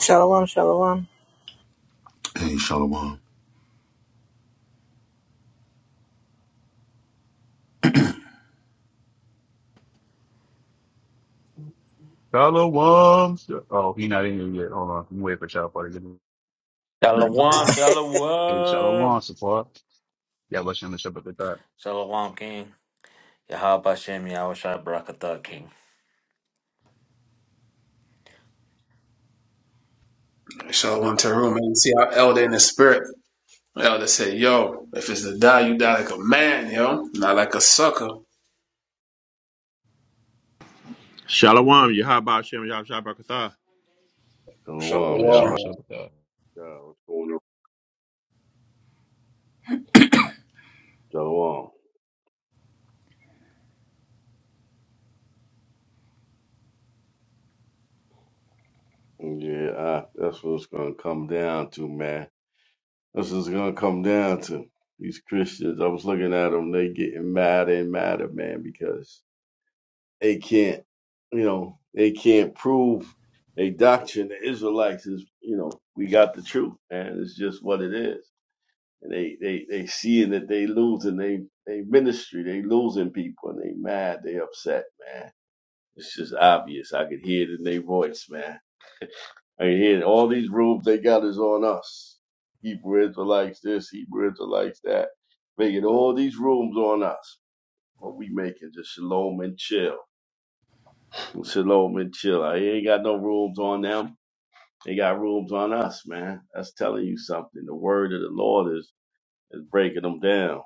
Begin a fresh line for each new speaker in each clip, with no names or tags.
Shalom, shalom.
Hey, Shalom.
Shalom. Sh- Oh, he not in here yet. Hold on. I'm waiting for Shalom to get in.
Shalom,
Hey, Shalom,
shalom.
support. Yeah, let's shoot the Shabbat with that.
Shalom, King. Yahabashem, Yahushua, Barakatah, King.
So I went to her room and see our
Shalom.
elder in the spirit. The Elder said, Yo, if it's to die, you die like a man, yo, not like a sucker.
Shalom,
Yeah,
Yahaba Shem Yahshabakatah.
So,
Yeah,
Shalom,
let's shoot
Yahweh.
the
wow.
Shabbat with that.
God, what's going on? Shalom. Yeah, I, that's what it's going to come down to, man. That's what it's going to come down to. These Christians, I was looking at them, they getting madder and madder, man, because they can't, you know, they can't prove a doctrine. The Israelites is, you know, we got the truth, and it's just what it is. And they, they, they seeing that they losing they, they ministry, they losing people, and they mad, they upset, man It's just obvious. I could hear it in their voice, man. I could hear it. all these rules they got is on us. Hebrew Israelites this, Hebrew Israelites that. Making all these rooms on us. What we making just shalom and chill. Shalom and chill. I ain't got no rooms on them. They got rooms on us, man. That's telling you something. The word of the Lord is, is breaking them down.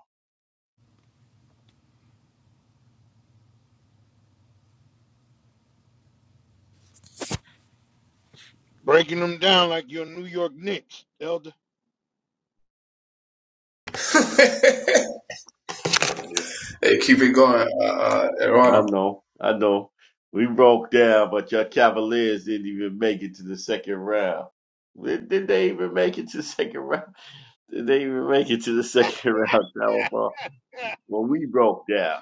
Breaking them down like your New York Knicks, Elder.
Hey, keep it going, uh, uh,
I
Erano.
know, I know. We broke down, but your Cavaliers didn't even make it to the second round. Did, did they even make it to the second round? Did they even make it to the second round, Shawfar? Well, we broke down.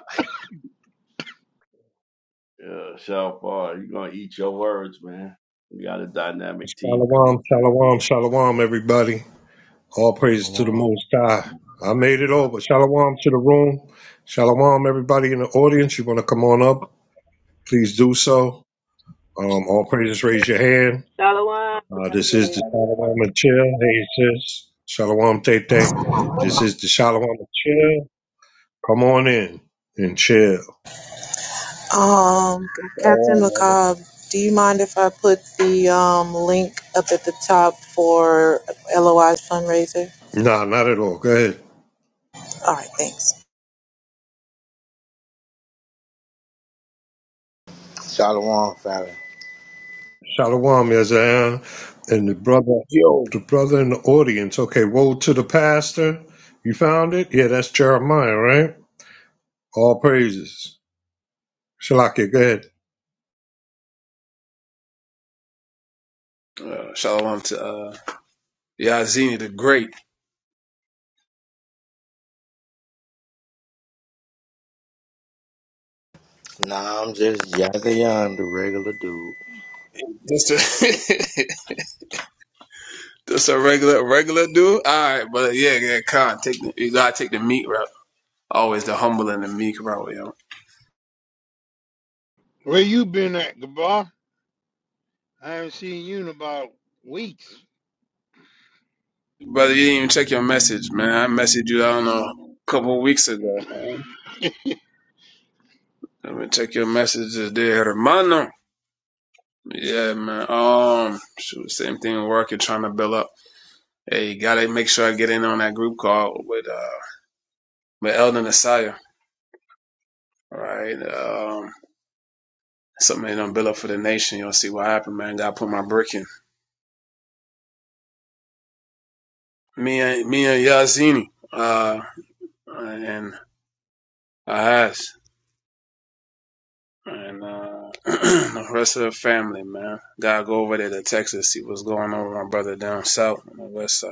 yeah, Shawfar, you're going to eat your words, man. We got a dynamic team coming.
Shalom, shalom, shalom, everybody. All praise to the
Shalom.
Most High. I made it over. Shalom to the room. Shalom, everybody in the audience. You want to come on up? Please do so. Um, all praises, raise your hand.
Shalom.
Uh, this is the Shalom and Chill. Hey, sis. Shalom, Tete. This is the Shalom and Chill. Come on in and chill.
Um, Captain
Shalom, elder.
McCobb, do you mind if I put the um, link up at the top for LOI's fundraiser?
Nah, not at all. Go ahead.
All right, thanks.
Shalom, family.
Shalom, Yazan, and the brother,
Yo.
the brother in the audience. Okay, woe to the pastor. You found it? Yeah, that's Jeremiah, right? All praises. Shalakia, go ahead.
Uh, shalom to uh, Yazini the Great.
Nah, I'm just Jack Young, the regular dude.
Just a, just a regular regular dude. All right, but yeah, yeah, con. Take the, you gotta take the meat route. Always the humble and the meek route, yo.
Where you been at, Gabar? I haven't seen you in about weeks.
Brother, you didn't even check your message, man. I messaged you. I don't know, a couple of weeks ago. Man. Let me check your messages there, hermano. Yeah, man. Um, shoot, same thing in work. You're trying to build up. Hey, gotta make sure I get in on that group call with uh with Elden Asaya. All right. Um, something they done build up for the nation. You'll see what happened, man. Gotta put my brick in. Me and me and Yazini. Uh, and Ahaz. And uh, the rest of the family, man. Gotta go over there to Texas, see what's going on with my brother down south on the west side.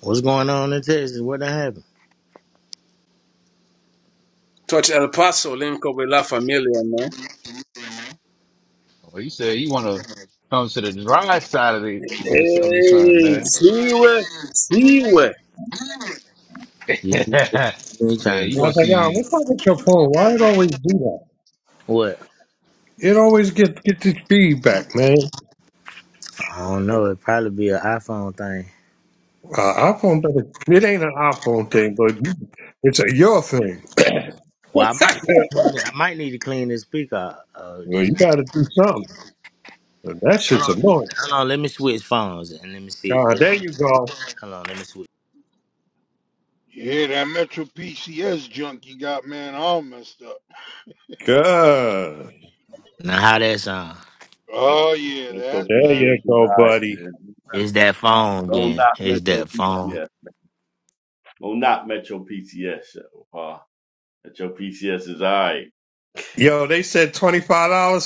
What's going on in Texas? What done happened?
Touch El Paso, link up with La Familia, man.
Oh, he said he want to come to the dry side of the to the of the sun,
Hey,
man.
Siwe, Siwe.
You
man,
you ain't trying
you
I
to
gonna
was like, Yazan,
see.
what's up with your phone? Why it always do that?
What?
It always get get this feedback, man.
I don't know. it probably be an iPhone thing.
Uh, iPhone, doesn't- it ain't an iPhone thing, but it's a your thing.
Well, I might need
Yeah.
to clean it. I might need to clean this speaker. out, Uh,
Well,
this.
you got to do something. But that shit's annoying.
Hold on, let me switch phones and let me see.
God,
Let
there you go.
hold on, let me switch.
yeah, that Metro PCS junk you got, man, all messed up.
Good.
Now, how that sound?
Oh, yeah,
Metro
that's
There
PCS
better.
you
is
go,
all right,
buddy.
man.
It's that phone
Don't
then.
knock
It's
Metro
that phone.
PCS. Don't knock Metro PCS, Shawfar. Metro PCS is all right.
Yo, they said $25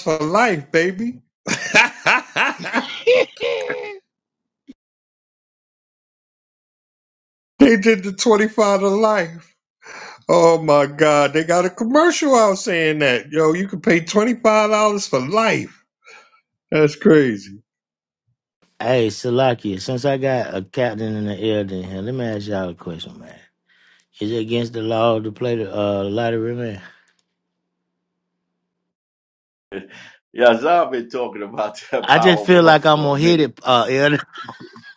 for life, baby. they did the 25 to life. Oh my God. They got a commercial out saying that. Yo, you can pay $25 for life. That's crazy.
Hey, Salakia, since I got a captain and an elder in here, let me ask y'all a question, man. Is against the law to play the uh, lottery, man?
Yeah, I've been talking about that
I just feel
Powerball
like I'm
for a
gonna hit
minute.
it, uh, Elder.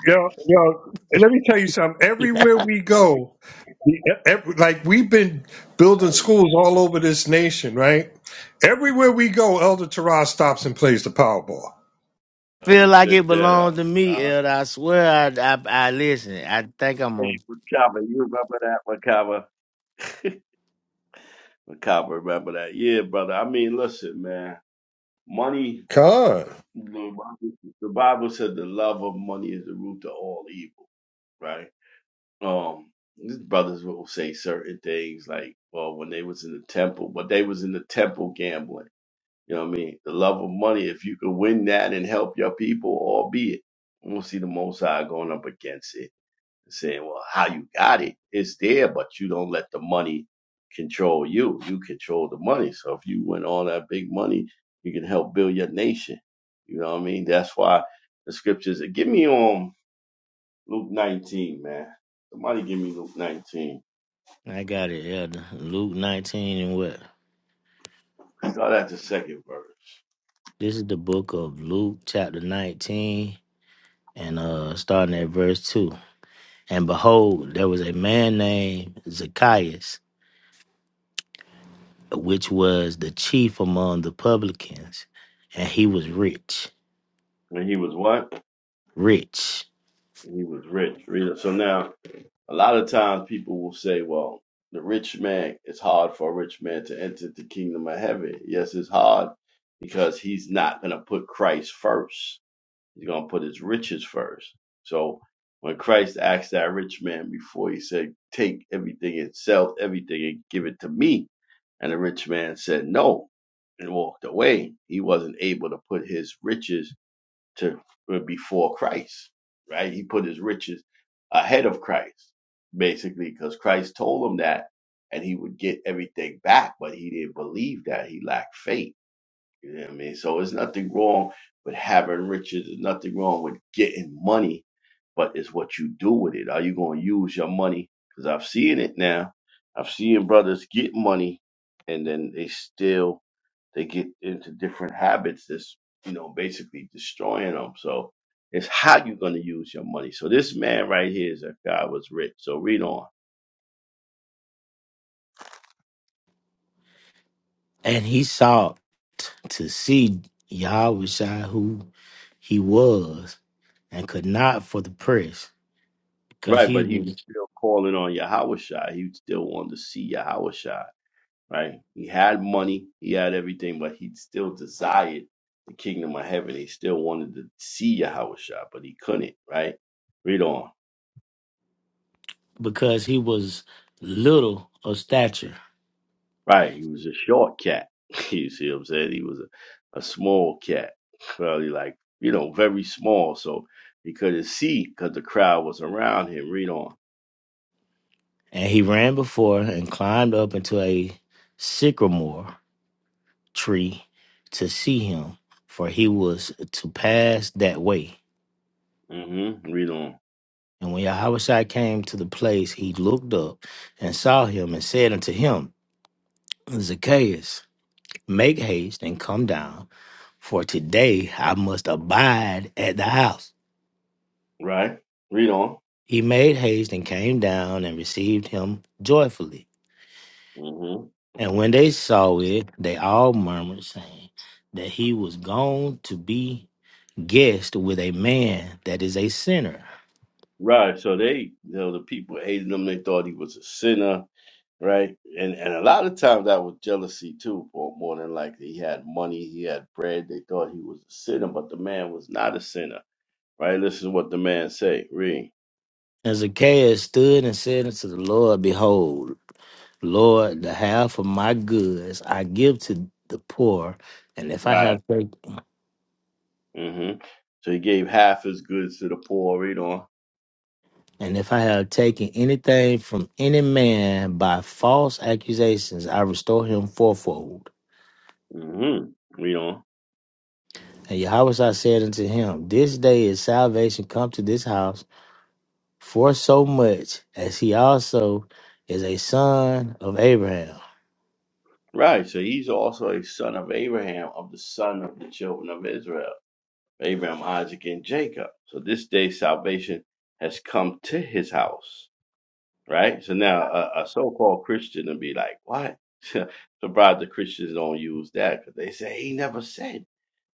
Yo, yo, and let me tell you something.
I
Everywhere we go, we- ev- like we've been building
Hey,
schools all over this nation, right? Everywhere we go, Elder Tarot stops and plays the Powerball.
uh,
feel
you
like it
check that
belongs
out.
to me,
Uh,
Elder. I swear, I, I, I listen. I think I'm
hey,
gonna.
Macabre, you remember that, Macabre? Macabre, remember that? Yeah, brother. I mean, listen, man. Money,
God.
the Bible the Bible said the love of money is the root of all evil, right? Um, these brothers will say certain things like, well, when they was in the temple, but they was in the temple gambling. You know what I mean? The love of money, if you could win that and help your people, albeit, we'll see the Most High going up against it saying, well, how you got it, it's there, but you don't let the money control you. You control the money. So if you win all that big money, you can help build your nation. You know what I mean? That's why the scriptures. Give me um Luke 19, man. Somebody give me Luke 19.
I got it, Elder. Luke 19 and what?
Start at the second verse.
This is the book of Luke, chapter 19, and uh, starting at verse two. And behold, there was a man named Zacchaeus, which was the chief among the publicans, and he was rich,
When he was what?
rich.
he was rich. So now A lot of times people will say, well, the rich man, it's hard for a rich man to enter the kingdom of heaven. Yes, it's hard because he's not going to put Christ first. He's going to put his riches first. So when Christ asked that rich man before, he said, take everything and sell everything and give it to me. And the rich man said no and walked away. He wasn't able to put his riches to uh, before Christ, right? He put his riches ahead of Christ, basically, because Christ told him that, and he would get everything back, but he didn't believe that. He lacked faith. You know what I mean? So there's nothing wrong with having riches. There's nothing wrong with getting money, but it's what you do with it. Are you going to use your money? Because I've seen it now. I've seen brothers get money, and then they still they get into different habits that's you know basically destroying them so it's how you're going to use your money so this man right here is a guy was rich so read on
And he saw to see Yahushua who he was and could not for the press because
right
he
but he was
was
still calling on yahweh he still wanted to see yahweh right he had money he had everything but he still desired the kingdom of heaven he still wanted to see yahweh but he couldn't right read on
because he was little of stature.
Right. He was a short cat. You see what I'm saying? He was a, a small cat. Probably like, you know, very small. So he couldn't see because the crowd was around him. Read on.
And he ran before and climbed up into a sycamore tree to see him, for he was to pass that way.
mm hmm Read on.
And when Yahushua came to the place, he looked up and saw him and said unto him, Zacchaeus, make haste and come down For today I must abide at the house.
Right. Read on.
He made haste and came down and received him joyfully.
mm hmm
And when they saw it, they all murmured, saying that he was gone to be guest with a man that is a sinner.
Right. So they, you know, the people hated him. They thought he was a sinner. Right. And and a lot of times that was jealousy too. More more than likely, he had money, he had bread. They thought he was a sinner, but the man was not a sinner. Right. Listen to what the man say. Read.
And Zacchaeus stood and said unto the Lord, Behold, Lord, the half of my goods I give to the poor, and if I
Right.
have taken
hmm So he gave half his goods to the poor. Read on.
And if I have taken anything from any man by false accusations, I restore him fourfold.
hmm Read on.
And Yahweh said unto him, This day is salvation come to this house, for so much as he also is a son of Abraham.
Right. So he's also a son of Abraham, of the son of the children of Israel, Abraham, Isaac, and Jacob. So this day salvation has come to his house. Right. So now a, a so-called Christian will be like, what? Surprised the Christians don't use that because they say he never said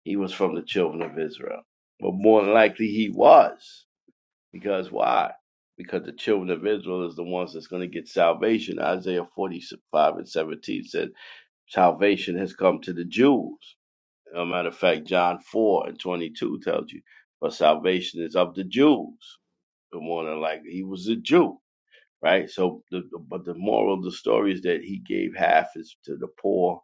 he was from the children of Israel. But more than likely he was. Because why? Because the children of Israel is the ones that's going to get salvation. Isaiah 45 and 17 said, Salvation has come to the Jews. As a matter of fact, John 4 and 22 tells you, "But salvation is of the Jews. The one that like he was a Jew, right? So, the, the- but the moral of the story is that he gave half is to the poor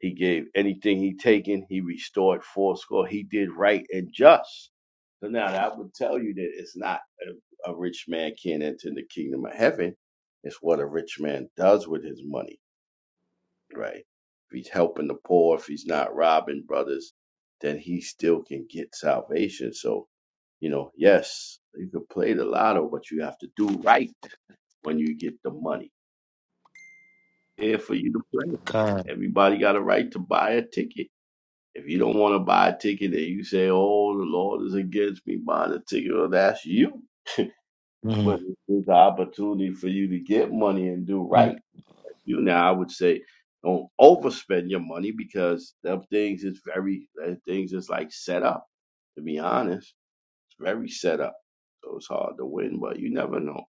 he gave anything he taken, he restored fourscore. He did right and just. So now that would tell you that it's not a, a rich man can't enter the kingdom of heaven. It's what a rich man does with his money, right? If he's helping the poor, if he's not robbing brothers, then he still can get salvation. So, you know, yes, you can play the lotto, but you have to do right when you get the money. Here for you to play.
God,
Everybody got a right to buy a ticket If you don't want to buy a ticket and you say, oh, the Lord is against me buying a ticket, well, that's you.
mm,
But it's an opportunity for you to get money and do
mm,
right. You now, I would say, don't overspend your money because them things is very, them things is like set up. To be honest, it's very set up. So it's hard to win, but you never know.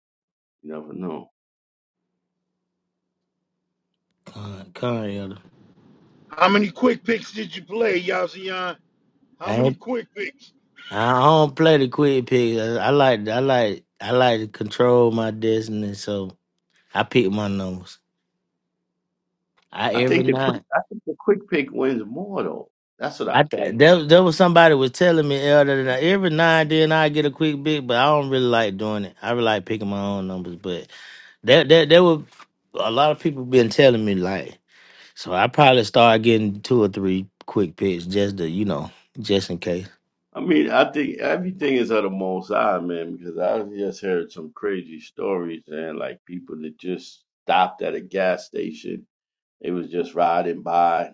You never know.
God, God, elder.
How many quick picks did you play, Yazian?
I
How many
ain't,
quick picks?
I don't play the quick pick. I, I like, I like, I like to control my destiny. So I pick my numbers. I
I
every
think the
night.
quick, I think the quick pick wins more though. That's what
I
I
th-
think.
there, there was somebody was telling me elder that every now and then I get a quick bit, but I don't really like doing it. I really like picking my own numbers, but there, there, there were a lot of people been telling me like, so I probably start getting two or three quick picks just to you know, just in case.
I mean, I think everything is of the most high, man, because I just heard some crazy stories and like people that just stopped at a gas station. They was just riding by,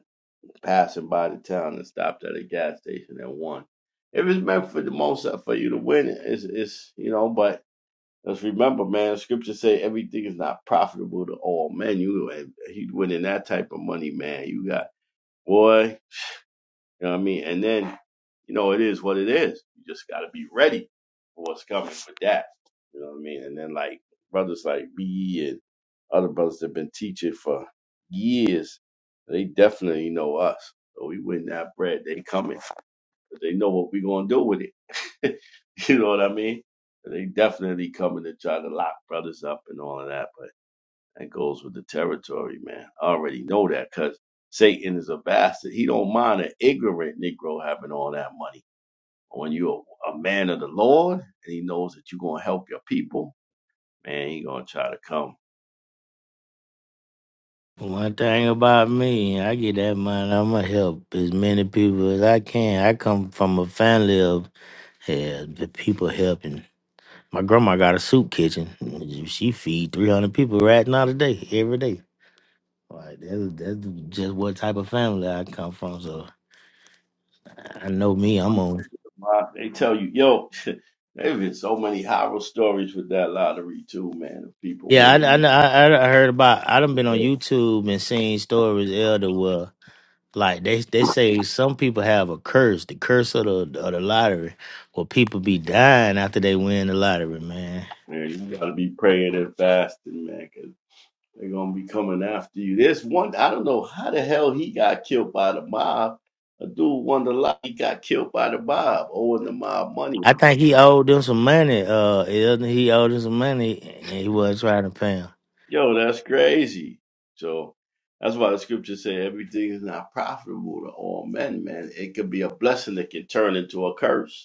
passing by the town and stopped at a gas station and won. If it's meant for the most High for you to win, it's it's you know, but let's remember, man, scripture say everything is not profitable to all men. You and he winning that type of money, man. You got boy. You know what I mean? And then, you know, it is what it is. You just got to be ready for what's coming with that. You know what I mean? And then, like, brothers like B E and other brothers that have been teaching for years. They definitely know us. So we win that bread. They coming. But they know what we going to do with it. you know what I mean? They definitely coming to try to lock brothers up and all of that. but. That goes with the territory, man. I already know that because Satan is a bastard. He don't mind an ignorant Negro having all that money. But when you're a a man of the Lord and he knows that you're going to help your people, man, he going to try to come.
One thing about me, I get that money. I'ma help as many people as I can. I come from a family of hell, the people helping. My grandma got a soup kitchen. She feed three hundred people right now today, every day. Like that's that's just what type of family I come from. So I know me. I'm on.
My- They tell you, yo, there's been so many horror stories with that lottery too, man, of people
Yeah, I
winning.
I I, I heard about. I done been on
Man,
YouTube and seen stories elder where like they they say some people have a curse, the curse of the of the lottery, where people be dying after they win the lottery. Man,
Yeah, you got to be praying and fasting, man, 'cause They're gonna be coming after you. There's one I don't know how the hell he got killed by the mob. A dude won the lot he got killed by the mob, owing the mob money.
I think he owed them some money. Uh, elder, he owed them some money and he wasn't trying to pay him.
Yo, that's crazy. So that's why the scripture say everything is not profitable to all men, man. It could be a blessing that can turn into a curse.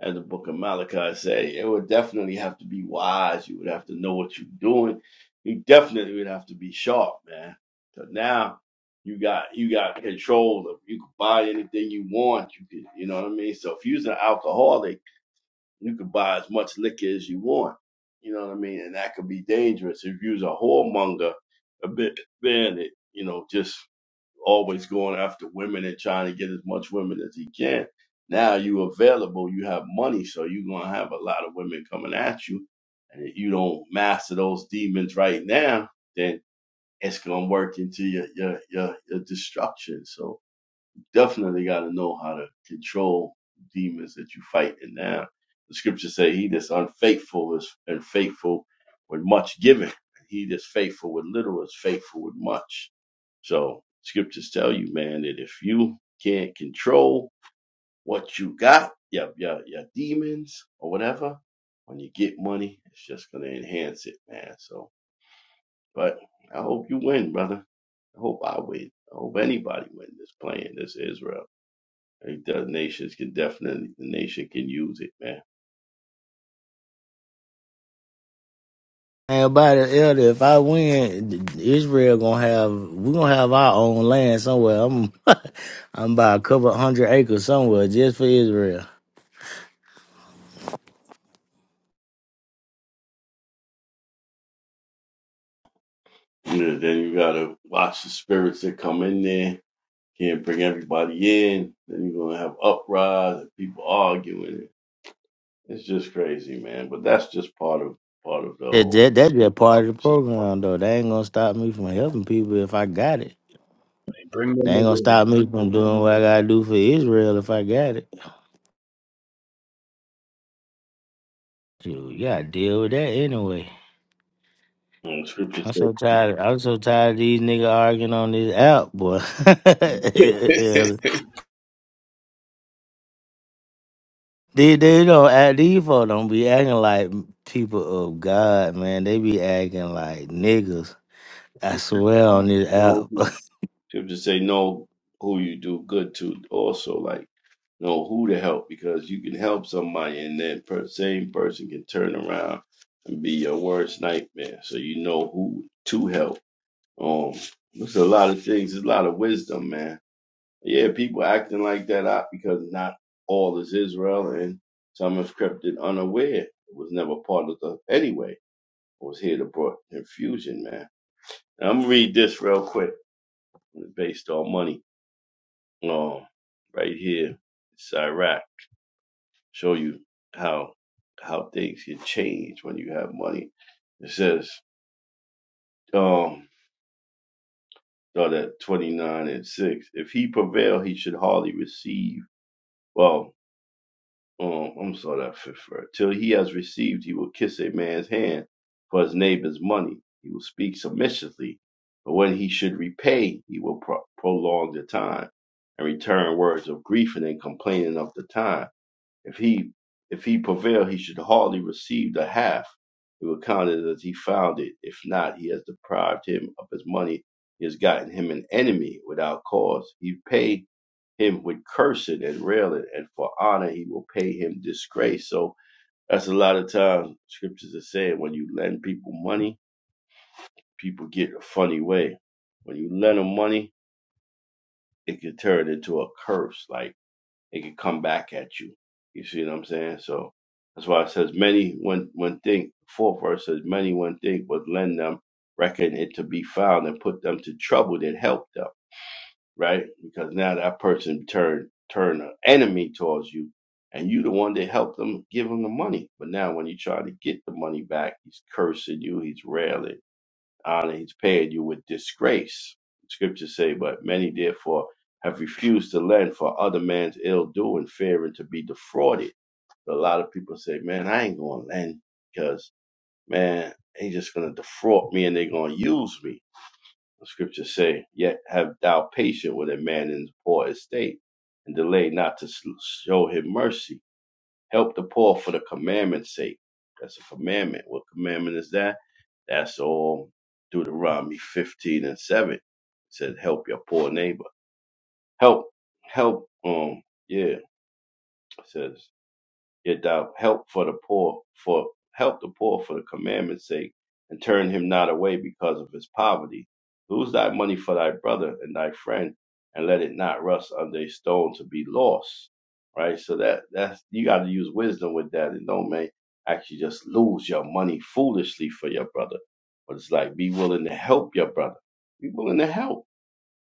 as the book of Malachi say, it would definitely have to be wise. You would have to know what you're doing. You definitely would have to be sharp, man. So now you got you got control of you can buy anything you want. You can you know what I mean? So if you're an alcoholic you could buy as much liquor as you want. You know what I mean? And that could be dangerous if you're a whoremonger, a bit bandit, you know, just always going after women and trying to get as much women as he can. Now you available, you have money, so you're gonna have a lot of women coming at you. And if you don't master those demons right now, then it's gonna work into your your your, your destruction. So definitely got to know how to control demons that you fight in now. The scriptures say, "He that's unfaithful is unfaithful with much giving. He that's faithful with little is faithful with much." So scriptures tell you, man, that if you can't control what you got, your your, your demons or whatever, when you get money, it's just gonna enhance it, man. So, but I hope you win, brother. I hope I win. I hope anybody win this playing this Israel. Like the nations can definitely the nation can use it, man.
And by the elder, if I win, Israel gonna have we gonna have our own land somewhere. I'm I'm about a couple hundred acres somewhere just for Israel.
You know, then you gotta watch the spirits that come in there. Can't bring everybody in. Then you're gonna have uprise and people arguing. It's just crazy, man. But that's just part of part of the
That,
whole.
that that's just part of the
It's just part
program though. They ain't gonna stop me from helping people if I got it.
Bring
They
them
ain't gonna stop
nigga.
me from doing what I gotta do for Israel if I got it. Dude, you gotta deal with that anyway.
of the
I'm
whole.
so tired. I'm so tired of these niggas arguing on this app, boy. Yeah, They they don't act these folk don't be acting like people of God, man. They be acting like niggas. I
do
swear on this app.
know who. People just say know who you do good to. Also, like know who to help because you can help somebody, and then per, same person can turn around and be your worst nightmare. So you know who to help. Um, there's a lot of things. There's a lot of wisdom, man. Yeah, people acting like that out because not all is Israel, and some have crept in unaware. It was never part of the anyway. It was here to brought confusion, man. Now, I'm gonna read this real quick based on money. Um, right here, it's Iraq. Show you how how things can change when you have money. It says, um, start at twenty nine and six. If he prevail, he should hardly receive. Well, um, I'm sorry, that fifth verse. Till he has received, he will kiss a man's hand for his neighbor's money. He will speak submissively, but when he should repay, he will pro- prolong the time and return words of grief and then complaining of the time If he if he prevail, he should hardly receive the half. It will count it as he found it. If not, he has deprived him of his money. He has gotten him an enemy without cause. He pay him with cursing and railing, and for honor he will pay him disgrace. So that's a lot of times scriptures are saying when you lend people money, people get a funny way. When you lend them money, it can turn into a curse. Like it could come back at you. You see what I'm saying? So that's why it says many when when think fourth verse says many when think would lend them reckon it to be found and put them to trouble that helped them, right? Because now that person turned turned an enemy towards you and you the one that helped them give them the money. But now when you try to get the money back, he's cursing you, he's railing honor he's paid you with disgrace. Scriptures say, but many therefore have refused to lend for other man's ill doing, fearing to be defrauded. But a lot of people say, man, I ain't going to lend because, man, they just going to defraud me and they are going to use me. The scriptures say, yet have thou patience with a man in his poor estate and delay not to s- show him mercy Help the poor for the commandment's sake. That's a commandment. What commandment is that? That's all Deuteronomy 15 and 7. It says, help your poor neighbor. Help, help, um, yeah, it says yet thou help for the poor for help the poor for the commandment's sake, and turn him not away because of his poverty. Lose thy money for thy brother and thy friend, and let it not rust under a stone to be lost. Right? So that that's you gotta use wisdom with that and don't make actually just lose your money foolishly for your brother. But it's like be willing to help your brother. Be willing to help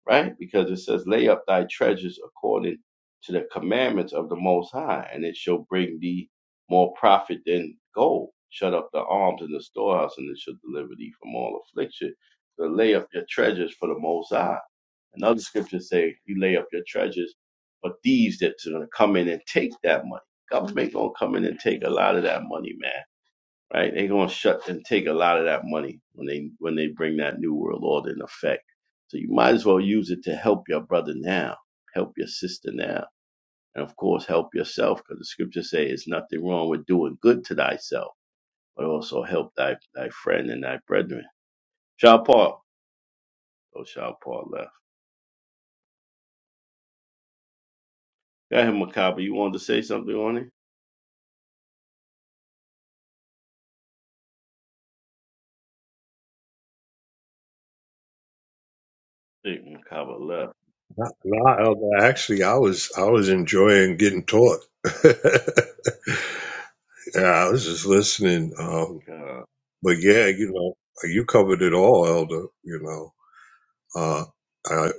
right? Because it says, lay up thy treasures according to the commandments of the Most High, and it shall bring thee more profit than gold. Shut up the arms in the storehouse, and it shall deliver thee from all affliction. So lay up your treasures for the Most High. And other scriptures say, you lay up your treasures for thieves that's going to come in and take that money. Government going to come in and take a lot of that money, man right? They're gonna shut and take a lot of that money when they when they bring that new world order in effect. So you might as well use it to help your brother now, help your sister now, and of course help yourself, because the scriptures say it's nothing wrong with doing good to thyself, but also help thy thy friend and thy brethren. Shaw Paul. Oh Shaw Paul left. Go ahead, Macabre. You wanted to say something on it? I think Macabre left.
No, no, Elder, actually, I was I was enjoying getting taught. yeah, I was just listening. Um,
God.
but yeah, you know, you covered it all, Elder. You know, uh, I,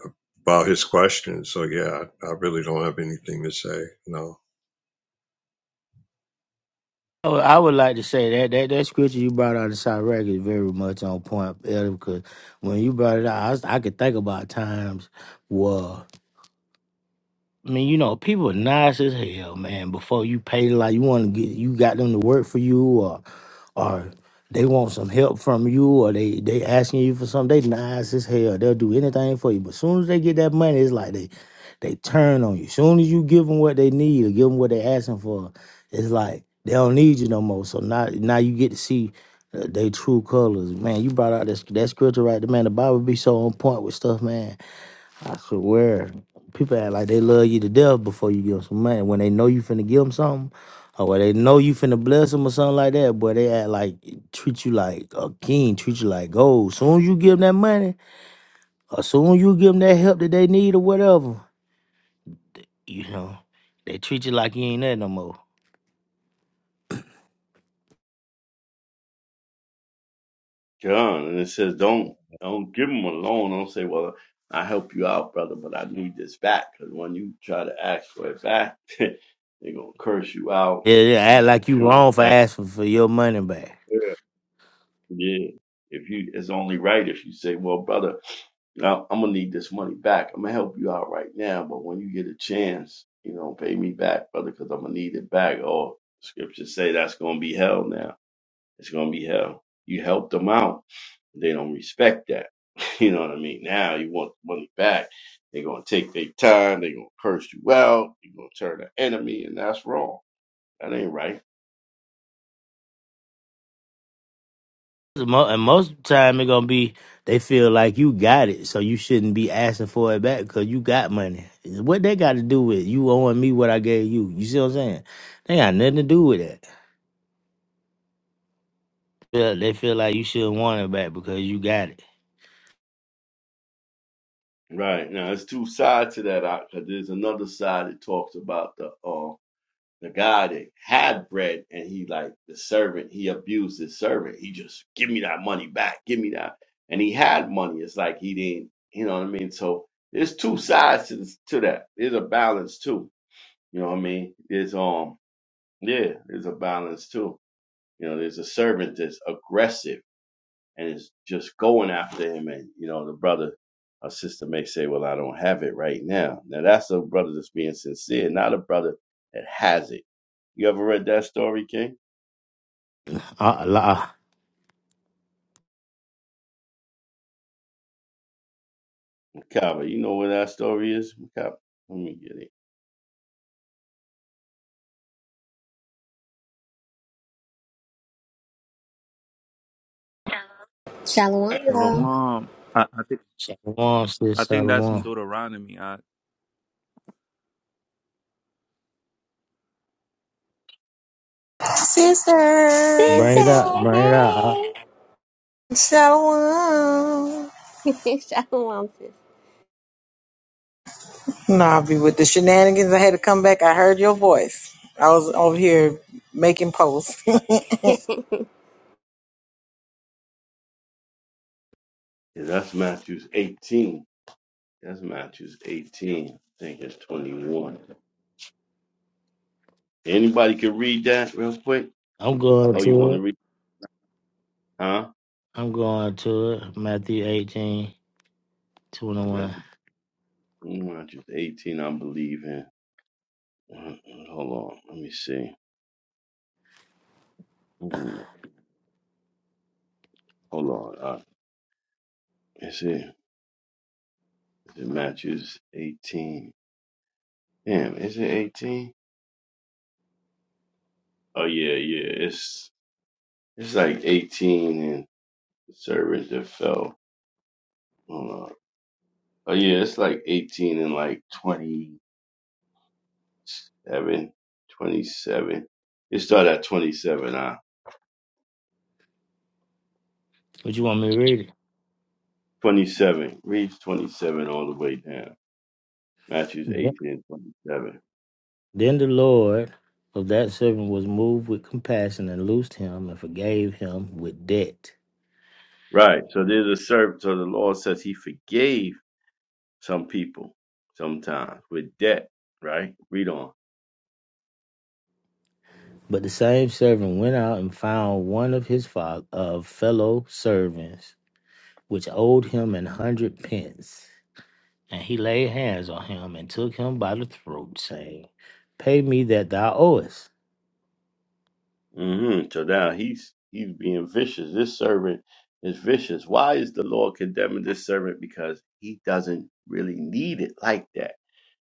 about his question. So yeah, I, I really don't have anything to say. No.
Oh, I would like to say that that, that scripture you brought out of Sirach is very much on point, Elder, because when you brought it out, I, was- I could think about times where I mean, you know, people are nice as hell, man. Before you pay, like you want to get, you got them to work for you, or they want some help from you or they they asking you for something, they nice as hell. They'll do anything for you. But soon as they get that money, it's like they they turn on you. Soon as you give them what they need or give them what they asking for, it's like they don't need you no more. So now now you get to see uh, they true colors. Man, you brought out this that scripture right there, man. The Bible be so on point with stuff, man. I swear, people act like they love you to death before you give them some money. When they know you finna give them something, or when they know you finna bless them or something like that, boy, they act like treat you like a king, treat you like gold. Soon you give them that money, or soon you give them that help that they need or whatever, you know, they treat you like you ain't that no more.
John, and it says, "Don't don't give them a loan. Don't say, well, I help you out, brother, but I need this back.' Because when you try to ask for it back, they're gonna curse you out.
Yeah, they act like you
They
wrong
won't
for
act
asking for your money back.
fair. Yeah. If you, it's only right if you say, well, brother, now I'm gonna need this money back. I'm gonna help you out right now, but when you get a chance, you know, pay me back, brother, because I'm gonna need it back. Or scriptures say that's gonna be hell now. It's gonna be hell. You help them out. They don't respect that. You know what I mean? Now you want the money back. They're gonna take their time, they're gonna curse you out, you're gonna turn an enemy, and that's wrong. That ain't right.
Mo- and most time it gonna be they feel like you got it, so you shouldn't be asking for it back because you got money. What they got to do with you owing me what I gave you? You see what I'm saying? They got nothing to do with that. Feel- They feel like you should want it back because you got it.
Right. Now there's two sides to that because there's another side that talks about the uh the guy that had bread and he like the servant he abused his servant he just give me that money back give me that and he had money it's like he didn't you know what i mean so there's two sides to this, to that there's a balance too you know what i mean there's um yeah there's a balance too you know there's a servant that's aggressive and is just going after him. And you know, the brother or sister may say, "Well, I don't have it right now." Now that's a brother that's being sincere, not a brother that has it. You ever read that story, King
Uh, la,
Makaba? You know where that story is, Makaba. Let me get it.
Shalom, y'all.
Shalom. I, I think
Shalom,
I
sis,
think
Shalom.
Sister,
Bring it
Sister,
up, bring it up. I-
hey.
shalom.
Shalom, sis.
Nah, I'll be with the shenanigans. I had to come back. I heard your voice. I was over here making posts.
Yeah, that's Matthew's 18. That's Matthew's 18. I think it's 21. Anybody can read that real quick?
I'm going
Oh, you
to
want to
it.
read? Huh?
I'm going to it. Matthew 18 21.
That's Matthew's 18. I believe in. Uh, Hold on. Let me see. Hold on. Uh, is it is it matches eighteen? Damn, is it eighteen? Oh yeah, yeah. It's it's like eighteen and the servant that fell. Hold on. Oh yeah, it's like eighteen and like 27, 27. It started at twenty seven. Uh,
What you want me to read
twenty seven reads twenty seven all the way down. Matthews
it?
eighteen and twenty seven.
Then the Lord of that servant was moved with compassion and loosed him and forgave him with debt.
Right. So there's a servant. So the Lord says He forgave. Some people sometimes with debt, right? Read on.
But the same servant went out and found one of his fo- of fellow servants, which owed him an hundred pence. And he laid hands on him and took him by the throat, saying, Pay me that thou owest.
hmm So now he's he's being vicious. This servant is vicious. Why is the Lord condemning this servant? Because he doesn't really need it like that.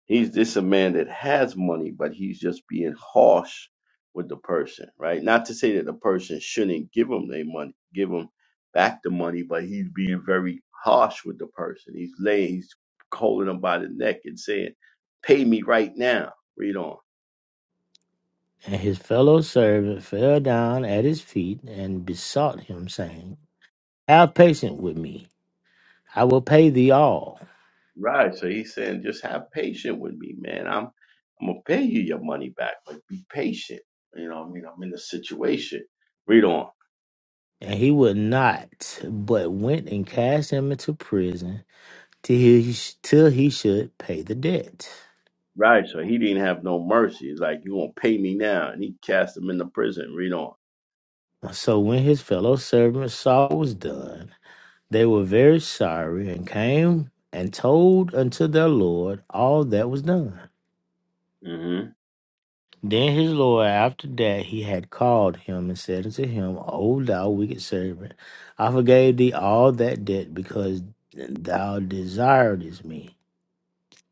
He's this a man that has money, but he's just being harsh with the person, right? Not to say that the person shouldn't give him their money, give him back the money, but he's being very harsh with the person. He's laying, he's holding him by the neck and saying, "Pay me right now." Read on.
And his fellow servant fell down at his feet and besought him, saying, Have patience with me, I will pay thee all.
Right. So he's saying, just have patience with me, man. I'm I'm gonna pay you your money back, but be patient. You know, what I mean, I'm in a situation. Read on.
And he would not, but went and cast him into prison till he, till he should pay the debt.
Right, so he didn't have no mercy. He's like you gonna pay me now, and he cast him into prison. Read on.
So when his fellow servants saw what was done, they were very sorry and came and told unto their Lord all that was done.
hmm
Then his Lord, after that he had called him and said unto him, O thou wicked servant, I forgave thee all that debt because thou desiredest me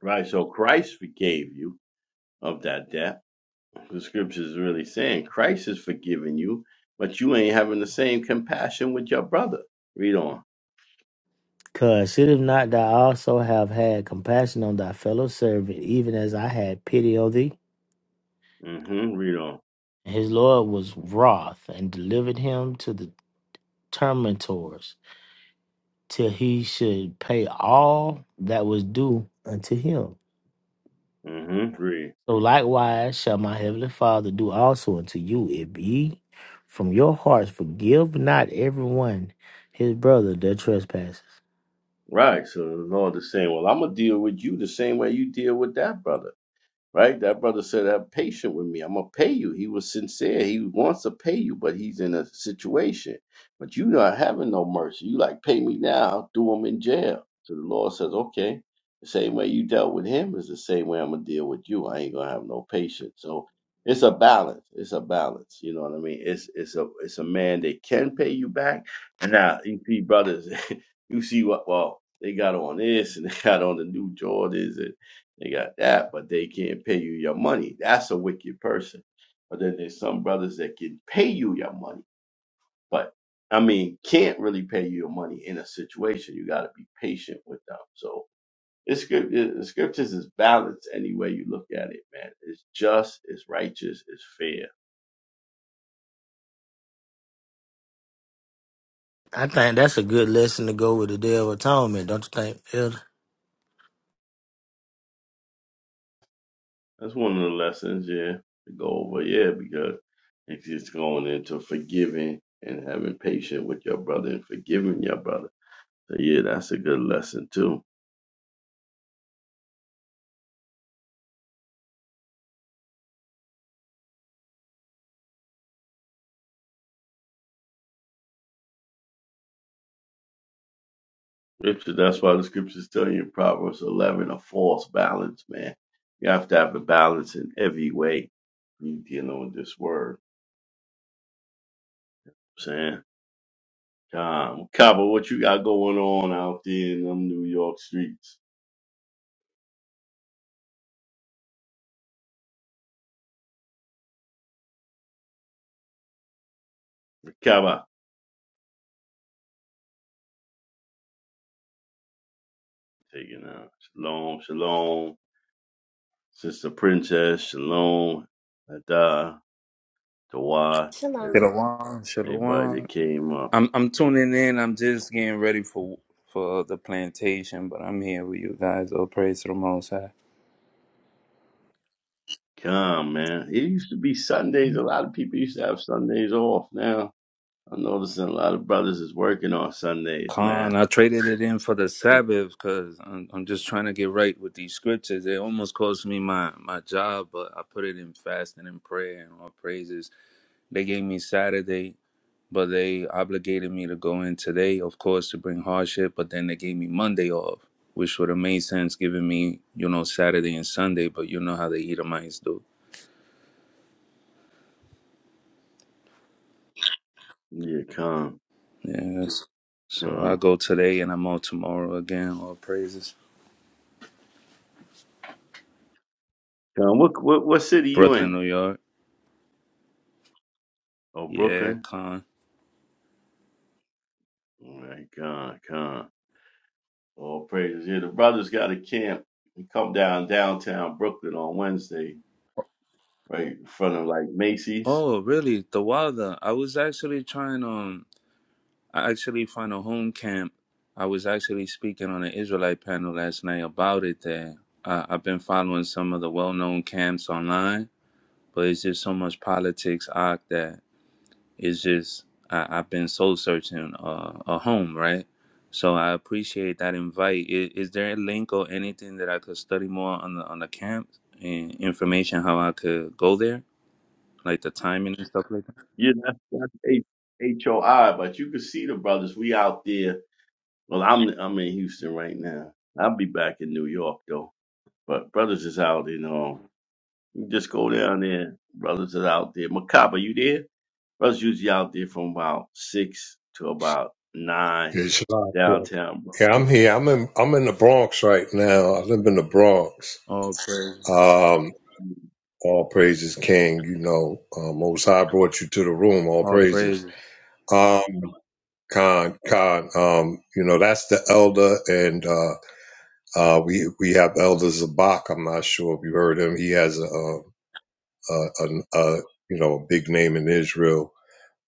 Right, so Christ forgave you of that debt. The scriptures is really saying Christ is forgiving you, but you ain't having the same compassion with your brother. Read on.
'Cause should not thou also have had compassion on thy fellow servant, even as I had pity on thee?
hmm Read on.
And his Lord was wroth and delivered him to the tormentors till he should pay all that was due unto him.
hmm Read.
So likewise shall my heavenly Father do also unto you, if ye from your hearts forgive not everyone his brother their trespasses.
Right, so the Lord is saying, well, I'm gonna deal with you the same way you deal with that brother. Right? That brother said, Have patience with me. I'm going to pay you. He was sincere. He wants to pay you, but he's in a situation. But you not having no mercy. You like, pay me now, do him in jail. So the Lord says, Okay. The same way you dealt with him is the same way I'm going to deal with you. I ain't going to have no patience. So it's a balance. It's a balance. You know what I mean? It's it's a it's a man that can pay you back. And now, EP brothers, you see what, well, they got on this and they got on the new Jordans and. They got that, but they can't pay you your money. That's a wicked person. But then there's some brothers that can pay you your money, but I mean, can't really pay you your money in a situation. You got to be patient with them. So it's good. The scriptures is balanced any way you look at it, man. It's just, it's righteous, it's fair.
I think that's a good lesson to go with the day of atonement, don't you think, Elder?
That's one of the lessons, yeah, to go over, yeah, because it's just going into forgiving and having patience with your brother and forgiving your brother. So yeah, that's a good lesson too. Scripture. That's why the scriptures tell you in Proverbs 11 a false balance, man. You have to have a balance in every way when you dealing with this word. You know what I'm saying, um, Kaba, what you got going on out there in them New York streets? Kaba, taking out. Shalom, shalom. Sister Princess, shalom. Ada, Tawad,
Shalom.
every-
Shalom.
everybody that
Shalom.
came up.
I'm I'm tuning in. I'm just getting ready for for the plantation, but I'm here with you guys. Oh, praise to the Most High.
Come, man. It used to be Sundays. A lot of people used to have Sundays off now. I'm noticing a lot of brothers is working on Sundays, man.
Khan, I traded it in for the Sabbath because I'm, I'm just trying to get right with these scriptures. It almost cost me my, my job, but I put it in fasting and prayer and all praises. They gave me Saturday but they obligated me to go in today, of course, to bring hardship. But then they gave me Monday off, which would have made sense giving me, you know, Saturday and Sunday. But you know how the Edomites do.
Yeah, come,
Yes. So I
come,
go today and I'm out tomorrow again. All praises.
come. What what what city you
Brooklyn,
in?
New York.
Oh,
Yeah,
Brooklyn.
con.
All right, come, come. All praises. Yeah, the brothers got a camp. They come down downtown Brooklyn on Wednesday, right in front of like Macy's.
Oh, really? The Wilder. I was actually trying um I actually found a home camp. I was actually speaking on an Israelite panel last night about it there. Uh, I've been following some of the well known camps online but it's just so much politics Ak. that it's just I, I've been soul searching uh, a home, right? So I appreciate that invite. Is, is there a link or anything that I could study more on the on the camp and information how I could go there, like the timing and stuff like that?
Yeah, that's that's H H O I. But you can see the brothers. We out there. Well, I'm I'm in Houston right now. I'll be back in New York though. But brothers is out, you know. Just go down there. Brothers is out there. Macabre, you there? Brothers usually out there from about six to about nine
Yes, uh, Yeah,
downtown.
Yeah, I'm here. I'm in. I'm in the Bronx right now. I live in the Bronx.
All praise,
Um, all praises, King. You know, uh, Most High brought you to the room. All
all praise,
praises. Um, Khan, Khan. um, you know, that's the elder, and uh, uh, we we have Elder Zabak. I'm not sure if you heard him. He has a, a, a, a you know a big name in Israel.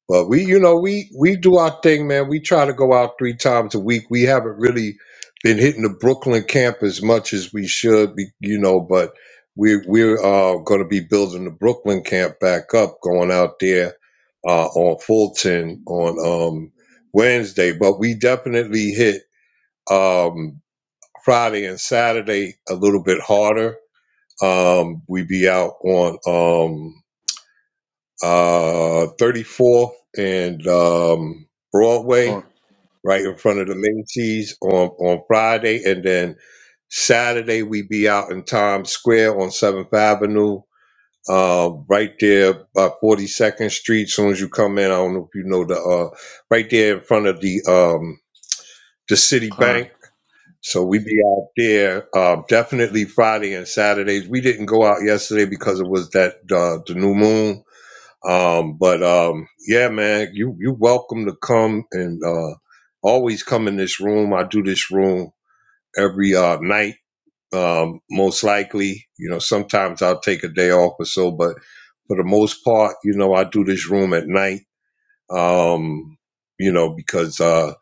But we, you know, we we do our thing, man. We try to go out three times a week. We haven't really been hitting the Brooklyn camp as much as we should, be, you know. But we're we're uh, going to be building the Brooklyn camp back up, going out there uh, on Fulton on um, Wednesday. But we definitely hit um, Friday and Saturday a little bit harder. Um, we be out on. Um, uh, 34th and um, Broadway,
all
right in front of the Macy's on, on Friday. And then Saturday, we be out in Times Square on 7th Avenue, uh, right there by 42nd Street. As soon as you come in, I don't know if you know the, uh, right there in front of the, um, the City Bank.
con,
So we be out there uh, definitely Friday and Saturdays. We didn't go out yesterday because it was that uh, the new moon um, but um, yeah, man, you you welcome to come and uh, always come in this room. I do this room every uh, night, um, most likely. You know, sometimes I'll take a day off or so, but for the most part, you know, I do this room at night. Um, you know, because uh,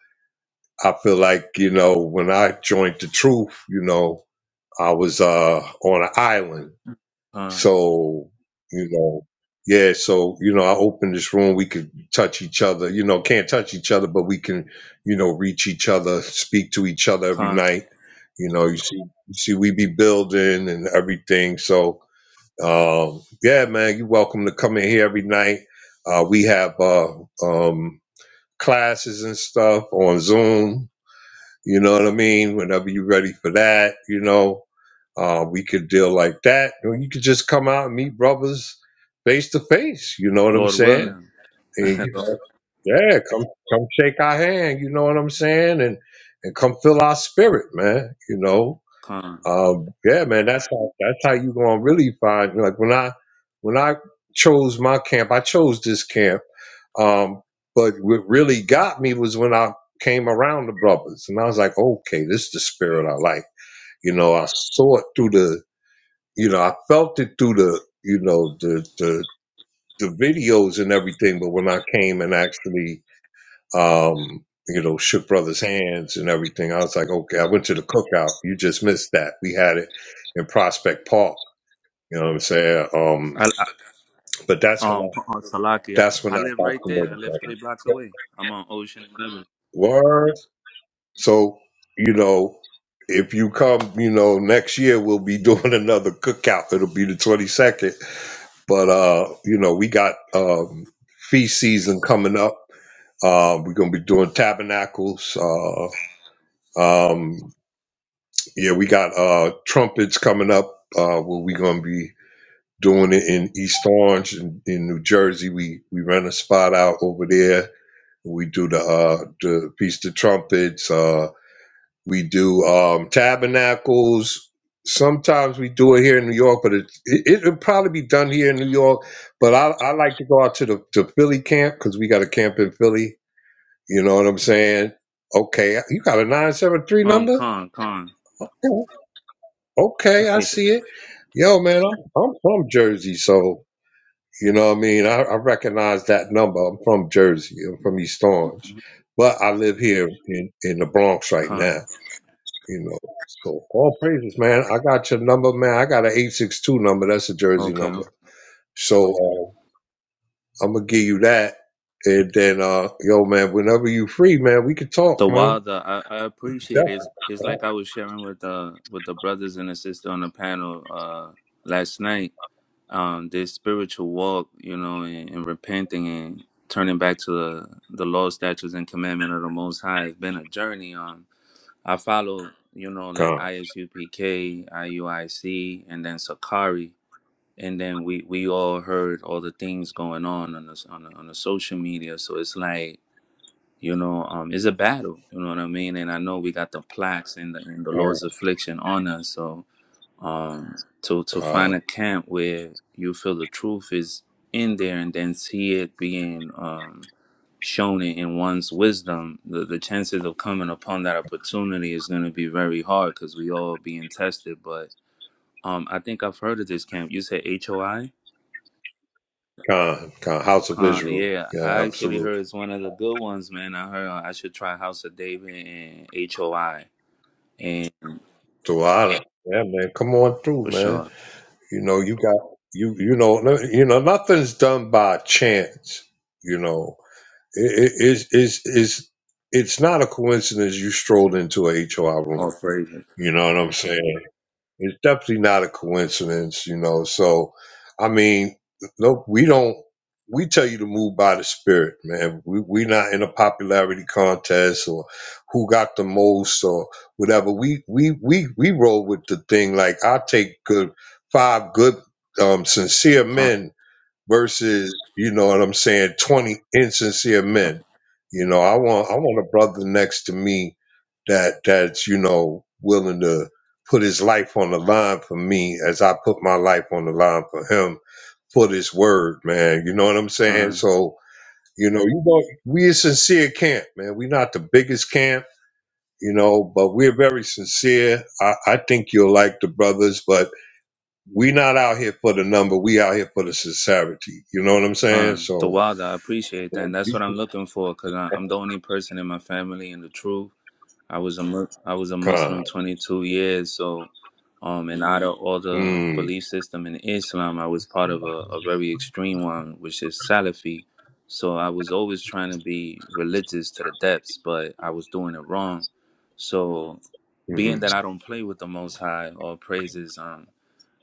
I feel like you know when I joined the truth, you know, I was uh, on an island
con,
so, you know, yeah, so, you know, I open this room, we could touch each other, you know, can't touch each other, but we can, you know, reach each other, speak to each other every
con.
night. You know, you see, you see, we be building and everything. So, um, yeah, man, you're welcome to come in here every night. Uh, we have, uh, um, classes and stuff on Zoom. You know what I mean? Whenever you're ready for that, you know, uh, we could deal like that. Or you could just come out and meet brothers face to face. You know what I'm
Lord
saying?
willing,
And you
Lord,
know, yeah, come come shake our hand. You know what I'm saying? And and come fill our spirit, man. You know,
con.
um, yeah, man. That's how that's how you gonna really find. Like when I when I chose my camp, I chose this camp. Um, but what really got me was when I came around the brothers, and I was like, okay, this is the spirit I like. You know, I saw it through the you know, I felt it through the, you know, the the the videos and everything, but when I came and actually um, you know, shook brothers' hands and everything, I was like, okay, I went to the cookout. You just missed that. We had it in Prospect Park. You know what I'm saying?
I,
Um,
I,
but that's when
um,
I
on Salaki,
that's when
I
I
live
got
right
to know
there. I
the
live three blocks
brother.
away. I'm on Ocean Avenue.
Word. So, you know, if you come, you know, next year we'll be doing another cookout. It'll be the 22nd but uh, you know, we got um, feast season coming up. Uh, we're gonna be doing tabernacles. Uh, um, yeah, we got uh, trumpets coming up. Uh, where we gonna be doing it in East Orange in, in New Jersey. We we rent a spot out over there. We do the uh, the feast of trumpets. Uh, we do um, tabernacles. Sometimes we do it here in New York, but it, it it'll probably be done here in New York. But I, I like to go out to the to Philly camp because we got a camp in Philly. You know what I'm saying? Okay, you got a nine seven three
Um,
number?
con, con,
Okay, okay, I see it. Yo, man, I'm, I'm from Jersey, so you know what I mean. I, I recognize that number. I'm from Jersey. I'm from East Orange, but I live here in in the Bronx right
con.
now. You know, so all praises, man. I got your number, man. I got an eight six two number. That's a Jersey
Okay,
number.
okay.
So uh, I'm gonna give you that, and then uh, yo, man, whenever you free, man, we could talk,
The
man.
wilder, I, I appreciate it. It's,
Definitely.
it's like I was sharing with uh with the brothers and the sister on the panel uh last night. Um, this spiritual walk, you know, and, and repenting and turning back to the the law, statutes, and commandment of the Most High has been a journey. Um, I follow, you know, like
Con,
ISUPK, IUIC, and then Sakari. and then we we all heard all the things going on on the, on the, on the social media so it's like you know um it's a battle you know what i mean and i know we got the plaques and the, and the
con,
lord's affliction on us so um to to
con,
find a camp where you feel the truth is in there and then see it being um shown it in one's wisdom the, the chances of coming upon that opportunity is going to be very hard because we all being tested but um i think i've heard of this camp you said hoi
con, con. House of
Uh,
Israel.
yeah,
Yeah,
I actually
absolutely.
heard it's one of the good ones, man. I heard uh, I should try House of David and HOI, and
To honor. Yeah, man. Come on through,
for
man.
sure,
You know, you got you. You know, no- you know, nothing's done by chance. You know. it, it, it's, it's, it's it's not a coincidence you strolled into a HOI
all
room.
praises.
You know what I'm saying? It's definitely not a coincidence, you know. So, I mean, no, we don't, we tell you to move by the spirit, man. we we we not in a popularity contest or who got the most or whatever. We, we, we, we roll with the thing. Like, I take good, five good, um, sincere
Con,
men versus you know what I'm saying, twenty insincere men. You know, I want I want a brother next to me that that's you know willing to put his life on the line for me as I put my life on the line for him for this word, man. You know what I'm saying?
con,
So you know, you know, we a sincere camp, man. we not the biggest camp, you know, but we're very sincere. I, I think you'll like the brothers, but we not out here for the number. We out here for the sincerity. You know what I'm saying?
con. The
So
wilder. I appreciate that. And that's
be
what I'm looking for, cause I, I'm the only person in my family in the truth. I was a Mu- I was a
calm.
Muslim 22 years, so Um, and out of all the
Mm,
belief system in Islam, I was part of a, a very extreme one, which is Salafi. So I was always trying to be religious to the depths, but I was doing it wrong. So being that
mm,
I don't play with the Most High or praises, um,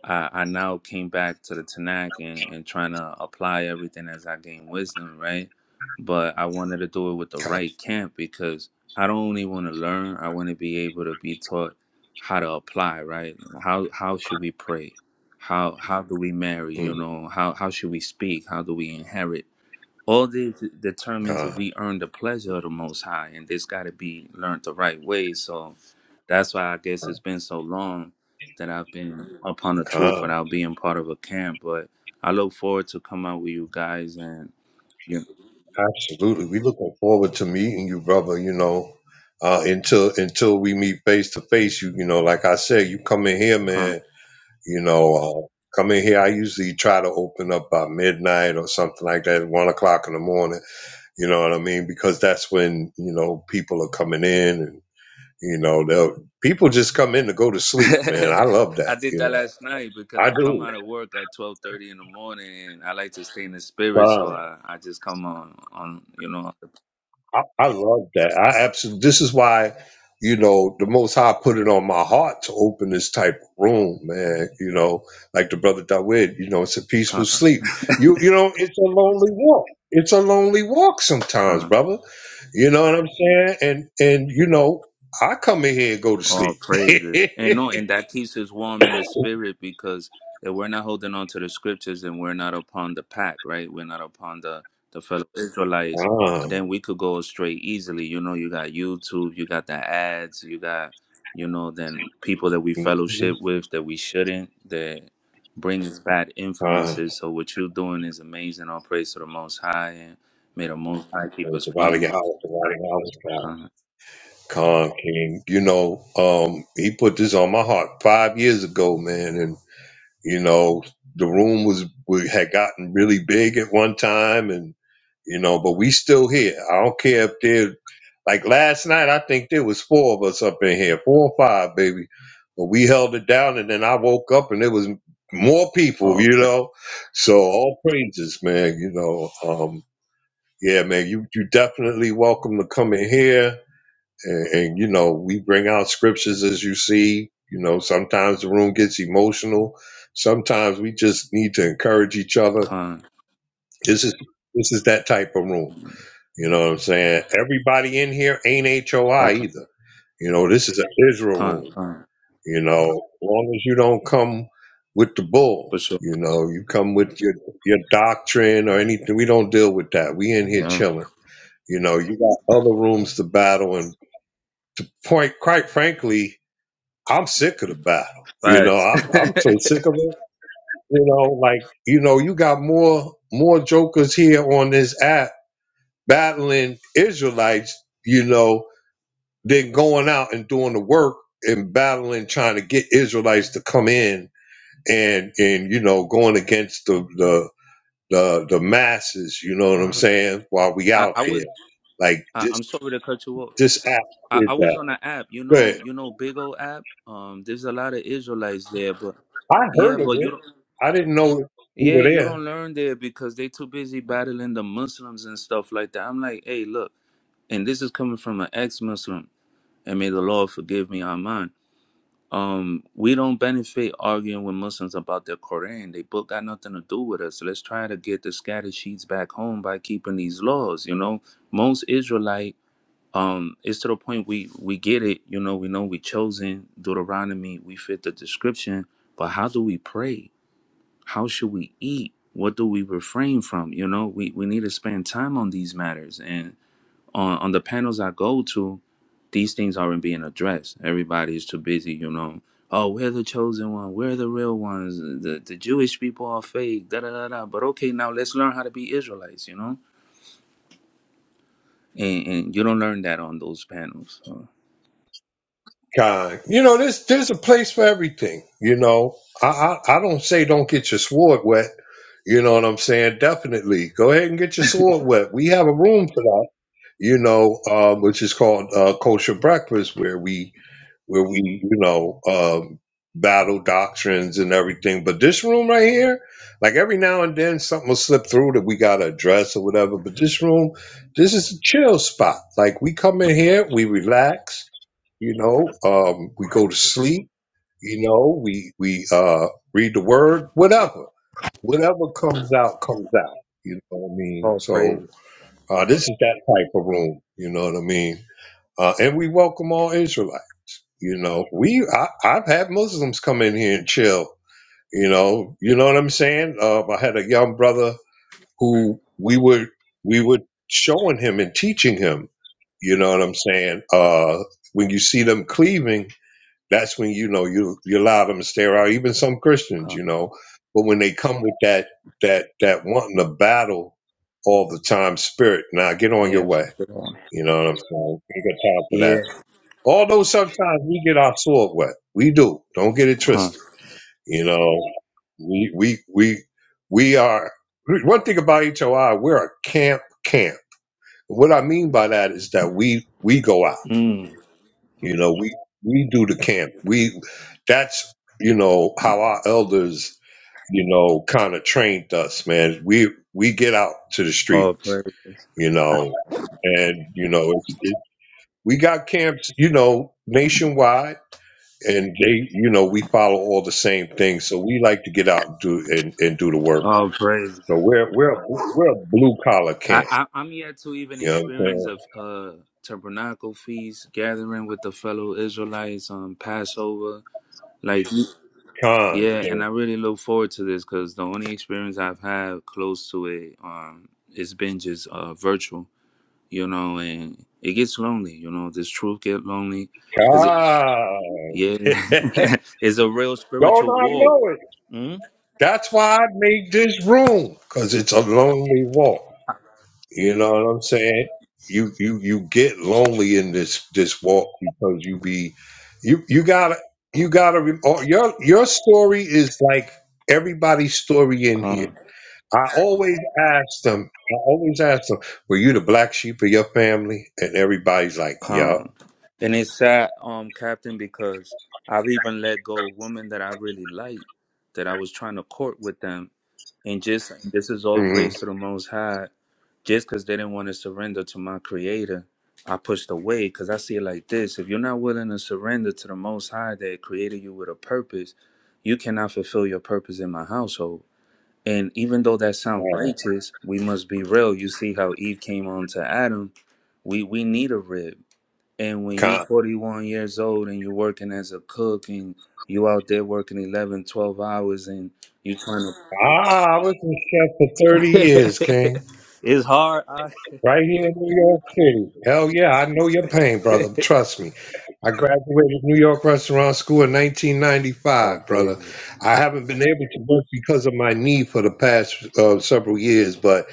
I, I now came back to the Tanakh and, and trying to apply everything as I gain wisdom, right? But I wanted to do it with the right camp because I don't only want to learn, I want to be able to be taught how to apply, right? How how should we pray? How how do we marry?
mm,
You know, how how should we speak? How do we inherit? All this determines if
calm,
we earn the pleasure of the Most High, and this got to be learned the right way. So that's why I guess
calm,
it's been so long that I've been upon the truth
calm.
without being part of a camp. But I look forward to come out with you guys and you know,
Absolutely. We looking forward to meeting you, brother. You know, uh, until until we meet face to face, you you know, like I said, you come in here,
come.
man. You know, uh, come in here. I usually try to open up by midnight or something like that, one o'clock in the morning. You know what I mean? Because that's when you know people are coming in and You know, they'll people just come in to go to sleep, man. I love
I
that.
did
You
that
know,
last night because
I
I come
do.
out of work at twelve thirty in the morning, and I like to stay in the spirit. So
Uh,
I, I just come on on you know
I, I love that. I absolutely. This is why, you know, the Most High put it on my heart to open this type of room, man. You know, like the brother Dawid. You know, it's a peaceful
on the
sleep. You, you know, it's a lonely walk. It's a lonely walk sometimes,
con.
brother. You know what I'm saying? And and you know, I come in here and go to
All
sleep.
praises. And no, and that keeps us warm in the spirit because if we're not holding on to the scriptures and we're not upon the pack, right? We're not upon the, the fellow Israelites,
Ah,
then we could go astray easily. You know, you got YouTube, you got the ads, you got, you know, then people that we
mhm,
fellowship with that we shouldn't, that brings bad
ah.
influences. So what you're doing is amazing. All praise to the most high and may the most high keep us
Providing
from.
a house, providing a house, God.
Con.
Con King. You know, um, he put this on my heart five years ago, man, and you know, the room was we had gotten really big at one time, and you know, but we still here. I don't care if there, like last night, I think there was four of us up in here, four or five, baby, but we held it down, and then I woke up and there was more people,
All
you
praise.
know. So all praises, man. You know, um, yeah, man, you you definitely welcome to come in here, and, and you know we bring out scriptures as you see. You know, sometimes the room gets emotional. Sometimes we just need to encourage each other.
Con.
This is this is that type of room. You know what I'm saying? Everybody in here ain't HOI
Okay.
either. You know, this is an Israel
Con.
room.
Con.
You know, as long as you don't come with the
For
bull,
sure.
you know, you come with your your doctrine or anything. We don't deal with that. We in here
Yeah.
chilling. You know, you got other rooms to battle, and to point, quite frankly, I'm sick of the battle. You know,
Facts.
I'm I'm so sick of it. You know, like you know, you got more more jokers here on this app battling Israelites. You know, than going out and doing the work and battling, trying to get Israelites to come in and and you know, going against the the the, the masses. You know what I'm
Uh,
saying? While we
I,
out
I was
there, like
I,
this
I'm sorry to cut you off.
this app
I,
did
I was
that.
on an app, you
Go ahead.
know, you know, big old app. Um, there's a lot of Israelites there, but
I
yeah,
heard of
but you
it.
don't
I didn't know we
yeah,
were
you
there.
don't learn there because they too busy battling the Muslims and stuff like that. I'm like, hey, look, and this is coming from an ex Muslim and may the Lord forgive me, Aman. um we don't benefit arguing with muslims about their quran they book got nothing to do with us So let's try to get the scattered sheets back home by keeping these laws you know most israelite um it's to the point we we get it you know we know we chosen deuteronomy we fit the description but how do we pray how should we eat what do we refrain from you know we we need to spend time on these matters and on on the panels i go to these things aren't being addressed. Everybody's too busy, you know. Oh, we're the chosen one. We're the real ones. The the Jewish people are fake. Da da da da. But okay, now let's learn how to be Israelites, you know. And, and you don't learn that on those panels. So.
God, you know, there's there's a place for everything. You know, I, I I don't say don't get your sword wet. You know what I'm saying? Definitely, go ahead and get your sword wet. We have a room for that. You know, um, which is called uh, Kosher Breakfast, where we where we, you know, um, battle doctrines and everything. But this room right here, like every now and then something will slip through that we got to address or whatever. But this room, this is a chill spot. Like we come in here, we relax, you know, um, we go to sleep, you know, we, we uh, read the word, whatever. Whatever comes out, comes out. You know what I mean?
Oh, praise.
So uh, this is that type of room. You know what I mean? Uh, and we welcome all Israelites. You know, we I, I've had Muslims come in here and chill. You know, you know what I'm saying. Uh, I had a young brother who we were we were showing him and teaching him. You know what I'm saying. Uh, when you see them cleaving, that's when you know you you allow them to stay around. Even some Christians,
Huh.
you know, but when they come with that that that wanting to battle all the time spirit, now get on your
Yeah, for
way.
sure.
You know what I'm saying. Ain't got time for that.
Yeah.
Although sometimes we get our sword wet, we do. Don't get it
Huh.
twisted. You know, we we we we are one thing about HOI. We're a camp camp. What I mean by that is that we we go out. You know, we we do the camp. We that's you know how our elders you know kind of trained us, man. We we get out to the
Oh
streets.
praise.
You know, and you know it's, it, we got camps. You know, nationwide and they you know we follow all the same things so we like to get out and do and, and do the work
Oh praise.
so we're we're we're a blue collar
I,
camp
I I'm yet to even
you know what
experience of uh tabernacle feast, gathering with the fellow Israelites on Passover. Like
i'm saying
Yeah, and
con
I really look forward to this because the only experience I've had close to it, um, it's been just uh, virtual, you know, and it gets lonely, you know. Does truth get lonely? Cause it,
con
yeah,
con.
it's a real
don't
spiritual
i
war.
know it
Mm?
that's why i made this room because it's a lonely walk you know what i'm saying you you you get lonely in this this walk because you be you you gotta you gotta re- oh, your your story is like everybody's story in here
Calm,
I always ask them, I always ask them, were you the black sheep of your family? And everybody's like,
calm,
yup.
and it's sad, um, Captain, because I've even let go of women that I really like, that I was trying to court with them, And just this is all
Mm-hmm.
praise to the Most High. Just because they didn't want to surrender to my Creator, I pushed away because I see it like this: if you're not willing to surrender to the Most High that created you with a purpose, you cannot fulfill your purpose in my household. And even though that sounds righteous, we must be real. You see how Eve came on to Adam. We we need a rib. And when you 41 years old and you're working as a cook and you out there working 11, 12 hours and you trying to
Ah, I was in chef for 30 years, King.
it's hard. I...
Right here in New York City. Hell yeah, I know your pain, brother. Trust me. I graduated New York Restaurant School in
All
1995, brother.
praises.
I haven't been able to work because of my knee for the past uh, several years, but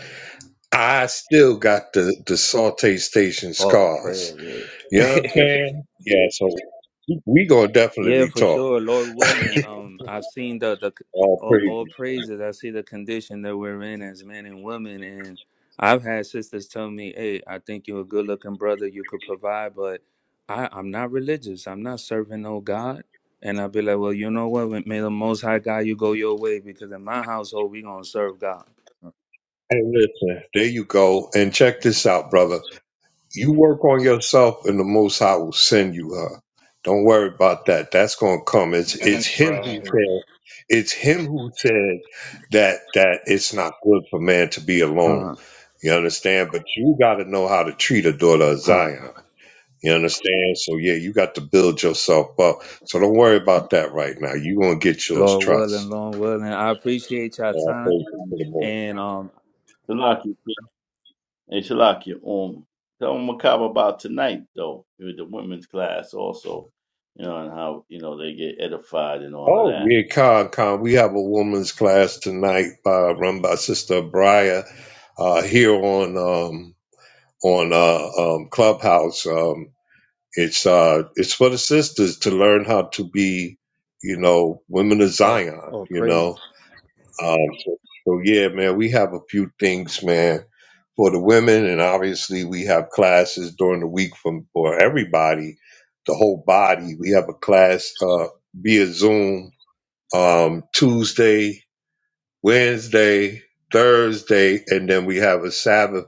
I still got the, the saute station
All
scars.
praises.
You know what I'm saying? Yeah, so we gonna
yeah,
definitely
for
talk.
sure. Lord willing, um, I've seen the the
All
all,
praise.
all praises. I see the condition that we're in as men and women, and I've had sisters tell me, "Hey, I think you're a good-looking brother. You could provide, but I, I'm not religious. I'm not serving no God." And I'll be like, "Well, you know what? May the Most High God, you go your way, because in my household, we gonna serve God."
Hey, listen, there you go. And check this out, brother. You work on yourself, and the Most High will send you her. Don't worry about that. That's gonna come. It's it's
That's
him who
right.
said. It's him who said that that it's not good for man to be alone. You understand? But you got to know how to treat a daughter of
Come,
Zion. You understand? So yeah, you got to build yourself up. So don't worry about that right now. you gonna get yours,
Lord willing,
trust.
Lord willing. I appreciate y'all
And I pray
time
you for the Lord.
and um
Salakia, hey Salakia, um, tell Macabre about tonight though with the women's class also, you know, and how you know they get edified and all of
Oh
that.
yeah, Con Con. We have a woman's class tonight by run by Sister Briar uh here on um on uh um Clubhouse. Um it's uh it's for the sisters to learn how to be, you know, women of
oh
Zion,
oh
you
praise
know
it.
Um, so, so yeah, man, we have a few things, man, for the women, and obviously we have classes during the week from for everybody, the whole body. We have a class uh, via Zoom um, Tuesday, Wednesday, Thursday, and then we have a Sabbath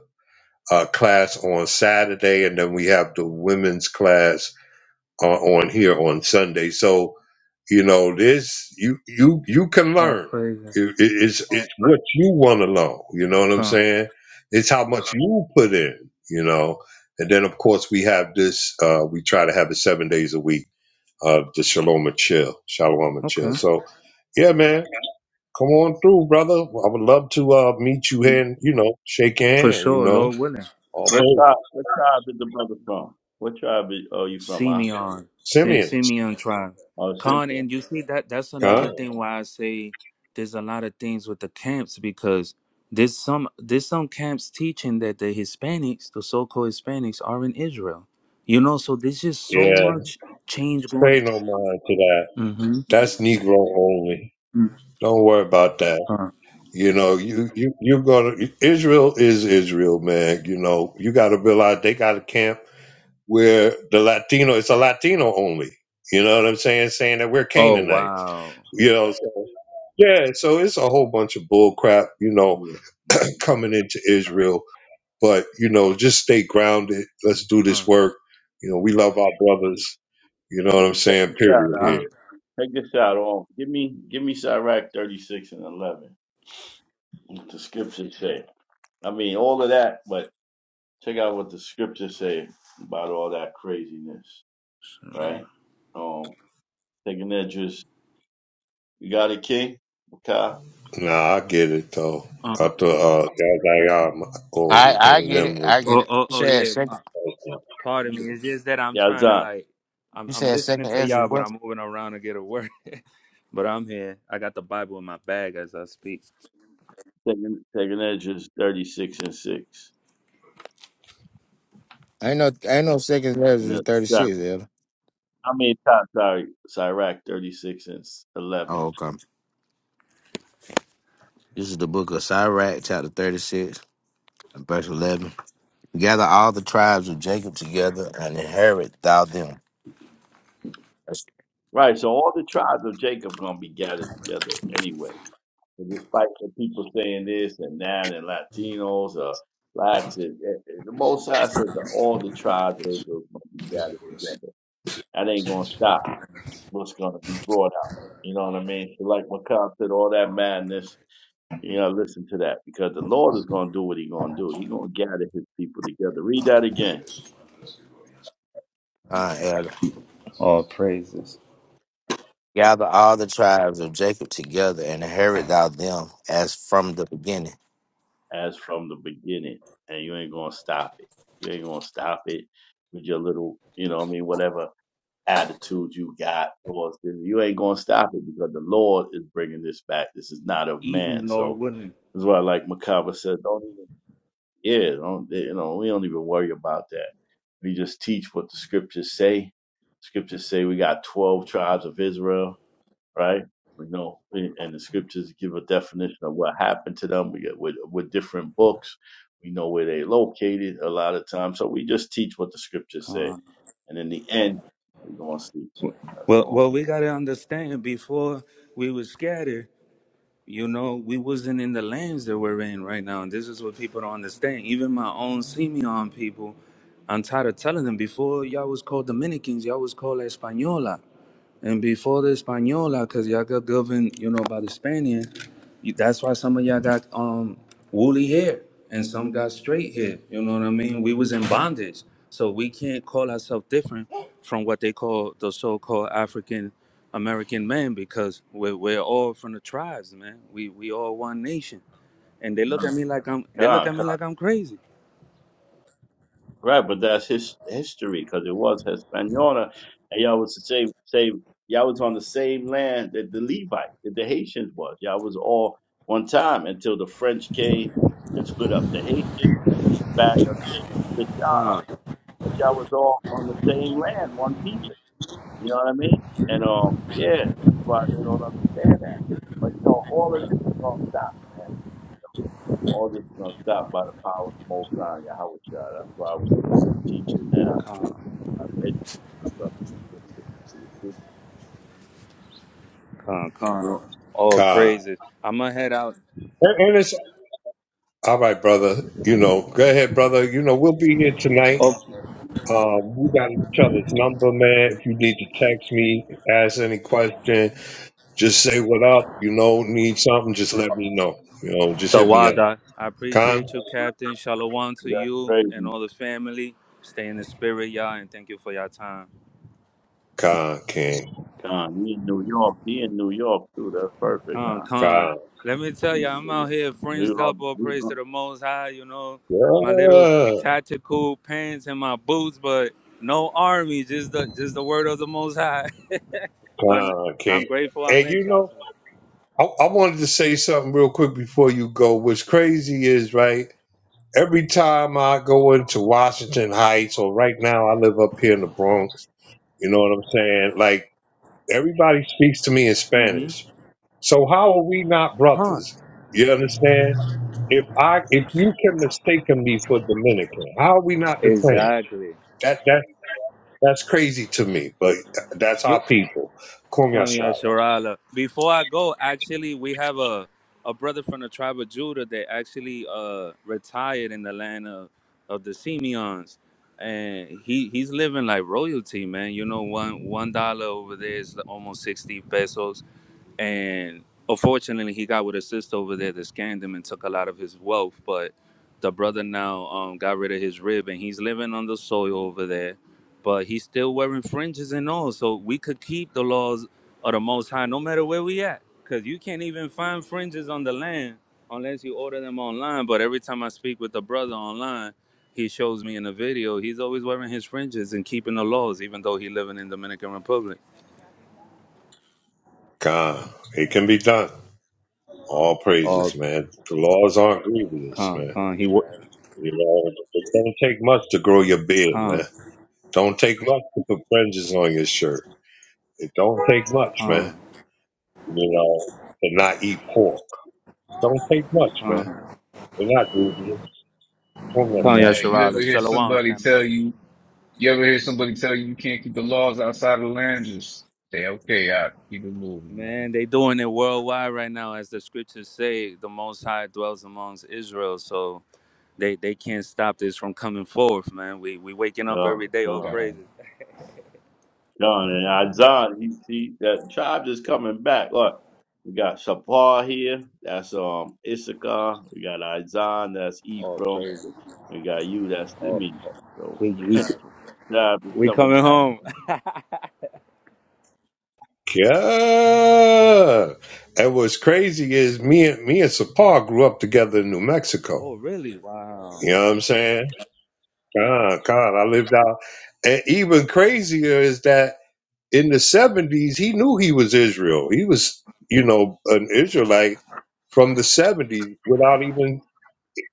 uh, class on Saturday, and then we have the women's class uh, on here on Sunday. So you know this you you you can
Oh
learn.
praise it.
It, it, it's it's what you want to learn. You know what I'm
Come.
saying? It's how much you put in. You know, and then of course we have this. Uh, we try to have it seven days a week. Uh, the Shalom and Chill, Shalom and
Okay.
Chill. So yeah, man, come on through, brother. I would love to uh, meet you here and you know shake your
For
hand. You
sure,
know,
Lord willing.
all
What tribe?
praise.
What tribe is the brother from? What tribe is, are you from?
See
Huh?
me on. See,
Simeon,
see me on trial.
Oh, Simeon.
Con and you see that that's
huh?
another
God,
thing
God.
why I say there's a lot of things with the camps because there's some there's some camps teaching that the Hispanics, the so called Hispanics, are in Israel. You know, so there's just so
Yeah,
much change going.
pay no mind to that.
Mm-hmm.
That's Negro only.
Mm-hmm.
Don't worry about that.
Con.
You know, you you you gonna Israel is Israel, man. You know, you got to realize they got a camp where the Latino it's a Latino only. You know what I'm saying? Saying that we're
Oh
Canaanites.
wow.
You know, so, yeah. So it's a whole bunch of bull crap. You know,
Yeah.
coming into Israel, but you know, just stay grounded. Let's do this
Come.
work. You know, we love our brothers. You know what I'm
But check
saying?
this out.
Period.
huh?
Here.
Uh,
Take this out on. Give me give me Sirach 36 and 11. What the scriptures say. I mean, all of that, but check out what the scriptures say about all that craziness, right? Um, taking that just, you got it, King? Okay.
Nah, I get it though. I
uh,
thought uh, that like uh, Michael
I
was
I
one of
get
them
it.
was
I get
oh,
like,
it.
oh,
You
oh,
said
yeah. Uh,
second.
pardon me. It's just that I'm trying to
Yazan.
like, I'm,
You
I'm
said
listening
second
to
Ezra
y'all, but
what?
I'm moving around to get a word. but I'm here. I got the Bible in my bag as I speak.
Taking, taking that just 36 and 6.
Ain't no ain't no second
And
Ezra is thirty
the,
six. Ezra.
I mean, times sorry, Sirach 36 and s- 11.
Oh okay. This is the book of Sirach, chapter thirty six, verse eleven. Gather all the tribes of Jacob together and inherit thou them. That's
Right, so all the tribes of Jacob going to be gathered together anyway. And despite the people saying this and that, and Latinos or blacks, and, and- and the Most High said that all the tribes of Israel must be gathered together. That ain't gonna stop what's gonna be brought out. You know what I mean? So like Macab said, all that madness. You know, listen to that because the Lord is gonna do what He gonna do. He gonna gather His people together. Read that again,
uh, Ezra.
All praises.
Gather all the tribes of Jacob together and inherit thou them as from the beginning.
as from the beginning, and you ain't gonna stop it. You ain't gonna stop it with your little, you know, what I mean, whatever attitude you got towards this. You ain't gonna stop it because the Lord is bringing this back. This is not of man.
Even Lord
So
willing.
that's why, like Makaba said, don't even yeah, don't you know? We don't even worry about that. We just teach what the scriptures say. Scriptures say we got twelve tribes of Israel right? We know, eh, and the scriptures give a definition of what happened to them. We get with with different books, we know where they located a lot of times. So we just teach what the scriptures say,
Uh,
and in the end, we're gonna see. That's
well,
all.
well, we gotta understand. Before we was scattered, you know, we wasn't in the lands that we're in right now. And this is what people don't understand. Even my own Simeon people, I'm tired of telling them. Before y'all was called Dominicans, y'all was called Española. And before the Española, because y'all got governed, you know, by the Spaniard, you- that's why some of y'all got um woolly hair and some got straight hair. You know what I mean? We was in bondage. So we can't call ourselves different from what they call the so-called African American man because we're, we're all from the tribes, man. We we all one nation. And they look at me like I'm they look
God,
at me like I'm crazy.
Right, but that's his history because it was Hispaniola, and y'all was the same same. Y'all was on the same land that the Levite, that the Haitians was. Y'all was all one time until the French came and split up the Haitians, and then back up came and split y'all up.
Con,
But y'all was all on the same land, one people. You know what I mean? And um, yeah, that's why they don't understand that. But you know, all of this is gonna stop, man. All this is gonna stop by the power of the Most High Yahweh. Shah. That's why we need this teaching now That's
con, con. All
Kai.
praises. I'ma head out.
And, and it's all right, brother. You know, go ahead, brother. You know, we'll be here tonight.
Oh,
Um, we got each other's number, man. If you need to text me, ask any question, just say what up. You know, need something, just let me know. You know, just hit me up.
Tawada, I
Con,
appreciate you, Captain. Shalom to you and
crazy,
all the family. Stay in the spirit, y'all, and thank you for your time.
con, can,
Con. He in New York. He in New York too. That's perfect,
Con,
Con.
con.
con,
Let me tell
He
you,
in
I'm
New
out
York.
here
We
fringed up,
all-
all
we
praise to
all-
the Most High. You know, my little
yeah,
tactical pants and my boots, but no army, just the just the word of the Most High. but
con,
I'm
can.
grateful I
And
met
you
y'all.
know.
So.
I, I wanted to say something real quick before you go. What's crazy is, right, every time I go into Washington Heights, or right now I live up here in the Bronx, you know what I'm saying? Like, everybody speaks to me in
Mm-hmm.
Spanish. So how are we not
Con.
brothers? You understand? If I if you can mistaken me for Dominican, how are we not the same?
Exactly.
That that that's crazy to me, but th- that's
You.
our people. Come
Come, yeah,
Kumyashara.
Shirala. Before I go, actually, we have a, a brother from the tribe of Judah that actually uh, retired in the land of, of the Simeons. And he, he's living like royalty, man. You know, one one dollar over there is almost 60 pesos and unfortunately he got with a sister over there that scammed him and took a lot of his wealth but the brother now um, got rid of his rib and he's living on the soil over there but he's still wearing fringes and all so we could keep the laws of the most high no matter where we at because you can't even find fringes on the land unless you order them online but every time i speak with the brother online he shows me in a video he's always wearing his fringes and keeping the laws even though he living in dominican republic
God, it can be done. All
Oh,
praises, man. The laws aren't grievous,
Con,
man.
con, he work.
You know, it don't take much to grow your beard, man.
Con.
Don't take much to put fringes on your shirt. It don't take much,
Uh,
man. You know, to not eat pork. Don't take much,
uh,
man.
Come,
They're not grievous. From that
Hey,
side.
you ever
Yasharala.
hear
Shalom,
somebody
family.
tell you? You ever hear somebody tell you you can't keep the laws outside of the land? Just say, okay, I keep it moving,
Man, they doing it worldwide right now. As the scriptures say, the Most High dwells amongst Israel. So they, they can't stop this from coming forth, man. We we waking up every
God,
day. All
Con.
man.
praises.
Con and Azan. he, he that tribe is coming back. Look, we got Shapar here. That's um Issachar. We got Azan. That's
All
Ephraim.
praises.
We got you. That's
all.
Simeon. So
we, we,
tribe is
we
coming
coming
back.
home.
Yeah. And what's crazy is me and me and Sapar grew up together in New
Oh,
Mexico.
really? Wow.
You know what I'm saying? God, God, I lived out. And even crazier is that in the seventies, he knew he was Israel. He was, you know, an Israelite from the seventies without even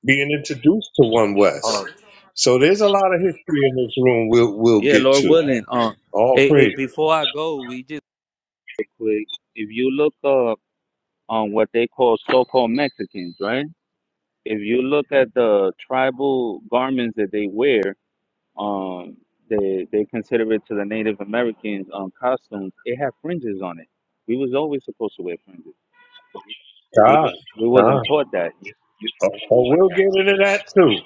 being introduced to One
Oh,
West. So there's a lot of history in this room. We'll we'll
yeah,
get
Lord
to.
willing. Um,
All
it,
praise
it, before I go, we just quick. If you look up on what they call so-called Mexicans, right? if you look at the tribal garments that they wear, um, they they consider it to the Native Americans um, costumes. It had fringes on it. We was always supposed to wear fringes. We was,
God,
we wasn't
God.
taught that.
Oh, oh, we'll get into that too.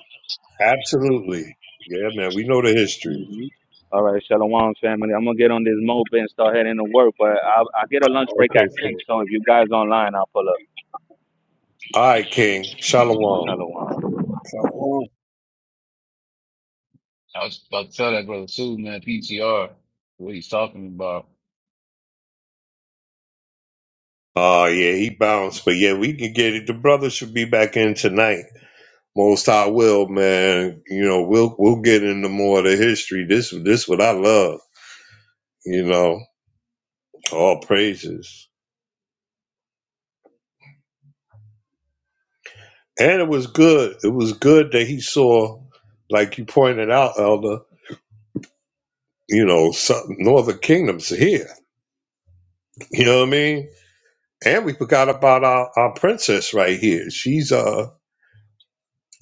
Absolutely. Yeah, man. We know the history.
hmm All right, Shalom family. I'm gonna get on this moped and start heading to work, but I I get a lunch break at
Okay, cool.
six. So if you guys online, I'll pull up.
All right, King. Shalom.
Shalom.
Come on.
I was about to tell that brother too, man, PTR, what he's talking about.
Oh yeah, he bounced, but yeah, we can get it. The brother should be back in tonight. Most I will, man. You know, we'll we'll get into more of the history. This this what I love. You know, all praises. And it was good. It was good that he saw, like you pointed out, Elder. You know, some, Northern Kingdom's here. You know what I mean? And we forgot about our, our princess right here. She's uh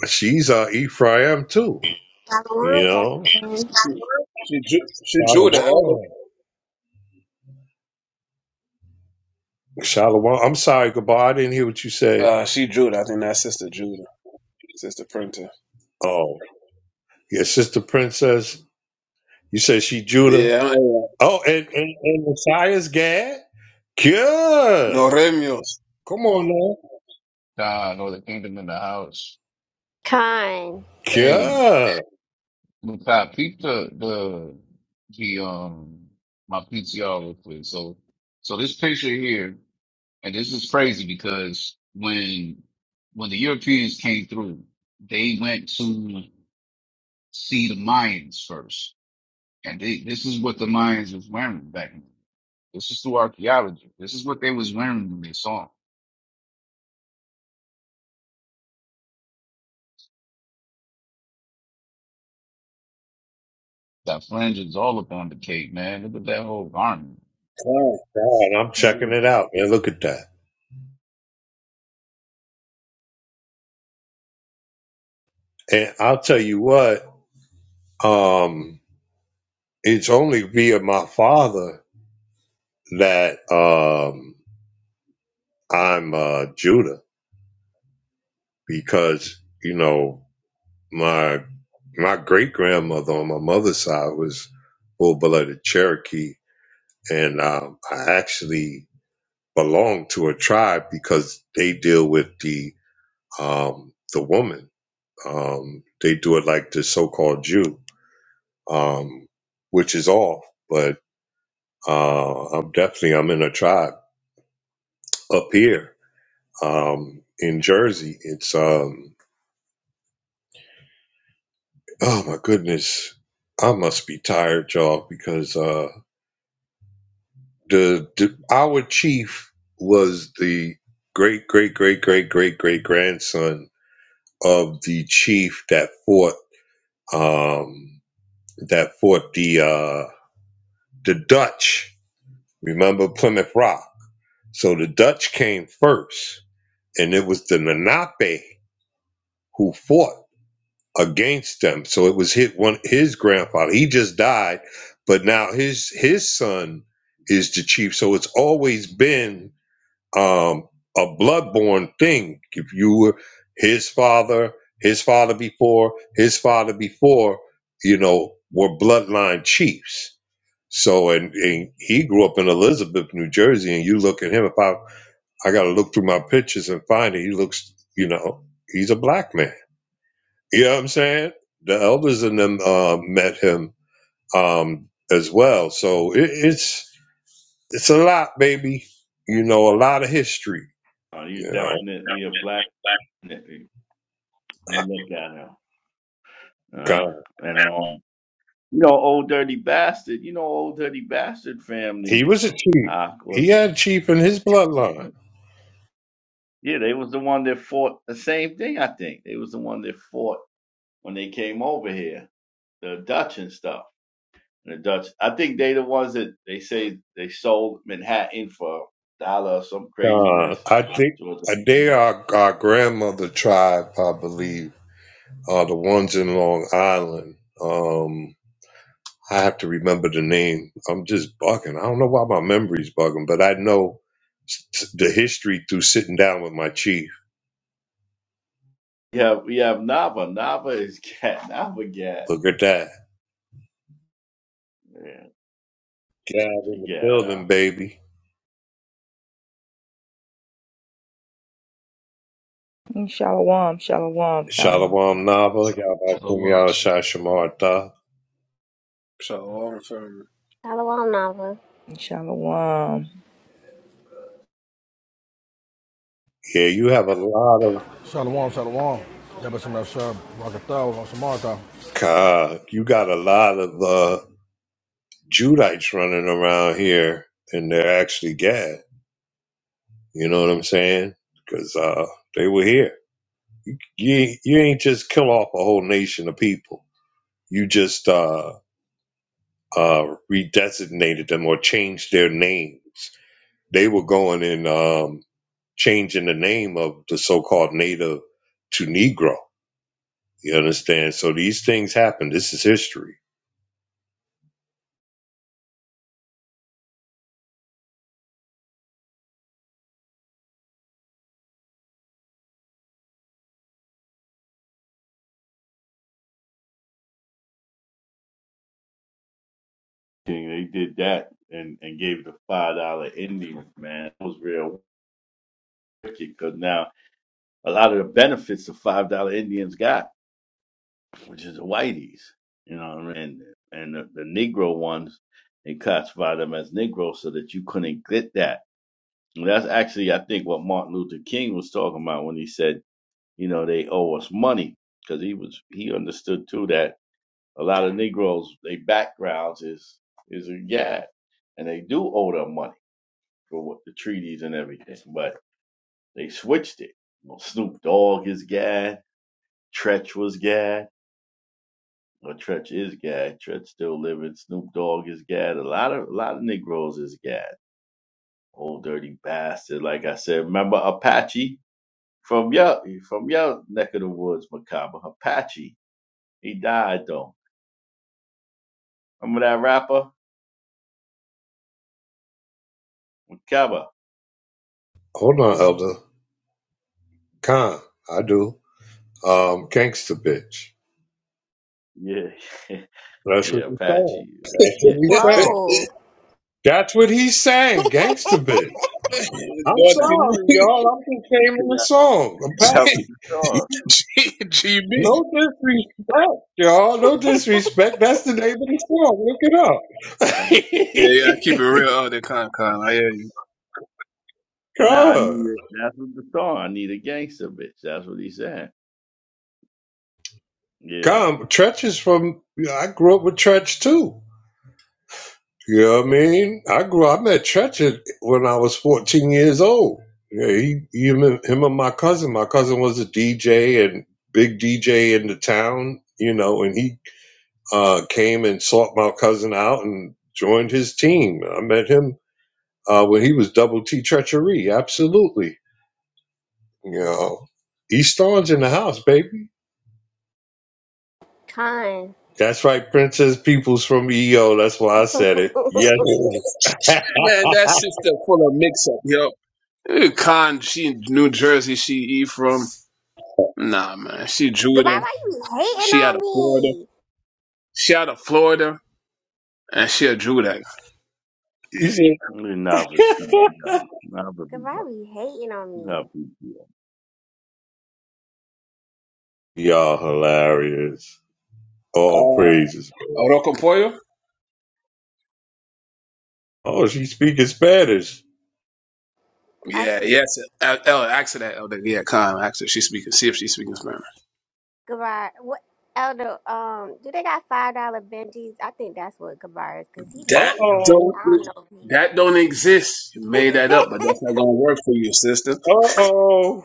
she's uh Ephraim too. You
Shalom,
know,
Captain.
She, Ju- she Judah, elder.
Shalom. Shalom. I'm sorry, goodbye. I didn't hear what you said.
Uh, she Judah. I think that's Sister Judah, Sister Printer.
Oh, yeah, sister princess. You said she Judah.
Yeah, I am.
Oh, and and, and Messiah's Gad. Good.
no Remios.
Come on now.
God or the kingdom in the house.
Khan.
Hey,
Good.
Makai, peep the the the um my PTR real quick. So so this picture here, and this is crazy because when when the Europeans came through, they went to see the Mayans first. And they, this is what the Mayans was wearing back then. This is through archaeology. This is what they was wearing when they saw 'em. That fringe is all up on the cake, man. Look at that whole garment.
Come
God, I'm checking
on.
it out, man. Look at that. And I'll tell you what. Um, it's only via my father that um I'm uh Judah because you know my my great grandmother on my mother's side was full blooded Cherokee, and um, I actually belong to a tribe because they deal with the um, the woman. Um, they do it like the so-called Jew, um, which is off. But uh, I'm definitely I'm in a tribe up here um, in Jersey. It's um, oh my goodness, I must be tired, y'all, because uh, the, the our chief was the great great great great great great grandson of the chief that fought. um, that fought the uh, the Dutch. Remember Plymouth Rock? So the Dutch came first, and it was the Lenape who fought against them. So it was hit one his grandfather. He just died, but now his his son is the chief. So it's always been um, a bloodborne thing. If you were his father, his father before, his father before, you know, were bloodline chiefs So, and, and he grew up in Elizabeth, New Jersey, and you look at him. If I, I got to look through my pictures and find it, he looks, you know, he's a black man. You know what I'm saying? The elders in them uh, met him um, as well. So it, it's it's a lot, baby. You know, a lot of history.
Con. He's
You know,
definitely a black. nigga. You look at him.
God.
Uh, and all. You know, old dirty bastard. You know, old dirty bastard
he
family
was a chief.
uh, was
He had a chief in his bloodline.
yeah. They was the one that fought the same thing. I think they was the one that fought when they came over here, the Dutch and stuff. The Dutch. I think they the ones that they say they sold Manhattan for a dollar or some
God,
craziness.
I think
George.
uh, they are our grandmother tribe, I believe Uh, the ones in Long Island. Um, I have to remember the name. I'm just bugging. I don't know why my memory's bugging, but I know s- s- the history through sitting down with my chief.
We have we have Nava. Nava is cat. Nava gat.
Look at that.
Yeah,
Gab
she
in the
gat. Uh,
building, baby.
Shalom, shalom, family.
Shalom Nava, Yabashim
Shalom.
Yahshashamartha.
Shalom, family.
Shalom, Nava.
Shalom.
Yeah, you have a lot of
Shalom, shalom. Yabashim Yashab, Rakataw, Shamata.
God. You got a lot of uh, Judites running around here, and they're actually Gad. You know what I'm saying? Because uh, they were here. You ain't- you ain't just kill off a whole nation of people. You just uh uh redesignated them or changed their names. They were going and um changing the name of the so called native to Negro. You understand? So these things happen. This is history.
thing. they did that and and gave the five dollar Indians. Man, it was real because now a lot of the benefits the five dollar Indians got, which is the whiteys, you know, what I mean? and and the, the Negro ones, they classify them as Negro so that you couldn't get that. And that's actually, I think, what Martin Luther King was talking about when he said, you know, they owe us money because he was he understood too that a lot of Negroes, their backgrounds is is a gag, and they do owe them money for what the treaties and everything, but they switched it. You know, Snoop Dogg is gag Tretch was Gad. Well, Tretch is Gad. Tretch still living. Snoop Dogg is Gad. A lot of a lot of Negroes is Gad. Old dirty bastard. Like I said, remember Apache from your from your neck of the woods, Macabre. Apache. He died though. Remember that rapper, Macabre.
Hold on, Elder. Khan, I do. Um gangster bitch.
Yeah,
That's what
yeah.
he's
Apache.
saying.
It was
That's what
getting
he's saying.
Whoa.
That's what he's saying, gangster bitch. I'm
Naughty
sorry,
me,
y'all. I'm just naming the
that
song,
was
Apache.
the song.
G- GB.
Yeah.
No disrespect, y'all. No disrespect. That's the name of the song. Look
I-
Yeah, yeah, keep it
it
real,
up.
Oh, they can't, can't. I hear you.
nah, I
God.
need it. That's what the song. I need a gangster bitch. That's what he said. Yeah.
God, Tretch is from. yeah, I grew up with Tretch too. You know what I mean? I grew. I met Tretch at- when I was 14 years old. Yeah, he, him, and- him and my cousin. My cousin was a DJ and big DJ in the town. You know, and he uh, came and sought my cousin out and joined his team. I met him uh, when he was double T treachery. Absolutely. You know, East Orange in the house, baby.
Khan.
That's right, Princess Peoples from EO. That's why I said it. Yes.
Goodbye,
Man, that sister full of mix up, yo. Eh, Con, she New Jersey, she E from. Nah, man, she Judah.
why you hating
She out
on
of Florida.
me?
She out of Florida, and she a Judah.
You see?
Never speak to y'all. Never be
Goodbye,
bu-
Why you hating on
never
me?
be bu-
Y'all hilarious. All
Uh,
praises.
Orocopoyo?
Oh, she's speaking Spanish.
I
Yeah,
said,
yes. El, El, ask her that. Elder. Yeah, Con, ask her. She speaking. See if she's speaking Spanish.
goodbye. What, Elder, um, do they got $5 Benjis? I think that's what goodbye is, because he be
Uh
That
hating on me.
oh.
don't
I don't know if he.
that don't exist. You made that up, but that's not gonna work for you, sister.
Uh oh.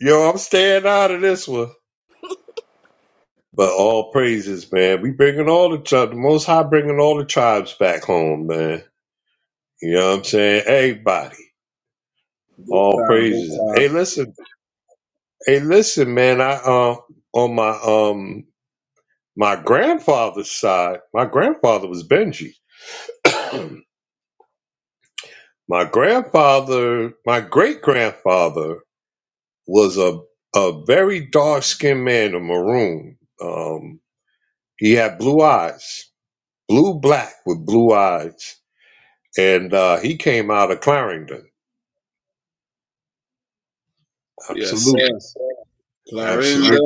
Yo, I'm staying out of this one. But all praises, man. We bringing all the tribes, the Most High bringing all the tribes back home, man. You know what I'm saying? Everybody,
Big
all
time, big
praises.
time.
Hey, listen, hey, listen, man. I uh, on my um my grandfather's side, my grandfather was Benji. my grandfather, my great grandfather was a a very dark skinned man, a maroon. Um, he had blue eyes, blue black with blue eyes and uh, he came out of Clarendon.
Yes,
Absolutely,
sir.
absolutely,
Clarinda,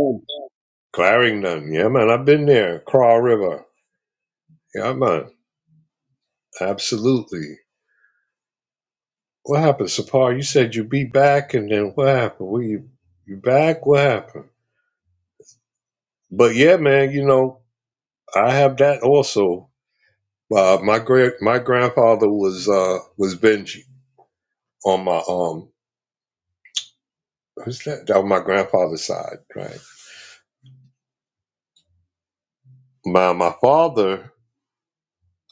Clarendon. Yeah, man, I've been there. Craw River. Yeah, man, absolutely. What happened, Sapar? You said you be back, and then what happened? Were you you back? What happened? But yeah, man, you know I have that also. Uh, my great my grandfather was uh, was Benji on my um who's that? That was my grandfather's side, right? My my father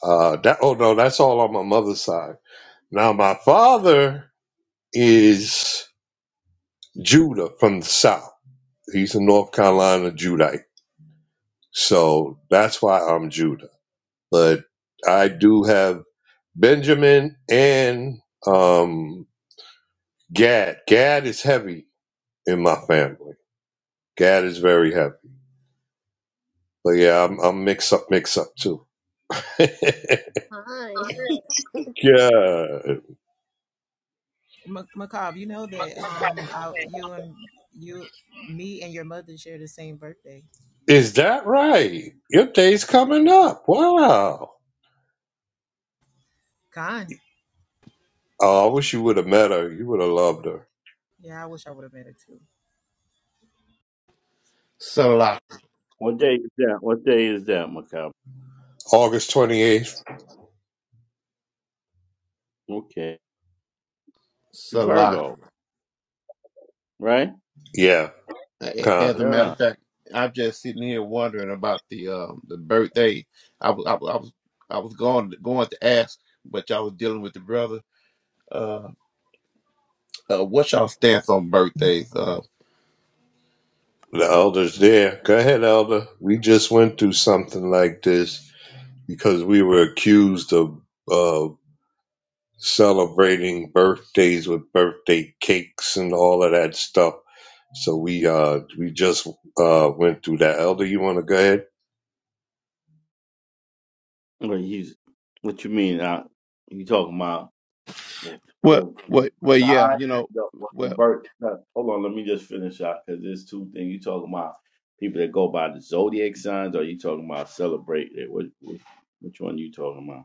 uh, that oh no, that's all on my mother's side Now, my father is Judah from the South. He's a North Carolina Judite. So that's why I'm Judah. But I do have Benjamin and um, Gad. Gad is heavy in my family. Gad is very heavy. But yeah, I'm, I'm mix up, mix up too.
Khan.
Yeah.
Mac- Macabre, you know that um, I, you and you, me and your mother share the same birthday.
Is that right? Your day's coming up. Wow.
Con.
Oh, I wish you would have met her. You would have loved her.
Yeah, I wish I would have met her too.
Salak,
What day is that? What day is that, Macabre?
August 28th.
Okay.
Salak.
Virgo, right?
Yeah,
As a
con.
matter
Yeah.
of fact, I'm just sitting here wondering about the um the birthday. I was I, was I was I was going going to ask, but y'all was dealing with the brother uh, uh birthdays. Uh,
The elder's there. Go ahead, elder. We just went through something like this because we were accused of uh, celebrating birthdays with birthday cakes and all of that stuff. So we uh we just uh went through that. Elder, you want to go ahead?
Well, he's what you mean? Uh, you talking about the
well,
the
well, well, yeah,
I
you know,
the, what the
well,
birth? no, Hold on, let me just finish out because there's two things you talking about. People that go by the zodiac signs, or you talking about celebrate it? What, what which one you talking about?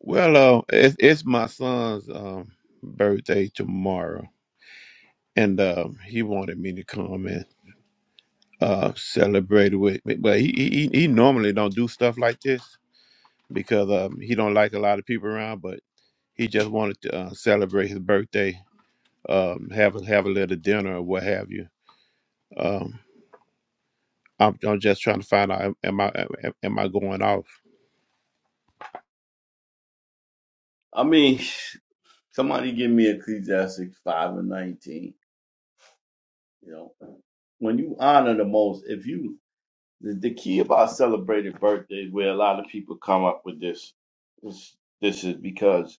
well, uh, it's it's my son's um birthday tomorrow, and um he wanted me to come and uh celebrate it with. But he he he he normally don't do stuff like this, because um, he don't like a lot of people around, but he just wanted to uh, celebrate his birthday, um, have a have a little dinner or what have you. Um, I'm, I'm just trying to find out am am I am am I going off?
I mean, somebody give me Ecclesiastes five and nineteen. You know, when you honor the most, if you the, the key about celebrating birthdays, where a lot of people come up with this, this, this is because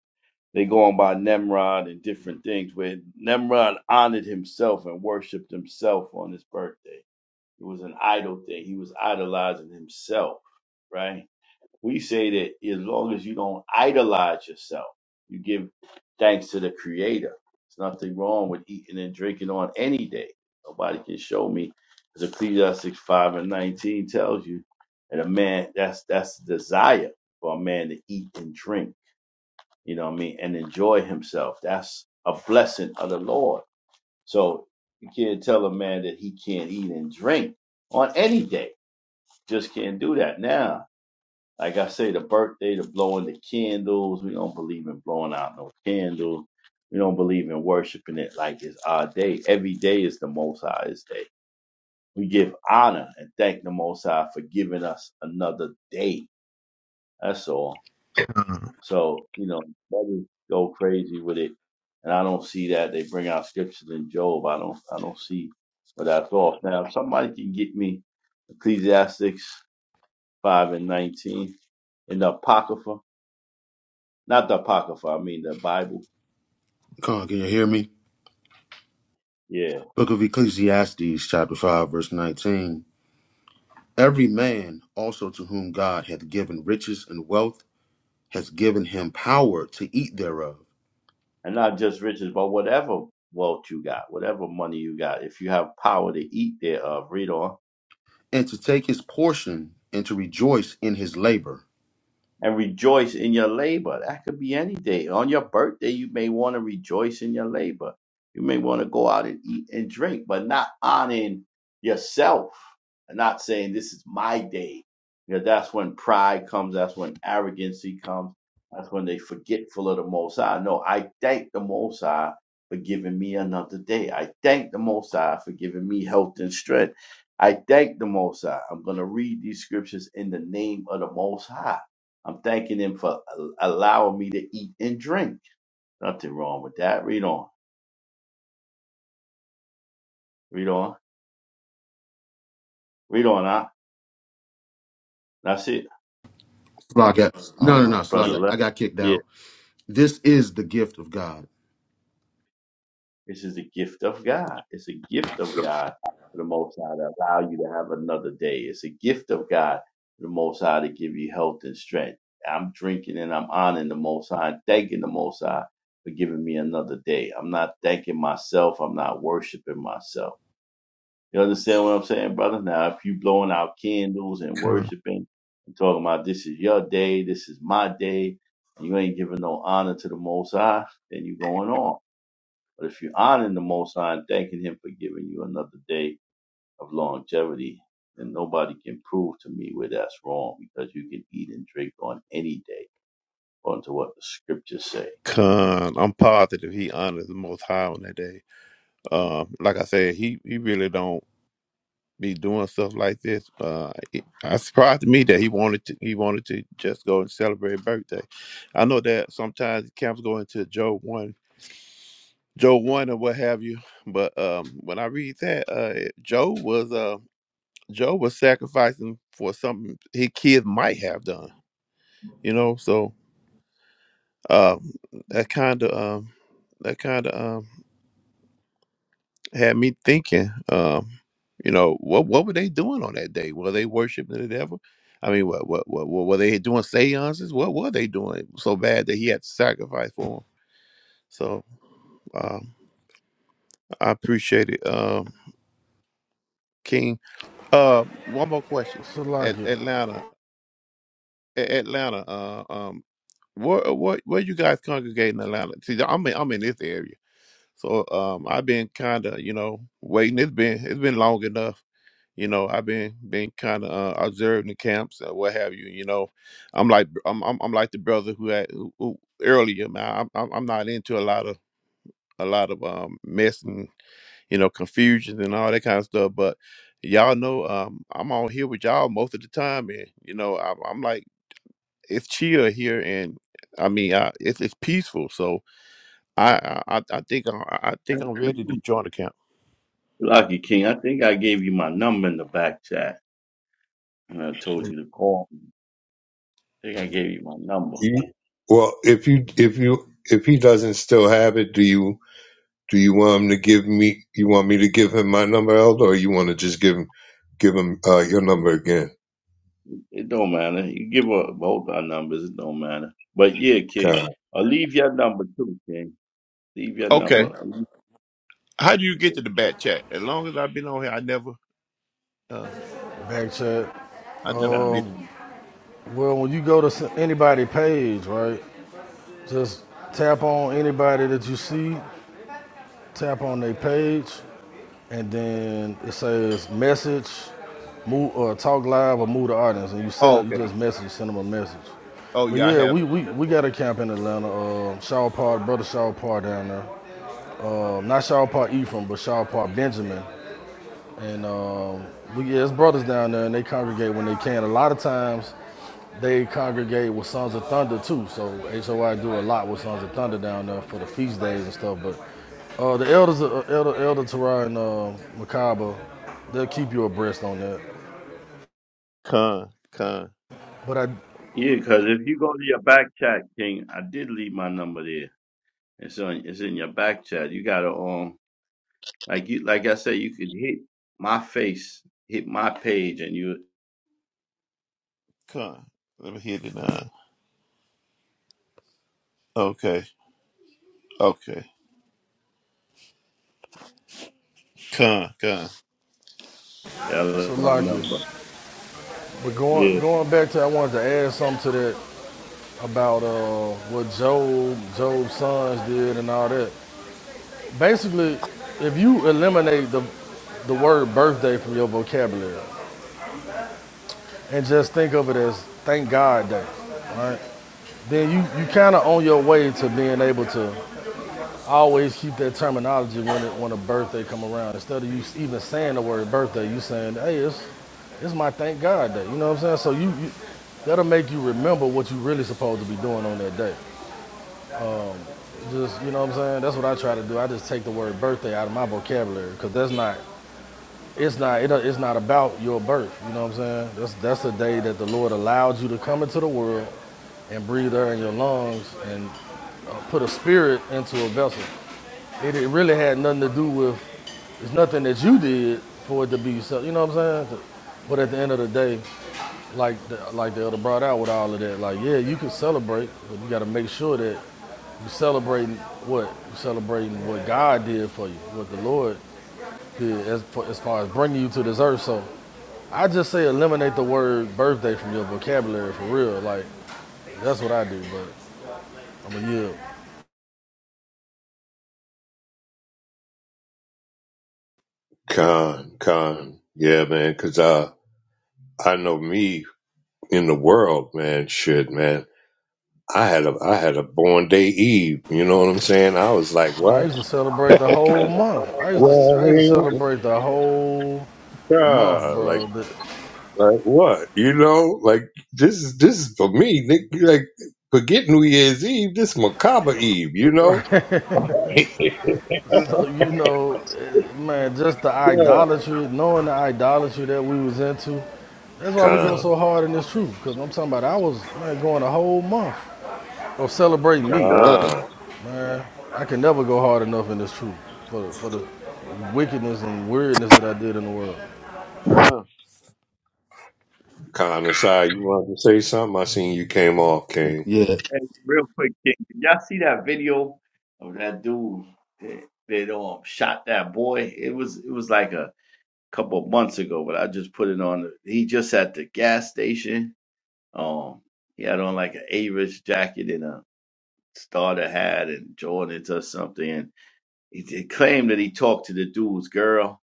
they go on by Nimrod and different things. Where Nimrod honored himself and worshipped himself on his birthday. It was an idol thing. He was idolizing himself, right? We say that as long as you don't idolize yourself, you give thanks to the Creator. There's nothing wrong with eating and drinking on any day. Nobody can show me, as Ecclesiastes five and nineteen tells you, that a man that's that's the desire for a man to eat and drink. You know what I mean, and enjoy himself. That's a blessing of the Lord. So you can't tell a man that he can't eat and drink on any day. Just can't do that now like I say, the birthday, the blowing the candles. We don't believe in blowing out no candles. We don't believe in worshiping it like it's our day. Every day is the Most High's day. We give honor and thank the Most High for giving us another day. That's all.
Con,
So, you know, brothers go crazy with it. And I don't see that. They bring out scriptures in Job. I don't I don't see but that's off. Now, if somebody can get me Ecclesiastes 5 and 19 in the Apocrypha, Not the Apocrypha, I mean the Bible.
God, can you hear me?
Yeah.
Book of Ecclesiastes, chapter 5, verse 19. Every man also to whom God hath given riches and wealth hath given him power to eat thereof,
And not just riches, but whatever wealth you got, whatever money you got, if you have power to eat thereof, read on.
and to take his portion, and to rejoice in his labor.
and rejoice in your labor. That could be any day. On your birthday, you may want to rejoice in your labor. You may want to go out and eat and drink, but not honoring yourself and not saying, This is my day. Because that's when pride comes, that's when arrogancy comes, that's when they forgetful of the Most High. No, I thank the Most High for giving me another day. I thank the Most High for giving me health and strength. I thank the Most High. I'm going to read these scriptures in the name of the Most High I'm thanking him for allowing me to eat and drink. Nothing wrong with that. Read on. Read on. Read on. I, that's it.
Slack, I-
I
no,
don't
no,
know.
no,
The
Slack,
brother
I I
left.
got kicked
Yeah.
out. This is the gift of God.
This is a gift of God. It's a gift of God for the Most High to allow you to have another day. It's a gift of God for the Most High to give you health and strength. I'm drinking and I'm honoring the Most High and thanking the Most High for giving me another day. I'm not thanking myself. I'm not worshiping myself. You understand what I'm saying, brother? Now, if you blowing out candles and
con.
worshiping and talking about this is your day, this is my day, and you ain't giving no honor to the Most High, then you going on. But if you honoring the Most High and thanking Him for giving you another day of longevity, then nobody can prove to me where that's wrong because you can eat and drink on any day, according to what the scriptures say.
Con, I'm positive he honors the Most High on that day. Um, like I said, he he really don't. be doing stuff like this. Uh, it, I surprised me that he wanted to. He wanted to just go and celebrate birthday. I know that sometimes camps go into Joe one, Joe one, or what have you. But um, when I read that, uh, it- Joe was uh, Joe was sacrificing for something his kids might have done. You know, so um, that kind of um, that kind of um. had me thinking, um, you know, what what were they doing on that day? Were they worshiping the devil? I mean, what what what, what were they doing seances? What were they doing so bad that he had to sacrifice for them? So um, I appreciate it, um, King. Uh, one more question. At
Salaki.
Atlanta, A- Atlanta, uh, um, where what where you guys congregate in Atlanta? See, I'm in, I'm in this area, so um, I've been kind of you know waiting. It's been it's been long enough you know i've been been kind of uh, observing the camps and what have you you know i'm like i'm i'm, I'm like the brother who had who, who earlier man I'm, I'm I'm not into a lot of a lot of um mess and you know confusion and all that kind of stuff but y'all know um i'm on here with y'all most of the time and you know i'm, I'm like it's chill here and i mean I, it's, it's peaceful so i i, I I think I'm, i I think i'm ready to join the camp
Lucky King, I think I gave you my number in the back chat. And I told you to call me. I think I gave you my number.
You- Well, if you if you if he doesn't still have it, do you? Do you want him to give me? You want me to give him my number, Elder, or you want to just give him give him uh, your number again?
It don't matter. You give up both our numbers. It don't matter. But yeah, King,
Con,
i leave your number too, King. Leave your number.
okay how do
Because
you
you
get to
can-
the back chat as long as i've been on here i never uh,
Back chat.
I
you
never
got
been.
it.
Well, when you go to anybody page, right, just tap on anybody that you see, tap on their page, and then it says message, move or talk live or move the audience. And you send
Oh,
them, you
okay.
just message, send them a message.
Oh,
But
yeah, I
yeah,
have
we,
been on
we,
that
we
part.
got a camp in Atlanta. Uh, Shaw Park, brother Shaw Park down there. Um, not Shaw Park Ephraim, but Shaw Park Benjamin. And um, we yeah, it's brothers down there, and they congregate when they can. A lot of times, they congregate with Sons of Thunder too. So HOI do a lot with Sons of Thunder down there for the feast days and stuff. But uh, the elders, uh, Elder Elder Tarah and uh, Makaba, they'll keep you abreast on that.
Con, con,
But I,
Yeah, because if you go to your back chat, King, I did leave my number there. It's on. It's in your back chat. You gotta um, like you, like I said, you could hit my face, hit my page, and you,
con. Let me hit it now. Okay, okay. Con, con.
yeah,
so
that's my
Lakia,
number.
but going
Yeah.
going back to, I wanted to add something to that about uh, what Job Job's sons did and all that. Basically, if you eliminate the the word birthday from your vocabulary and just think of it as thank God day, right? Then you, you kind of on your way to being able to always keep that terminology when it, when a birthday come around. Instead of you even saying the word birthday, you saying, hey, it's it's my thank God day. You know what I'm saying? So you, you that'll make you remember what you really supposed to be doing on that day. Just you know what I'm saying? That's what I try to do. I just take the word birthday out of my vocabulary because that's not It's not it, it's not about your birth, you know what I'm saying? That's that's a day that the Lord allowed you to come into the world and breathe air in your lungs and uh, put a spirit into a vessel. It, it really had nothing to do with it's nothing that you did for it to be so, you know what I'm saying? But at the end of the day, like the, like the elder brought out with all of that, like yeah, you can celebrate, but you got to make sure that you are celebrating what you celebrating what God did for you, what the Lord did as, as far as bringing you to this earth. So I just say eliminate the word birthday from your vocabulary for real. Like that's what I do, but I'm a yield.
con, con. Yeah, man. Cause I, I know me in the world, man. Shit, man. I had a I had a born day Eve. You know what I'm saying? I was like,
Man, I
what?
used to celebrate the whole month. I used to I
Well,
used to celebrate the whole month,
yeah, like
bro. The-
like what? You know, like this is this is for me. Nick. Like forget New Year's Eve. This is macabre Eve. You know?
so you know, eh, man, just the
Yeah.
idolatry, knowing the idolatry that we was into. That's why we go so
Con,
hard in this truth, because I'm talking about I was man, going a whole month of celebrating me.
con.
God.
I can never go hard enough in this truth for, for the wickedness and weirdness that I did in the world.
con,
Kind of side, you wanted to say something? I seen you came off, King.
Yeah,
Hey, real quick, King, did y'all see that video of that dude that, that um shot that boy? It was it was like a couple of months ago, but I just put it on. He just at the gas station. Um, he had on like an Avis jacket and a starter hat and Jordans or something. And he, he claimed that he talked to the dude's girl,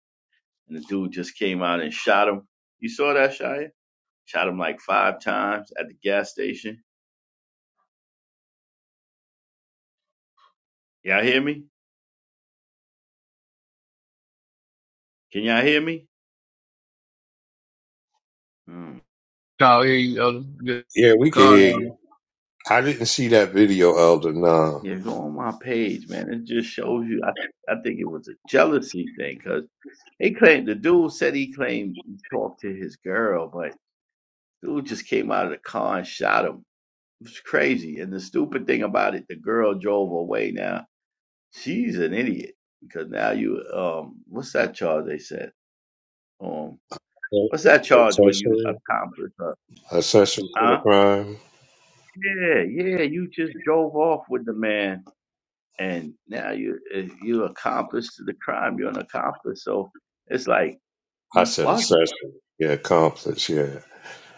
and the dude just came out and shot him. You saw that, Shia? Shot him like five times at the gas station. Y'all hear me? Can y'all hear me? Hmm.
Kyle, here you go. Good.
Yeah, we can
Con.
hear you. I didn't see that video, Elder. Nah.
Yeah, go on my page, man. It just shows you. I, I think it was a jealousy thing because. He claimed the dude said he claimed he talked to his girl, but dude just came out of the car and shot him. It was crazy. And the stupid thing about it, the girl drove away now. She's an idiot. Because now you um what's that charge they said? Um what's that charge when you
Accessory?
accomplish her?
Accessory to the
huh?
crime?
Yeah, yeah, you just drove off with the man and now you eh, you accomplished the crime. You're an accomplice. So it's like
I
you
said
bugging.
accessory. Yeah, accomplice, yeah.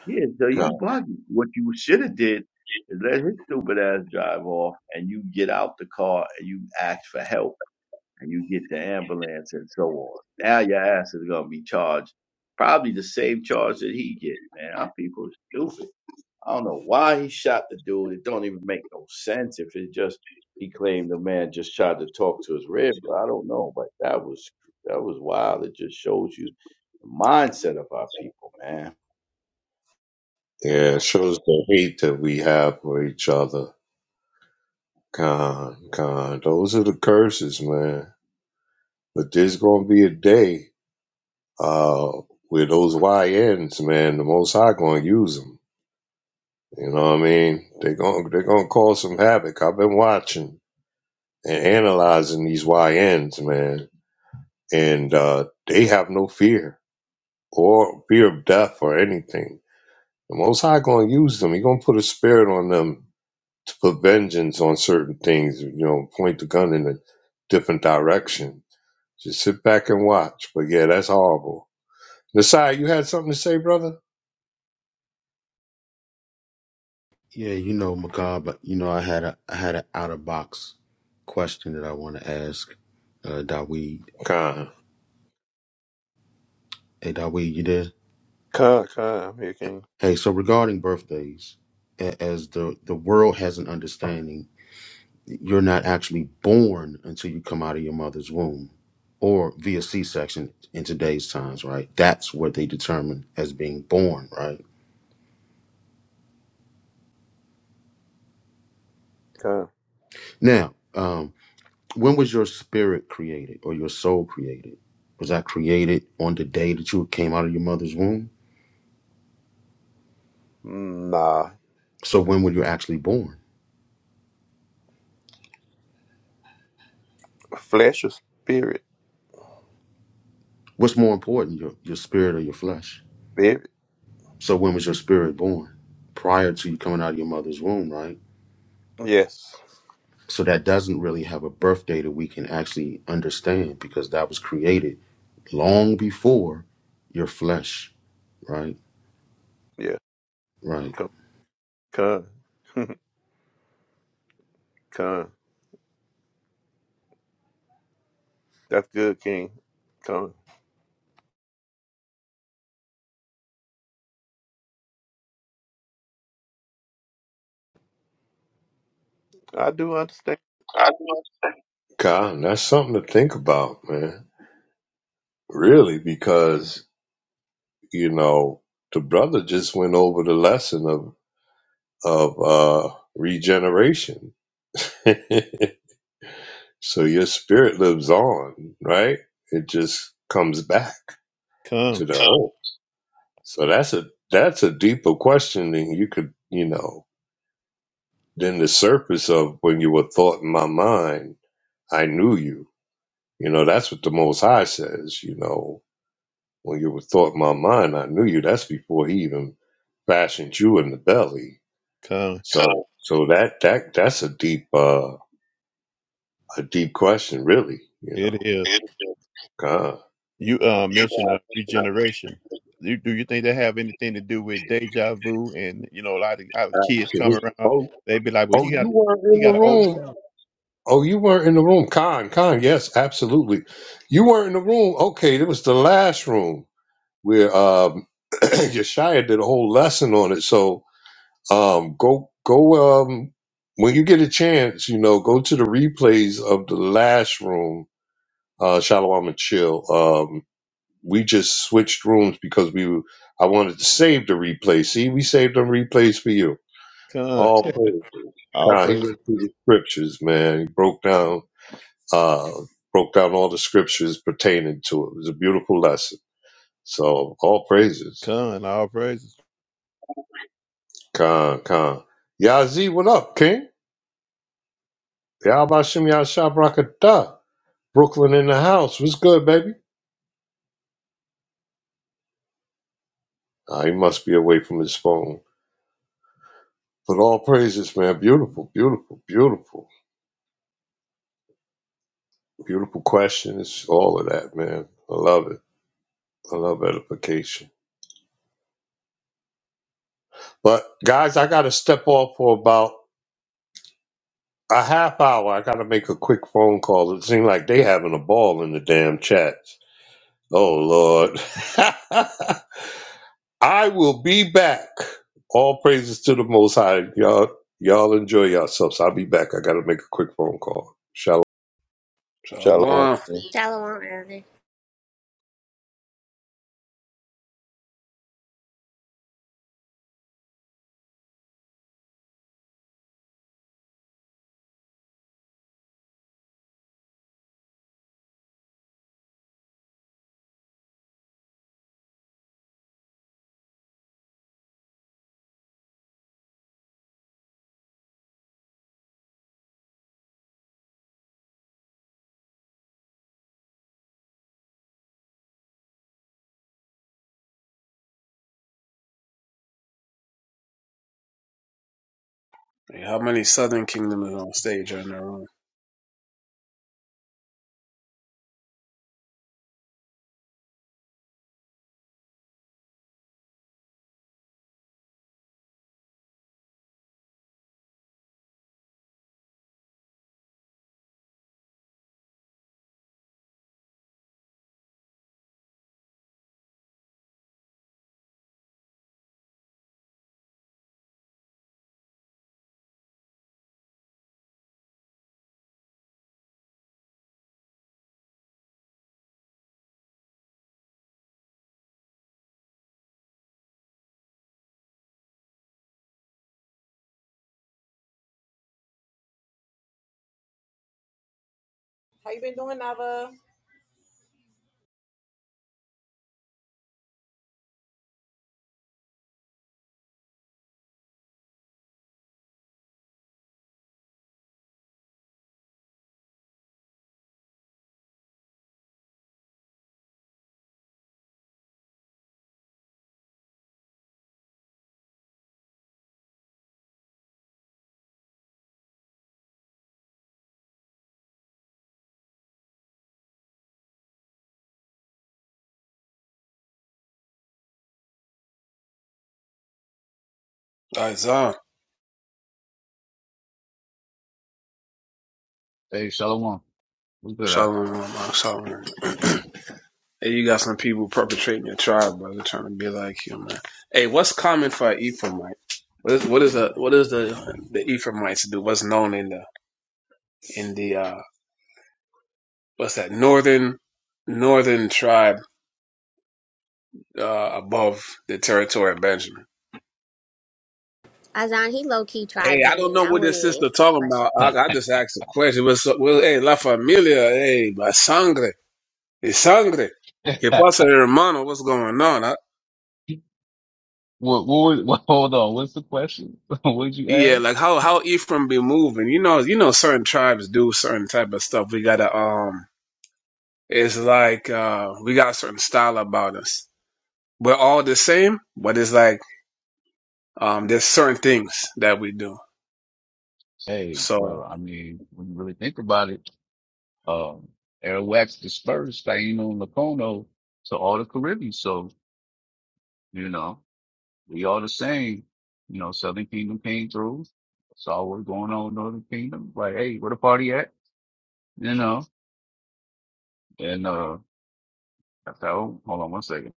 Yeah, so
God.
you buggy. What you should have did is let his stupid ass drive off, and you get out the car and you ask for help, and you get the ambulance and so on. Now your ass is gonna be charged, probably the same charge that he get. Man, our people are stupid. I don't know why he shot the dude. It don't even make no sense if it just he claimed the man just tried to talk to his rib. But I don't know, but that was that was wild. It just shows you the mindset of our people, man. And
Yeah,
uh,
it shows the hate that we have for each other. Con, con. Those are the curses, man. But there's going to be a day uh, where those Y YNs, man, the Most High going to use 'em. You know what I mean? They're going they're going to cause some havoc. I've been watching and analyzing these YNs, man, and uh, they have no fear or fear of death or anything. The Most High going to use them. He going to put a spirit on them to put vengeance on certain things. You know, point the gun in a different direction. Just sit back and watch. But yeah, that's horrible. Nasai, you had something to say, brother?
yeah, you know, Macabre, but you know, I had a, I had an out of box question that I want to ask uh, Dawid.
Khan.
Hey, Dawid, you there?
con, con. I'm here, King.
Hey, so regarding birthdays, a- as the the world has an understanding, you're not actually born until you come out of your mother's womb, or via C-section in today's times, right? That's what they determine as being born, right?
Con.
Now, um, when was your spirit created or your soul created? Was that created on the day that you came out of your mother's womb?
Nah.
So when were you actually born?
Flesh or spirit?
What's more important, your your spirit or your flesh?
Spirit.
So when was your spirit born? Prior to you coming out of your mother's womb, right?
Yes.
So that doesn't really have a birth date that we can actually understand because that was created long before your flesh, right?
Yeah.
Right.
Con. Con. con. That's good, King. Con. I do understand.
I do. Khan, that's something to think about, man. Really, because you know, the brother just went over the lesson of of uh, regeneration. so your spirit lives on, right? It just comes back to
Con.
the earth. So that's a that's a deeper question than you could, you know, than the surface of when you were thought in my mind, I knew you. You know, that's what the Most High says. You know, when you were thought in my mind, I knew you. That's before he even fashioned you in the belly
Con.
So so that that that's a deep uh a deep question really, you
It
know.
is.
God.
You uh, mentioned uh, regeneration. Do, do you think they have anything to do with deja vu? And you know, a lot of our kids come around,
Oh
they be like, "Well,
oh
you
you
got
weren't
you
in the
got an old
room.
song,
Oh you weren't in the room. Khan, Khan, yes, absolutely. You weren't in the room. Okay, it was the last room where um Yeshaya did a whole lesson on it. So um go go um when you get a chance, you know, go to the replays of the last room, uh Shalom and Chill. um, we just switched rooms because we were, I wanted to save the replay. See, we saved them replays for you.
Con,
All praise.
all
Nah, he
praise,
went through the scriptures, man. He broke down uh broke down all the scriptures pertaining to it. It was a beautiful lesson. So all praises.
Con, all praises."
Khan Khan. Yazi, what up, King? Yabashim Yashabrakata. Brooklyn in the house. What's good, baby? Uh, he must be away from his phone. But all praises, man. Beautiful, beautiful, beautiful. Beautiful questions, all of that, man. I love it. I love edification. But guys, I gotta step off for about a half hour. I gotta make a quick phone call. It seems like they having a ball in the damn chats. Oh Lord. I will be back. All praises to the most high. Y'all y'all enjoy yourselves. I'll be back. I gotta make a quick phone call. Shalom.
So,
Shalom.
Shalom, Elder.
How many Southern Kingdom is on stage right now?
How you been doing, Nava?
Isaiah.
Hey, Shalom. What's good? out?
Shalom, uh, shalom. hey, you got some people perpetrating your tribe, brother, trying to be like you, man. Hey, what's common for an Ephraimite? What is what is the what is the the Ephraimites do? What's known in the in the uh what's that northern northern tribe uh above the territory of Benjamin?
Azan, he low key
Hey,
tried
I don't
banging.
know
I
what this
wouldn't even
sister
answer that
talking
question.
about. I, I just asked a question. What's up? Well, hey, la familia, hey, my sangre, mi sangre. Que pasa, hermano? What's going on?
what, what, was- what, hold on. What's the question? What'd you
Yeah,
ask?
like how how Ephraim be moving. You know, you know, certain tribes do certain type of stuff. We gotta um, it's like uh, we got a certain style about us. We're all the same, but it's like um, there's certain things that we do.
Hey,
So
well, I mean, when you really think about it, um, Arawak's dispersed, Taino and Lacono to all the Caribbean. So, you know, we all the same. You know, Southern Kingdom came through, saw what's going on in Northern Kingdom. Like, hey, where the party at? You know, and, uh. So hold on one second.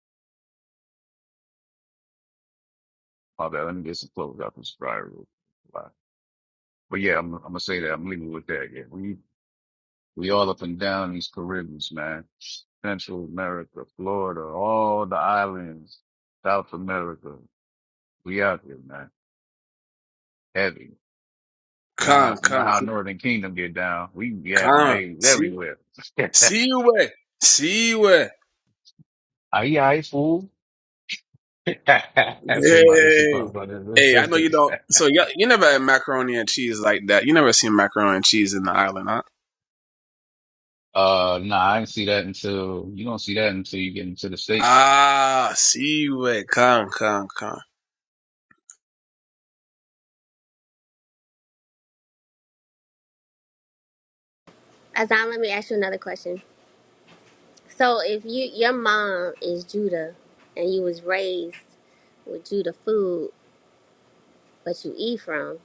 My bad. Let me get some clothes out this dryer real quick. But yeah, I'm, I'm gonna say that. I'm leaving with that. Yeah, we we all up and down these Caribbeans, man. Central America, Florida, all the islands, South America. We out here, man. Heavy. You know
con
how you know
con
how Northern Kingdom get down. We be having
con.
babies
See
everywhere.
see you way see you way.
Aye, aye, fool. That's what my used to call
Hey
brothers and
hey, I know you
sisters.
don't. So you you never had macaroni and cheese like that. You never seen macaroni and cheese in the island, huh?
Uh, nah, I didn't see that until you don't see that until you get into the states.
Ah, see you way con con con.
Azan, let me ask you another question. So, if you your mom is Judah and you was raised with Judah food, but you eat from,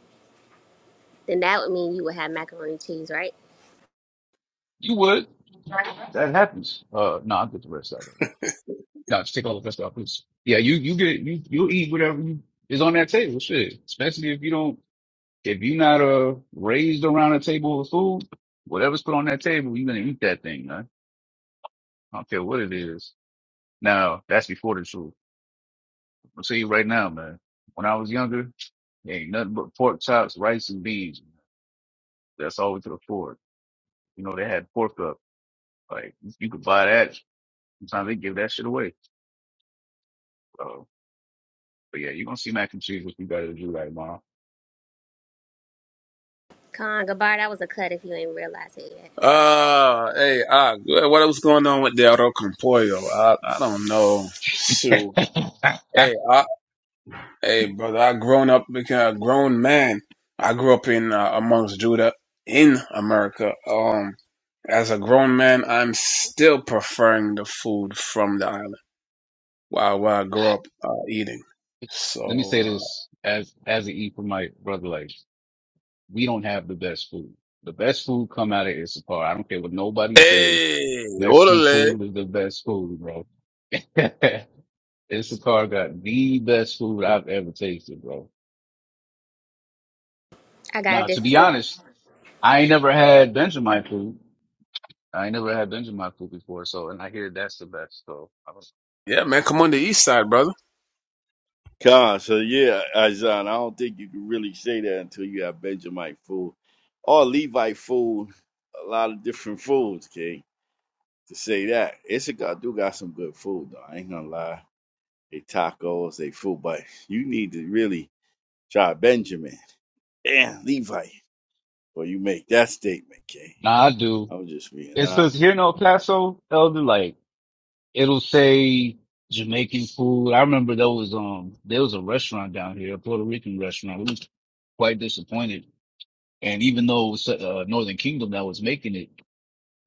then that would mean you would have macaroni and cheese, right?
You would. That happens. Uh, no, I'll get the rest of it. No, just take all the rest off, please. Yeah, you you get you you eat whatever you, is on that table. Shit, especially if you don't if you're not uh raised around a table of food, whatever's put on that table, you're gonna eat that thing, man. I don't care what it is. Now that's before the truth. I'm telling you right now, man. When I was younger, there ain't nothing but pork chops, rice, and beans. That's all we could afford. You know, they had pork up. Like you could buy that. Sometimes they give that shit away. Uh, But yeah, you're gonna see mac and cheese with you better than you right tomorrow.
Con Gabar, that was a cut if you ain't realize it yet.
Uh, hey, uh, what was going on with Del Compoyo? I, I don't know. Shoot.
Let
Hey, I, hey, brother, I grown up, became a grown man. I grew up in, uh, amongst Judah in America. Um, as a grown man, I'm still preferring the food from the island while, while I grew up, uh, eating. So,
me say
uh,
this as as an E for my brother, like we don't have the best food. The best food come out of Issapar. I don't care what nobody say.
hey,
Mexican
orderly.
food is the best food, bro. Issapar got the best food I've ever tasted, bro.
I gotta
Now, to be
disagree.
honest, I ain't never had Benjamin food. I ain't never had Benjamin food before, so and I hear that's the best. So, I don't,
Yeah, man, come on the east side, brother.
God, so yeah, Isaiah. I don't think you can really say that until you have Benjamite food or Levite food, a lot of different foods, okay? To say that. Issachar do got some good food, though. I ain't gonna lie. They tacos, they food, but you need to really try Benjamin and Levite before you make that statement, okay?
nah, I do.
I was just being
It's
honest.
cause here in El Paso, Elder, like It'll say Jamaican food. I remember there was um there was a restaurant down here, a Puerto Rican restaurant. We was quite disappointed, and even though it was uh, Northern Kingdom that was making it,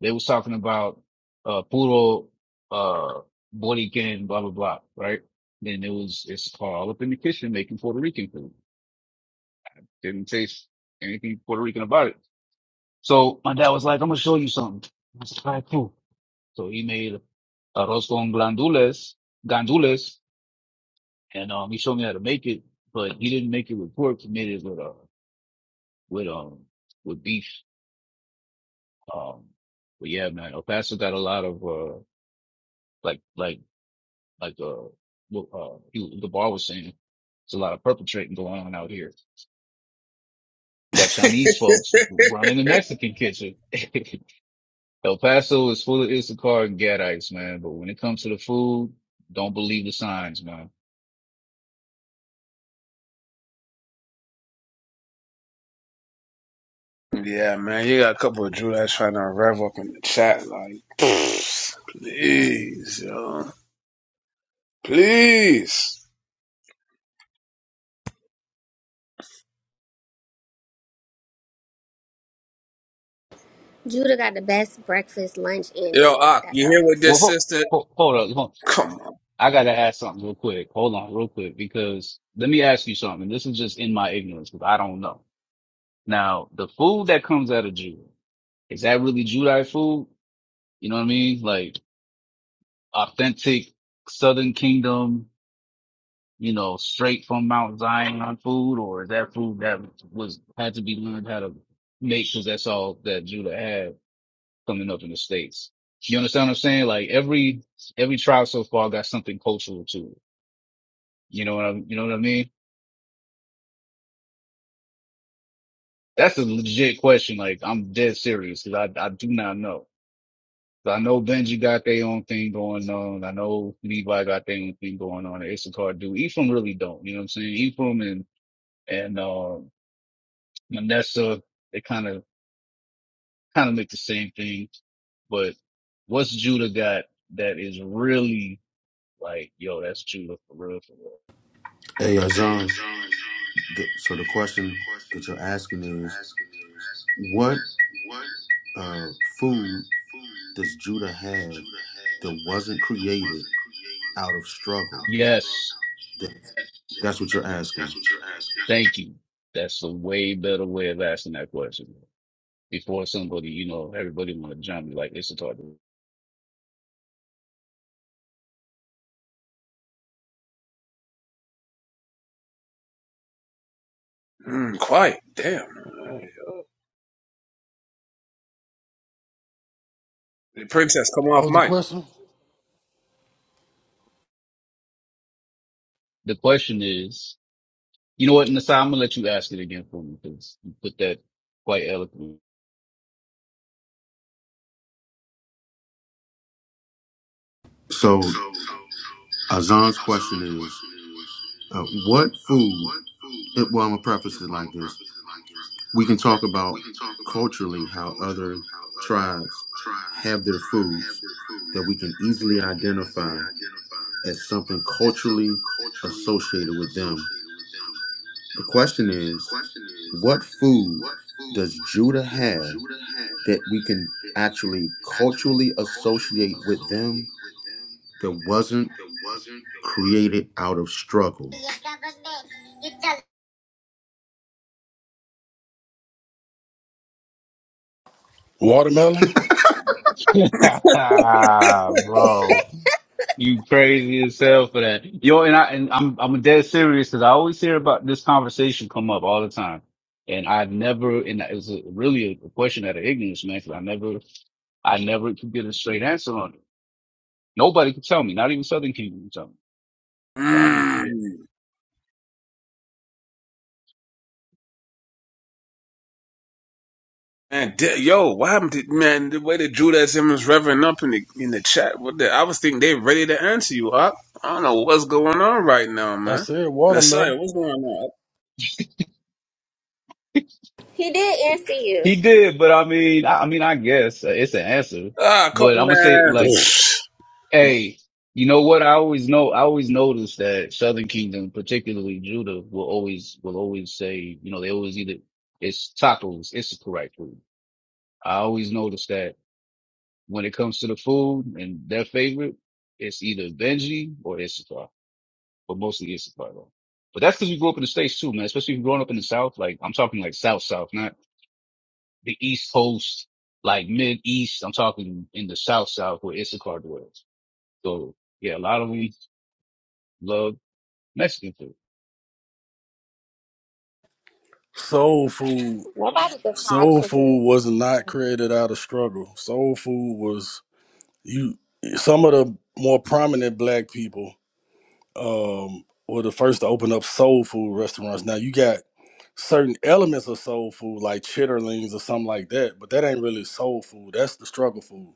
they was talking about uh puro uh Borican blah blah blah, right? Then it was it's all up in the kitchen making Puerto Rican food. Didn't taste anything Puerto Rican about it. So my dad was like, "I'm gonna show you something." I was like, "All right, cool." So he made arroz con glandules, gandules, and um, he showed me how to make it, but he didn't make it with pork. He made it with uh, with um, with beef. Um, but yeah, man, El Paso got a lot of uh, like like like uh, what, uh, he, the bar was saying, it's a lot of perpetrating going on out here. You got Chinese folks running the Mexican kitchen. El Paso is full of Issachar and Gadites, man. But when it comes to the food, don't believe the signs, man.
Yeah, man, you got a couple of Drew that's trying to rev up in the chat, like, please, yo, please,
Judah got the best breakfast, lunch, and
yo,
dinner.
Ak,
That's
you
all I'm
hear
gonna
what
Well,
say.
this
hold,
sister?
hold, hold up,
Come on,
I gotta ask something real quick. Hold on, real quick, because let me ask you something. This is just in my ignorance, because I don't know. Now, the food that comes out of Judah, is that really Judite food? You know what I mean? Like authentic Southern Kingdom, you know, straight from Mount Zion food, or is that food that was had to be learned how to make because that's all that Judah had coming up in the States? You understand what I'm saying? Like every every tribe so far got something cultural to it. You know what I am you know what I mean? That's a legit question. Like, I'm dead serious because I, I do not know. So, I know Benji got their own thing going on. I know Levi got their own thing going on. and Issachar do. Ephraim really don't. You know what I'm saying? Ephraim and, and, uh, Manessa, they kind of, kind of make the same thing. But what's Judah got that is really like, yo, that's Judah for real, for real.
Hey, Azan. The, so the question that you're asking is, what uh, food does Judah have that wasn't created out of struggle?
Yes.
That- That's what you're asking.
Thank you. That's a way better way of asking that question before somebody, you know, everybody want to jump me like Issachar do.
mm, quiet, damn, man. the princess, come
What
off
was the
mic,
question?
The question is, you know what, Nasai, I'm gonna let you ask it again for me because you put that quite eloquently.
So Azan's question is, uh, what food? It, well, I'm gonna preface it like this: we can talk about culturally how other tribes have their foods that we can easily identify as something culturally associated with them the question is, what food does Judah have that we can actually culturally associate with them that wasn't created out of struggle?
Watermelon.
Bro, you crazy as hell for that. Yo, and I and I'm I'm dead serious because I always hear about this conversation come up all the time. And I've never, and it was a, really a, question out of ignorance, man, 'cause I never, I never could get a straight answer on it. Nobody could tell me, not even Southern people could tell me. So I don't know.
mm. man, da- yo, what happened to man? The way the Drew that's him is revving up in the in the chat, what the? I was thinking they ready to answer you, Ak. I don't know what's going on right now,
I
man.
said watermelon.
Nasaya, what's going on?
He did answer you.
He did, but I mean, I, I mean, I guess uh, it's an answer.
Ak? Ah, come
But I'm gonna say,
man.
like, hey, you know what? I always know, I always notice that Southern Kingdom, particularly Judah, will always will always say, you know, they always either it's tacos, it's the correct food. I always notice that when it comes to the food and their favorite, it's either Benji or Issachar, but mostly Issachar though. But that's because we grew up in the states too, man. Especially if you're growing up in the South, like I'm talking like South South, the East Coast, like mid East. I'm talking in the South South where Issachar dwells. So yeah, a lot of we love Mexican food.
Soul food.
Nobody can fried
Soul
chicken.
food was not created out of struggle. Soul food was you. Some of the more prominent black people um, were the first to open up soul food restaurants. Now you got certain elements of soul food like chitterlings or something like that, but that ain't really soul food. That's the struggle food.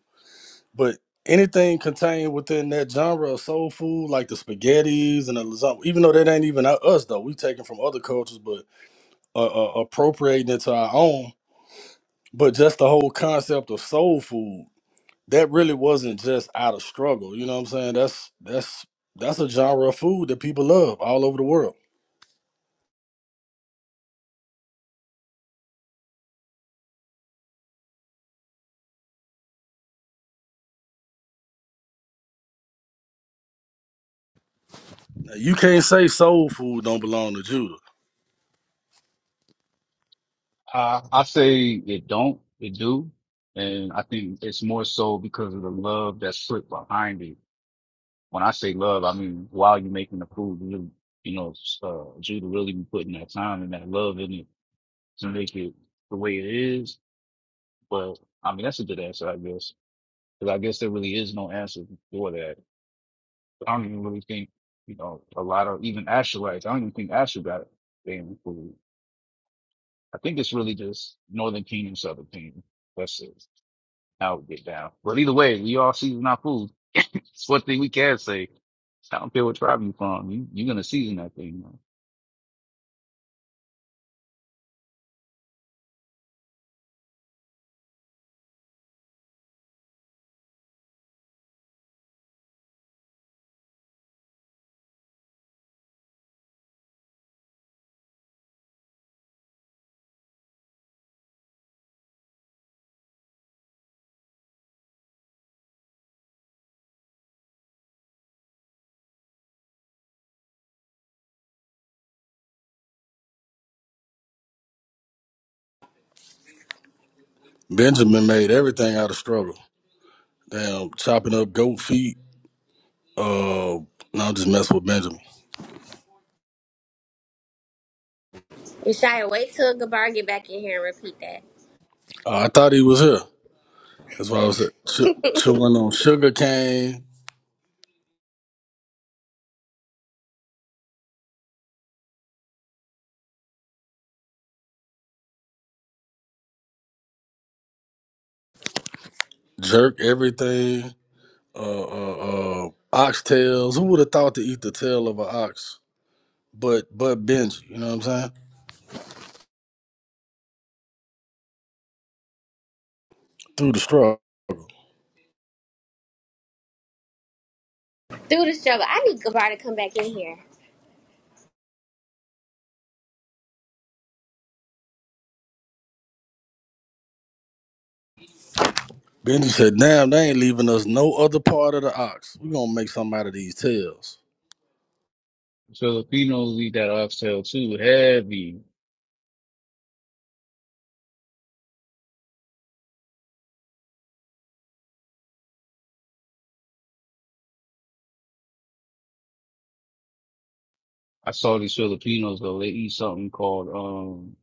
But anything contained within that genre of soul food, like the spaghettis and the lasagna, even though that ain't even out- us though, we taken from other cultures, but uh, uh, appropriating it to our own. But just the whole concept of soul food, that really wasn't just out of struggle. You know what I'm saying? That's that's that's a genre of food that people love all over the world. Now, you can't say soul food don't belong to Judah.
I I say it don't, it do, and I think it's more so because of the love that's put behind it. When I say love, I mean while you're making the food, you really, you know, uh, Judah really be putting that time and that love in it to make it the way it is. But I mean, that's a good answer, I guess, because I guess there really is no answer for that I don't even really think, you know, a lot of even Asherites, I don't even think Asher got they food. I think it's really just Northern Kingdom, Southern Kingdom. That's it. How it get down. But either way, we all season our food. It's one thing we can say. I don't care what tribe you from. You, you're going to season that thing. Man.
Benjamin made everything out of struggle. Damn, chopping up goat feet. Uh, no, I'm just messing with Benjamin.
Rashaya, wait till Gabar get back in here and repeat that.
Uh, I thought he was here. That's why I was ch- chewing on sugar cane, jerk everything, uh, uh, uh, oxtails. Who would have thought to eat the tail of an ox? But but Benji, you know what I'm saying? Through the straw.
Through the struggle, I need Gabar to come back in here.
Benji said, "Damn, they ain't leaving us no other part of the ox. We're gonna make something out of these tails."
Filipinos eat that oxtail too. Heavy. I saw these Filipinos though. They eat something called, um,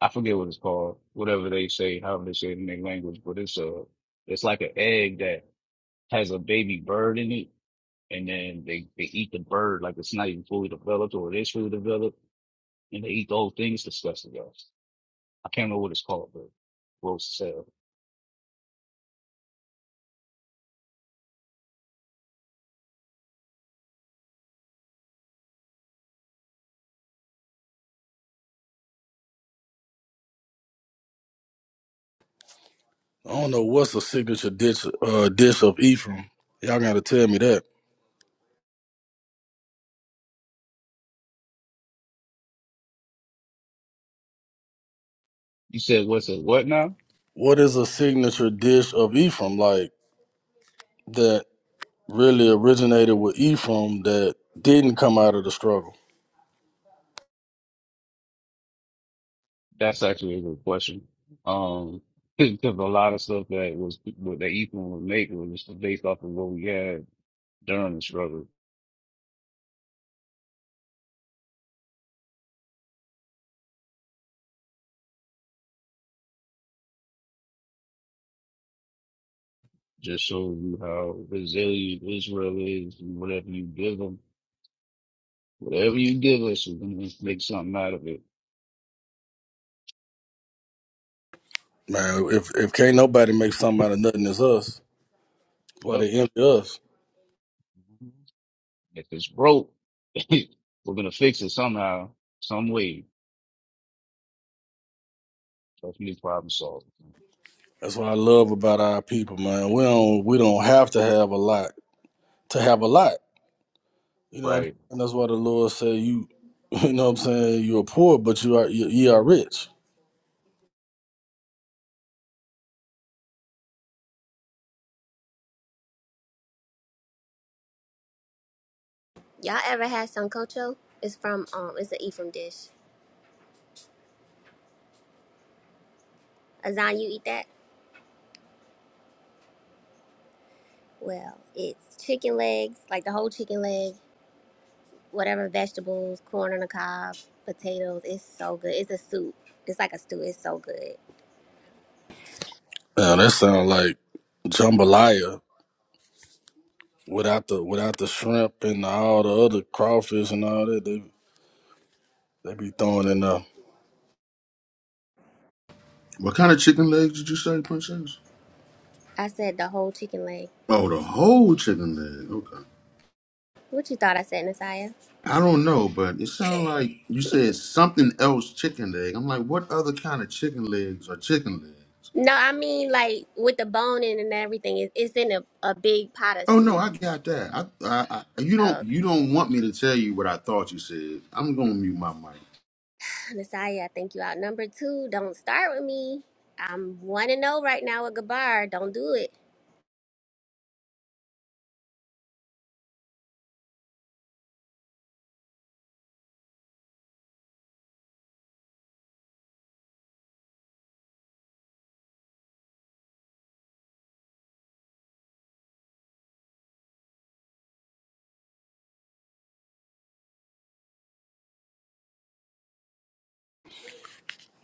I forget what it's called. Whatever they say, however they say it in their language, but it's a, it's like an egg that has a baby bird in it, and then they, they eat the bird like it's not even fully developed or it is fully developed, and they eat the whole thing. It's disgusting, guys. I can't remember what it's called, but gross as
I don't know what's a signature dish uh, dish of Ephraim. Y'all gotta tell me that.
You said what's a what now?
What is a signature dish of Ephraim like that? really originated with Ephraim that didn't come out of the struggle.
That's actually a good question. Um, because a lot of stuff that was what that Ethan would make was just based off of what we had during the struggle. Just shows you how resilient Israel is, and whatever you give them, whatever you give us, we're gonna make something out of it.
Man, if if can't nobody make something out of nothing, it's us. Why
Oh.
they empty us?
If it's broke, we're gonna fix it somehow, some way. That's me problem solving,
That's what I love about our people, man. We don't we don't have to have a lot to have a lot. You know, what I'm
right?
saying? that's why the Lord say you. You know what I'm saying? You are poor, but you are you, you are rich.
Y'all ever had sancocho? It's from um, it's an Ephraim dish. Azan, you eat that? Well, it's chicken legs, like the whole chicken leg, whatever vegetables, corn on the cob, potatoes. It's so good. It's a soup. It's like a stew. It's so good.
Now that sounds like jambalaya without the without the shrimp and all the other crawfish and all that they they be throwing in there.
What kind of chicken legs did you say, Princess?
I said the whole chicken leg.
Oh, the whole chicken leg. Okay.
What you thought I said, Nasiah?
I don't know, but it sounded like you said something else chicken leg. I'm like, what other kind of chicken legs are chicken legs?
No, I mean like with the bone in and everything. It's, it's in a, a big pot of
Oh no,
soup.
I got that. I, I, I you don't you
Okay,
don't want me to tell you what I thought you said. I'm gonna mute my mic.
Nasiah, I think you out. Number two, don't start with me. I'm one and zero right now with Gabar. Don't do it.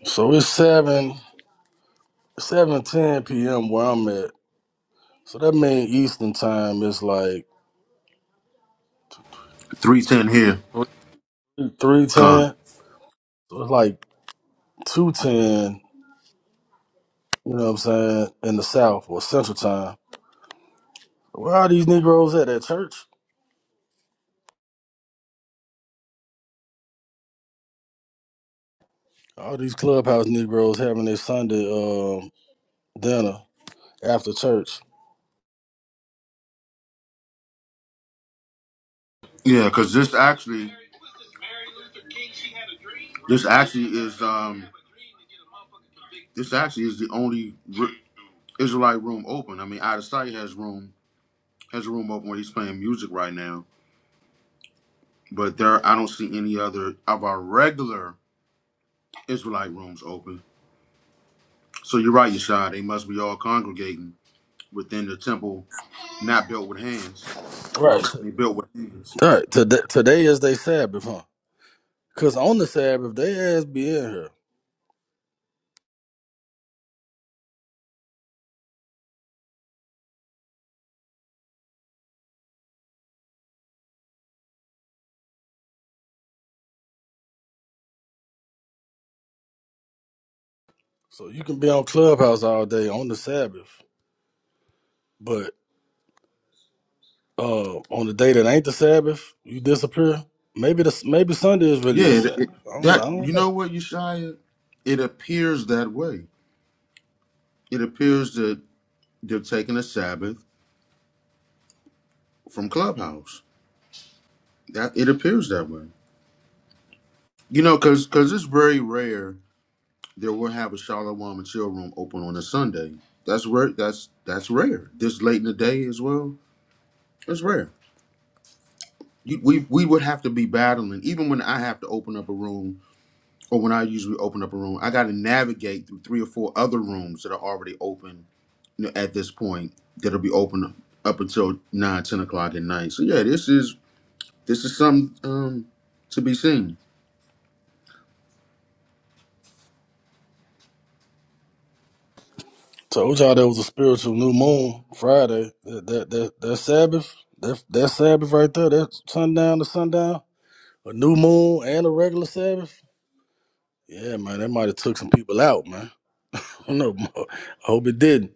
So it's seven. seven ten p.m. where I'm at. So that means Eastern time is like
Three ten here,
three
con.
ten. So it's like two ten. You know what I'm saying in the South or Central time. Where are these Negroes at at church? All these clubhouse Negroes having their Sunday um, dinner after church.
Yeah, because this actually this actually is um this actually is the only r- Israelite room open. I mean, out of sight has room has a room open where he's playing music right now. But there, I don't see any other of our regular Israelite rooms open. So you're right, Yeshua. They must be all congregating within the temple, not built with hands.
Right.
I mean, built with hands.
Right. Today, today is their Sabbath, huh? Cause on the Sabbath they ass be in here, so you can be on clubhouse all day on the Sabbath. but. uh, on the day that ain't the Sabbath, you disappear. Maybe the maybe Sunday is
Yeah,
really a
it,
Sabbath.
it,
I don't, I
that
don't
you know
know.
what, Yeshaya? It appears that way. It appears that they're taking a Sabbath from Clubhouse. That it appears that way. You know, because because it's very rare that we'll have a Shalom and Chill Room open on a Sunday. That's rare. That's that's rare. This late in the day as well. That's rare. You, we we would have to be battling even when I have to open up a room or when I usually open up a room, I got to navigate through three or four other rooms that are already open you know, at this point that'll be open up until nine, ten o'clock at night. So yeah, this is this is something um, to be seen.
Told y'all there was a spiritual new moon Friday. That that that, that Sabbath, that that Sabbath right there, that sundown to sundown, a new moon and a regular Sabbath. Yeah, man, that might have took some people out, man. I don't know. Mo. I hope it didn't.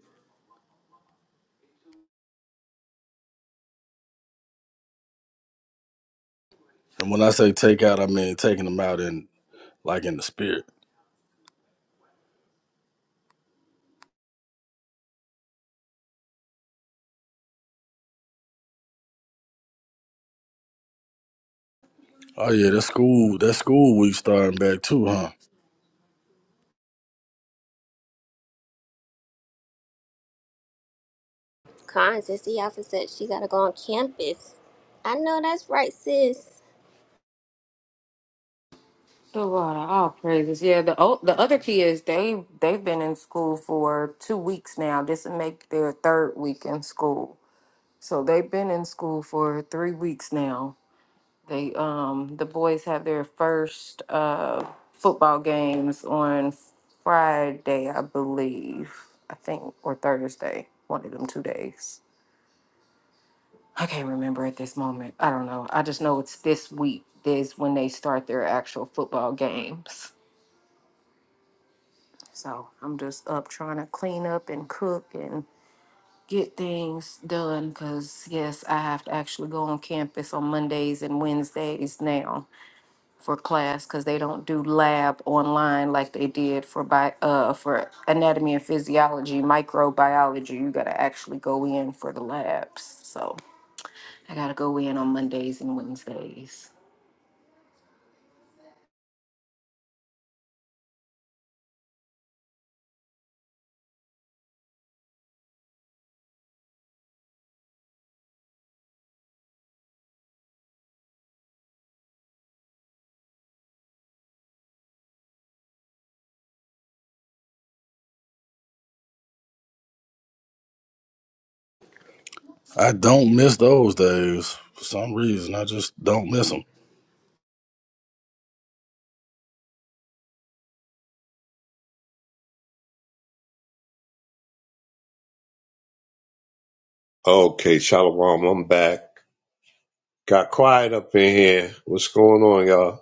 And when I say take out, I mean taking them out in like in the spirit. Oh yeah, that school that school week starting back too, huh?
Con, sis, the officer said she gotta go on campus. I know that's right, sis.
The Lord, all praises. Yeah, the o- the other kids they they've been in school for two weeks now. This will make their third week in school. So they've been in school for three weeks now. They um the boys have their first uh football games on Friday, I believe. I think or Thursday. One of them two days. I can't remember at this moment. I don't know. I just know it's this week is when they start their actual football games. So I'm just up trying to clean up and cook and get things done because, yes, I have to actually go on campus on Mondays and Wednesdays now for class because they don't do lab online like they did for bi- uh, for anatomy and physiology, microbiology. You got to actually go in for the labs. So I got to go in on Mondays and Wednesdays.
I don't miss those days for some reason. I just don't miss them.
Okay, Shalom, I'm back. Got quiet up in here. What's going on, y'all?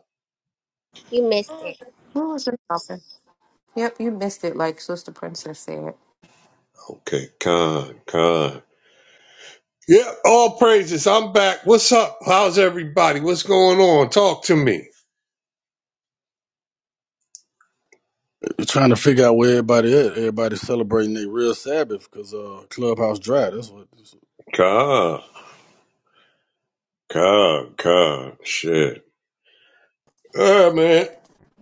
You missed it.
What was it, Papa? Yep, you missed it, like Sister Princess said.
Okay, con, con. Yeah, all praises. I'm back. What's up? How's everybody? What's going on? Talk to me.
Trying to figure out where everybody at. Everybody's celebrating their real Sabbath because uh, Clubhouse dry. That's what. That's what
Con, con, con. Shit. Yeah, man.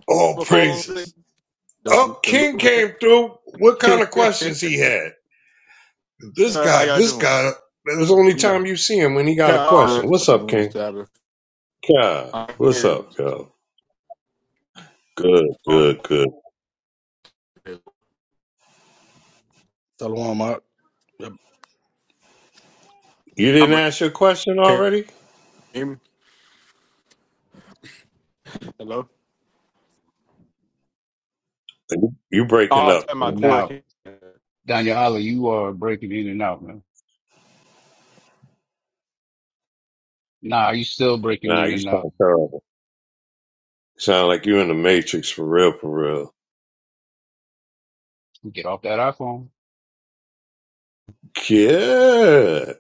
All
my phone today?
praises.
The
Up,
the
King
Luna
came through. What kind of
Sabbath.
questions he had? This
Uh, how
guy,
y'all
this
doing?
guy. It was the only
I'm done.
time you see him when he got
No,
a
I don't know
question.
about
What's
the
up,
Luna
King?
Sabbath.
Con.
I
what's
hear
up,
this
yo? Good, good, good.
Shalom out. Yep.
You
I'm
didn't ask your question
can you
already?
hear me? Hello.
You
Oh,
breaking
I
up?
tell my
And
King.
now,
question.
Daniel Holler, you are breaking in and out, man. Nah, you still breaking
Nah,
in
you
and out.
sound terrible. Sound like you in the Matrix for real, for real.
Get off that iPhone.
Yeah.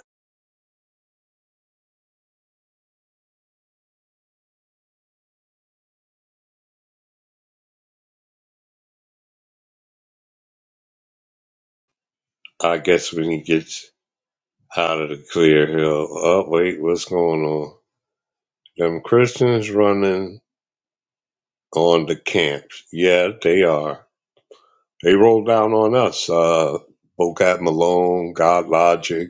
I guess when he gets out of the clear hill, oh, wait, what's going on? Them Christians running on the camps. Yeah, they are. They rolled down on us. Uh, Bocat Malone, God Logic,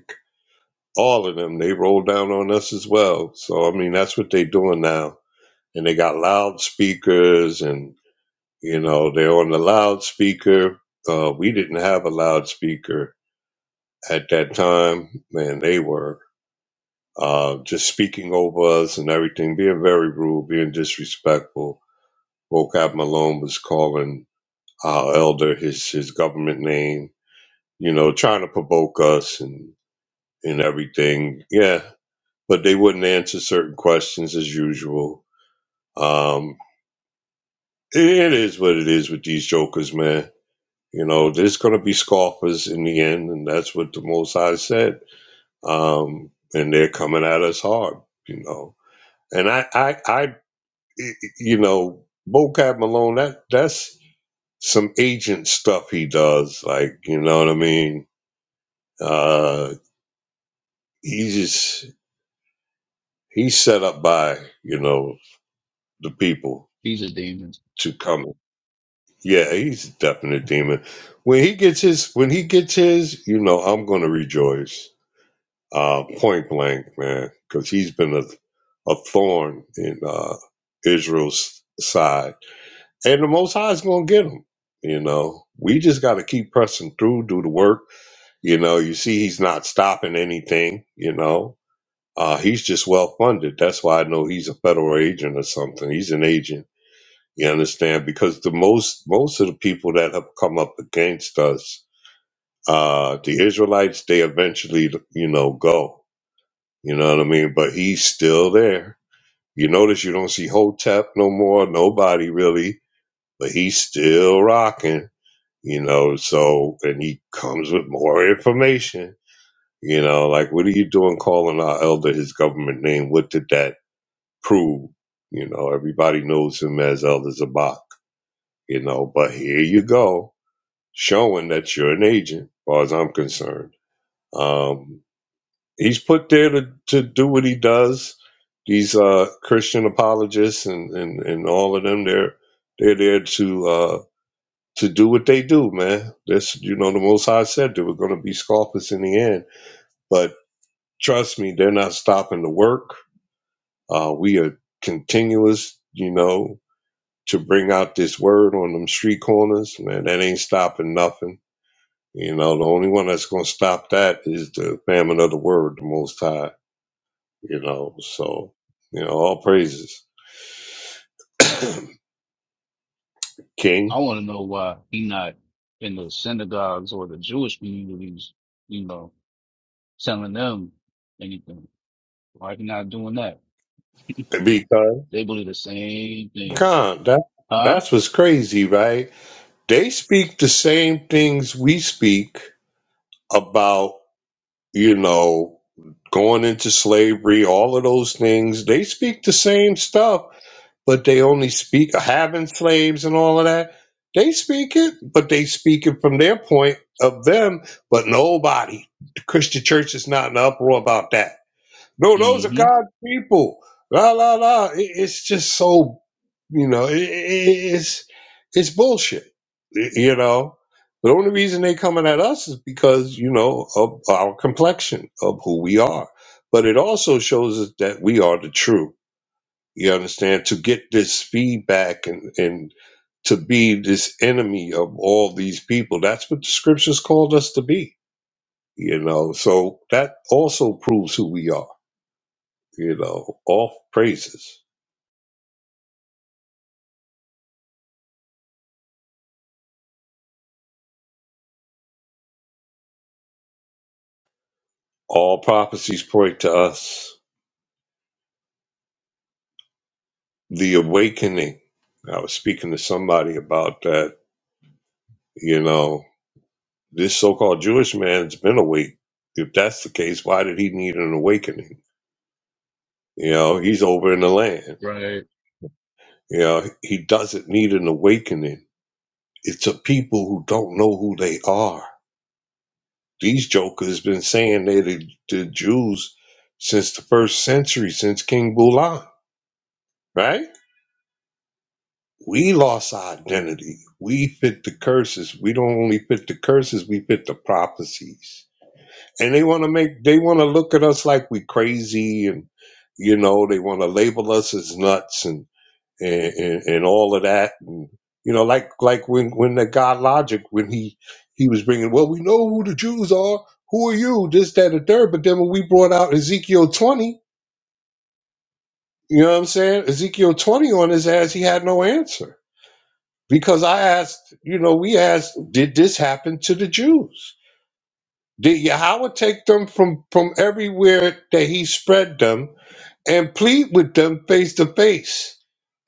all of them, they rolled down on us as well. So, I mean, that's what they doing now. And they got loudspeakers and, you know, they're on the loudspeaker. Uh, we didn't have a loudspeaker at that time, man, they were uh, just speaking over us and everything, being very rude, being disrespectful. Vocab Malone was calling our elder his his government name, you know, trying to provoke us and and everything. Yeah, but they wouldn't answer certain questions as usual. Um, it is what it is with these jokers, man. You know, there's gonna be scoffers in the end, and that's what the Most High said. Um, and they're coming at us hard you know. And I, I, I, you know, Bo Vocab Malone, that that's some agent stuff he does. Like, you know what I mean? Uh, he just he's set up by you know the people
These are demons.
to come. Yeah, he's a definite demon. When he gets his, when he gets his, you know, I'm gonna rejoice. Uh, point blank, man, because he's been a a thorn in uh, Israel's side and the Most High is going to get him. You know, we just got to keep pressing through, do the work. You know, you see, he's not stopping anything. You know, uh, he's just well funded. That's why I know he's a federal agent or something. He's an agent. You understand? Because the most most of the people that have come up against us, uh, the Israelites, they eventually, you know, go. You know what I mean? But he's still there. You notice you don't see Hotep no more. Nobody really, but he's still rocking you know so and he comes with more information you know like what are you doing calling our elder his government name what did that prove you know everybody knows him as elder zabak you know but here you go showing that you're an agent as far as i'm concerned um he's put there to, to do what he does these uh christian apologists and and, and all of them they're they're there to uh, to do what they do, man. This, you know, the Most High said there were going to be scoffers in the end. But trust me, they're not stopping to work. Uh, we are continuous, you know, to bring out this word on them street corners, man. That ain't stopping nothing. You know, the only one that's going to stop that is the famine of the word, the Most High. You know, so you know, all praises,
I
King.
want to know why he not in the synagogues or the Jewish communities, you know, telling them anything. Why he not doing that?
Because
They believe the same thing,
Khan, that
huh?
that's what's crazy, right? They speak the same things we speak about, you know, going into slavery, all of those things. They speak the same stuff, but they only speak having slaves and all of that. They speak it, but they speak it from their point of them, but nobody. The Christian church is not in an uproar about that. No, those are
hmm
God's people. La la la. It, it's just so you know. It, it, it's it's bullshit. y- You know. The only reason they coming at us is because you know of our complexion of who we are. But it also shows us that we are the true. You understand? To get this feedback and and to be this enemy of all these people. That's what the scriptures called us to be. You know. So that also proves who we are you know, all praises, all prophecies point to us. The awakening. I was speaking to somebody about that. You know, this so called Jewish man has been awake. If that's the case, why did he need an awakening? You know, he's over in the land.
Right.
You know, he doesn't need an awakening. It's a people who don't know who they are. These jokers been saying they're the, the Jews since the first century, since King Bulan, right? we lost our identity. We fit the curses. We don't only fit the curses, we fit the prophecies. And they want to make, they want to look at us like we crazy and, you know, they want to label us as nuts and, and, and, and all of that. And, you know, like, like when, when the God logic, when he, he was bringing, well, we know who the Jews are. Who are you? This, that, and the third. But then when we brought out Ezekiel 20, you know what I'm saying? Ezekiel 20 on his ass, he had no answer Because I asked, you know, we asked, did this happen to the Jews? Did Yahweh take them from, from everywhere that he spread them and plead with them face to face?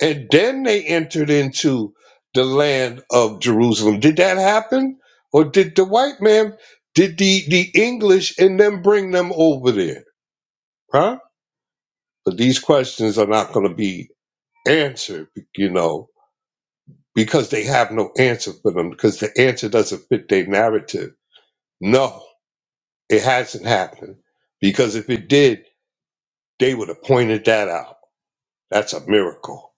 And then they entered into the land of Jerusalem. Did that happen? Or did the white man, did the, the English and them bring them over there? Huh? But these questions are not going to be answered, you know, because they have no answer for them, because the answer doesn't fit their narrative No, it hasn't happened because if it did, they would have pointed that out. That's a miracle.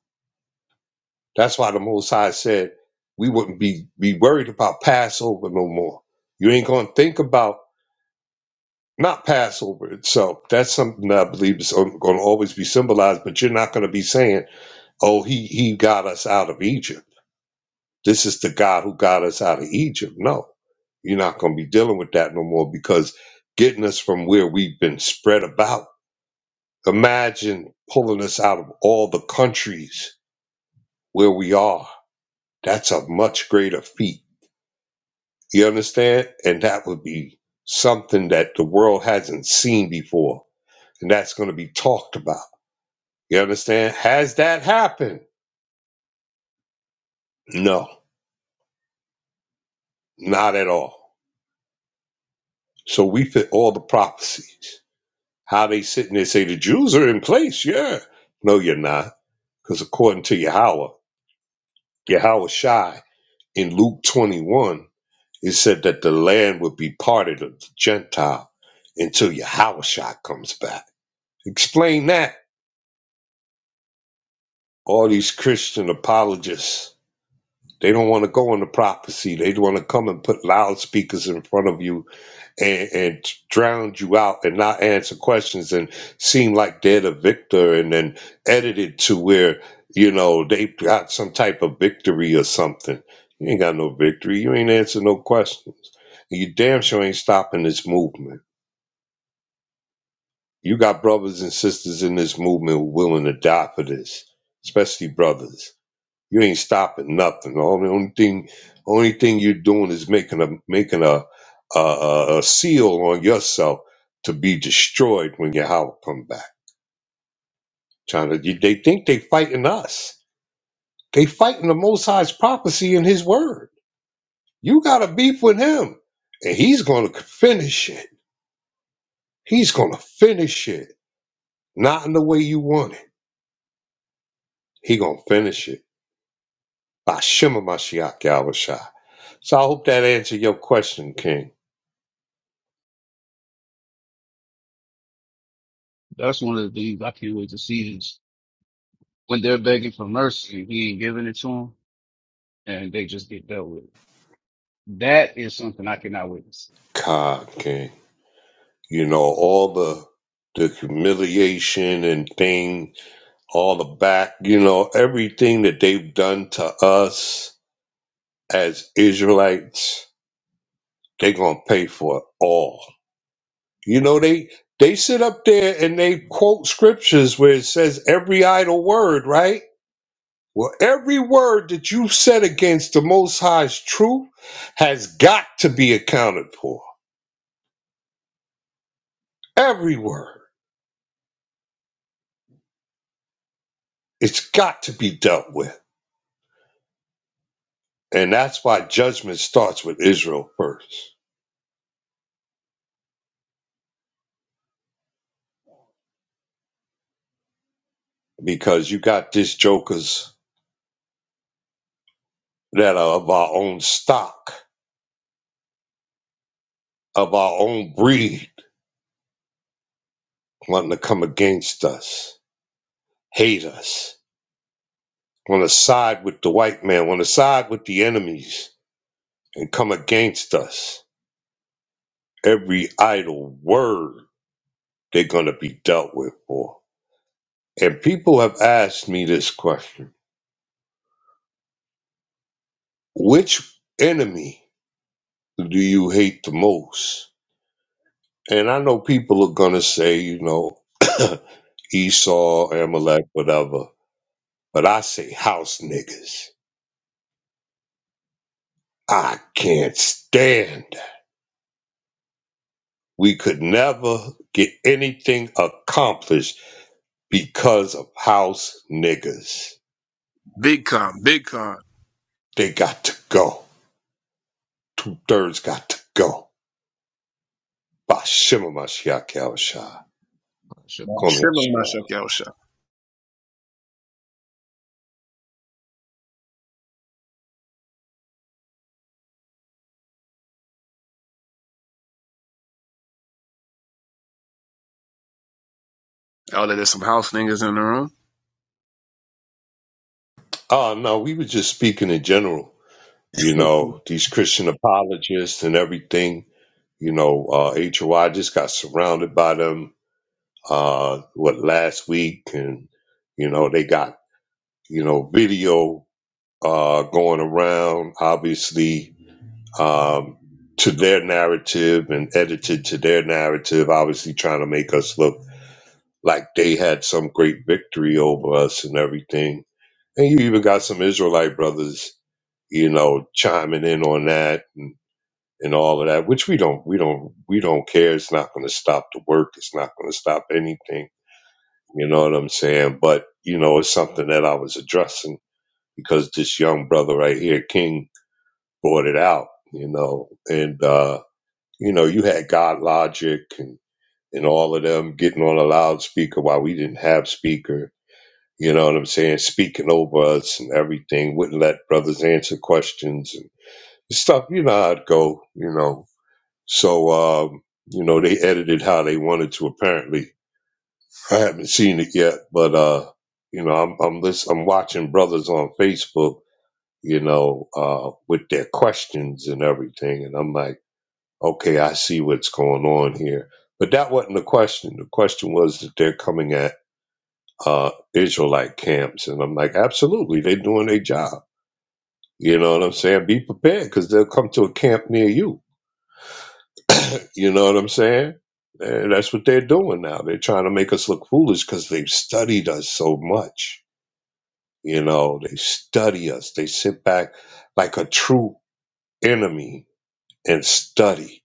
That's why the Most High said we wouldn't be, be worried about Passover no more. You ain't going to think about not Passover itself. That's something that I believe is going to always be symbolized, but you're not going to be saying, oh, he, he got us out of Egypt. This is the God who got us out of Egypt. No, you're not going to be dealing with that no more because getting us from where we've been spread about Imagine pulling us out of all the countries where we are. That's a much greater feat. You understand? And that would be something that the world hasn't seen before. And that's going to be talked about. You understand? Has that happened? No, not at all. So we fit all the prophecies. How they sit and they say the Jews are in place, yeah. No, you're not. Because according to Yahweh, Yahweh Shai in Luke 21, He said that the land would be parted of the Gentile until Yahushua comes back. Explain that. All these Christian apologists, they don't want to go into prophecy. They want to come and put loudspeakers in front of you and, and drown you out and not answer questions and seem like they're the victor and then edit it to where, you know, they got some type of victory or something. You ain't got no victory. You ain't answer no questions. you damn sure ain't stopping this movement. You got brothers and sisters in this movement willing to die for this, especially brothers. You ain't stopping nothing. The only, only thing, only thing you're doing is making a making a, a a a seal on yourself to be destroyed when your house come back. Trying to, you- they think they fighting us. They fighting the Most High's prophecy in His word. You got a beef with Him, and He's gonna finish it. He's gonna finish it, not in the way you want it. He gonna finish it. Bashima Mashiach Yahushua. So I hope that answered your question, King.
That's one of the things I can't wait to see. when they're begging for mercy he ain't giving it to them and they just get dealt with. it. That is something I cannot witness.
God, King. You know, all the the humiliation and thing, all the back, you know, everything that they've done to us as Israelites, they gonna pay for it all. You know, they they sit up there and they quote scriptures where it says every idle word, right? Well, every word that you said against the Most High's truth has got to be accounted for. Every word. It's got to be dealt with. And that's why judgment starts with Israel first. Because you got these jokers that are of our own stock, of our own breed, wanting to come against us, hate us, want to side with the white man, want to side with the enemies, and come against us. Every idle word they're going to be dealt with for. And people have asked me this question Which enemy do you hate the most? And I know people are going to say, you know, Esau, Amalek, whatever. But I say house niggas. I can't stand. that. We could never get anything accomplished because of house niggas.
Big con, big con.
They got to go. Two thirds got to go. Bashima Mashiach Yahusha.
Oh, Should
Not
my
Call me
shit.
shivering
Asherah.
myself, yo, show. Oh, there's some house niggas in the room.
Oh no, we were just speaking in general. You know, these Christian apologists and everything. You know, uh, HOI just got surrounded by them. Uh, what last week, and you know they got you know video uh, going around, obviously um, to their narrative and edited to their narrative, obviously trying to make us look like they had some great victory over us and everything. And you even got some Israelite brothers you know, chiming in on that and, and all of that, which we don't, we don't, we don't care. It's not going to stop the work. It's not going to stop anything. You know what I'm saying? But, you know, it's something that I was addressing because this young brother right here, King, brought it out, you know, and, uh, you know, you had God Logic and, and all of them getting on a loudspeaker while we didn't have speaker. You know what I'm saying? Speaking over us and everything, wouldn't let brothers answer questions stuff. You know how it go. You know, so um, you know they edited how they wanted to. Apparently, I haven't seen it yet, but uh, you know, I'm I'm listen, I'm watching brothers on Facebook. You know, uh, with their questions and everything, and I'm like, okay, I see what's going on here. But that wasn't the question. The question was that they're coming at uh, Israelite camps, and I'm like, absolutely, they're doing their job. You know what I'm saying? Be prepared because they'll come to a camp near you You know what I'm saying? And that's what they're doing now. They're trying to make us look foolish because they've studied us so much. You know, they study us. They sit back like a true enemy and study.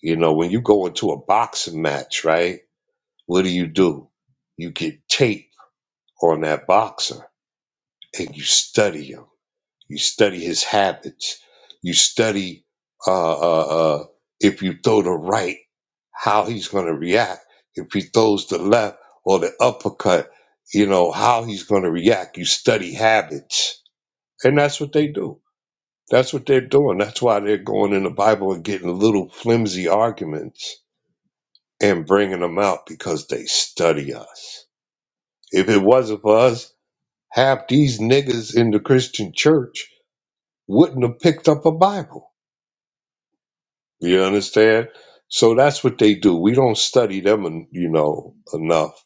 You know, when you go into a boxing match, right? What do you do? You get tape on that boxer and you study him You study his habits. You study uh, uh, uh, if you throw the right, how he's going to react. If he throws the left or the uppercut, you know, how he's going to react. You study habits. And that's what they do. That's what they're doing. That's why they're going in the Bible and getting little flimsy arguments and bringing them out because they study us. If it wasn't for us, half these niggas in the Christian church wouldn't have picked up a Bible You understand? So that's what they do. We don't study them, en- you know, enough,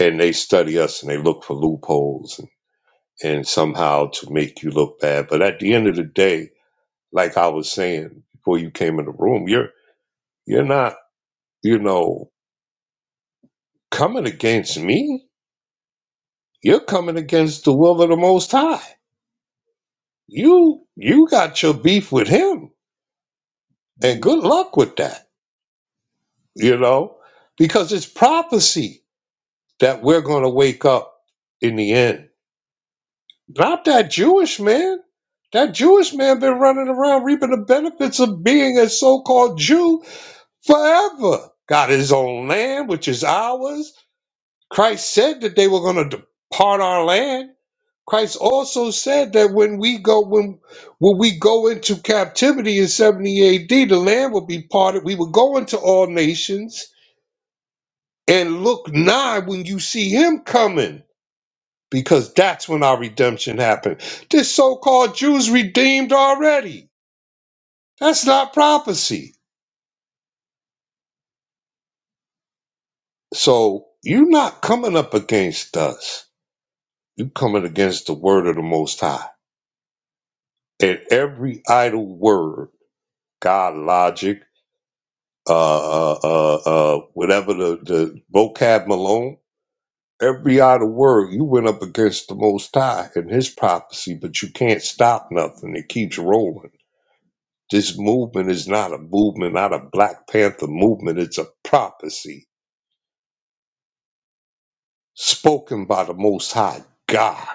and they study us, and they look for loopholes and, and somehow to make you look bad. But at the end of the day, like I was saying before you came in the room, you're you're not, you know, coming against me. You're coming against the will of the Most High. You you got your beef with him, and good luck with that. You know, because it's prophecy that we're going to wake up in the end Not that Jewish man. That Jewish man been running around reaping the benefits of being a so-called Jew forever. Got his own land, which is ours. Christ said that they were going to depart our land. Christ also said that when we go when when we go into captivity in 70 AD, the land will be parted. We will go into all nations and look nigh when you see him coming. because that's when our redemption happened. This so called Jews redeemed already. That's not prophecy. So you're not coming up against us. You're coming against the word of the Most High. And every idle word, God logic, uh, uh, uh, uh, whatever the, the vocab Malone, every idle word, you went up against the Most High and his prophecy, but you can't stop nothing. It keeps rolling. This movement is not a movement, not a Black Panther movement. It's a prophecy spoken by the Most High God.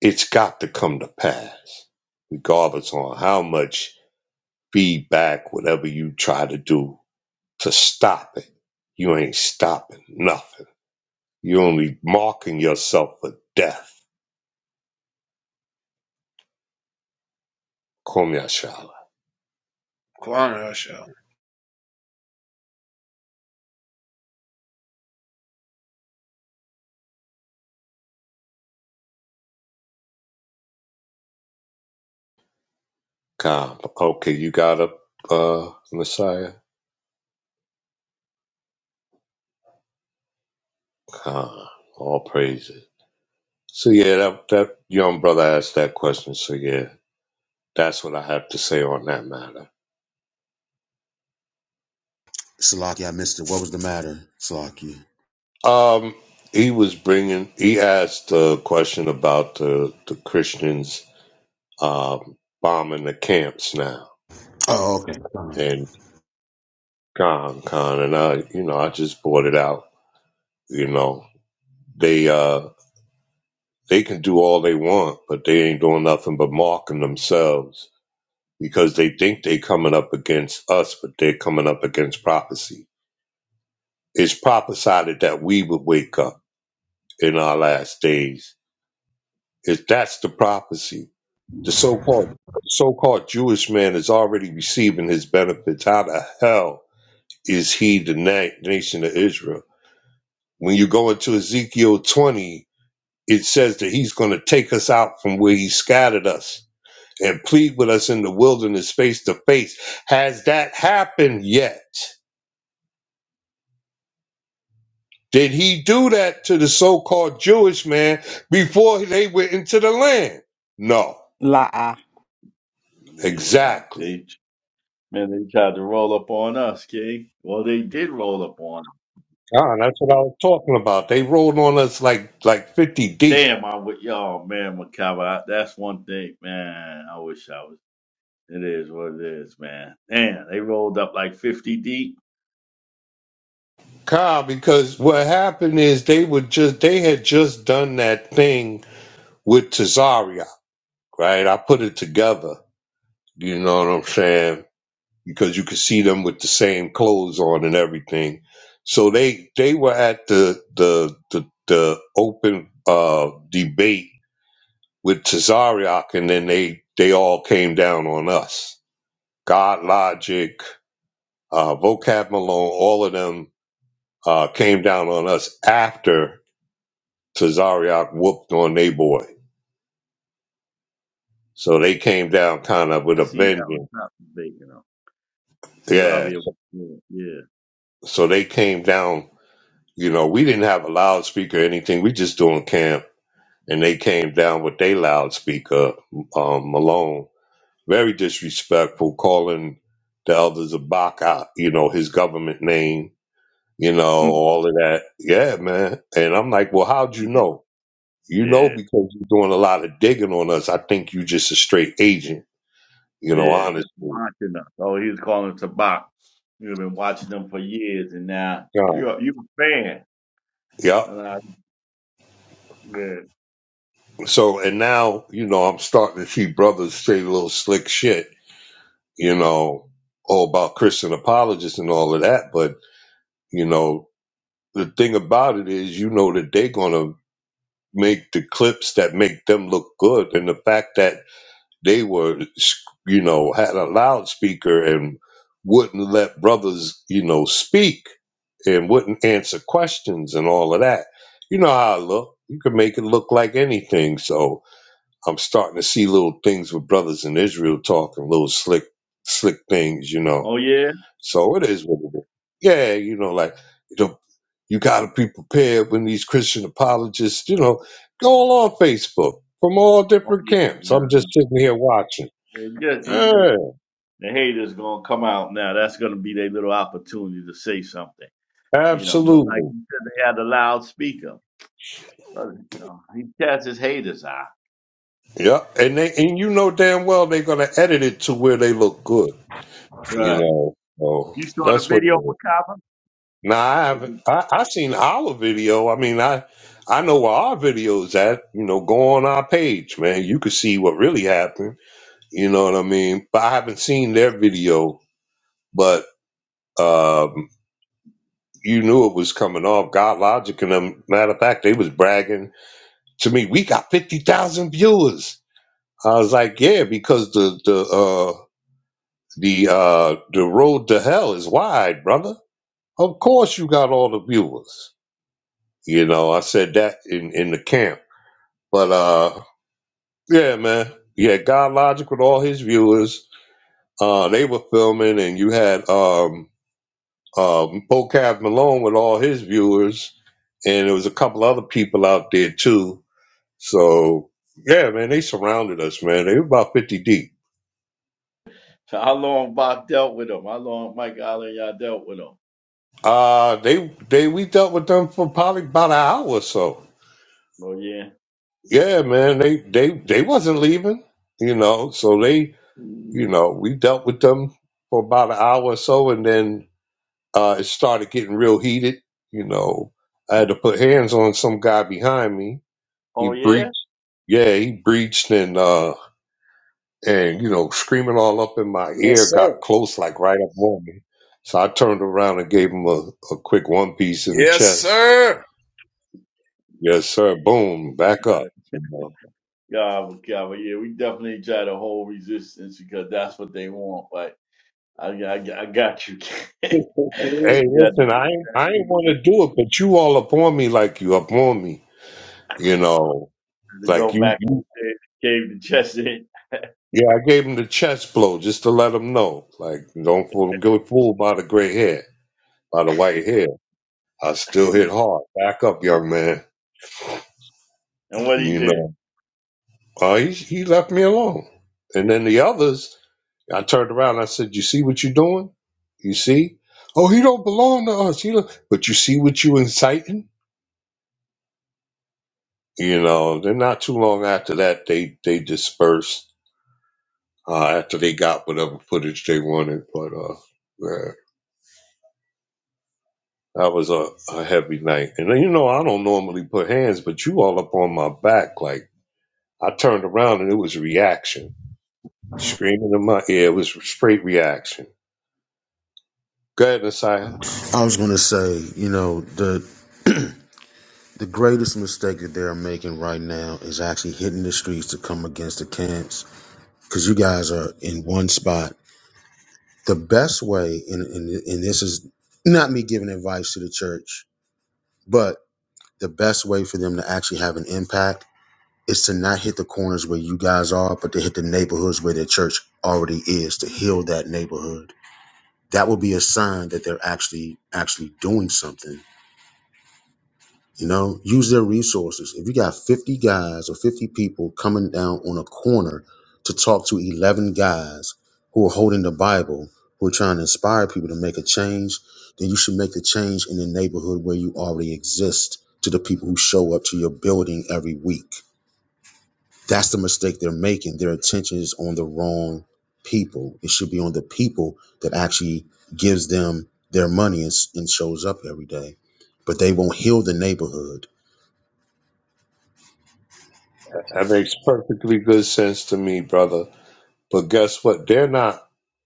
It's got to come to pass, regardless on how much feedback, whatever you try to do to stop it. You ain't stopping nothing. you only marking yourself for death. Kom Yashala.
Kwana, show.
calm. Okay, you got a uh, Messiah? Calm. All praises. So yeah, that that young brother asked that question. So yeah, that's what I have to say on that matter.
Salaki, I missed it. What was the matter, Salaki?
Um, he was bringing. He asked a question about the the Christians um, bombing the camps now
Oh, okay.
and Khan Khan and I. You know, I just brought it out. You know, they uh they can do all they want, but they ain't doing nothing but marking themselves because they think they coming up against us, but they're coming up against prophecy It's prophesied that we would wake up in our last days. If that's the prophecy, the so-called so-called Jewish man is already receiving his benefits. How the hell is he the na- nation of Israel? When you go into Ezekiel 20, it says that he's going to take us out from where he scattered us and plead with us in the wilderness face to face. Has that happened yet? Did he do that to the so-called Jewish man before they went into the land? No,
La'a.
Yeah, uh,
exactly.
they, man, they tried to roll up on us, okay? Well, they did roll up on
Ah, that's what I was talking about. They rolled on us like like fifty deep.
Damn, I am with y'all, man, Macabre. That's one thing, man. I wish I was. It is what it is, man. Damn, they rolled up like 50 deep.
Kyle, because what happened is they were just they had just done that thing with Tazaria, right? I put it together. You know what I'm saying? because you could see them with the same clothes on and everything. So they they were at the the the, the open uh, debate with Tazariak, and then they they all came down on us. God Logic, uh, Vocab Malone, all of them uh, came down on us after Tazariak whooped on they boy. So they came down kind of with
I
a
seen y'all was
vengeance.
top bacon them.
Yeah.
Cesario, was good,
So they came down. You know, we didn't have a loudspeaker or anything. We just doing camp and they came down with their loudspeaker, um, Malone, very disrespectful, calling the elders a baka, you know, his government name, you know,
yeah,
all of that. Yeah, man. And I'm like, well, how'd you know? You know,
yeah,
because you're doing a lot of digging on us. I think you just a straight agent, you know,
yeah, just
honestly.
watching us. Oh, he was calling Tabak. You've been watching them for years, and now
Yeah.
you're you a fan.
Yep.
And I, yeah.
So, and now, you know, I'm starting to see brothers say a little slick shit, you know, all about Christian apologists and all of that. But, you know, the thing about it is, you know that they're gonna make the clips that make them look good, and the fact that they were, you know, had a loudspeaker and wouldn't let brothers, you know, speak and wouldn't answer questions and all of that. You know how I look. You can make it look like anything. So I'm starting to see little things with brothers in Israel talking little slick, slick things, you know.
Oh yeah,
So it is what it is. Yeah, you know, like the you got to be prepared when these Christian apologists, you know, go all on Facebook from all
oh
different
yeah,
camps. I'm
yeah.
just sitting here watching.
And just, you know,
Yeah,
the haters gonna come out now. That's gonna be their little opportunity to say something, you know. But like
absolutely.
you said, they had a loudspeaker. Brother, you know, he cast his haters out.
Yeah, and they and you know damn well they're gonna edit it to where they look good. You
Right.
know, so
You saw the
that's what it
video,
is.
Macabre?
Now I have I, I seen our video. I mean, I I know where our video's at. You know, go on our page, man. You can see what really happened. You know what I mean? But I haven't seen their video. But um, you knew it was coming off. God Logic and them, matter of fact, they was bragging to me, we got 50,000 viewers. I was like, yeah, because the, the, uh, the, uh, the road to hell is wide, brother. Of course you got all the viewers. You know, I said that in, in the camp. But, uh, yeah, man. Yeah, God Logic with all his viewers. Uh, they were filming and you had, um, um, Bo Cav Malone with all his viewers. And there was a couple other people out there too So yeah, man, they surrounded us, man. They were about fifty deep.
So How long Bach dealt with him? How long Mike Allen y'all dealt with him?
Uh they they we dealt with them for probably about an hour or so.
Oh yeah.
Yeah, man, they they they wasn't leaving, you know. So they, you know, we dealt with them for about an hour or so, and then uh it started getting real heated. You know, I had to put hands on some guy behind me. He
Oh yeah.
breached. Yeah, he breached and uh and you know screaming all up in my
Yes,
ear
sir.
got close like right up on me so i turned around and gave him a, a quick one piece in the
Yes,
chest
sir.
yes sir boom back
Got
up
it.
you know.
God, Macabre. Yeah, we definitely try to hold resistance because that's what they want. But I, I, I got you.
hey
we
listen
got.
i ain't- i ain't want to do it but you all up on me like you up on me you know
to go
like you,
back to
you
the cave, cave chest Chesed.
yeah i gave him the chest blow just to let him know like don't fool, get fooled by the gray hair by the white hair i still hit hard back up young man
And what he
you know
did?
Uh, he, he left me alone. And then the others, I turned around. And I said, "You see what you're doing? You see? Oh, he don't belong to us. He don't, but you see what you inciting? You know." Then not too long after that, they they dispersed uh, after they got whatever footage they wanted. But uh, man, that was a, a heavy night. And then, you know, I don't normally put hands, but you all up on my back. Like I turned around and it was reaction, screaming in my ear. It was straight reaction. Go ahead, Nasiah.
I was going to say, you know, the the greatest mistake that they're making right now is actually hitting the streets to come against the camps because you guys are in one spot. The best way, and, and and this is not me giving advice to the church, but the best way for them to actually have an impact is to not hit the corners where you guys are, but to hit the neighborhoods where the church already is to heal that neighborhood that would be a sign that they're actually actually doing something you know use their resources if you got 50 guys or 50 people coming down on a corner to talk to 11 guys who are holding the bible who are trying to inspire people to make a change then you should make the change in the neighborhood where you already exist to the people who show up to your building every week that's the mistake they're making. Their attention is on the wrong people. It should be on the people that actually gives them their money and, s- and shows up every day. But they won't heal the neighborhood.
That makes perfectly good sense to me, brother. But guess what? They're not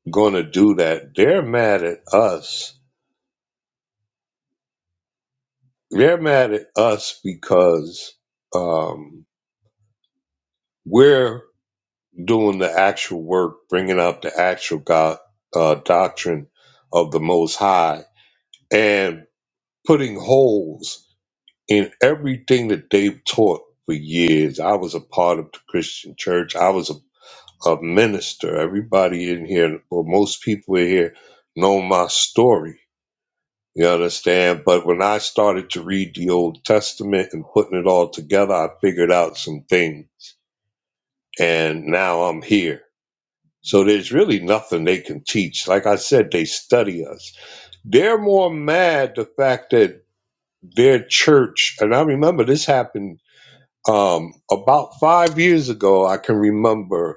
going to do that. They're mad at us. They're mad at us because um, we're doing the actual work, bringing up the actual God uh, doctrine of the Most High, and putting holes in everything that they've taught for years. I was a part of the Christian church. I was a a minister. Everybody in here, or most people in here, know my story. You understand? But when I started to read the Old Testament and putting it all together, I figured out some things. And now I'm here. So there's really nothing they can teach. Like I said, they study us. They're more mad the fact that their church, and I remember this happened um, about five years ago, I can remember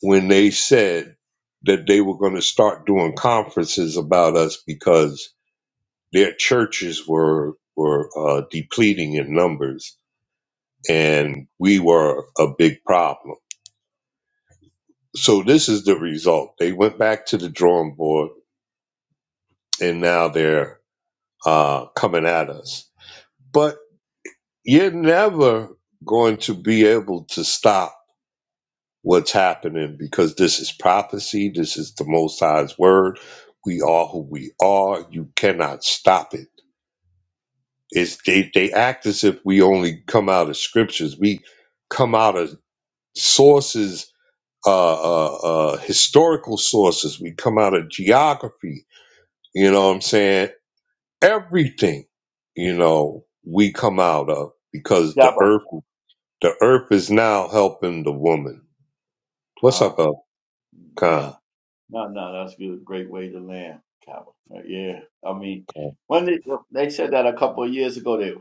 when they said that they were going to start doing conferences about us because their churches were were uh, depleting in numbers and we were a big problem. So this is the result. They went back to the drawing board and now they're uh, coming at us. But you're never going to be able to stop what's happening because this is prophecy. This is the Most High's word. We are who we are. You cannot stop it. It's, they, they act as if we only come out of scriptures. We come out of sources, uh, uh, uh, historical sources. We come out of geography. You know what I'm saying? Everything, you know, we come out of because the
Kaaba.
earth, the earth is now helping the woman. What's up,
Ah,
El
nah,
Khan?
nah, nah. That's a great way to land. Kaaba. Uh, Yeah. I mean, when they well, they said that a couple of years ago, they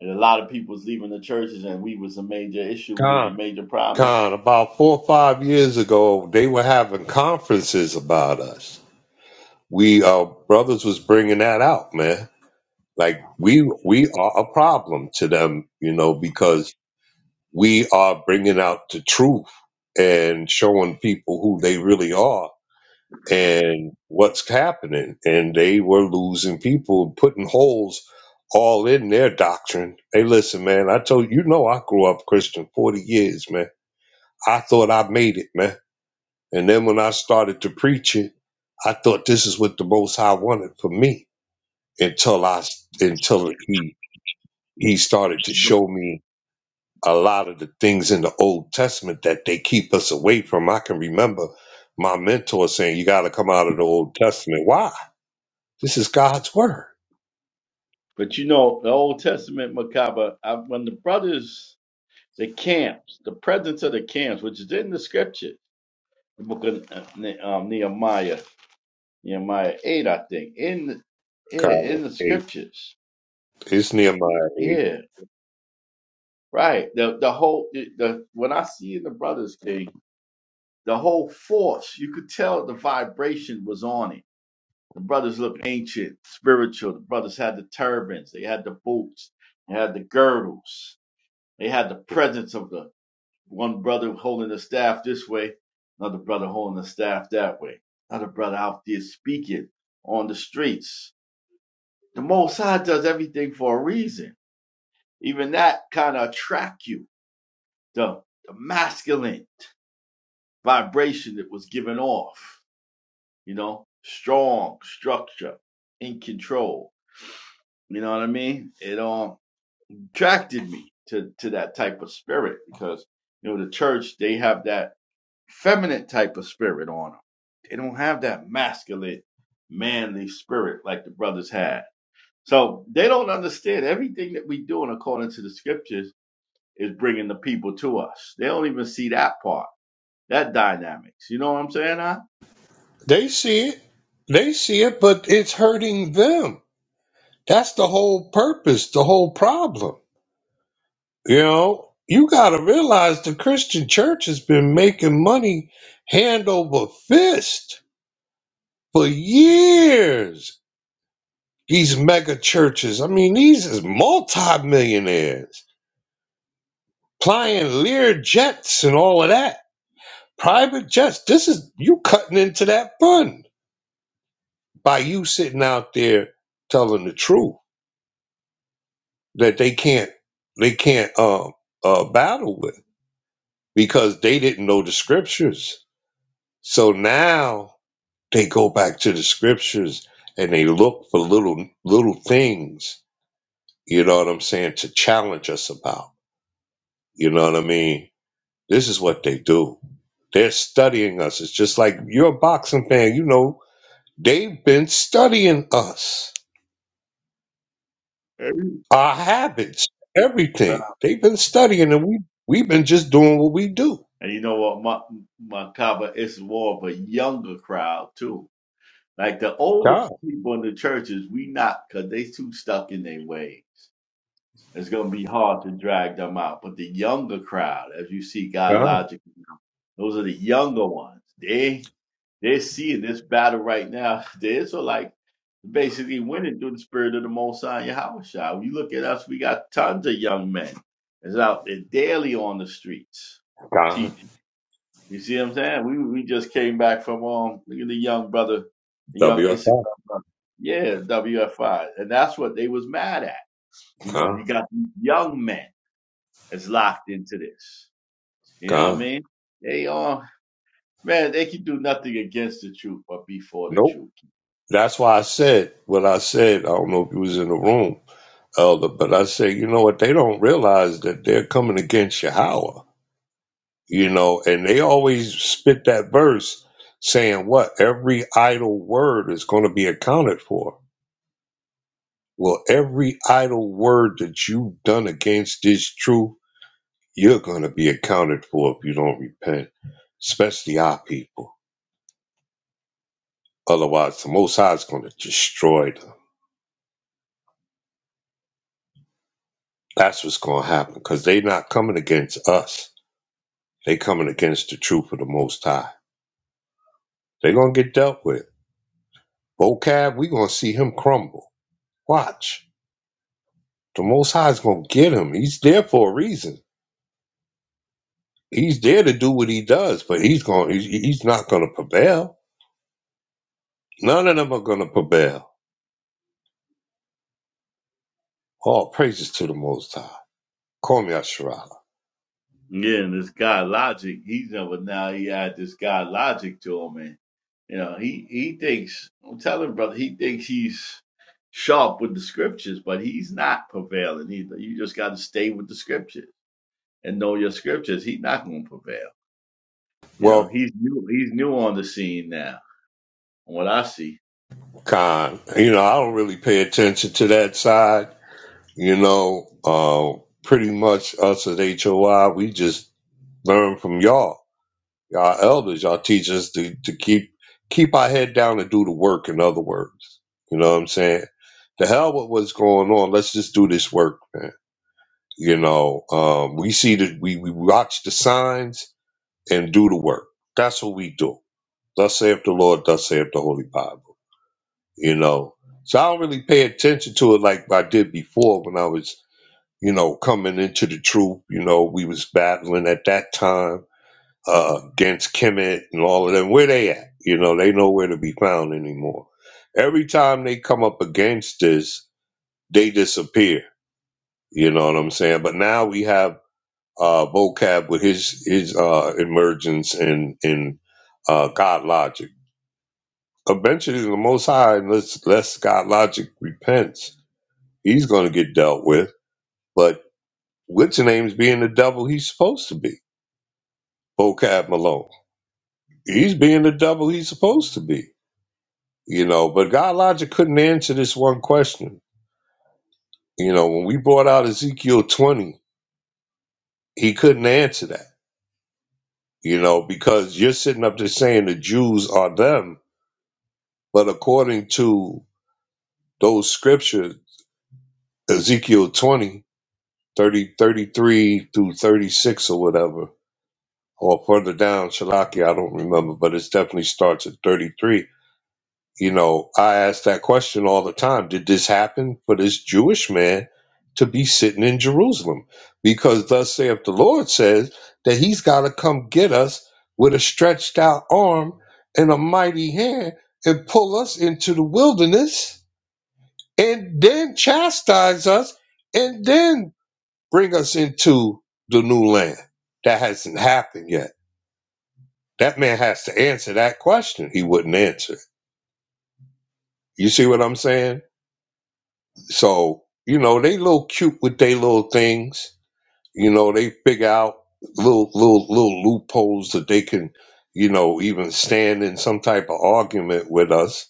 and a lot of people was leaving the churches, and we was a major issue. We was a
Khan.
major problem.
Con, about four or five years ago, they were having conferences about us. We uh, brothers was bringing that out, man. Like we we are a problem to them, you know, because we are bringing out the truth and showing people who they really are and what's happening. And they were losing people, putting holes all in their doctrine. Hey, listen, man, I told you, you know, I grew up Christian forty years, man. I thought I made it, man. And then when I started to preach it, I thought this is what the Most High wanted for me until I until he he started to show me a lot of the things in the Old Testament that they keep us away from. I can remember my mentor saying, "You got to come out of the Old Testament. Why? This is God's word."
But you know, the Old Testament Macabre, I, when the brothers, the camps, the presence of the camps, which is in the scripture, the book of uh, Ne- um, Nehemiah, Nehemiah 8, I think, in the, yeah, in
God,
the
it-
scriptures.
it's Nehemiah eight.
Yeah, right. The the whole the, the when I see in the brothers thing, the whole force, you could tell the vibration was on it. The brothers looked ancient, spiritual. The brothers had the turbans, they had the boots, they had the girdles, they had the presence of the one brother holding the staff this way, another brother holding the staff that way, another brother out there speaking on the streets The Most High does everything for a reason. Even that kind of attract you. The, the masculine vibration that was given off. You know, strong structure, in control. You know what I mean? It um attracted me to to that type of spirit because you know the church they have that feminine type of spirit on them. They don't have that masculine, manly spirit like the brothers had. So they don't understand everything that we doing according to the scriptures is bringing the people to us. They don't even see that part, that dynamics. You know what I'm saying? Huh?
They see it, they see it, but it's hurting them. That's the whole purpose, the whole problem You know, you got to realize the Christian church has been making money hand over fist for years. These mega churches, I mean, these is multimillionaires flying Lear jets and all of that. Private jets. This is you cutting into that fund by you sitting out there telling the truth that they can't they can't um uh, battle with because they didn't know the scriptures. So now they go back to the scriptures and they look for little little things you know what i'm saying to challenge us about you know what i mean this is what they do they're studying us it's just like you're a boxing fan you know they've been studying us our habits everything they've been studying and we we've been just doing what we do
And you know what? Makaba, it's more of a younger crowd too. Like the older
god
people in the churches, we not because they too stuck in their ways. It's gonna be hard to drag them out. But the younger crowd, as you see, God
god
logic, those are the younger ones. They They're seeing this battle right now. The Israelites basically winning through the spirit of the Most High Yahweh. Shai. When you look at us, we got tons of young men that's out there daily on the streets
god
teaching. You see what I'm saying? We we just came back from um look at the young brother, the young Issachar
wfl
brother. Yeah, WFI. And that's what they was mad at. You know, you
god
got these young men that's locked into this. You know what I
god
mean? They um man, they can do nothing against the truth but before the
nope
truth.
that's why i said what i said i don't know if you was in the room elder, but I say, you know what? They don't realize that they're coming against Yahweh, you know, and they always spit that verse saying what? Every idle word is going to be accounted for. Well, every idle word that you've done against this truth, you're going to be accounted for if you don't repent, especially our people. Otherwise, the Most High is going to destroy them. That's what's going to happen because they're not coming against us. They coming against the truth of the Most High. They're going to get dealt with vocab, we're gonna see him crumble. Watch. The most high is gonna get him. He's there for a reason. He's there to do what he does, but he's gonna he's, he's not gonna prevail. None of them are gonna prevail. All praises to the most high. Call me Asherah.
Yeah, and this guy Logic, he's never now he had this guy Logic to him, and you know he he thinks I'm telling brother he thinks he's sharp with the scriptures, but he's not prevailing either. You just got to stay with the scriptures and know your scriptures. He's not going to prevail. You know
Well,
he's new he's new on the scene now. From what I see,
Khan, you know, I don't really pay attention to that side. You know, uh, pretty much us at HOI, we just learn from y'all Y'all elders, y'all teach us to, to keep keep our head down and do the work, in other words. You know what I'm saying? The hell with what's going on. Let's just do this work, man. You know, um, we see that we, we watch the signs and do the work. That's what we do. Thus saith the Lord, thus saith the Holy Bible. You know. So I don't really pay attention to it like I did before when I was, you know, coming into the truth. You know, we was battling at that time uh, against Kemet and all of them. Where they at? You know, they nowhere to be found anymore. Every time they come up against this, they disappear. You know what I'm saying? But now we have uh, vocab with his his uh, emergence in in uh, God logic. Eventually, the Most High, unless, unless God logic repents, he's going to get dealt with. But what's the name's being the devil he's supposed to be? Vocab Malone. He's being the devil he's supposed to be you know. But God Logic couldn't answer this one question. You know, when we brought out Ezekiel 20, he couldn't answer that, you know, because you're sitting up there saying the Jews are them. But according to those scriptures, Ezekiel 20 30 33 through 36 or whatever, or further down, Shalaki, I don't remember, but it definitely starts at 33 You know, I ask that question all the time. Did this happen for this Jewish man to be sitting in Jerusalem? Because thus saith the Lord says that he's got to come get us with a stretched out arm and a mighty hand and pull us into the wilderness and then chastise us and then bring us into the new land. That hasn't happened yet. That man has to answer that question. He wouldn't answer. it. You see what I'm saying? So, you know, they little cute with their little things. You know, they figure out little little little loopholes that they can, you know, even stand in some type of argument with us,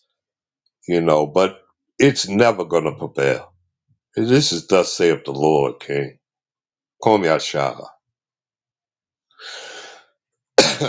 you know, but it's never gonna prevail. This is thus saith the Lord, King. Call me Ashara.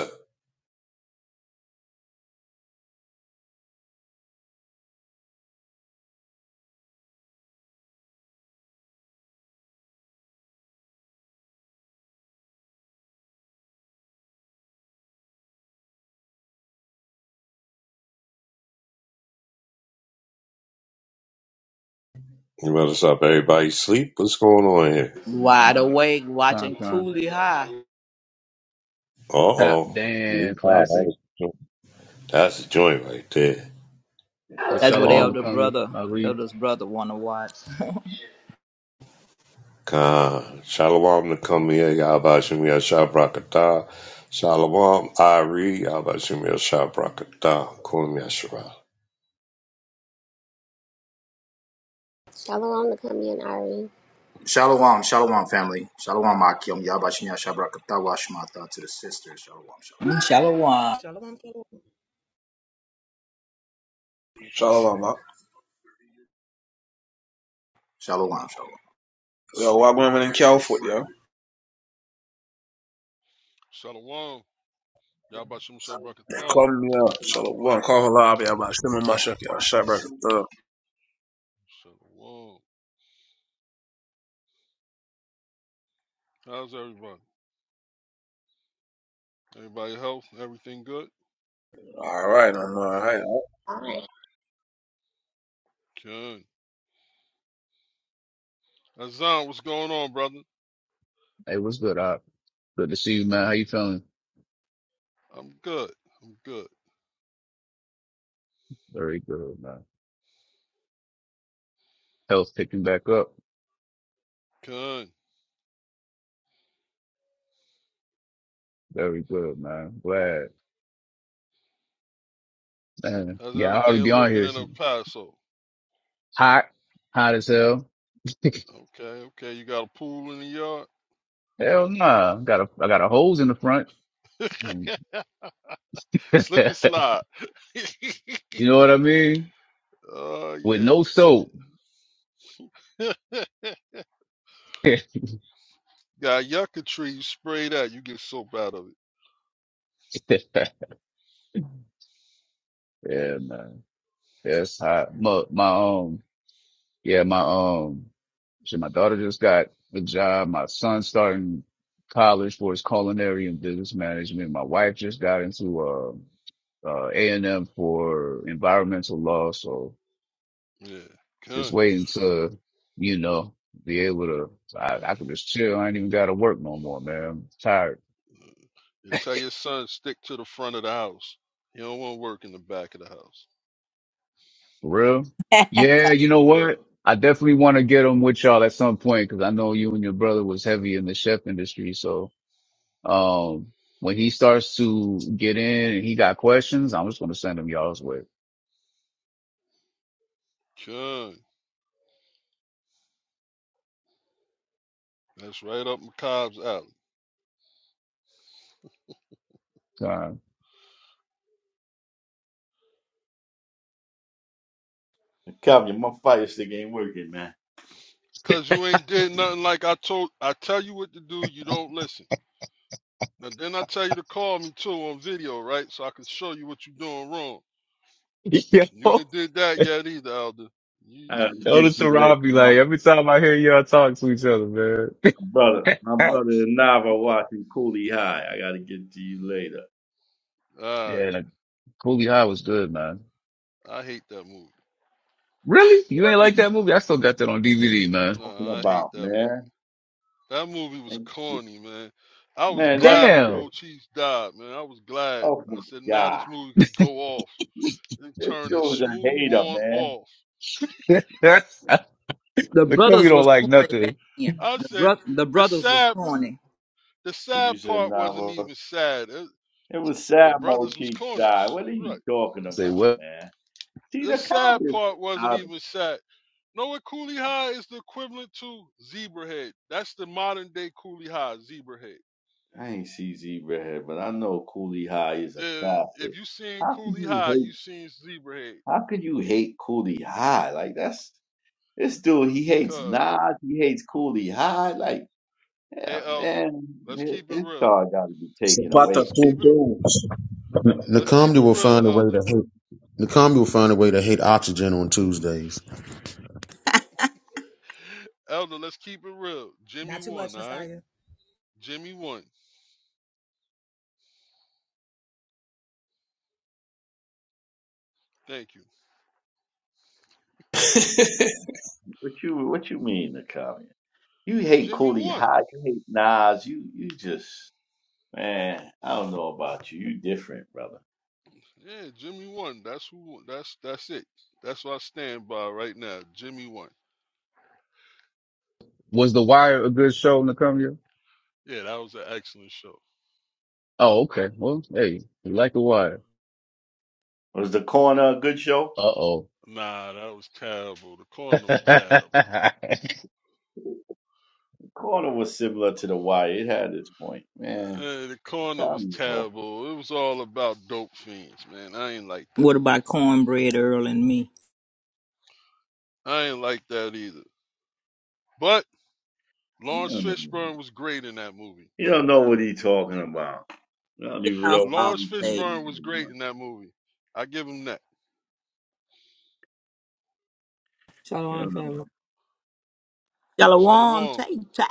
you better stop everybody sleep. What's going on here?
Wide awake, watching
Con Con.
Cooley High.
Uh
Tap
oh.
Dan classic.
That's a joint right there.
Hey
That's what
Shalom to
elder
come you.
brother,
I read.
elder's brother wanna watch.
Khan. Shalom to come Yashab Rakatah. Shalom, Ari, Yahweh Yashab Rakatah. Kulam Yasharah.
Shalom to come in, Ari.
Shalom, shalom, family. Shalom, Akim. Yabashinya Shabrakatawa Shmata to the sisters. Shalom, shalom.
Inshallah.
Shalom, King.
Shalom, man.
Shalom, shalom.
Yo, why women in California, yo?
Shalom. Yabashim
They
Shabrakatah.
call me up. So, one, call her lobby. I'm like, shimmer my shuck, yo. Shut
Shalom. How's everybody? Everybody health? Everything good?
All right, I'm all right.
All right,
Good. Azan, what's going on, brother?
Hey, what's good? Op? Good to see you, man. How you feeling?
I'm good. I'm good.
Very good, man. Health picking back up.
Good.
Very good, man. Glad. Man.
How's
Yeah, I already
everything
be on
looking
here.
in
It's
El Paso?
hot. Hot as hell.
Okay, okay. You got a pool in the yard?
hell nah. Got a I got a hose in the front. you
Slip and slide.
know what I mean?
oh,
With
yeah.
no
yeah.
soap. yeah,
Got yucca tree, you spray that, you get soap out of
man. Yeah, hot. My, my um, yeah, my um, shit, my daughter just got a job. My son starting college for his culinary and business management. My wife just got into uh, uh, A and M for environmental law. So
it. Yeah.
just
Good.
waiting to, you know, be able to. I, I can just chill. I ain't even got to work no more, man. I'm tired.
You tell your son, stick to the front of the house. He don't want to work in the back of the house.
Real? Yeah, you know
For real.
what? I definitely want to get them with y'all at some point because I know you and your brother was heavy in the chef industry. So, um, when he starts to get in and he got questions, I'm just going to send him y'all's way.
Good. That's right up McCobb's alley.
Time.
Calvin, my fire stick ain't working, man.
Cause you ain't did nothing like I told I tell you what to do, you don't listen. Now then I tell you to call me too on video, right? So I can show you what you're doing wrong.
Yo,
You ain't did that yet either, Elder.
I
You
gotta
yo,
get
this
you later,
Rob be
my
like, every time I hear y'all talk to each other, man.
brother. My brother and Nava watching Cooley High. I gotta get to you later.
Alright.
yeah, like, Coolie High was good, man.
I hate that movie.
Really? You ain't like
What?
that movie? I still got that on DVD, man.
talking
Nah, I hate
about,
that movie.
man?
That movie was
And,
corny, man. I was
man, that's
glad when
crazy.
Damn.
Coach Chiefs died, man. I was glad.
Oh
I
my
said, now this
God.
movie could go off and
This
turn it
dude's a
smooth
hater,
on
man.
off.
That's,
The
the Coolie
brothers was
don't like
corny back
nothing.
then.
I
The
say
bro- the
the
brothers was
sad
corny.
the
And you
sad
said,
part
nah,
wasn't
well,
even sad. It-
it was
the
sad
brothers was
Mochi
corny.
died. What are
She's
you
right.
talking
Say
about,
what?
man? See,
The
the comedy
sad
is
part wasn't
out of
even sad. Know what coolie high is the equivalent to zebra head. That's the modern day coolie high, zebra head.
I ain't see Zebrahead, but I know Coolie High is a
The,
classic.
if you seen
How could
coolie
you
high,
hate,
you seen zebra head
how could you hate Coolie High? Like, that's, this dude, he hates
because
Nas, he hates Coolie High. Like, yeah,
hey elder,
man,
let's
his
keep it
his
real.
star got to be taken away
Zapata
from
Let's
him.
two
keep it
dudes.
N-
let's keep
Nakamdi
it
will
real,
find a way
elder.
to hate. Nakamdi will find a way to hate oxygen on Tuesdays.
Elder, let's keep it real. Jimmy
Not too much,
won, all right?
Nastya.
Jimmy won. Thank you.
What you what you mean the communist? You hate
Jimmy
Cooley
won.
High, you hate Nas, you you just man, I don't know about you. You different, brother.
Yeah, Jimmy won. That's who. That's that's it. That's what I stand by right now. Jimmy won.
Was The Wire a good show, Nakamia?
Yeah, that was an excellent show.
Oh, okay. Well, hey, you like The Wire.
Was the corner a good show?
Uh oh.
Nah, that was terrible. The corner was terrible.
The corner was similar to the wire. It had its point. Man,
Uh, the corner was
communist, bro.
terrible. It was all about dope fiends, man. I ain't like that.
What about cornbread Earl and me?
I ain't like that either. But
you
Lawrence
don't know.
Fishburne was great in that movie.
You don't know what he's talking about. I don't
Get
even
off
know why
all
Lawrence
we paying
day.
him
Fishburne
so
was great
much.
in that movie. I give him that.
You don't know.
Shalom,
Shalom.
take, take.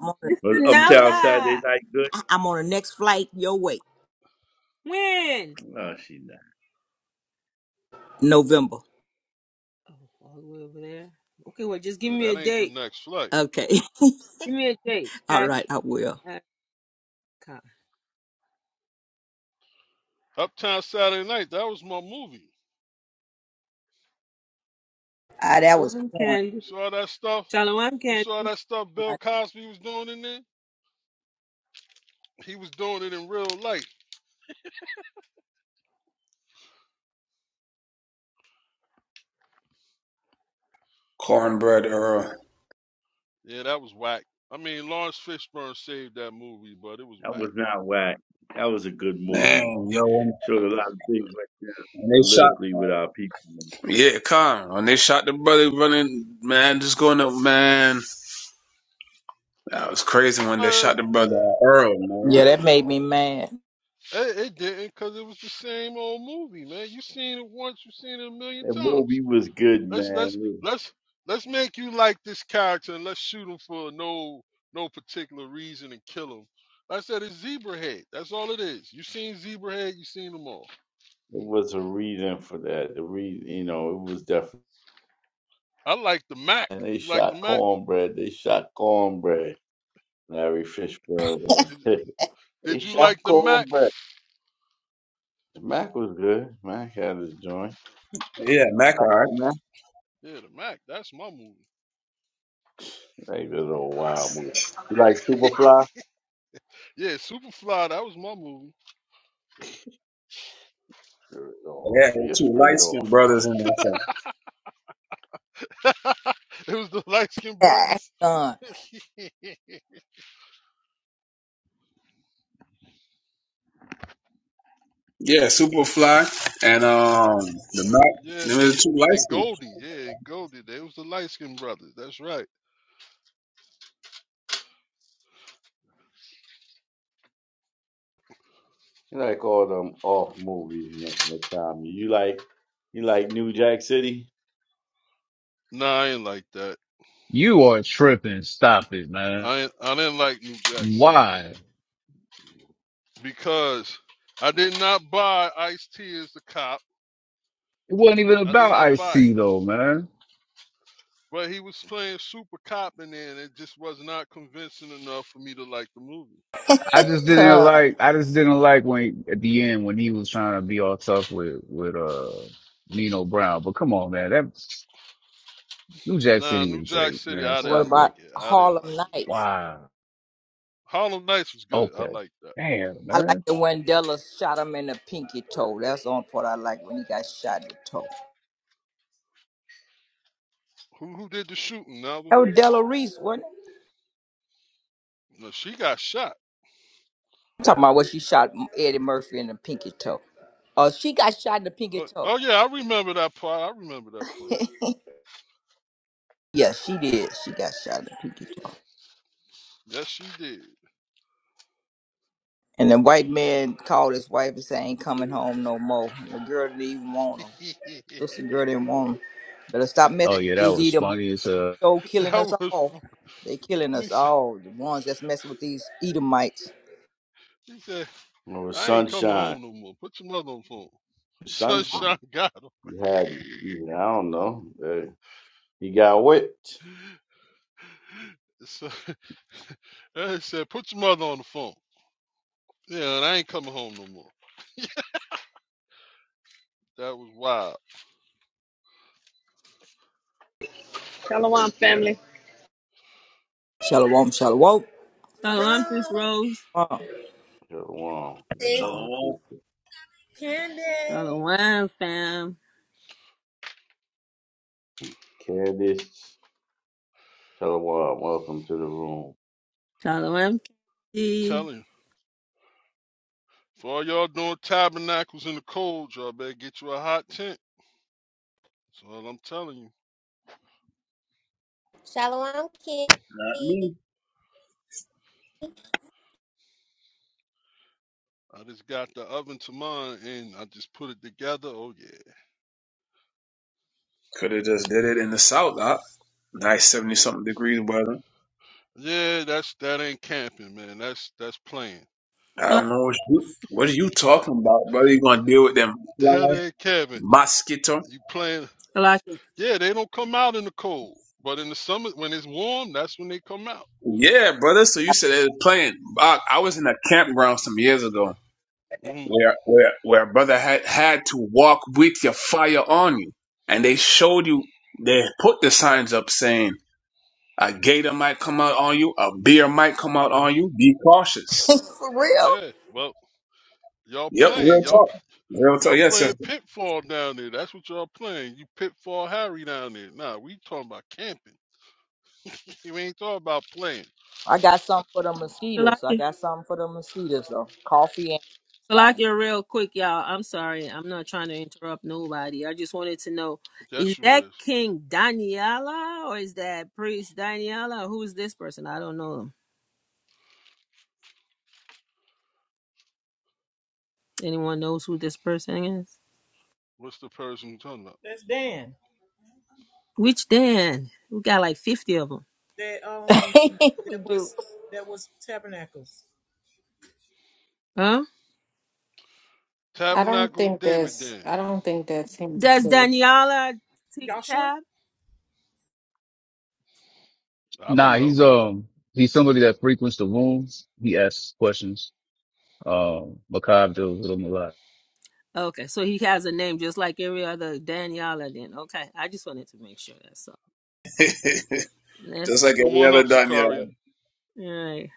I'm on, the,
It's
Was Uptown Saturday
Nova.
night good?
I'm on the next flight your way.
When?
No, she not.
November.
Oh, all the way over there. Okay, well, just give
Uh,
me a
That ain't the
date.
next flight.
Okay.
Give me a date,
All
okay?
right, I will.
Uh, come.
Uptown Saturday Night. That was my movie.
Ah, that was
Shalom,
corny.
You
Candy.
saw that stuff?
Shalom,
You saw
Candy.
that stuff Bill Cosby was doing in there? He was doing it in real life.
Cornbread Earl.
Yeah, that was whack. I mean, Lawrence Fishburne saved that movie, but it was
That
whack.
was not whack. That was a good movie.
Man, yo,
showed
That
a
was,
lot of things right there
when they shot.
politically with our people. Man.
Yeah, Con. When they shot the brother running, man, just going up, man. That was crazy when
but
they
uh,
shot the brother Earl, man.
Yeah,
uh,
that made me mad.
it, it didn't because it was the same old movie, man. You seen it once, you seen it a million
That movie
times.
was good,
Let's
man.
let's
It
let's let's make you like this character and let's shoot him for no no particular reason and kill him. Like I said it's Zebrahead. That's all it is. You seen Zebrahead? you seen them all.
it was a reason for that. The reason, you know, it was definitely.
I like the Mac.
And they
You like
shot
the Mac?
cornbread. They shot cornbread. Larry Fishburne.
Did,
man. they
did you
shot
like the Mac?
cornbread. Mac was good. Mac had his joint.
Yeah,
Like
McIntyre.
Mac,
Yeah, the Mac. That's my movie.
like this old wild movie. You like Superfly?
Yeah, Superfly. That was my movie.
Spirit
Yeah,
off.
the
Your
two light
spirit
skinned
off.
brothers in that thing.
it was the light skinned
Yeah,
brothers.
Con,
Yeah, Superfly and um the Mac.
yeah,
Them is the two light
and
skinned.
Goldie. Yeah, and Goldie. They was the light skinned brothers. That's right.
You like all them off movies, Tommy. You like you like New Jack City?
Nah, I ain't like that.
you are tripping. Stop it, man.
I ain't, I didn't like New Jack City
Why?
because I did not buy Ice T as the cop.
It wasn't even
I did
about
not buy it.
IC though, man.
But he was playing super cop in there, and it just was not convincing enough for me to like the movie.
I just didn't
con.
like, I just didn't like when, at the end, when he was trying to be all tough with, with, uh, Nino Brown. But come on, man. That, New Jack
Nah,
City
New
was
Jack
great,
City,
man.
I
What
didn't
Stop
about
it.
like it. I didn't
Harlem
like New Jack.
Nights?
Wow.
Harlem Nights was good. I
Okay.
liked that.
Damn,
I like
man.
it when Della shot him in the pinky toe. That's the only part I like when he got shot in the toe.
Who who did the shooting, Melvin?
That was Della Reese, wasn't it?
No, she got shot.
I'm talking about when she shot Eddie Murphy in the pinky toe. Oh, she got shot in the pinky
Oh,
toe.
oh yeah, I remember that part. I remember that part.
Yeah, she did. She got shot in the pinky toe.
Yes, she
And the white man called his wife and said, I ain't coming home no more. The girl didn't even want him.
did.
Sister girl didn't want him. Better stop messing
Oh yeah, that
with
was
these
funny as uh.
show
that
killing us
was
all.
fun.
They killing
He
us
said,
all. The ones that's messing with these Edomites.
he said,
Or
I ain't coming
sunshine.
home no more. Put your mother on the phone.
Sunshine.
Sunshine got him.
He had, I don't know. Uh, he got whipped.
So, he said, put your mother on the phone. Yeah, and I ain't coming home no more. That was wild.
Shalom, family.
Shalom, shalom.
Shalom,
Bro,
Sis Rose.
Uh,
Shalom.
sis.
Shalom,
Shalom,
sister.
Candy.
Shalom, fam.
Candice. Shalom. Welcome to the room.
Shalom,
I'm
Candy.
telling you. For all y'all doing tabernacles in the cold, y'all better get you a hot tent. That's all I'm telling you.
Shalom,
not
Kenny.
me.
I just got the oven to mine and I just put it together. Oh yeah.
Could have just did it in the south, huh? Nice seventy something degrees weather.
Yeah, that's that ain't camping, man. That's that's playing.
I don't know what you what are you talking about, brother? You gonna deal with them
That
fly
ain't camping.
mosquito?
You playing
Salakia.
yeah, they don't come out in the cold. But in the summer when it's warm, that's when they come out.
Yeah, brother. So you said they was playing. I, I was in a campground some years ago,
hmm
where where where brother had had to walk with your fire on you, and they showed you they put the signs up saying a gator might come out on you, a bear might come out on
hmm
you. Be cautious.
for real?
Yeah. Well, y'all
Yep,
playing.
real
Y'all
talk. Real talk.
Y'all
Yes, sir.
playing Pitfall down there. That's what y'all playing. You Pitfall Harry down there. Nah, we talking about camping. You ain't thought about playing.
I got something for the mosquitoes. I
Salakia.
got something for the mosquitoes though. Coffee and lavender.
Salakia, real quick, y'all. I'm sorry. I'm not trying to interrupt nobody. I just wanted to know
Yes,
is
you
that
is.
King Daniela or is that Priest Daniela? Who's this person? I don't know. Anyone knows who this person is?
What's the Persian you talking about?
That's Dan.
Which Dan? We got like 50 of them.
That um,
we
that
do.
was that was Tabernacles.
Huh?
I don't
Tabernacles
think
David
that's
then.
I don't think that's him.
Does Daniela tic
Y'all sure
I don't
Nah,
know.
he's um he's somebody that frequents the rooms. He asks questions. Um, Macabre deals with him a lot.
Okay, so he has a name just like every other Daniela then. Okay, I just wanted to make sure that's all.
just
That's
like
Come
every
on up,
other damn yo,
Sakaria.
all right.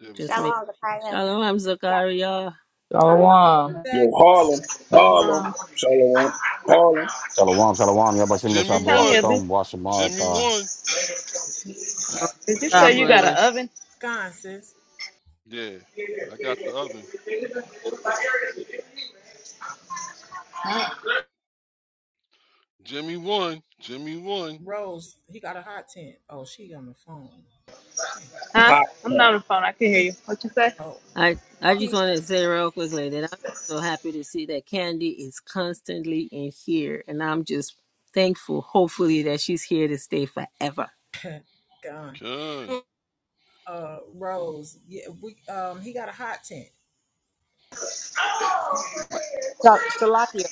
There we
Just
go.
make
Shalom,
sure.
Zakaya.
Shalom, Zakaria.
Shalom.
that
yo Harlem, Harlem,
Shalom.
Charlotte, Harlem,
Shalom, shalom, Yabashim
Jimmy won.
Natalia,
Yashabarakatum,
this.
Jimmy
Washamar,
won.
did you
Ah,
say
Jimmy
you got
brother.
an
won.
oven?
gone sis?
Yeah. I got the oven. Jimmy won. Jimmy won.
Rose, he got a hot tent. Oh, she on the phone. Hey.
Huh?
pop.
I'm
pop.
not on the phone. I can hear you. What you say?
Oh,
I I just
he
wanted to say real quickly that I'm so happy to see that Candy is constantly in here, and I'm just thankful, hopefully, that she's here to stay forever.
gone.
Can.
uh Rose. Yeah, we um he got a hot tent.
Sa- Salakia.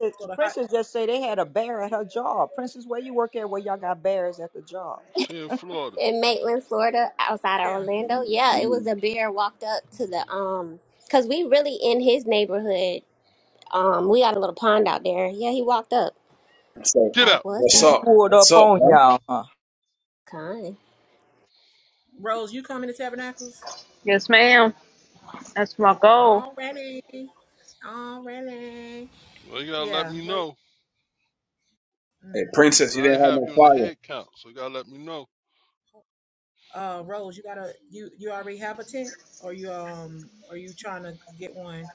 Princess,
So the hot
Princess just say they had a bear at her job. Princess, where you work at? Where y'all got bears at the job?
She in Florida.
In Maitland, Florida, outside of
yeah.
Orlando. Yeah, it
Mhm.
was a bear walked up to the um, cause we really in his neighborhood. Um, we got a little pond out there. Yeah, he walked up.
So
Get
Like,
out.
what's
what's
He
up,
up?
pulled
What's
up
up,
on
huh?
y'all, huh?
Con?
Rose, you coming to Tabernacles?
Yes, ma'am. That's my goal.
Already. Already.
Well, you gotta let
Yeah,
me
like
know.
Hey,
mm-hmm.
Cause
princess, you
I ain't
didn't have
have
no
you in the
fire.
head count. So you gotta let me know.
uh Rose, you gotta you you already have a tent? Or you um are you trying to get one?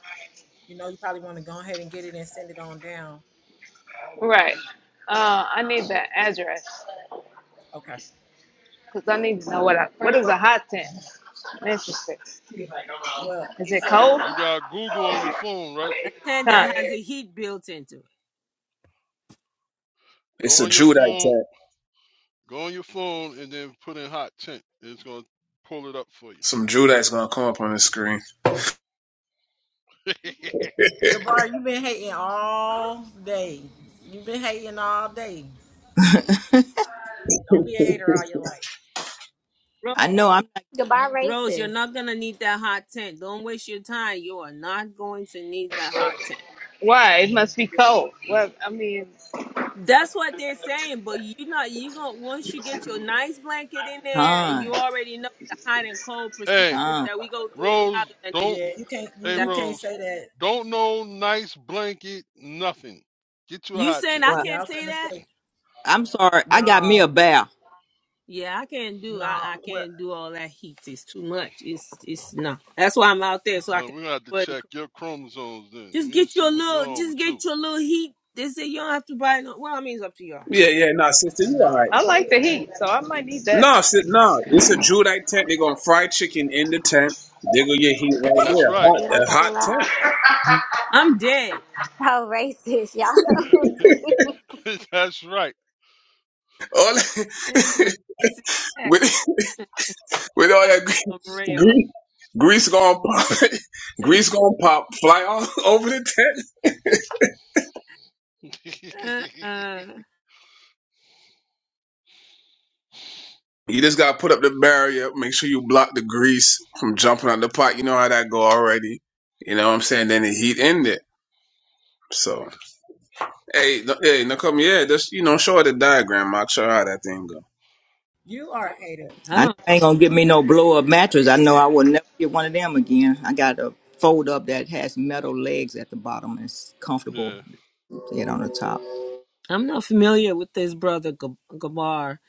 You know you probably wanna go ahead and get it and send it on down.
Right. Uh, I need the address
Okay.
because I need to know what I, what is a hot tent. I'm interested.
Well,
Is it
it's a
cold?
You got Google on your phone, right?
A tent
Huh?
that has a heat built into it.
Go
It's a
on your
Judite
phone
tag.
Go on your phone and then put in hot tent. It's gonna pull it up for
Some Judite's gonna come up on the screen.
you.
Gabar, you've been hating all day. You've been hating all day. Don't be a hater all your life.
Ro-
I know I'm not
Goodbye,
Rose, you're
racist.
not gonna need that hot tent. Don't waste your time. You are not going to need that hot tent.
Why? It must be cold. Well, I mean,
That's what they're saying, but you not you gonna once you get your nice blanket in there and you
con.
already know the hot and cold
Hey,
procedures
Con.
that we go through, you're
Rose,
not gonna need
don't.
that.
Yeah, you can't you,
Hey,
that
you can't
Rose,
say that
don't no nice blanket, nothing. Get you a
you
hot
saying
tent.
I
What?
Y'all
can't say
finna
that?
say,
I'm sorry. I got me
nah,
a bear.
Yeah, I can't do I,
nah,
I
what,
can't do all that heat. It's too much. It's it's no. That's why I'm out there so I
Uh,
can
we're gonna have to
wear the
check
co-
your chromosomes then.
just
We gonna
get
see
your
what's
little
wrong with
just
you.
get your little heat. They say you don't have to buy no well I mean it's up to y'all.
Yeah, yeah, nah, sister, you all
nah.
right.
I like the heat, so I might need that.
Nah, sit, nah, it's a Judite tent. They're gonna fry chicken in the tent. They're gonna get heat right
That's
there.
right.
See
Hot,
what I'm
a
talking
hot
about?
tent.
I'm dead.
How racist, y'all.
That's right.
All
It's ra-
that-
it's heck.
with with all
Like,
that grease,
I'm real.
grease, grease gonna pop, grease gonna pop, fly all over the tent.
Uh-uh.
You just gotta put up the barrier. Make sure you block the grease from jumping on the pot. You know how that go already. You know what I'm saying? Then the heat in there. So hey, no, hey, now come here. Just you know, show her the diagram. I'll show her how that thing go.
You are a hater.
I
I know
don't
I ain't gonna get me no blow up mattress. I know I will never get one of them again. I got a fold up that has metal legs at the bottom and it's comfortable
yeah.
yet on the top.
I'm not familiar with this brother Gab- Gabar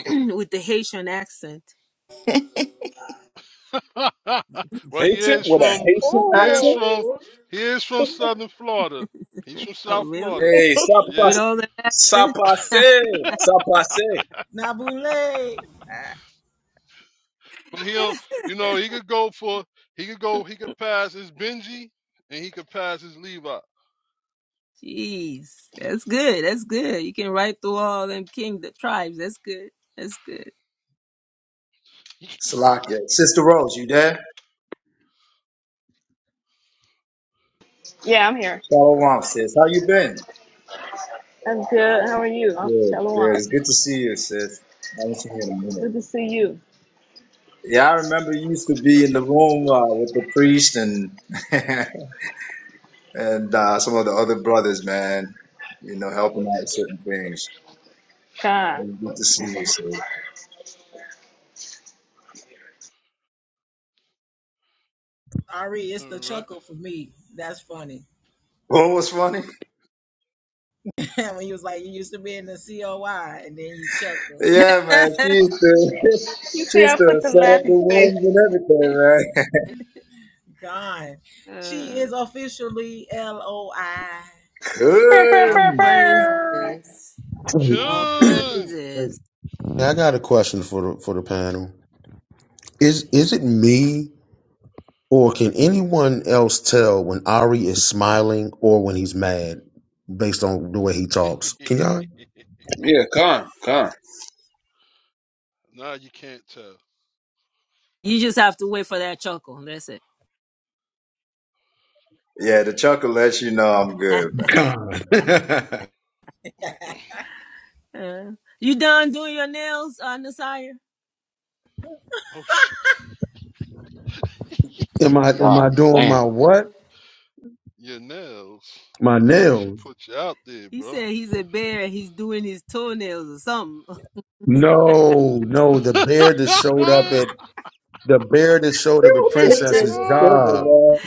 with the Haitian accent.
well, he
Haitian
is
with a
from.
Haitian
He is
accent?
from.
Ooh.
He is from Southern Florida. He's from
Oh
South
really?
Florida.
Hey, ça
Yeah.
With
passe.
all that
Ça
accent?
passe. Ça passe.
Nabule.
But he'll, you know, he could go for, he could go, he could pass his Benji and he could pass his Levi.
Jeez, that's good. That's good. You can write through all them king the tribes. That's good. That's good.
Salakia. Sister Rose, you there?
Yeah, I'm here.
Shalom, sis. How you been?
I'm good. How are you? I'm
Good, good.
Shalom.
It's good to see you, sis. I haven't seen you in a minute.
Good to see you.
Yeah, I remember you used to be in the room uh, with the priest and and uh, some of the other brothers, man. You know, helping out with certain things.
Khan.
It was good to see you, sis.
Ari, it's
All
the
right.
chuckle for me. That's funny.
What was funny?
when you was like, you used to be in the COI and then you chuckle.
Yeah, man. She used to
You
she
see, I
used
put
to
the
set up the
laughing face.
rooms and everything, man.
Gone. She
uh,
is officially LOI.
Bow, bow,
all
bow,
Good.
bow.
praises.
Hey,
All
Chung!
praises.
I got a question for the for the panel. Is is it me or can anyone else tell when Ari is smiling or when he's mad based on the way he talks? Can y'all
Yeah, come, come.
Now you can't tell.
You just have to wait for that chuckle. That's it.
Yeah, the chuckle lets you know I'm good, man.
God.
Uh, you done doing your nails, uh, Nasir?
Oh, sh-
Am I am I
God
doing
damn.
my what?
Your nails.
My
Oh, she
nails.
put you out there,
He
bro.
said he's a bear. and He's doing his toenails or something.
No, no, the bear that showed up at the bear that showed up at
You tell
Princess's
you tripping,
job.
oh,
man.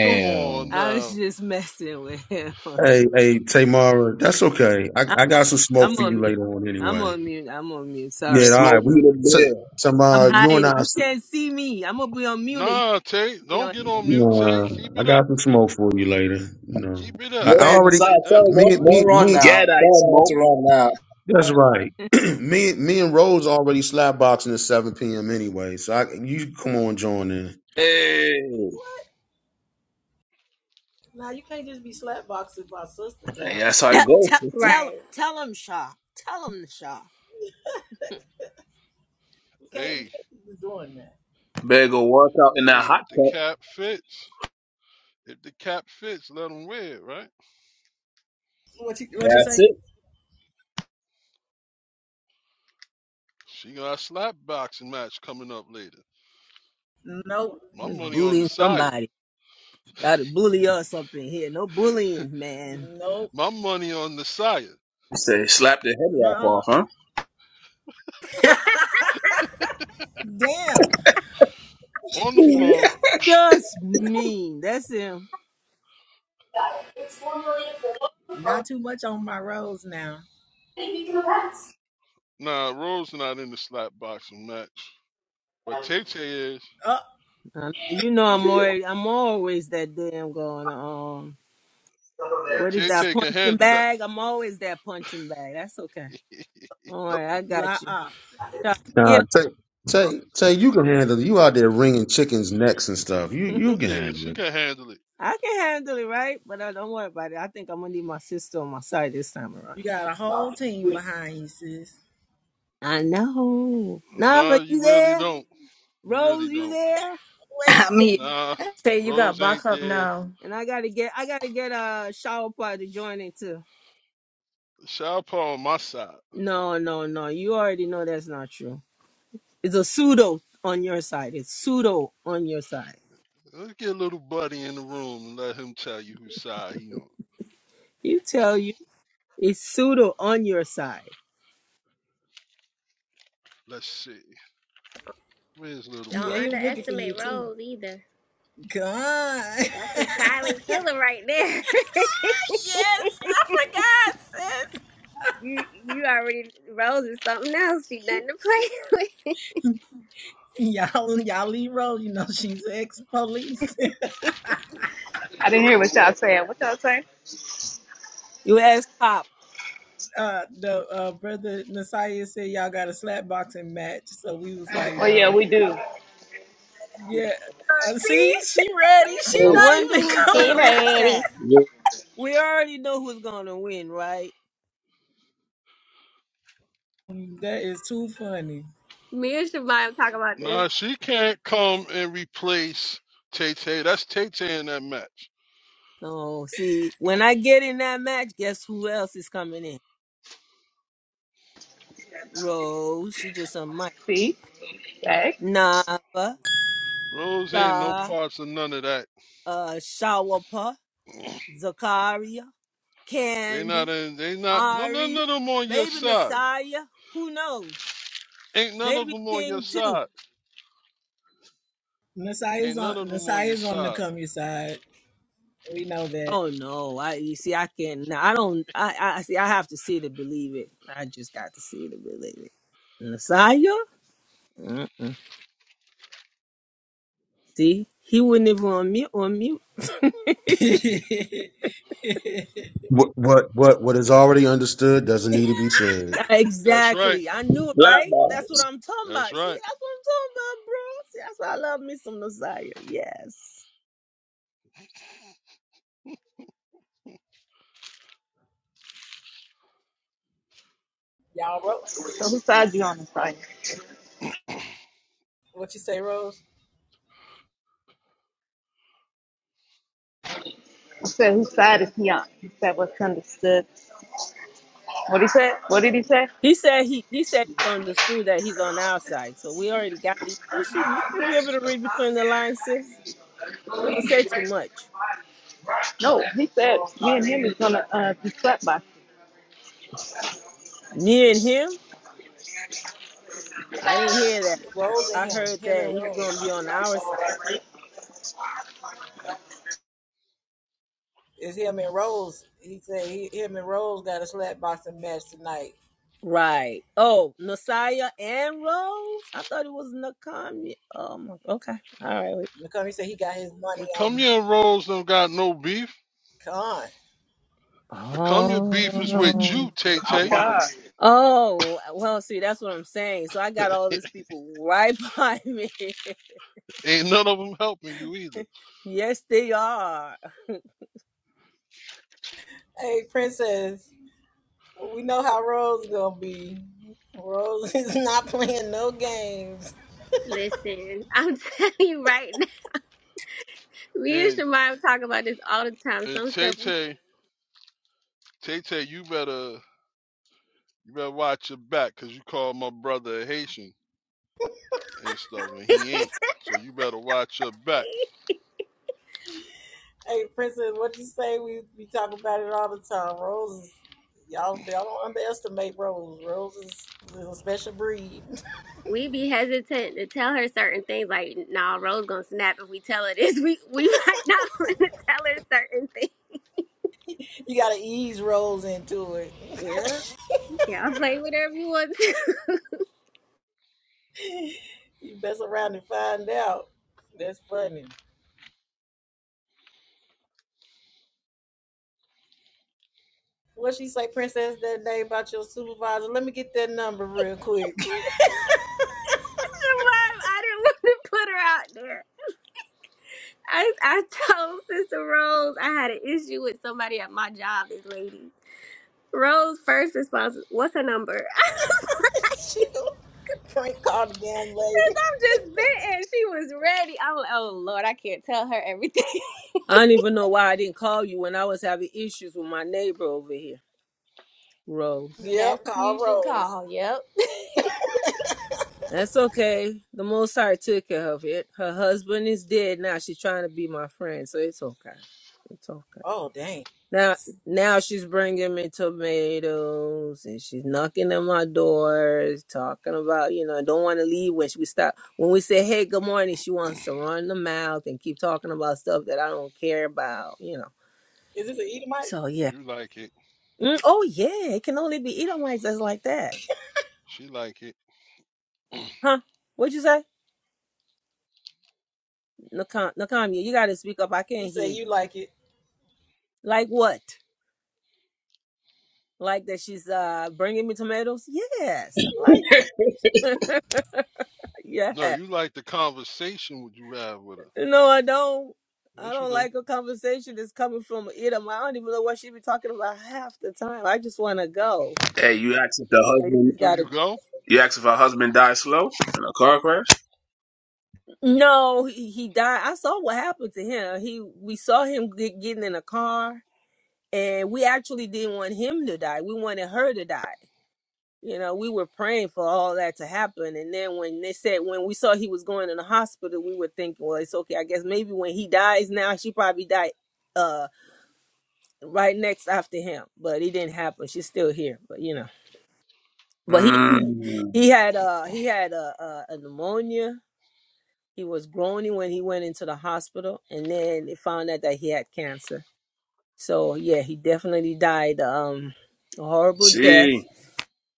come on
I was
now.
just messing with him.
Hey, hey, Tamara, that's okay. I,
I'm
I
on,
got some smoke
I'm
for
on
you
mute.
later on
I'm
anyway.
on mute. I'm on mute.
Yeah,
Sorry.
all right.
Smoke
We
you the
so,
beer.
I'm
Tamara, you and
hiding.
I.
You can't see me. I'm gonna be unmuted. You
Nah,
can't
Tay,
see me
don't
on
get
here.
on mute, Tay.
nah,
Keep
I
it up.
got some smoke for you later. You know.
Keep it
I,
up.
Yep.
I
Hey,
I
already
besides,
like that.
tell her
me
don't, don't
me
run
me
now. Tell
Gadite
her not
smoke.
to run now.
That's right. me, me and Rose already slap boxing at seven p.m. anyway, so I, you come on, join in.
Hey,
Now you can't just be slapboxing my sister
hey,
down.
that's how it
Tell
goes,
tell
sister.
tell,
right.
tell him, Shaw. Tell him, Shaw.
We can't, we
Hey,
can't keep doing that.
Better go work out in that
hey,
hot
if the
tent.
cap fits. If the cap fits, let them wear it, right?
What you, what you
That's
say?
it.
She got a slap boxing match coming up later.
Nope,
My
Just
money on the
bullying
Saya.
somebody. Gotta bully us up in here. No bullying, man.
nope,
My money on the Saya.
Say, slap the head wrap
no.
off, huh?
Damn.
On the floor.
Just me. That's him.
Not too much on my rose now.
Nah, Rose not in the slap boxing match. But Tay Tay is.
Uh
Um, you know I'm already I'm always that damn going um
yeah,
what is
Tay
that
Tay can
punching
handle that.
bag? I'm always that punching bag. That's okay. All right, I
La
got you. Shaw.
Nah,
Get him.
Tay, Tay, Tay, you can handle it. You out there wringing chickens' necks and stuff. You, you can
Yeah,
handle
she
it.
can handle it.
I can handle it, right? But I don't worry about it. I think I'm gonna need my sister on my side this time around.
You got a whole team behind you, sis.
I know.
Nah,
Nava,
you
you
really
there?
don't. You really
Rose, you
don't.
there?
Wait.
I'm here.
Nah,
Say you got
Rose
block
ain't
up
there.
now.
And I gotta get I gotta get a shower party to join it too.
Shaw Paul on my side.
No, no, no. You already know that's not true. It's a pseudo on your side. It's pseudo on your side.
Let's get little buddy in the room and let him tell you whose side he on.
You tell you it's pseudo on your side.
Let's see. Where's little
Don't
Yeah, he
buddy?
was looking for you
underestimate
too.
Rose either.
God.
That's a silent killer right there.
Yes, I forgot, sis.
you you already Rose is something else. She nothing to play with.
y'all y'all Leroy, you know she's ex police.
I didn't hear what y'all saying. What y'all saying?
You ask Pop.
uh the uh brother Nasiah said y'all got a slap boxing match. So we was like,
Oh yeah,
nah.
we do.
Yeah.
Look,
Uh,
See?
see, she ready. She
I
Hey,
not
wonder
even
who's
Get
gonna
coming.
win
ready.
that. We already know who's gonna win, right?
that is too funny.
Me and Shemaya talk about this.
Nah, she can't come and replace Tay Tay. That's Tay Tay in that match.
Oh, see, when I get in that match, guess who else is coming in? Rose. She just a mic.
See? Right?
Nava,
Rose ain't no
Shah,
parts of none of that.
uh, Shawapa, Zakaria,
They
Candy,
not in. They not. No, no,
Ari,
none of them on your
maybe
side.
Nasiah. Who knows?
Ain't none of
Maybe
them on your
King too.
side.
Nasiah's
Ain't
on
none of them on your
Nasiah's on the
side.
come your side. We know that.
Oh no! I you see, I can't. no, I don't. I, I see. I have to see to believe it. I just got to see to believe it. Nasiah? Mm-mm. See, he wouldn't even on mute. On mute.
What, what, what, what is already understood doesn't need to be said.
That's right.
Exactly. I knew it,
slap
right?
ball.
That's what I'm talking
That's
about. See,
right.
that's what I'm talking about, bro. See, that's why I love me some Messiah. Yes.
Y'all, Ro-
So whose side you on this side?
what you say, Rose?
I said, whose side is he on? He said what's understood. What he said? What did he say?
He said he he said he understood that he's on our side. So we already got it. You should you should be able to read between the lines, sis. We don't say too much.
No, he said me and him is gonna uh, be slept by.
Me and him, I didn't hear that.
Rose and
I
him,
heard
him
that
and
he's
Rose.
gonna be on our side.
It's him and Rose. He said he, him and Rose got a slap boxing match tonight.
Right. Oh, Messiah and Rose? I thought it was Nakami. Oh my okay. All right, wait.
McCombie said he got his money on
Nakamia and Rose don't got no beef.
Khan.
Nakamia beef is with
Oh
you, Tay Tay.
Oh, well, see, that's what I'm saying. So I got all these people right by me.
Ain't none of them helping you either.
yes, they are.
Hey, Princess, we know how Rose gonna be. Rose is not playing no games.
Listen, I'm telling you right now. Me and
And
Shemaya talk about this all the time.
and
Some
Tay
stuff we
Tay, Tay Tay, you better you better watch your back, cause you called my brother a Haitian. and stuff, and he ain't. So you better watch your back.
Hey, Princess, what you say? We we talk about it all the time. Rose is y'all y'all don't underestimate Rose. Rose is, is a special breed.
we be hesitant to tell her certain things. Like, nah, Rose gonna snap if we tell her this. We we might not want to tell her certain things.
You gotta ease rolls into it.
Yeah, yeah. I'm Play whatever you want. to.
you mess around and find out. That's funny. What she say, Princess, that day about your supervisor? Let me get that number real quick.
I didn't want to put her out there. I I told Sister Rose I had an issue with somebody at my job. This lady. Rose first response, what's her number?
she gonna prank call the damn lady.
I'm just bitten. She was ready. I'm like, oh Lord, I can't tell her everything.
I don't even know why I didn't call you when I was having issues with my neighbor over here, Rose.
That's
Yep,
who you
call
should
Rose.
call. Yep.
That's okay. The Most High took care of it. Her husband is dead now. She's trying to be my friend, so it's okay. It's okay.
Oh dang.
Now, now she's bringing me tomatoes and she's knocking at my doors, talking about, you know, don't want to leave when she, we stop. When we say, hey, good morning, she wants to run the mouth and keep talking about stuff that I don't care about, you know.
Is this an Edomite?
So, yeah.
You like it.
Mm, oh, yeah. It can only be Edomites that's like that.
She like it.
Huh? What'd you say? Nakam, Nakamia, you got to speak up. I
He
can't
said
hear you.
you like it.
Like what? Like that she's uh bringing me tomatoes? Yes. I like that.
No,
Yes.
you like the conversation would you have with her.
No, I don't. I
Yes, you
don't
do.
like a conversation that's coming from either. I don't even know what she be talking about half the time. I just want to go.
Hey, you asked if
You,
the
know, you
husband,
just
Do
gotta.
you go?
you asked if her husband died slow in a car crash?
No, he, he died. I saw what happened to him. He we saw him get, getting in a car, and we actually didn't want him to die. We wanted her to die. You know, we were praying for all that to happen, and then when they said when we saw he was going in the hospital, we were thinking, well, it's okay. I guess maybe when he dies now, she probably died. Uh. right next after him, but it didn't happen. She's still here, but you know. But he
Mmm.
he had uh he had a, a, a pneumonia. He was groaning when he went into the hospital, and then they found out that he had cancer. So yeah, he definitely died um a horrible
See,
death.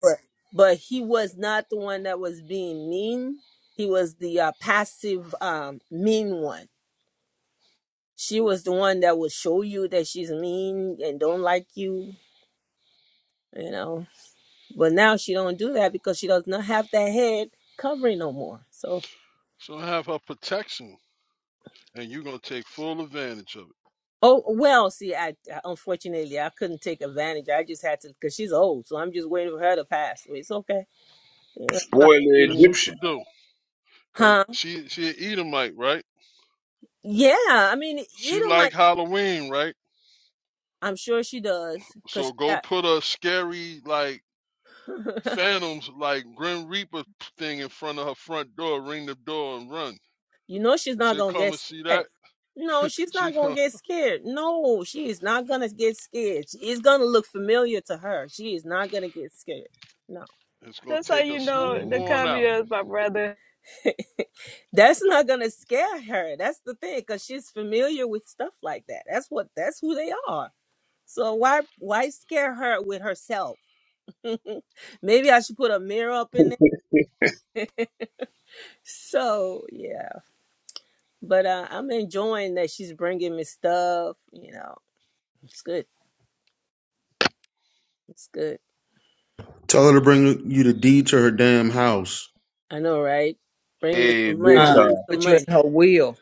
But but he was not the one that was being mean. He was the uh, passive um mean one. She was the one that would show you that she's mean and don't like you. You know, But now she don't do that because she does not have that head covering no more. So
So have her protection, and you're gonna take full advantage of it.
oh well, see, I I- unfortunately I couldn't take advantage. I just had to because she's old, so I'm just waiting for her to pass. So it's okay, you know. I-
spoiler
That's
Mhm.
what you
Egyptian.
do. Cause
Huh?
she she an Edomite, right?
Yeah, I mean,
She
either my
like Halloween, right?
I'm sure she does because she
So go
got
put a scary like phantoms like Grim Reaper thing in front of her front door, ring the door and run.
you know she's not
She'll
gonna
come
get
and see that.
scared. No, she's
She
not gonna
huh,
get scared. No, she is not gonna get scared. She- It's gonna look familiar to her. She is not gonna get scared. No.
It's gonna
That's how
take a
you know
smooth
the
on
commie
out.
is my brother.
That's not gonna scare her. That's the thing, because she's familiar with stuff like that. That's what that's who they are. So why why scare her with herself? Maybe I should put a mirror up in there. So yeah, but uh, I'm enjoying that she's bringing me stuff. You know, it's good. It's good.
Tell her to bring you the deed to her damn house.
I know, right? Bring me
Hey,
some
Yeah.
big
money.
car.
Give
Uh,
me some
put you
money.
in her wheel.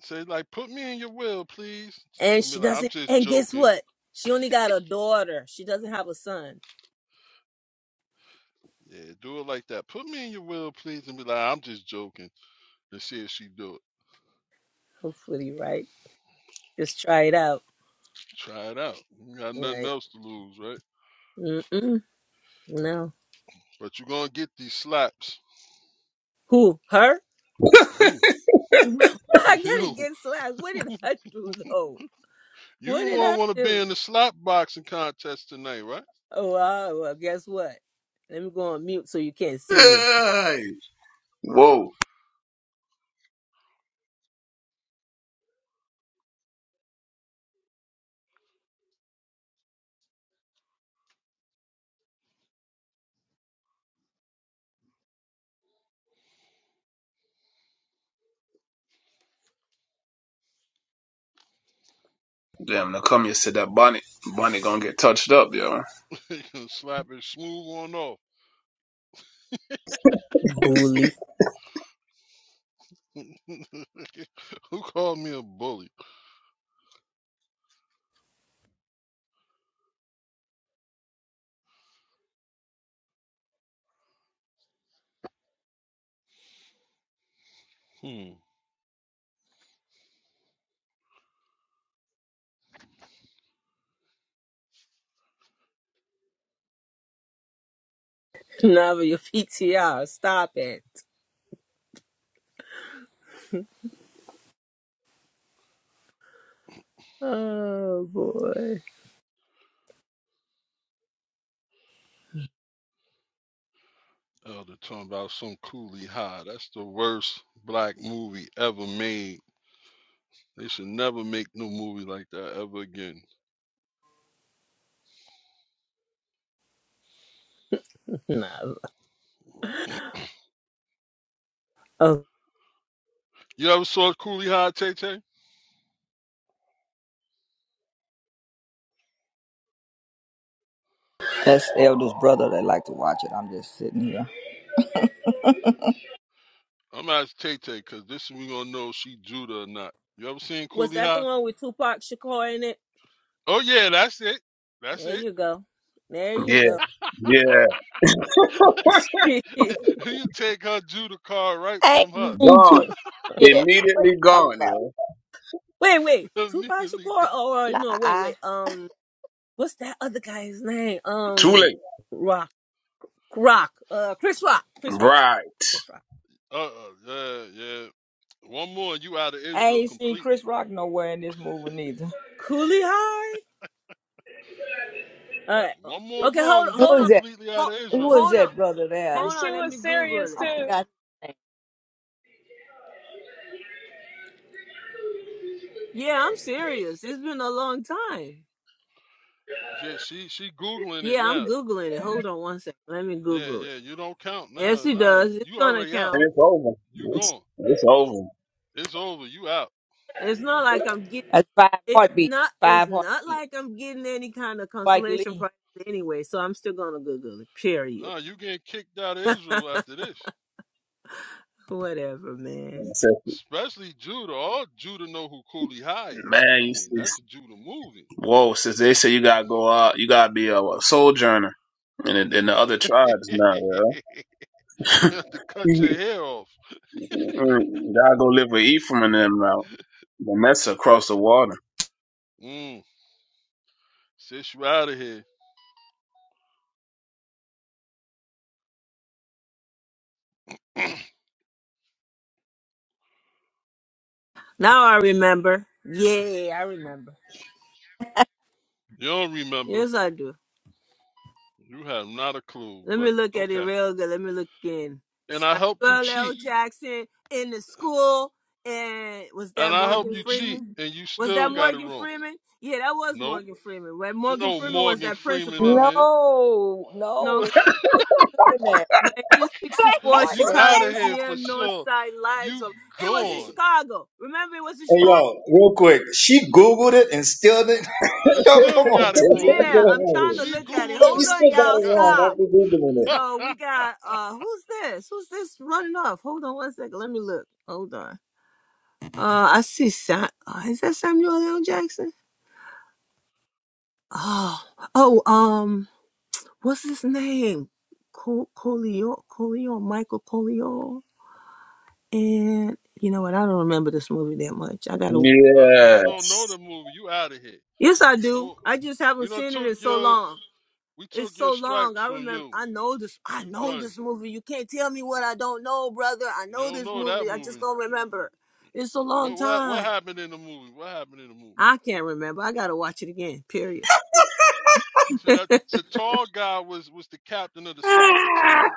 Say like, put me in your will, please,
And
and be
she
like, I'm
doesn't.
just
And guess
joking.
what? She only got a daughter. She doesn't have a son.
Yeah, do it like that. Put me in your will, please, and be like, I'm just joking. And see if she do it.
Hopefully, right? Just try it out,
Try it out. You got nothing
right?
else to lose, right?
Mm-mm. No.
But you're gonna get these slaps.
Who? Her?
You,
Well, I gotta
you,
get slapped. What did I do though?
you
What
don't
did I
want to be
do?
in the slap boxing contest tonight, right?
Oh, uh, well, guess what? Let me go on mute so you can't see me.
Hey! Whoa. Damn, now come here, said that bonnet. Bonnet gonna get touched up, yo.
you can slap it smooth on off.
Bully.
Who called me a bully? Hmm.
Nah, but your PTR. Stop it. Oh boy.
Oh, they're talking about some coolie high. That's the worst black movie ever made. They should never make no movie like that ever again.
Nah. Oh,
You ever saw Coolie High, Tay Tay?
That's the eldest brother that like to watch it. I'm just sitting here.
I'm gonna ask Tay Tay because this we gonna know if she Judah or not. You ever seen
was
Coolie
that the
High?
one with Tupac Shakur in it?
Oh yeah, that's it. That's
There
it.
you go. There you
Yeah,
go.
yeah.
you take her Judah card right
I
from
ain't
her.
seen two
Gone.
yet. What you
Immediately
talking
gone,
about?
yo.
wait, wait. Tupac
Immediately go.
Shakur or no? Wait,
Lie.
wait. Um, what's that other guy's name?
Too
Um.
late.
Rock. Uh, Chris Rock. Chris Rock.
Right.
Chris Rock.
Uh, uh, yeah, yeah. One more, and you out of
I
Israel
ain't seen Chris
completely.
Rock nowhere in this movie neither.
Coolie High. All right.
One more
Okay.
wrong,
Hold.
and you
Who
Hold
is
on.
that?
completely out
Hold,
of
Who
Israel.
is
hold on.
that brother there?
And
Hold
she
on. Let
was
me Google
serious
it.
I
too.
forgot.
Yeah, I'm serious. It's been a long time.
Yeah, she she googling it
Yeah, I'm
now.
googling it. Hold on one second. Let me
Yeah,
Google it.
yeah. You don't count.
Yes,
Nah,
it
nah.
does. It's
You
gonna
already out.
And
count.
it's over.
You
It's,
gone.
it's over.
It's over. You out.
It's not like I'm getting.
That's five
It's
heartbeats.
not. It's
Five
not
heartbeats.
like I'm getting any kind of
Spike
consolation
Lee.
prize anyway. So I'm still gonna Google it. Period.
Nah, you getting kicked out of Israel after this.
Whatever,
I
man.
said,
Especially Judah. All Judah know who Cooley High is.
man,
I
you
mean, that's
it's,
a Judah movie.
whoa, since they say you gotta go out, you gotta be a, a sojourner in, the- in the other tribes now,
you
yo.
have to cut your hair off.
you gotta go live with Ephraim and them now. The mess across the water.
Mm, since you out of here. you
Now I remember. Yeah, I remember.
don't remember.
Yes, I do.
You have not a clue,
Let me
but
look at it
okay.
real good. Let me look again.
And I helped you
Well, L.
cheat.
Jackson in the school, and was that
And I helped
Morgan
you cheat,
Freeman?
and you
Was that
still got it
Morgan
wrong.
Freeman? Yeah, that was
Nope.
Morgan Freeman. Right?
There's
Morgan
no
Freeman was
Morgan
that
Freeman
principal, right?
in there.
No, no.
No.
What you looking at? What
1964
Who
You
Morgan?
out of
said
Chicago's
here
that?
near
for
North
sure.
Side Lives
You
of it was in
gone.
Chicago. Remember it was in
Hey,
Chicago?
yo, real quick. She Googled it and still didn't.
And
Yo,
still
come on,
got it
Tizzy.
wrong.
What's
Yeah,
going
I'm
on
trying to
here?
She
look at it.
Googled it
You
Hold
and
on,
still
still
got
y'all.
it
got it
wrong
Stop.
after Googling it.
wrong.
So we got uh who's this? Who's this running off? Hold on one second. Let me look. Hold on. Uh, I see. Sa- uh, is that Samuel L. Jackson? Oh, oh, um, what's his name? Col- Colio, Colio, Michael Colio, and you know what? I don't remember this movie that much. I gotta.
I- you don't know the
Yes.
movie. You out of here.
Yes, I do.
No,
I just haven't
we done
seen it
took
in so
your
long.
we
It's
took your
so long.
stripes
I
from
remember.
you.
I know this. I
You
know
done.
this movie. You can't tell me what I don't know, brother. I
You
know
don't
this
know that
movie. I just
movie.
don't remember. It's a long
What what what
time.
happened in the movie? What happened in the movie?
I can't remember. I gotta watch it again. Period.
See that the tall guy was was the captain of the soccer team.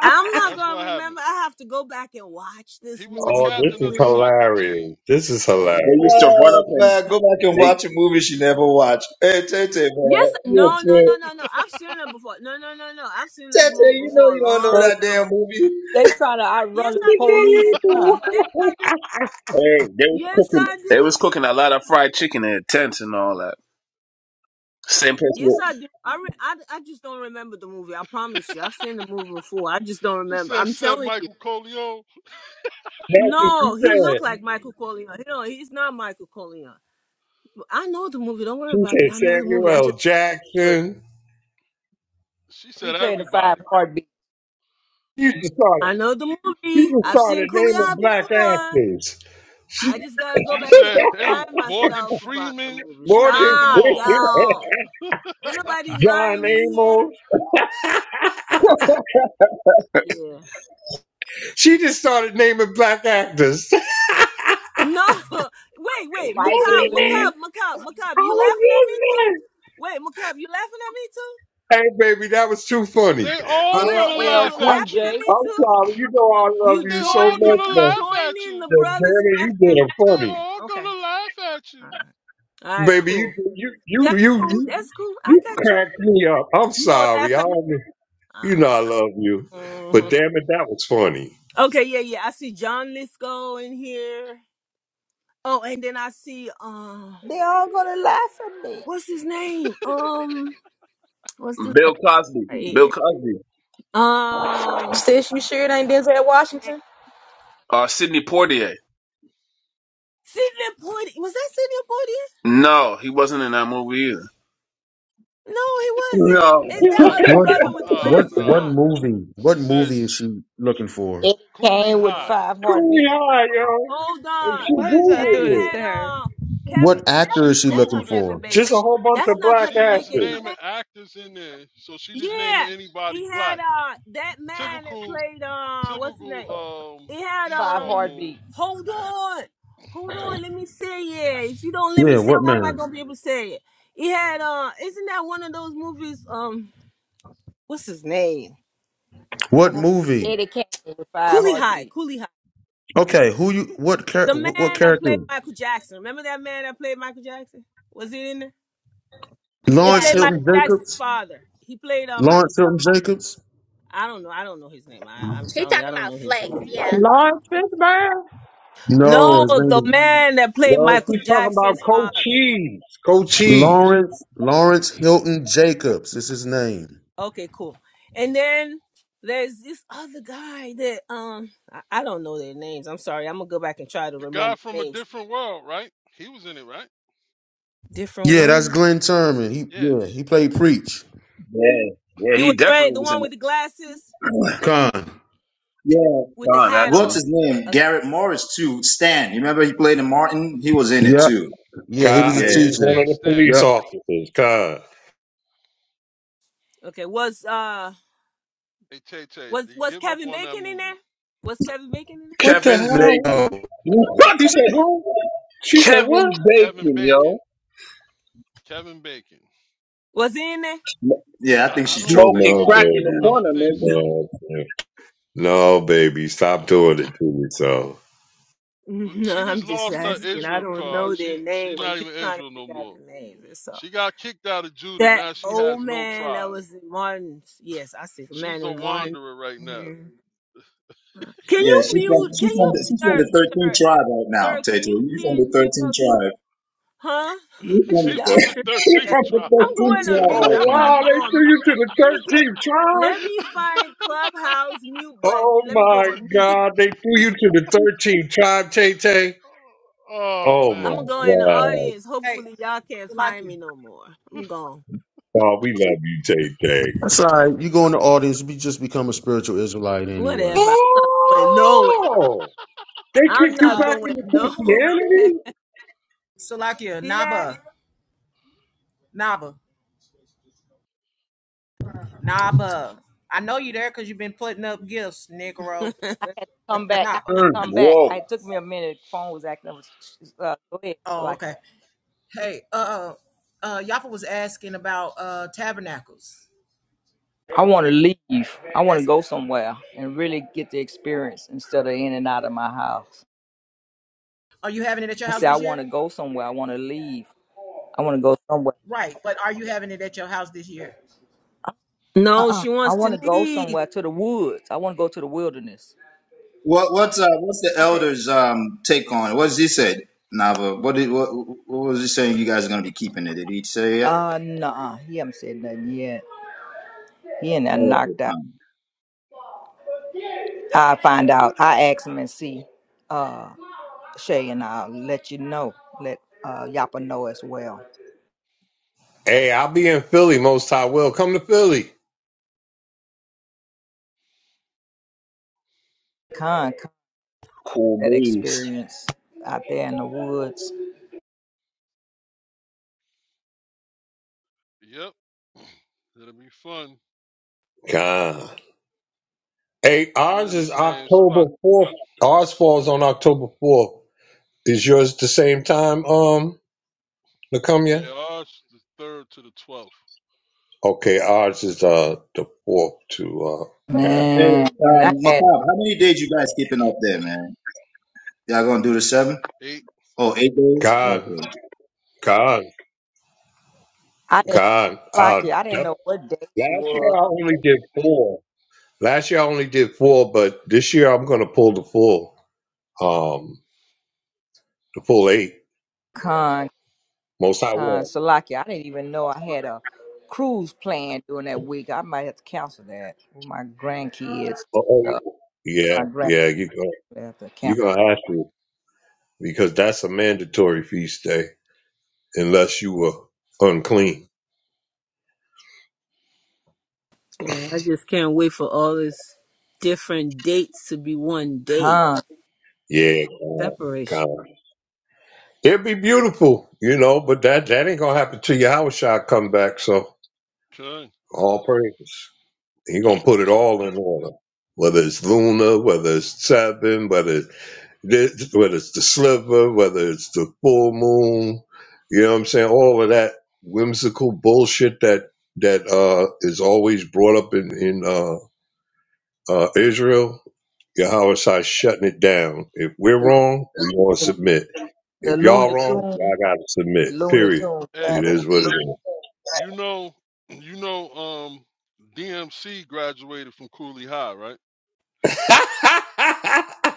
I'm not
That's
gonna
what happened.
remember. I have to go back and watch
He
this
was the
movie
Oh, this
captain
is
of the
completely.
soccer team.
hilarious. This is
They
hilarious.
used to run up
Oh,
and
man. Go back and
they
watch a movie she never watched. Hey, Tay man.
Yes,
You're a
no, no,
trip.
no, no, no. I've seen it before. No, no, no, no. I've seen this
Tete,
movie
you know
before a
you don't know
long
They
that
time ago.
damn movie.
they trying to
Yes,
outrun the
I do.
police now.
Yes, I do.
Hey, they was
Yes,
cooking.
I do.
They was cooking a lot of fried chicken in tents and all that. Same place
Yes,
with
I do. I, re- I, I just don't remember the movie. I promise you. I've seen the movie before. I just don't
He
remember.
said,
I'm
said
telling you.
Michael Coleon.
That's what she
No, he looked
said.
like Michael Corleone. No, he's not Michael Corleone. I know the movie. Don't worry
She
about it.
said
I know the movie.
Samuel
I
L.
just
Jackson.
She
He
said
playing the five
everybody.
heartbeat.
You just started,
I know the
you
movie.
just
I've seen
started
Cooley Eye
naming black
before.
actors.
I just gotta
She
go
just
back and
said any
remind
Morgan
myself about the
Freeman.
movie.
She named
Morgan
them
Stop,
all.
Freeman,
y'all. Ain't nobody
John
lying in here.
Amos.
Yeah.
She just started naming black actors. hey,
No. Wait, wait.
Spike
Macab,
Lee,
Macab, Macab, Macab. You laughing at me too? Wait, Macab, you laughing at me too?
baby, that was too funny.
They all
I,
Wait,
gonna
wait.
LL
You
laugh
Cool
at
laughing
you.
at
J.
me
I'm
too?
sorry. You know I love
You
They
you so
all
join.
much,
gonna
You
but
laugh at
join in
you.
the
but
brothers
Danny, you
laughing at
did a
me.
They
Oh,
funny,
all
okay.
gonna laugh at
All
you.
right. All right.
baby. You
Cool.
you you
That's
you
cool.
you,
That's cool. I
you
got you.
cracked me up. I'm
You gonna
sorry.
laugh
I don't-
at?
you know I love you,
hmm
but damn it, that was funny.
Okay, yeah, yeah. I see John Lisco in here. Oh, and then I see um,
They all gonna laugh at me.
what's his name? Um, what's this guy
Bill Cosby.
right
Bill
here?
Cosby.
Um,
Sis, you sure it ain't Denzel Washington?
Uh, Sidney Poitier?
Sidney Poitier. Was that Sidney Poitier?
No, he wasn't in that movie either.
No, he wasn't.
No.
It's that
Uh,
other
you
what
brother with the
uh,
what
glasses
what
uh
on.
movie? What movie is
sis
she looking for?
Eddie
Cooley
Kane
Hold
with
on, one-
High.
five
Cooley
heartbeat.
High, yo.
hold
And
on.
she
Why did y'all do
Danny
this
googled it.
had
to her?
uh Kevin.
What
Is that
actor
She
is she
that's
looking
not
googled it.
Kevin
for?
Bacon?
Just a whole bunch
That's
of
not
black
She
Kevin
was
Bacon,
actors.
is
naming
that?
actors in there, so she just naming
Yeah,
anybody
he had
black.
uh that man that
Typical,
played uh what's his name?
typical um
It had
Five
Esau
um.
move.
heartbeat.
Hold on, hold on. Let me say it. If you don't let
Yeah,
me say, it,
what
how am I
man?
gonna be able to say it? It had uh. Isn't that one of those movies? Um, what's his name?
What movie?
Eddie Kane with five
Coolie High.
heartbeat.
Coolie High.
Okay, who you? What char-
The
What
man that played
character?
Michael Jackson. Remember that man that played Michael Jackson? Was it in there? He
Yeah,
Lawrence
played
he
Hilton
Michael
was.
Jackson's
Jacobs?
father. He played uh Michael.
Lawrence
Jackson.
Hilton Jacobs?
I don't know. I don't know his name. I, I'm
He
telling you,
talking
I don't
about
know his
Flex.
name.
Yeah.
Lawrence Fishburne?
No,
No,
his name
the
is
man that played
Yo,
Michael
she talking about
Jackson's father.
Cochise. Cochise.
Lawrence Lawrence Hilton Jacobs. Is his name?
Okay, cool. And then there's this other guy that um I, I don't know their names. I'm sorry. I'm gonna go back and try to
The guy
remember
from a
names.
different world, right? He was in it, right?
Different
Yeah, that's
world.
Glenn Turman. He
Yeah.
yeah, he played preach.
Yeah, yeah,
He
he
was wearing
definitely
the
was in
one with the glasses
it.
Con.
Yeah.
with the
Don,
hat
that's
What's
on.
him.
his name?
Okay.
Garrett Morris too. Stan. You remember he played in Martin? He was in it
Yeah.
too.
Yeah, he
God,
was a
Yeah.
he was
teacher.
one of
Yes,
the
Stan.
police
Yep.
officers. God.
Okay. Was uh
Hey, Tay Tay,
was
they
was
give up
Kevin
on that
Bacon in there?
moving.
Was Kevin Bacon in there?
What the
Kevin
No,
hell?
Bacon. What?
He said what? She said what?
Kevin
Kevin
Bacon, yo.
Bacon. Kevin Bacon.
Was he in there?
Yeah, I
I,
think
I
she's
don't
trolling
think
Smoking
No,
now,
so.
crack in the
man.
I
baby.
don't
corner,
think
nigga.
so.
No, baby. No, baby. Stop doing it to me, so.
No,
she
I'm
just
just
lost her
asking. I
Israel
don't
card.
know their
She she
names. I'm
not
just
even
trying to
Israel no
figure out
more.
the names. That's all.
She got kicked out of Judah.
That
Now she has
old
no
man that
tribe.
was in Martin's. Yes, I see the
She's
man
a
in
wanderer right now.
Martin. Can
Yeah,
you
she's from
mute?
she's
Can
from
you,
the she's from
sir,
the thirteenth
sir,
tribe right now,
sir? Can
Tete.
you
You from
please
the
mute
thirteenth
us? for-
tribe.
Huh?
You
She's
from
from
Y'all
the
the you
thirteenth
tripping.
from the
tribe.
I'm
thirteenth
going to
tribe
Oh,
mute.
right
I'm
now.
about to
wow.
go
They
on
threw
mute.
you to
Let me
the
get.
13th tribe?
Let me find Clubhouse mute
Oh,
button. Let me go
my
on mute.
God. They threw you to the 13th tribe, Tay Tay.
Oh
Oh, my
I'm
man.
gonna go in the
God.
audience.
Hey,
Hopefully, y'all can't find
Salakia.
me no more. I'm gone.
Oh, we love you, Tay Tay.
that's all right. You go in the audience. We just become a spiritual Israelite anyway.
Whatever. I'm not going nowhere.
Oh! They
I'm
kicked you
not
Uh
back
going
into
no.
Christianity?
Salakia,
See that?
Naba. Naba. Naba. I know you there because you've been putting up gifts, Negro.
Come back. I
Naba.
Mm,
come back.
whoa.
It took me a minute. The phone was acting up. Uh, go
Oh,
ahead.
okay. Hey, uh, uh, Yaffa was asking about uh tabernacles.
I want to leave. I want to
That's,
go somewhere and really get the experience instead of in and out of my house.
are you having it at your
I
house
said, I
this
want
year?
to go somewhere. I want to leave. I want to go somewhere.
Right, but are you having it at your house this year?
No,
Uh-uh.
she
I
wants
want
to
to go
leave.
somewhere to the woods. I want to go to the wilderness.
What what's uh what's the
Okay.
elders um take on it? What does he say, Nava? What did what what was he saying you guys are gonna be keeping it? Did he say
Uh, nah. He haven't said nothing yet. He ain't that knocked out.
it?
I find out. I ask him and see. Uh, Shay and I'll let you know. Let uh Yapa know as well.
Hey, I'll be in Philly. Most I will. Come to Philly.
Con, con
Cool
that
breeze.
experience out there in the woods,
Yep. It'll be fun.
God. Hey,
We
ours
in the
is
same spot.
October 4th. Ours falls on October 4th. Is yours the same time, um,
Yeah,
Nakumia?
ours the third to the twelfth.
Okay, ours is uh the fourth to uh yeah.
Hey,
man. And I
um,
had
Macab, how many days you guys keeping up there, man? Y'all gonna do the seven?
Eight.
Oh, eight days?
Yeah.
God,
Okay.
God,
I didn't
God. Uh,
Salaki, I didn't
def-
know what day it
last year
was.
I only did four. Last year I only did four, but this year I'm gonna pull the full, um, the full eight.
Con
Most I
con
will.
Salaki. I didn't even know I had a cruise planned during that week. I might have to cancel that with my grandkids.
Oh, oh,
Uh,
yeah,
my grandkids
yeah. You go.
have to
You
cancel.
gonna have to because that's a mandatory feast day unless you were unclean.
Yeah, I just can't wait for all these different dates to be one date
Con
Yeah,
separation.
God. It'd be beautiful, you know, but that that ain't gonna happen till Yahushua come back. So
Okay.
all praise. He gonna put it all in order. Whether it's Luna, whether it's seven, whether it's this, whether it's the sliver, whether it's the full moon, you know what I'm saying? All of that whimsical bullshit that that uh is always brought up in in uh, uh Israel. Yahushua shutting it down. If we're
the,
wrong, we gonna
the,
submit. If y'all
Looney
wrong,
Tune,
y'all gotta
the
submit.
Looney
Period.
Tune
It
Hey,
rabbit.
is what it is.
you know, you know, um, DMC graduated from Cooley High, right?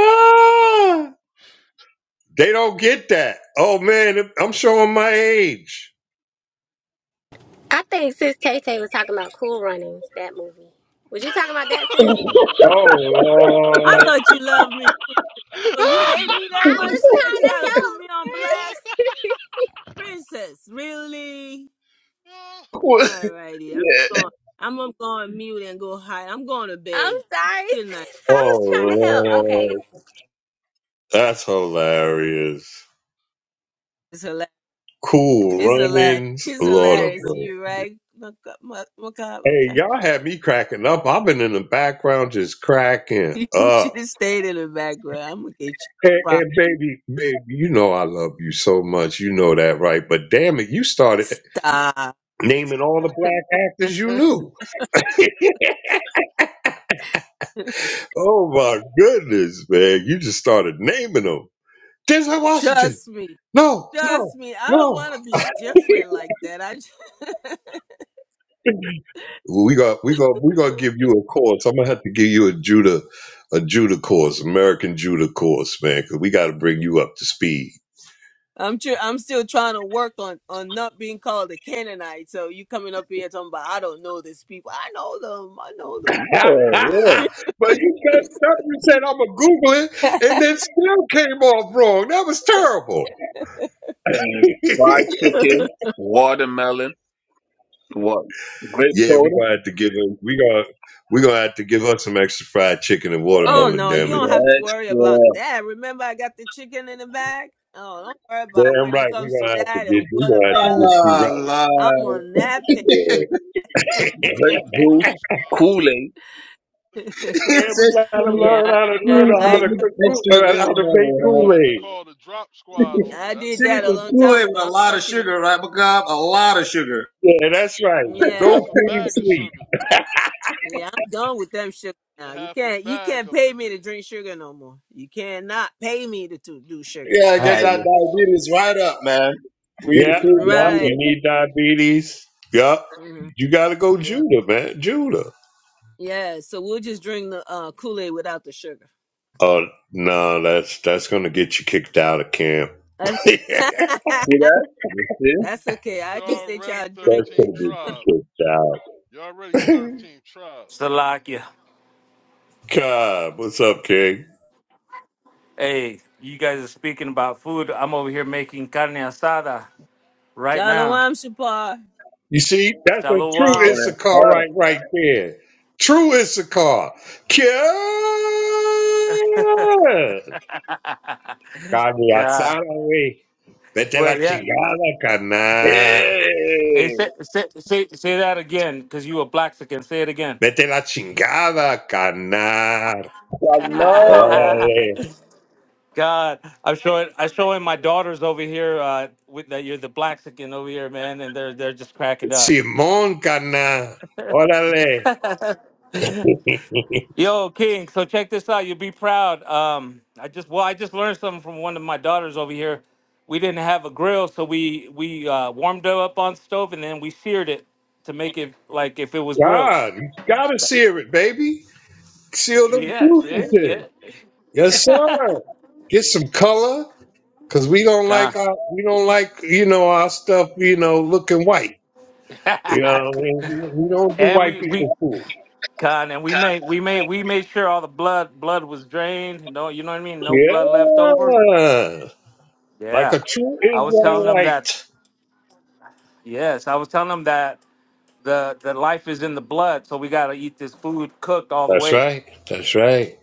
Ah, they don't get that. Oh man, I'm showing my age.
I think Sis Tay Tay was talking about Cool Runnings. That movie. Was you talking about that, Sis?
Oh
I
Lord.
thought you loved me,
we're
so
gonna
you hate me that
I
much
was
that
trying
you gotta put me on
to
blast,
help, Sis.
princess. Really? Alrighty, I'm
yeah.
going. I'm gonna go on mute and go hide. I'm going to
I'm
bed.
sorry,
Good night.
Sis. I was trying
Oh
to help. Okay.
Lord. That's hilarious.
It's hilarious.
Cool
It's hilarious.
runnings,
It's
Lord of
hilarious.
mercy.
You right? Maca- ma- Macabre?
Hey,
Okay.
y'all had me cracking up. I've been in the background just cracking
You should
up.
have stayed in the background. I'm gonna get you.
And,
Prob-
and baby, baby, you know I love you so much. You know that, right? But damn it, you started.
Stop.
naming all the black actors you knew. Oh my goodness, man. You just started naming them. Denzel Washington.
Trust me.
No,
Trust
no,
me, I don't
no.
want to be different like that. I, just-
We got we got we gonna give you a course. I'm gonna have to give you a Judah a Judah course, American Judah course, man, because we gotta bring you up to speed.
I'm sure I'm still trying to work on on not being called a Canaanite. So you coming up here talking about I don't know these people. I know them. I know
Yeah,
them.
but
yeah.
you messed up. You said I'm gonna Google it, and then still came off wrong. That was terrible.
fried chicken, watermelon, what? Grape
Yeah, we
soda,
gonna have to give him. We gonna we gonna have to give her some extra fried chicken and
oh
watermelon.
no, you
Damn it!
don't have to worry about
extra
that. Remember, I got the chicken in the bag.
so
Oh, don't worry about
Damn
when it
right.
comes
We
to
gonna have to
that
get.
and
We gonna have to get
watermelons.
you
Ah,
I'm
lie.
on that page.
right.
have to
Yeah.
call
grape
the drop
juice,
squad on her.
Kool-Aid.
yeah, we
We're gonna
gotta
have to
Seriously,
learn
yeah,
call
how
the
to
I,
learn how
seriously,
to
I
you
cook Kool-
extra
uh, how to make
watermelon,
we're gonna
Kool
have
right?
to
Aid.
call the drop squad on her.
I
That's
did
what
Send
we're
me
that
gonna
a
have
some
to
long
do.
time
Kool-Aid
ago.
with a
I'm
lot of
touching.
sugar, right, Macab? A lot of sugar.
Yeah, that's right.
Them. Yeah.
Don't
Half a
clean
bag of
sweet.
sugar.
Yeah, I'm done with them sugar
Get
now. You
half a
can't you
bag
can't
up
pay
in
me
there.
to drink sugar no more. You cannot pay me to, to do sugar no
Yeah,
All
more.
get
right.
So
that diabetes right up, man. For you to
Yeah,
cool me,
yeah.
right,
You
you to-
need diabetes. Yup.
hmm
You gotta go
yeah,
Judah, man. Judah.
yeah. So we'll just drink the uh, Kool Aid without the sugar.
Oh no, that's that's gonna get you kicked out of camp. that's
That's,
gonna
See that? You see?
That's okay.
She
I just let
already
y'all drink
13th
it.
get you
tribe.
kicked out.
You already 13th tribe.
Salakia.
God, what's up, King?
Hey, you guys are speaking about food. I'm over here making carne asada right now.
Shalom, Shapar.
You see, that's a true
Oh,
Shalom.
that's
Issachar
hot.
right right there. True Issachar. God.
God.
Cambiasana, wey. Vete
Well,
la
yeah.
chingada, cana.
Hey,
Hey,
say, say, say, say that again, because you a Blaxican. Say it again.
Vete la chingada, cana.
no.
Órale.
God, I'm showing I'm showing my daughters over here uh, with that you're the Blaxican over here, man, and they're they're just cracking up.
Simón, cana. Órale.
Yo, King. So check this out. You'll be proud. Um, I just well, I just learned something from one of my daughters over here. We didn't have a grill, so we we uh, warmed it up on stove and then we seared it to make it like if it was grilled.
God, you gotta seal it, baby. Seal them
Yes, yeah,
juices
yeah.
in. Yes, sir. Get some color. Cause we don't like
Con.
our, we don't like, you know, our stuff, you know, looking white. You know, what I mean? we don't do
and
white
we we
people food.
con and we made we made we made sure all the blood blood was drained. No, you know what I mean. No blood left over.
Yeah, like
Yeah,
a true
I was telling them that.
Israelite.
Yes, I was telling them that the the life is in the blood, so we gotta eat this food cooked all the
That's
way.
right. That's right.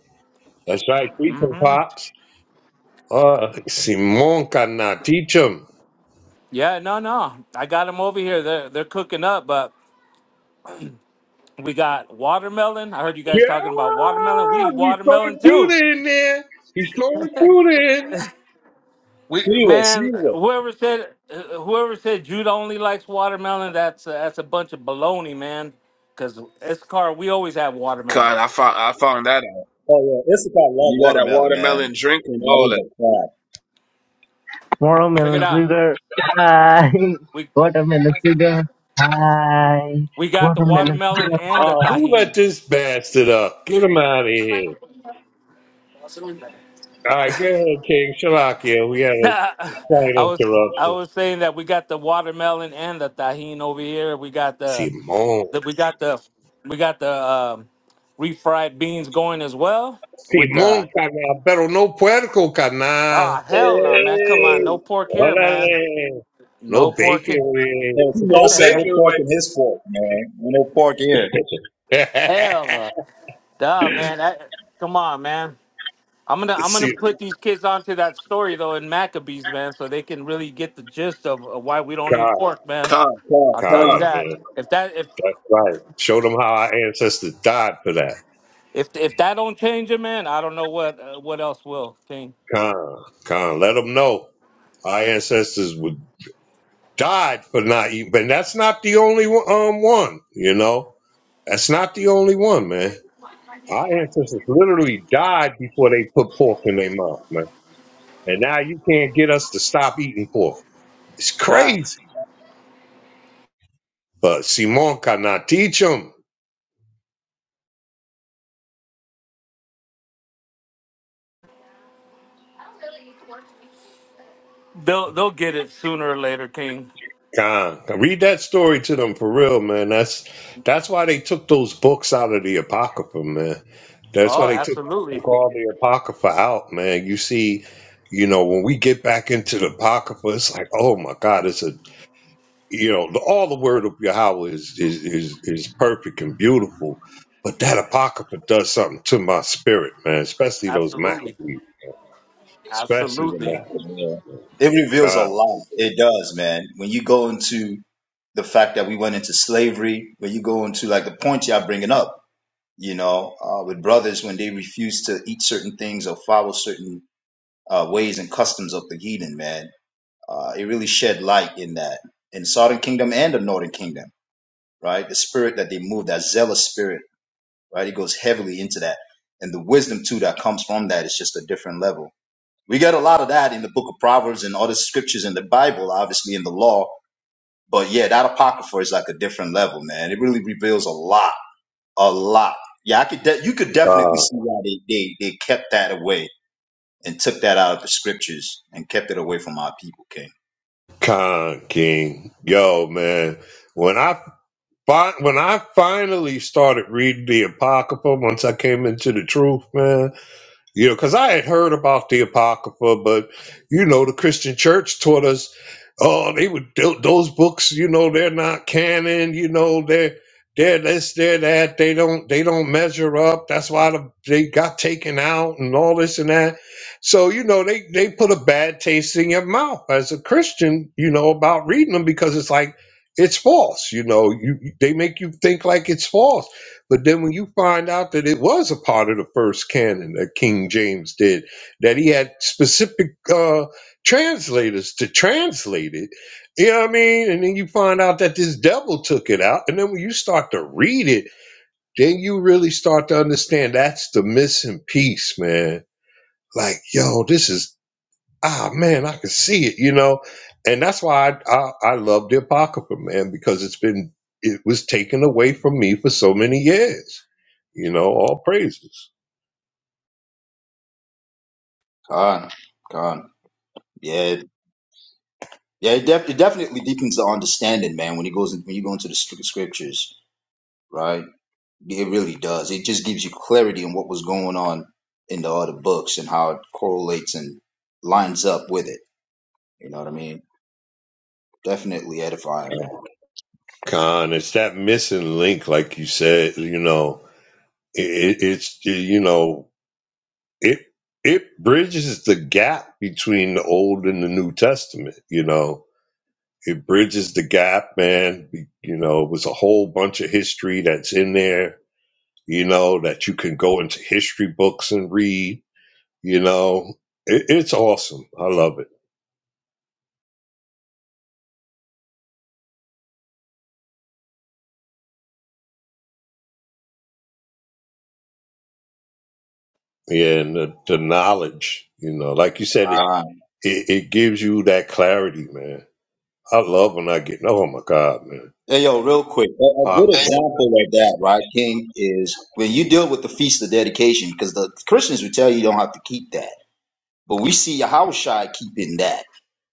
That's right. Teach 'em,
hmm
pops. Uh, Simon cannot teach 'em.
Yeah, no, no, I got them over here. They're they're cooking up, but we got watermelon. I heard you guys
Yeah,
talking about watermelon. We eat
he's
watermelon
throwing
too.
Judah in there. He's throwing Judah in.
we
Anyway,
man,
anyway.
whoever said uh, whoever said Judah only likes watermelon, that's that's a bunch of baloney, man. Cause Escar, we always have watermelon.
God, I found I found that out.
Oh, yeah. Issachar love
You got that
watermelon, man.
watermelon drink and
That
all
is
that.
a fact.
Check it
Watermelon
out.
sugar, hi.
We
Watermelon sugar, hi.
we got the
Watermelon
watermelon and the
Oh, who
tahini.
let this bastard up? Get him out of here. All right, go ahead, King Shalakia. We had a
Nah, I
Slight
was I
interruption.
was saying that we got the watermelon and the tahine over here. We got the,
Simón.
the we got the we got the um, refried beans going as well with the
Simón, carnal, pero no puerco, carnal.
ah hell no man come on no
Hey,
pork here man
Órale. No
no pork here.
bacon,
Hey,
man.
Safar
no
said no
bacon
pork
away.
in his fork, man. No pork here.
hell no duh man that, come on man I'm gonna I'm gonna
See,
put these kids onto that story though in Maccabees man so they can really get the gist of uh, why we don't eat
con,
pork man
Con, con,
I'll tell you
con,
con,
that
man.
if that if
That's right. Show them how our ancestors died for that.
If if that don't change it, man, I don't know what uh, what else will, King.
Con, con. Let them know our ancestors would died for not eating. But that's not the only one, um, one, you know? That's not the only one, man. Our ancestors literally died before they put pork in their mouth, man. And now you can't get us to stop eating pork. It's
God,
crazy. But Simon cannot teach them.
they'll they'll get it sooner or later, King.
Con, read that story to them for real, man. That's that's why they took those books out of the apocrypha, man. That's why
Oh,
they took,
absolutely,
took all the apocrypha out, man. You see, you know, when we get back into the apocrypha, it's like, oh my God, it's a you know, the, all the word of Yahweh is is is is perfect and beautiful. But that apocrypha does something to my spirit, man. Especially those
absolutely,
Maccabees. Especially the
absolutely.
Yeah.
man.
It reveals a
Con,
lot. It does, man. When you go into the fact that we went into slavery, when you go into like the point y'all bringing up, you know, uh, with brothers when they refuse to eat certain things or follow certain uh, ways and customs of the heathen, man, uh, it really shed light in that in Southern Kingdom and the Northern Kingdom, right? The spirit that they move, that zealous spirit, right? It goes heavily into that, and the wisdom too that comes from that is just a different level we get a lot of that in the book of Proverbs and other scriptures in the Bible, obviously in the law. But yeah, that apocrypha is like a different level, man. It really reveals a lot, a lot. Yeah, I could. De- you could definitely
con,
see why they, they they kept that away and took that out of the scriptures and kept it away from our people, King.
con King. Yo, man. When I fi- when I finally started reading the Apocrypha, once I came into the truth, man. You know, because I had heard about the Apocrypha, but you know, the Christian Church taught us, oh, they would tho- those books. You know, they're not canon. You know, they're they're this, they're that. They don't they don't measure up. That's why the, they got taken out and all this and that. So you know, they they put a bad taste in your mouth as a Christian. You know about reading them because it's like it's false. You know, you they make you think like it's false but then when you find out that it was a part of the first canon that King James did, that he had specific uh, translators to translate it, you know what I mean? And then you find out that this devil took it out. And then when you start to read it, then you really start to understand that's the missing piece, man. Like, yo, this is ah man, I could see it, you know, and that's why I I, I love the apocrypha, man, because it's been it was taken away from me for so many years, you know. All praises,
God, God, yeah, yeah. It, def- it definitely deepens the understanding, man. When you goes in, when you go into the scrip- scriptures, right? It really does. It just gives you clarity on what was going on in the other books and how it correlates and lines up with it. You know what I mean? Definitely edifying, man.
Con. It's that missing link, like you said, you know. It, it, it's you know it it bridges the gap between the old and the new testament you know it bridges the gap man you know it was a whole bunch of history that's in there you know, that you can go into history books and read, you know. It, it's awesome. I love it. Yeah, and the, the knowledge, you know, like you said, it,
Right.
it, it gives you that clarity, man. I love when I get, oh my God, man.
Hey, yo, real quick. A, a
Ah,
good example of that, right, King, is when you deal with the Feast of Dedication, because the Christians would tell you you don't have to keep that. But we see Yahushua keeping that,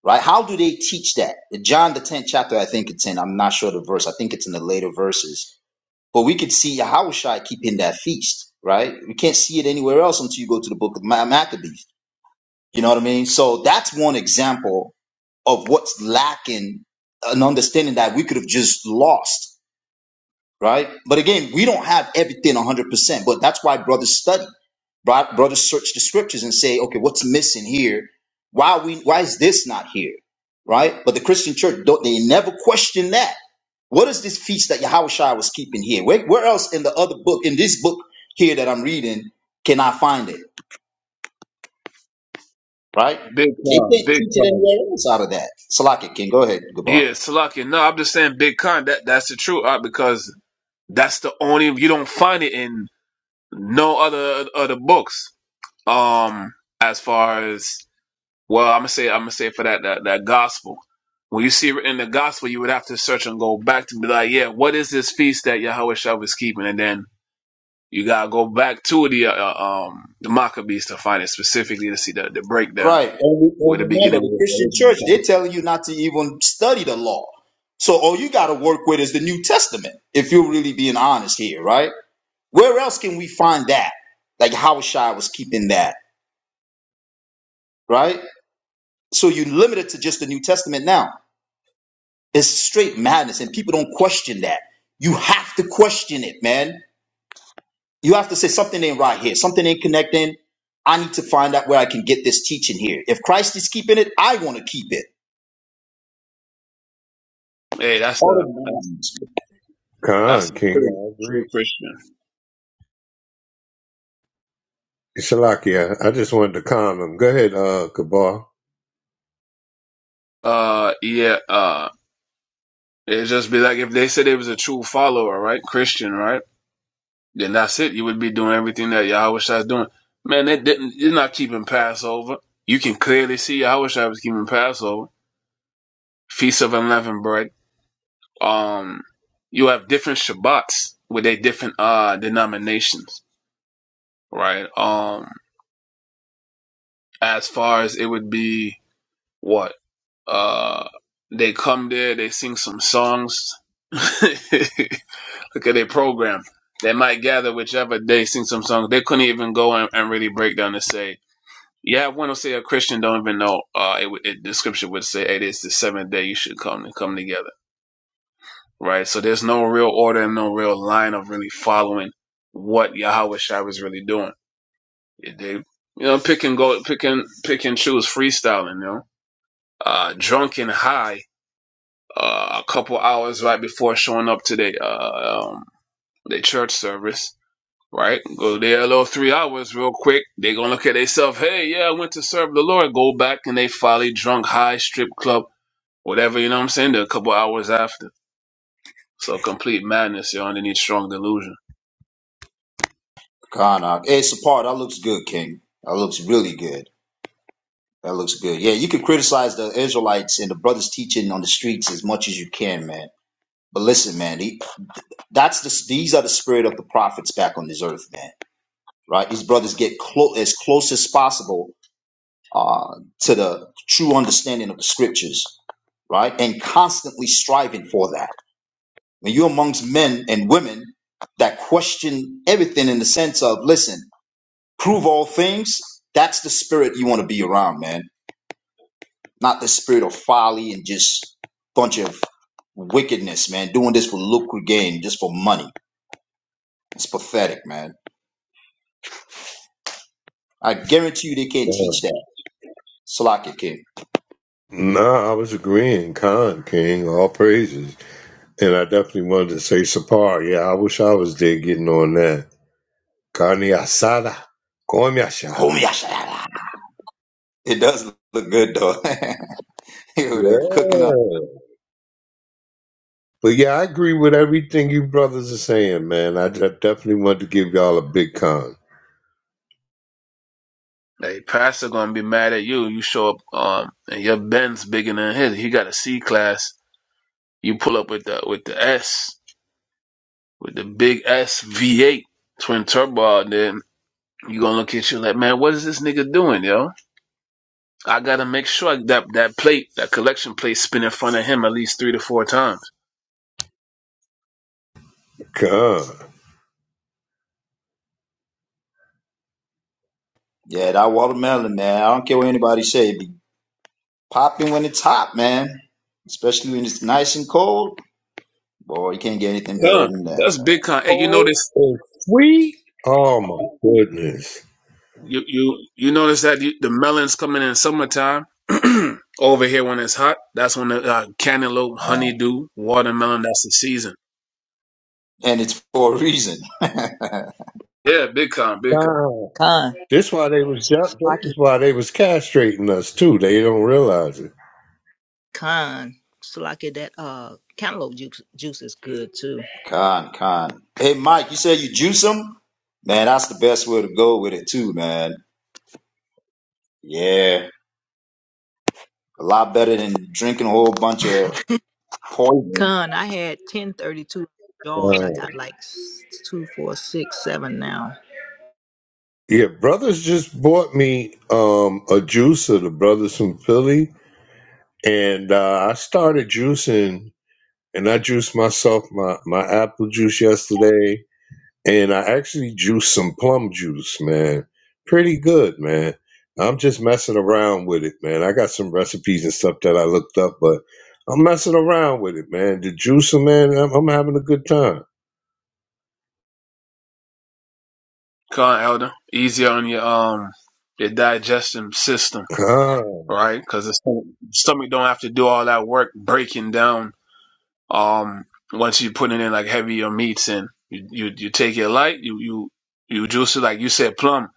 right? How do they teach that? In John, the 10th chapter, I think it's in, I'm not sure the verse. I think it's in the later verses But we could see Yahushua keeping that feast, right? We can't see it anywhere else until you go to the book of Ma- Maccabees. You know what I mean? So that's one example of what's lacking an understanding that we could have just lost, right? But again, we don't have everything 100%, but that's why brothers study. Bro- Brothers search the scriptures and say, okay, what's missing here? Why are we? Why is this not here? Right? But the Christian church, don't, they never question that what is this feast that Yahushua was keeping here? Where, where else in the other book, in this book here that I'm reading, can I find it? Right?
big
They
con,
can't
big
teach it
con.
anywhere else out of that. Salaki King. go ahead, Gabar.
Yeah, slucking. No, I'm just saying big con. That that's the truth uh, because That's the only you don't find it in no other other books. Um, as far as well, I'm gonna say I'm gonna say for that that, that gospel. When you see it written in the gospel, you would have to search and go back to be like, yeah, what is this feast that Yahweh Shah was keeping? And then you gotta go back to the uh, uh, um the Maccabees to find it specifically to see the, the breakdown
Right. And, re- and
where the
remember,
beginning
the
where
Christian
religion
church, they're
comes from.
telling you not to even study the law. So all you got to work with is the New Testament, if you're really being honest here, right? Where else can we find that? Like Yahushua was keeping that, right? So you're limited to just the New Testament now. It's straight madness, and people don't question that. You have to question it, man. You have to say something ain't right here, something ain't connecting. I need to find out where I can get this teaching here. If Christ is keeping it, I want to keep it.
Hey, that's
All
a
the
that's a,
madness.
that's
Khan,
a
King.
true true Christian.
Salakia, I just wanted to comment. Go ahead, uh, Kabar.
Uh, yeah. Uh. It'd just be like if they said it was a true follower, right? Christian, right? Then that's it. You would be doing everything that Yahweh Shai is doing. Man, they didn't they are not keeping Passover. You can clearly see Yahweh Shai was keeping Passover. Feast of Unleavened Bread. Um you have different Shabbats with their different uh denominations, right? Um as far as it would be what? Uh they come there, they sing some songs. Look at their program. They might gather whichever day, sing some songs. They couldn't even go and, and really break down and say, yeah, one will say a Christian don't even know. Uh, it, it, the scripture would say, hey, this is the seventh day you should come and come together, right? So there's no real order and no real line of really following what Yahweh Shai was really doing. They, you know, pick and go, pick and pick and choose, freestyling, you know, uh, drunk and high, uh, a couple hours right before showing up to the uh, um, the church service right? Go there a little three hours real quick. they gonna look at themselves, hey, yeah, I went to serve the Lord, go back and they folly drunk, high, strip club, whatever, you know what I'm saying? They're a couple hours after. So complete madness, you're underneath strong delusion.
Karnak. Hey, Sapar, that looks good, King. That looks really good. That looks good. Yeah, you can criticize the Israelites and the brothers teaching on the streets as much as you can, man. But listen, man, the- that's the, these are the spirit of the prophets back on this earth, man. Right? These brothers get clo- as close as possible uh, to the true understanding of the scriptures, right? And constantly striving for that. When you're amongst men and women that question everything in the sense of, listen, prove all things, that's the spirit you want to be around, man. Not the spirit of folly and just bunch of wickedness, man. Doing this for lucre gain, just for money. It's pathetic, man. I guarantee you they can't
No,
teach that. Slock it, kid.
nah, I was agreeing. Khan, King, all praises. And I definitely wanted to say Sapar. Yeah, I wish I was there getting on that. Carne asada, come asada.
It does look good, though. they're cooking up.
Yeah. But yeah, I agree with everything you brothers are saying, man. I de- definitely want to give y'all a big con.
Hey, pastor gonna be mad at you. You show up um and your Benz bigger than his. He got a C class. You pull up with the with the S, with the big S V eight twin turbo out there, you gonna look at you like, man, what is this nigga doing, yo? I gotta make sure that that plate, that collection plate, spin in front of him at least three to four times.
Con.
Yeah, that watermelon, man. I don't care what anybody say. It be popping when it's hot, man. Especially when it's nice and cold. Boy, you can't get anything better
Con,
than that.
that's big con. Hey, you
Oh,
notice
and sweet. Oh my goodness.
you you you notice that you, the melons coming in summertime. Over here when it's hot, that's when the uh, cantaloupe,
Um,
honeydew, watermelon. That's the season.
And it's for a reason.
Yeah, big con, big con,
Wow.
Con
This why they was ju- this
Salaki.
is why they was castrating us too. They don't realize it.
Con Salaki. That uh cantaloupe juice juice is good too.
Con, con. Hey, Mike, you said you juice them? Man, that's the best way to go with it, too, man. Yeah, a lot better than drinking a whole bunch of poison.
Con I had ten thirty two jaws. I
Wow.
got like s- two, four, six, seven now.
Yeah, brothers just bought me um a juicer, the brothers from Philly, and uh, I started juicing and I juiced myself my my apple juice yesterday, and I actually juiced some plum juice, man. Pretty good, man. I'm just messing around with it, man. I got some recipes and stuff that I looked up, but I'm messing around with it, man. The juicer, man, I'm, I'm having a good time.
con elder. Easier on your um your digestion system, right? Because the stomach stomach don't have to do all that work breaking down Um, once you're putting in like heavier meats and you, you, you take your light, you, you, you juice it. Like you said, plum,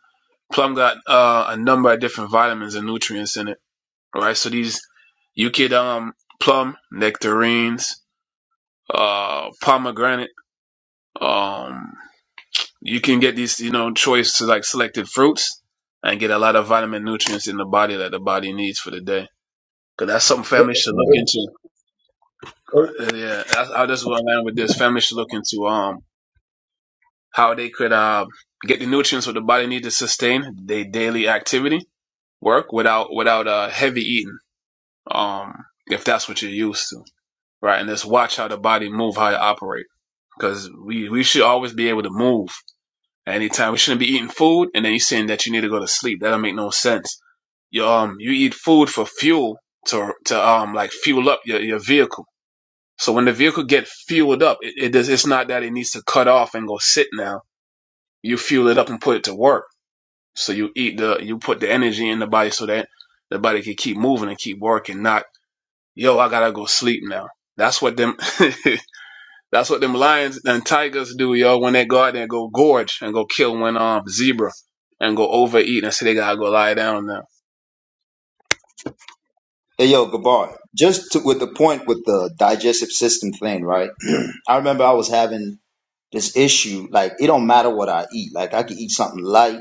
plum got, uh, a number of different vitamins and nutrients in it. Right. So these, you could, um, plum, nectarines, uh, pomegranate, um, you can get these, you know, choice to like selected fruits and get a lot of vitamin nutrients in the body that the body needs for the day. Cause that's something families
Oh,
should look
wow.
into. Uh, Yeah, that's, I just want to land with this. Families should look into. um. how they could uh, get the nutrients what the body needs to sustain their daily activity work without without uh, heavy eating um, if that's what you're used to right and just watch how the body move how it operate because we, we should always be able to move at any time we shouldn't be eating food and then you're saying that you need to go to sleep that don't make no sense you, um, you eat food for fuel to, to um, like fuel up your, your vehicle so when the vehicle get fueled up it, it does, it's not that it needs to cut off and go sit now you fuel it up and put it to work So you eat the, you put the energy in the body so that the body can keep moving and keep working. Not, yo, I gotta go sleep now. That's what them, that's what them lions and tigers do, yo. When they go out there and go gorge and go kill one um zebra and go overeat and say they gotta go lie down now.
Hey, yo, Gabar, just to, with the point with the digestive system thing, right? I remember I was having this issue. Like it don't matter what I eat. Like I could eat something light,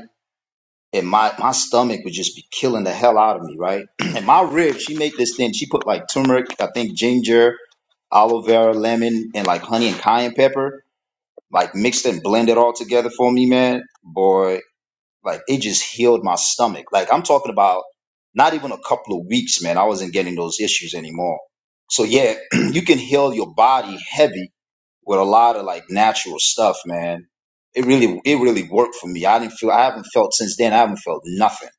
and my my stomach would just be killing the hell out of me, right? and my ribs, she made this thing. She put like turmeric, I think ginger, aloe vera, lemon, and like honey and cayenne pepper, like mixed and blended all together for me, man. Boy, like it just healed my stomach. Like I'm talking about not even a couple of weeks, man. I wasn't getting those issues anymore. So yeah, you can heal your body heavy with a lot of like natural stuff, man. It really it really worked for me. I didn't feel I haven't felt since then. I haven't felt nothing.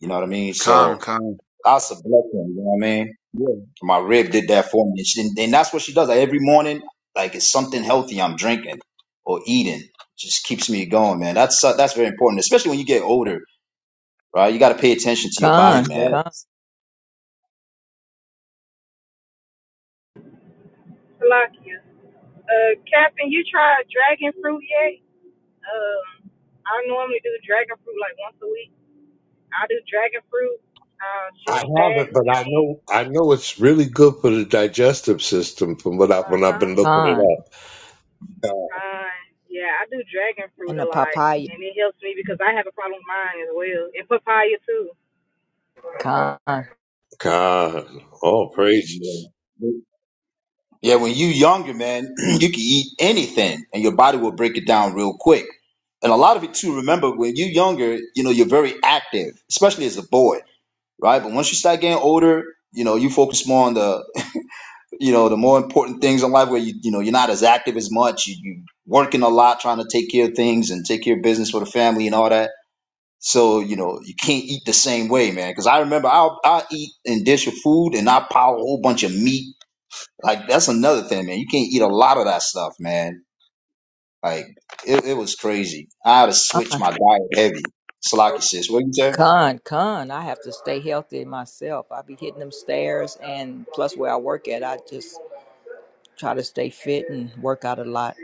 You know what I mean?
Con,
So
con,
that's a blessing. You know what I mean?
yeah,
My rib did that for me, and, she, and that's what she does. Like every morning, like it's something healthy I'm drinking or eating. Just keeps me going, man. That's that's very important, especially when you get older, right? You got to pay attention to your body,
big
Con,
man.
con,
fat,
Salakia. Uh, Captain, you tried dragon fruit yet? Um, I normally do dragon fruit like once a week. I do dragon fruit, uh,
I
juice that,
haven't, but I
then,
know I know it's really good for the digestive system from what I when I've
uh-huh,
been looking
con,
it up.
mine. Yeah, I do dragon
and
fruit
the
a lot,
papaya.
and it helps me because I have a problem with mine as well, and papaya too.
con,
God, oh praises.
Yeah. Yeah, when you younger, man, you can eat anything and your body will break it down real quick. And a lot of it too, remember when you younger, you know, you're very active, especially as a boy, right? But once you start getting older, you know, you focus more on the, you know, the more important things in life where you, you know, you're not as active as much. You, you working a lot, trying to take care of things and take care of business for the family and all that. So, you know, you can't eat the same way, man. Cause I remember I'll, I'll eat and dish of food and I'll pile a whole bunch of meat like that's another thing, man. You can't eat a lot of that stuff, man. Like it, it was crazy. I had to switch
con,
my diet heavy. Slocky says, what you say?
con, con. I have to stay healthy myself. I be hitting them stairs, and plus where I work at, I just try to stay fit and work out a lot.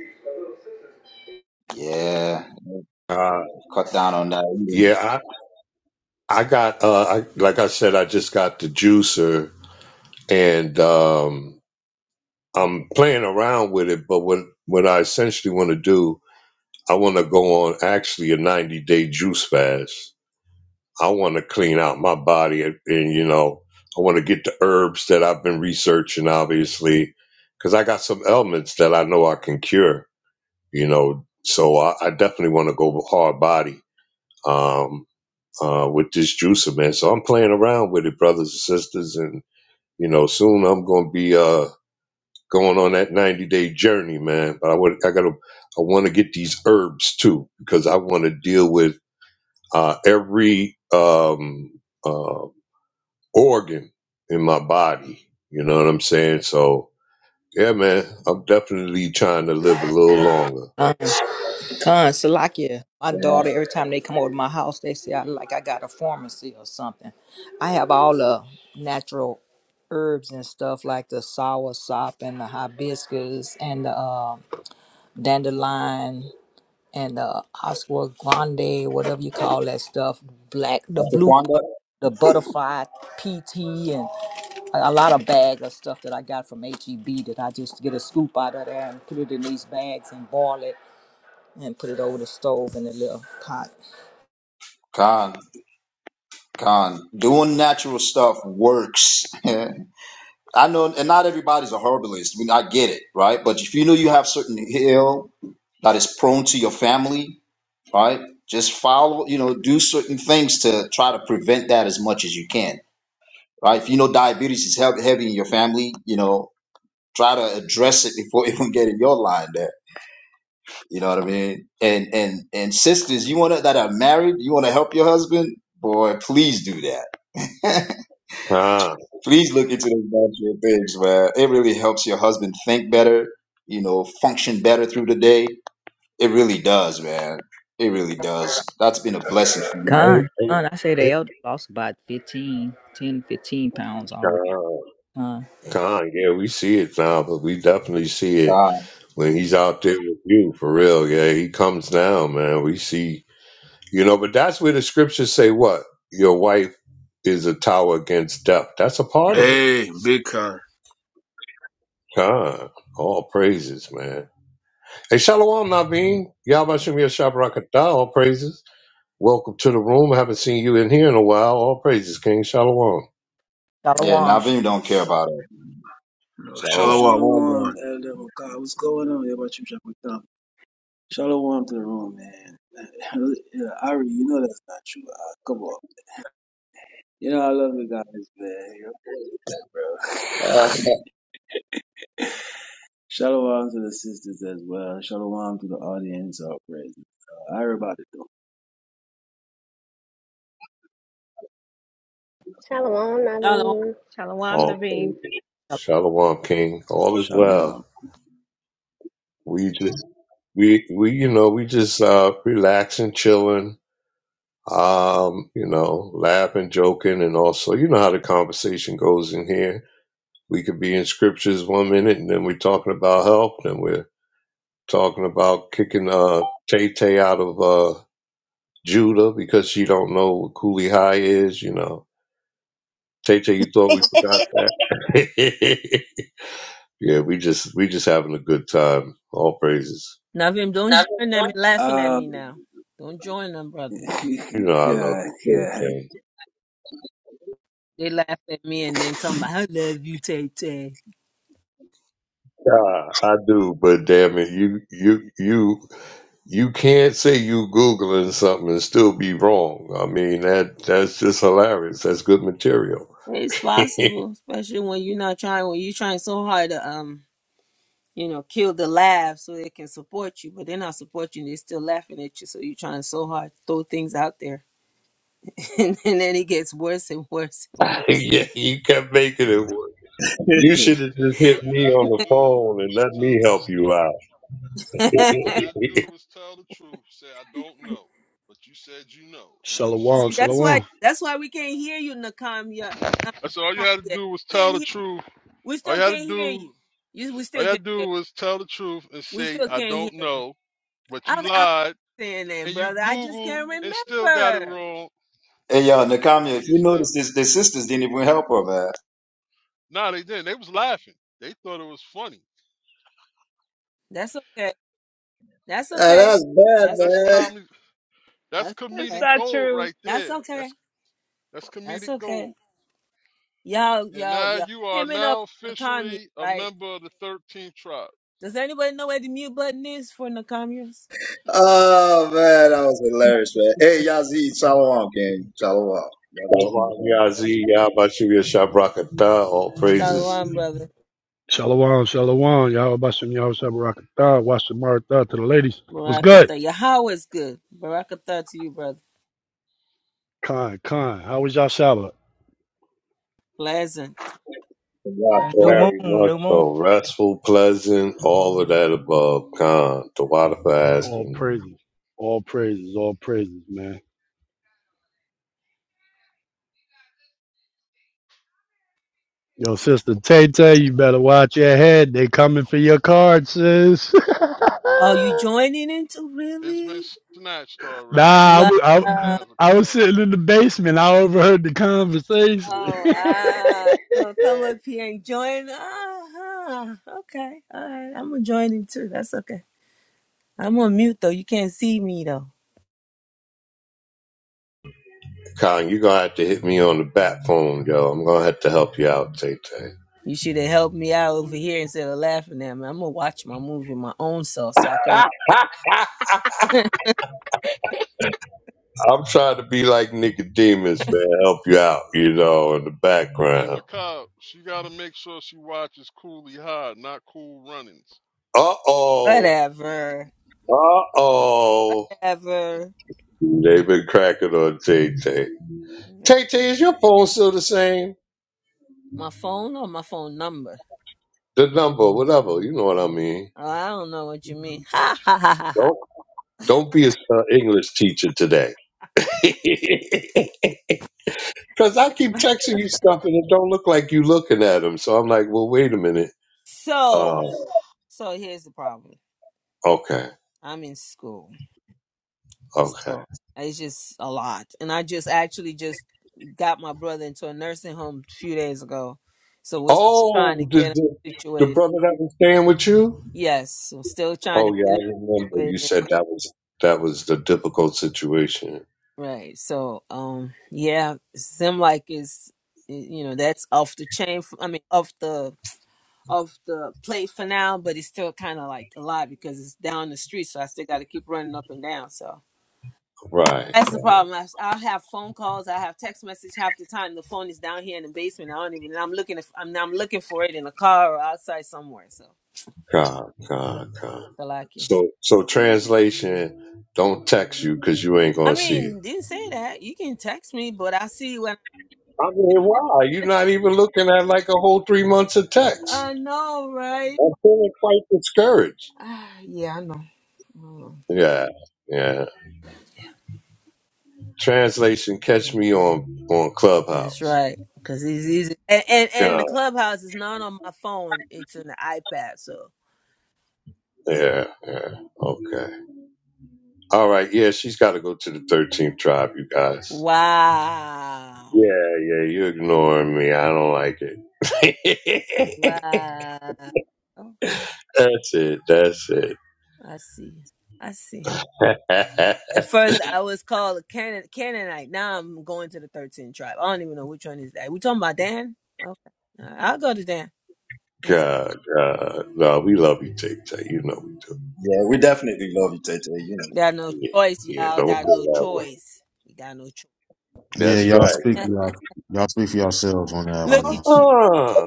Yeah,
God.
cut down on that eating.
Yeah, I got uh I, like I said, I just got the juicer and um I'm playing around with it, but what what I essentially want to do, I want to go on actually a 90 day juice fast. I want to clean out my body and, and you know, I want to get the herbs that I've been researching obviously cuz I got some ailments that I know I can cure, you know. So I, I definitely want to go hard body. Um uh, with this juicer, man. So I'm playing around with it, brothers and sisters, and you know, soon I'm gonna be uh going on that 90 day journey, man. But I would, I gotta, I want to get these herbs too because I want to deal with uh, every um, uh, organ in my body. You know what I'm saying? So yeah, man, I'm definitely trying to live a little longer.
Con, con, Salakia. My
Yeah.
daughter, every time they come over to my house, they say I look like I got a pharmacy or something. I have all the natural herbs and stuff like the sour sop and the hibiscus and the uh, dandelion and the Oscar Grande, whatever you call that stuff, black, the blue,
Ashwagandha?
but- the butterfly PT, and a, a lot of bags of stuff that I got from HEB that I just get a scoop out of there and put it in these bags and boil it and put it over the stove in a little pot.
Con, con. Doing natural stuff works. I know, and not everybody's a herbalist. I, mean, I get it, right? But if you know you have certain ill that is prone to your family, right? Just follow, you know, do certain things to try to prevent that as much as you can right? If you know diabetes is heav- heavy in your family, you know, try to address it before it can get in your line there. You know what I mean? And and and sisters, you want to, that are married, you want to help your husband, boy, please do that.
Con,
please look into those natural things, man. It really helps your husband think better, you know, function better through the day. It really does, man. It really does. That's been a blessing for me.
Gone, gone. I say the elder lost about fifteen, ten, fifteen pounds already. Gone.
con, yeah, we see it now, but we definitely see it.
Uh,
when he's out there with you for real yeah he comes down man we see you know but that's where the scriptures say what your wife is a tower against death that's a part of it
hey, big con.
huh all praises man hey shalom naveen yabashim yashabrakata all praises welcome to the room haven't seen you in here in a while all praises king shalom
yeah,
Hey,
Shalom.
sh-
Navim don't care about it.
hey,
Shalom,
So,
well done.
Shalom, Elder Makai. What's going on? Yeah, about you, Jack McDonald? Shalom to the room, man. yeah, Ari, you know that's not true. Uh, come on. You know, I love you guys, man. You're crazy, bro. Shalom to the sisters as well. Shalom to the audience. All praise. Uh, Ari about it, though.
Shalom. I
Shalom.
mean,
Shalom
all
Naveen.
praises shalom king all is well
Shalom.
we just we we you know we just uh relaxing chilling um, you know, laughing, joking, and also, you know how the conversation goes in here. We could be in scriptures one minute, and then we're talking about help, and we're talking about kicking uh, Tay Tay out of uh, Judah because she don't know what Cooley High is. You know, Tay Tay, you thought we forgot that? yeah, we just we just having a good time. All praises.
Navim, don't join them in laughing at
Um,
me now. Don't join them, brother.
You know, I love
God,
you, Tay
yeah.
Tay.
They laugh at me and then talking about I love you, Tay Tay.
Ah, I do, but damn it, you you you you can't say you googling something and still be wrong. I mean that that's just hilarious. That's good material.
It's possible, especially when you're not trying, when you're trying so hard to, um, you know, kill the laugh so they can support you, but they're not supporting you, they're still laughing at you. So you're trying so hard to throw things out there. And, then it gets worse and worse and worse.
yeah, you kept making it work. You should
Tay
have
Tay,
just
all
hit
you
me
had
on
to
the
do
phone and
was
let
tell
me
the
help
truth.
you out.
All you had to do was tell the truth. Say, I don't know. But you said you know, and you saw
Shalom,
See,
the
that's
movie.
why,
shalom.
that's why we can't hear you, Nakamia. Um,
I said, all you had to
Nakamiya.
do was tell
Can't
the
hear,
truth.
we
All
still
you had to
can't hear
do,
you. you. We
all
still
you
can't
had to
hear
do was tell the truth and
We
say,
still
I
can't hear
don't
you.
know. But you
I, I
lied,
saying that,
and you
brother. I just
Googled
can't
and still got it
remember.
wrong.
Hey, you yo, Nakami, if
You
you
still,
notice this, the sisters didn't even help her, man.
no, they didn't. They was laughing. They thought it was funny.
That's okay. That's
Uh,
okay.
That's,
that's bad,
That's
that's
man.
comedy. That's
That's
That's
comedic
okay.
not
gold
true.
right
That's
there. That's,
okay.
that's
That's
comedic
okay.
gold.
Y'all,
And
y'all,
now
y'all.
you are
Hemming up
now
Nakamia,
officially a
right?
member of the 13th tribe.
Does anybody know where the mute button is for Nakamias?
Oh man, that was hilarious, man. Hey, Yazid, Shalom, gang, Shalom. That was you man.
All praises.
Shalom, brother.
Shalom, shalom. Y'all Bashem, y'all Sabarakatah. Watch the Maratha to the ladies. What's good?
Barakatha. Yahweh is good. Barakatha to you, brother.
Khan, Khan. How was y'all Shabbat?
Pleasant.
The wild, the
New
wild,
Very
moon,
man.
much
new moon.
so. Restful, pleasant, all of that above. Con. The water for
All
asking.
praises. All praises. All praises, man. Yo, sister Tay Tay, you better watch your head. They coming for your card, sis.
Oh, you joining in too,
It's been
really?
snatched already. She
nah, I,
Wow.
no
wa- I,
longer has a
I was
card.
sitting in the basement. I overheard the conversation.
Oh, ah. You gonna come up here and join? Ah, huh. okay. All right. I'm gonna join in too. That's okay. I'm on mute though. You can't see me though.
Colin, you're gonna have to hit me on the bat phone, yo. I'm gonna have to help you out, Tay Tay.
You should have helped me out over here instead of laughing at me. I'm gonna watch my movie my own self so I can remember.
I'm trying to be like Nicodemus, man, help you out, you know, in the
Hey,
background.
Macab, she got to make sure she watches Cooley High, not Cool Runnings.
Uh oh.
whatever,
Uh oh.
whatever.
They've been cracking on Tay Tay. Tay Tay, is your phone still the same?
My phone or my phone number?
The number, whatever, you know what I mean.
Oh, I don't know what you mean. Ha ha ha ha ha.
Don't don't be a uh, English teacher today. Cause I keep texting you stuff and it don't look like you looking at them. So I'm like, well, wait a minute.
So,
Oh,
so here's the problem.
okay,
I'm in school,
okay.
so it's just a lot, and I just actually just got my brother into a nursing home a few days ago. So we're still trying to
Oh, did
get him
the, the
situated.
brother that was staying with you?
Yes, we're still trying to
Oh yeah,
get him
I remember. You
situated.
said that was that was the difficult situation,
Right. So, um, yeah, seem like it's you know that's off the chain. f- I mean, off the off the plate for now, but it's still kind of like a lot because it's down the street. So I still got to keep running up and down. So
right?
that's the problem. I, I'll have phone calls. I have text message half the time. The phone is down here in the basement. I don't even. and I'm looking. If, I'm I'm looking for it in a car or outside somewhere. So
God,
yeah,
God, God.
I like you.
So, so translation, don't text you because you ain't
I
gonna see it.
mean, didn't say that. You can text me, but I see when.
I mean, why? You're not even looking at like a whole three months of text.
I know, right?
I'm feeling quite discouraged.
Ah, yeah, I know. I know.
Yeah, yeah. Translation, catch me on on
That's
Clubhouse.
right. Cause it's easy. And, and and the clubhouse is not on my phone. It's on the iPad. So
Yeah, yeah. Okay. All right. Yeah, she's got to go to the 13th tribe, you guys.
wow,
Yeah, yeah. You're ignoring me. I don't like it.
wow. Okay,
that's it. That's it.
I see. I see. At first, I was called a Canaan, Canaanite. Now I'm going to the 13 tribe. I don't even know which one is that. We talking about Dan? Okay, All right, I'll go to Dan. Yes.
God, God. No, we love you, Tic Tac. You know we do.
Yeah, we definitely love you, Tay Tay. you know.
Got no
Yeah,
choice,
yeah,
y'all.
don't feel
Got no
that way.
choice. You got no choice.
Yeah,
That's
y'all
right.
speak for y'all. Y'all speak for yourselves on that one.
Look
Now.
at you.
Uh-uh.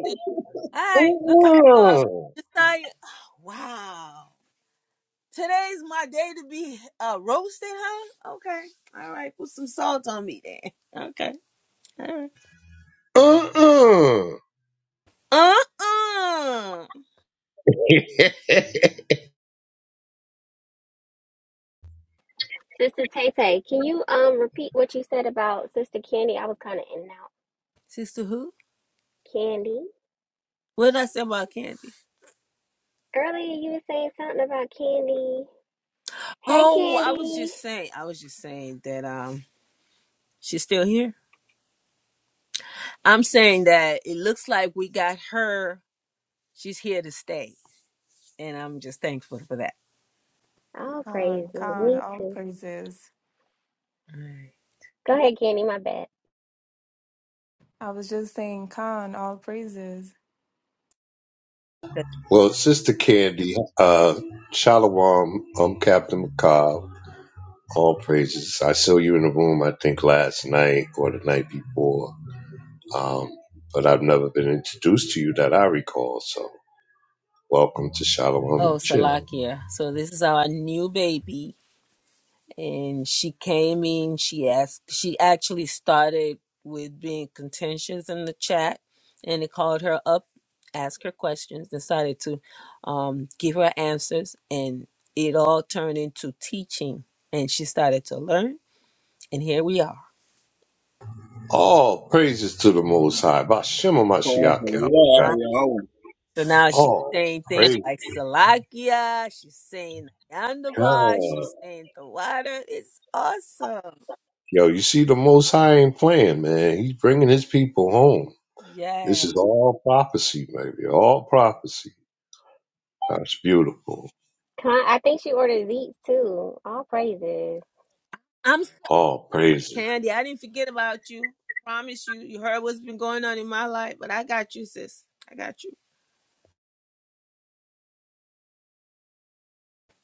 Hi, look at uh Josiah. Wow. Today's my day to be uh roasted, huh? Okay. All right, put some salt on me then. Okay. All right.
Uh-uh. Uh-uh.
Uh-uh.
Sister Tay Tay, can you um repeat what you said about Sister Candy? I was kind of in and out.
Sister who?
Candy.
What did I say about Candy?
Earlier, you were saying something about Candy. Hey,
Oh, I was
Candy.
just saying I was just saying that um she's still here. I'm saying that it looks like we got her. She's here to stay. And I'm just thankful for that.
All
Khan,
praises.
Khan,
Me
all
too.
praises.
All right.
Go ahead, Candy. My bad.
I was just saying, Khan, all praises.
well, Sister Candy, uh, Shalom, I'm Captain McCall. All praises. I saw you in the room, I think, last night or the night before, um, but I've never been introduced to you that I recall. So, welcome to Shalom
Oh,
and Chill.
Salakia. So this is our new baby. and she came in she asked she actually started with being contentious in the chat and it called her up asked her questions decided to um, give her answers and it all turned into teaching and she started to learn and here we are
All praises to the Most High. Bashima
Oh,
Mashiach
yeah, I'll
Yahushua.
be
Ah.
your own.
so now she's
All
saying things
praise
like salakia she's saying yandaba
God.
she's saying the water it's awesome
Yo, you see, the Most High ain't playing, man. He's bringing his people home.
yeah
This is all prophecy, baby. All prophecy. That's beautiful.
Con- I think she ordered Zeke's too. All praises.
All praises.
Candy, I didn't forget about you. Promise you, you heard what's been going on in my life, but I got you, sis. I got you.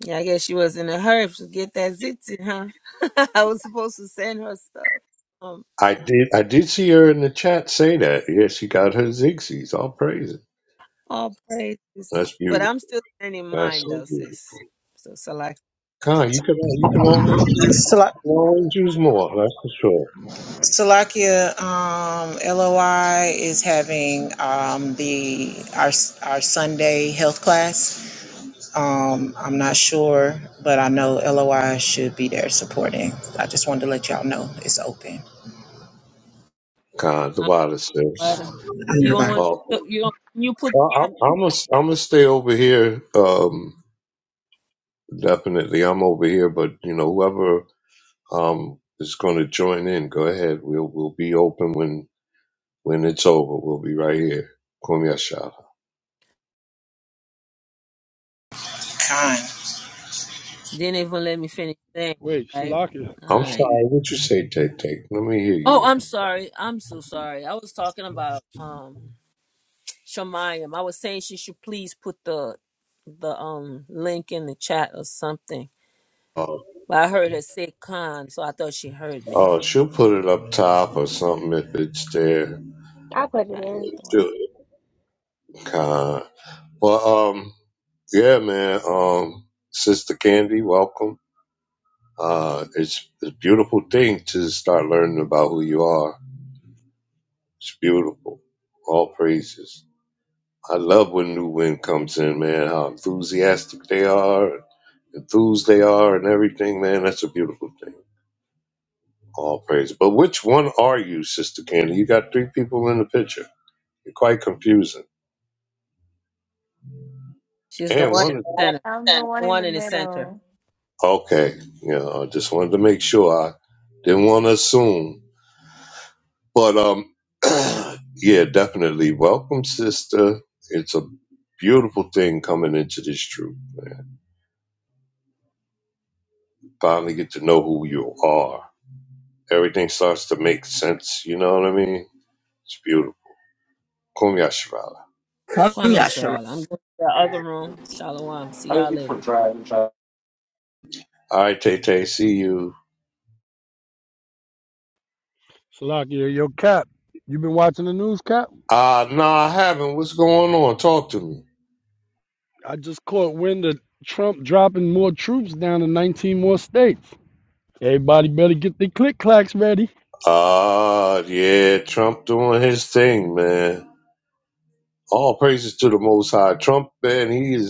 Yeah, I guess she was in a hurry to get that zitsy, huh? I was supposed to send her stuff. Um,
I did. I did see her in the chat say that. Yeah, she got her zigzags. I'll praise it.
all praises.
That's
But
beautiful.
I'm still sending
That's
mine
so
though,
beautiful.
sis. So select.
Con, you can you can always use,
Sala-
always use more. That's for sure.
Salakia um, LOI is having um, the our our Sunday health class. Um, I'm not sure, but I know LOI should be there supporting. I just wanted to let y'all know it's open.
Con,
So
the
like,
wildest
uh,
things.
God.
butter.
I'm
You don't
nearby.
want to
Oh,
put the, you don't you put
I- I'm I'm gonna I'm gonna stay over here. Um, definitely, I'm over here. But you know, whoever. um, is going to join in, go ahead. We'll we'll be open when when it's over. We'll be right here. Kwame Ashala.
Con.
didn't even let me finish saying,
Wait,
right?
Salakia.
I'm
All right.
sorry. What you say, Take Take? Let me hear you.
Oh, I'm sorry. I'm so sorry. I was talking about um Shemayim. I was saying she should please put the the um link in the chat or something.
Oh,
But I heard her say Khan, so I thought she heard me.
oh, she'll put it up top or something if it's there.
I'll put it
I
in.
thought
Do it, Uh, Well, um, yeah, man. Um, Sister Candy, welcome. Uh, it's it's a beautiful thing to start learning about who you are. It's beautiful. All praises. I love when new wind comes in, man. How enthusiastic they are, enthused they are, and everything, man. That's a beautiful thing. All praise. But which one are you, Sister Candy? You got three people in the picture. You're quite confusing.
she's the
And
one in
one of
the center.
I'm the
The
one in the
one in the center.
middle.
Okay, yeah. I just wanted to make sure. I didn't want to assume, but um, yeah, definitely. Welcome, sister. It's a beautiful thing coming into this truth, man. Finally, get to know who you are everything starts to make sense. You know what I mean? It's beautiful. Kumya Shivala.
Come,
Kwame
Yashara.
Sharala. I'm going to the other room. Shalom. See
I just
y'all
need for
later.
drive and drive.
All right, Tay Tay, see you.
Salakia, Yo, cap. You been watching the news, cap?
Uh, no, I haven't. What's going on? Talk to me.
I just caught wind of Trump dropping more troops down in 19 more states. Everybody better get their click clacks ready.
Uh, yeah, Trump doing his thing, man. All praises to the Most High. Trump, man, he's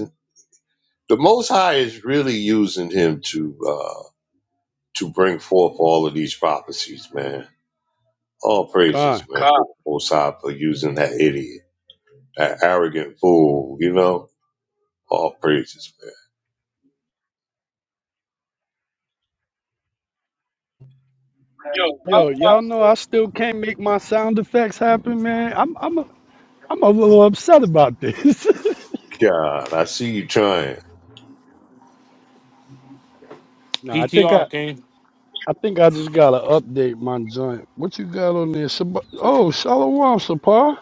the Most High is really using him to uh to bring forth all of these prophecies, man. All praises,
Con.
man. God. Most High for using that idiot, that arrogant fool. You know, all praises, man. Yo,
Yo, y'all know
Godmaster.
I still can't make my sound effects happen, man. I'm I'm a, I'm a little upset about this.
God, I see you trying.
no, I think I
PTR, King.
I think I just gotta update my joint. What you got on there? Shab- oh, Shalom Sapar.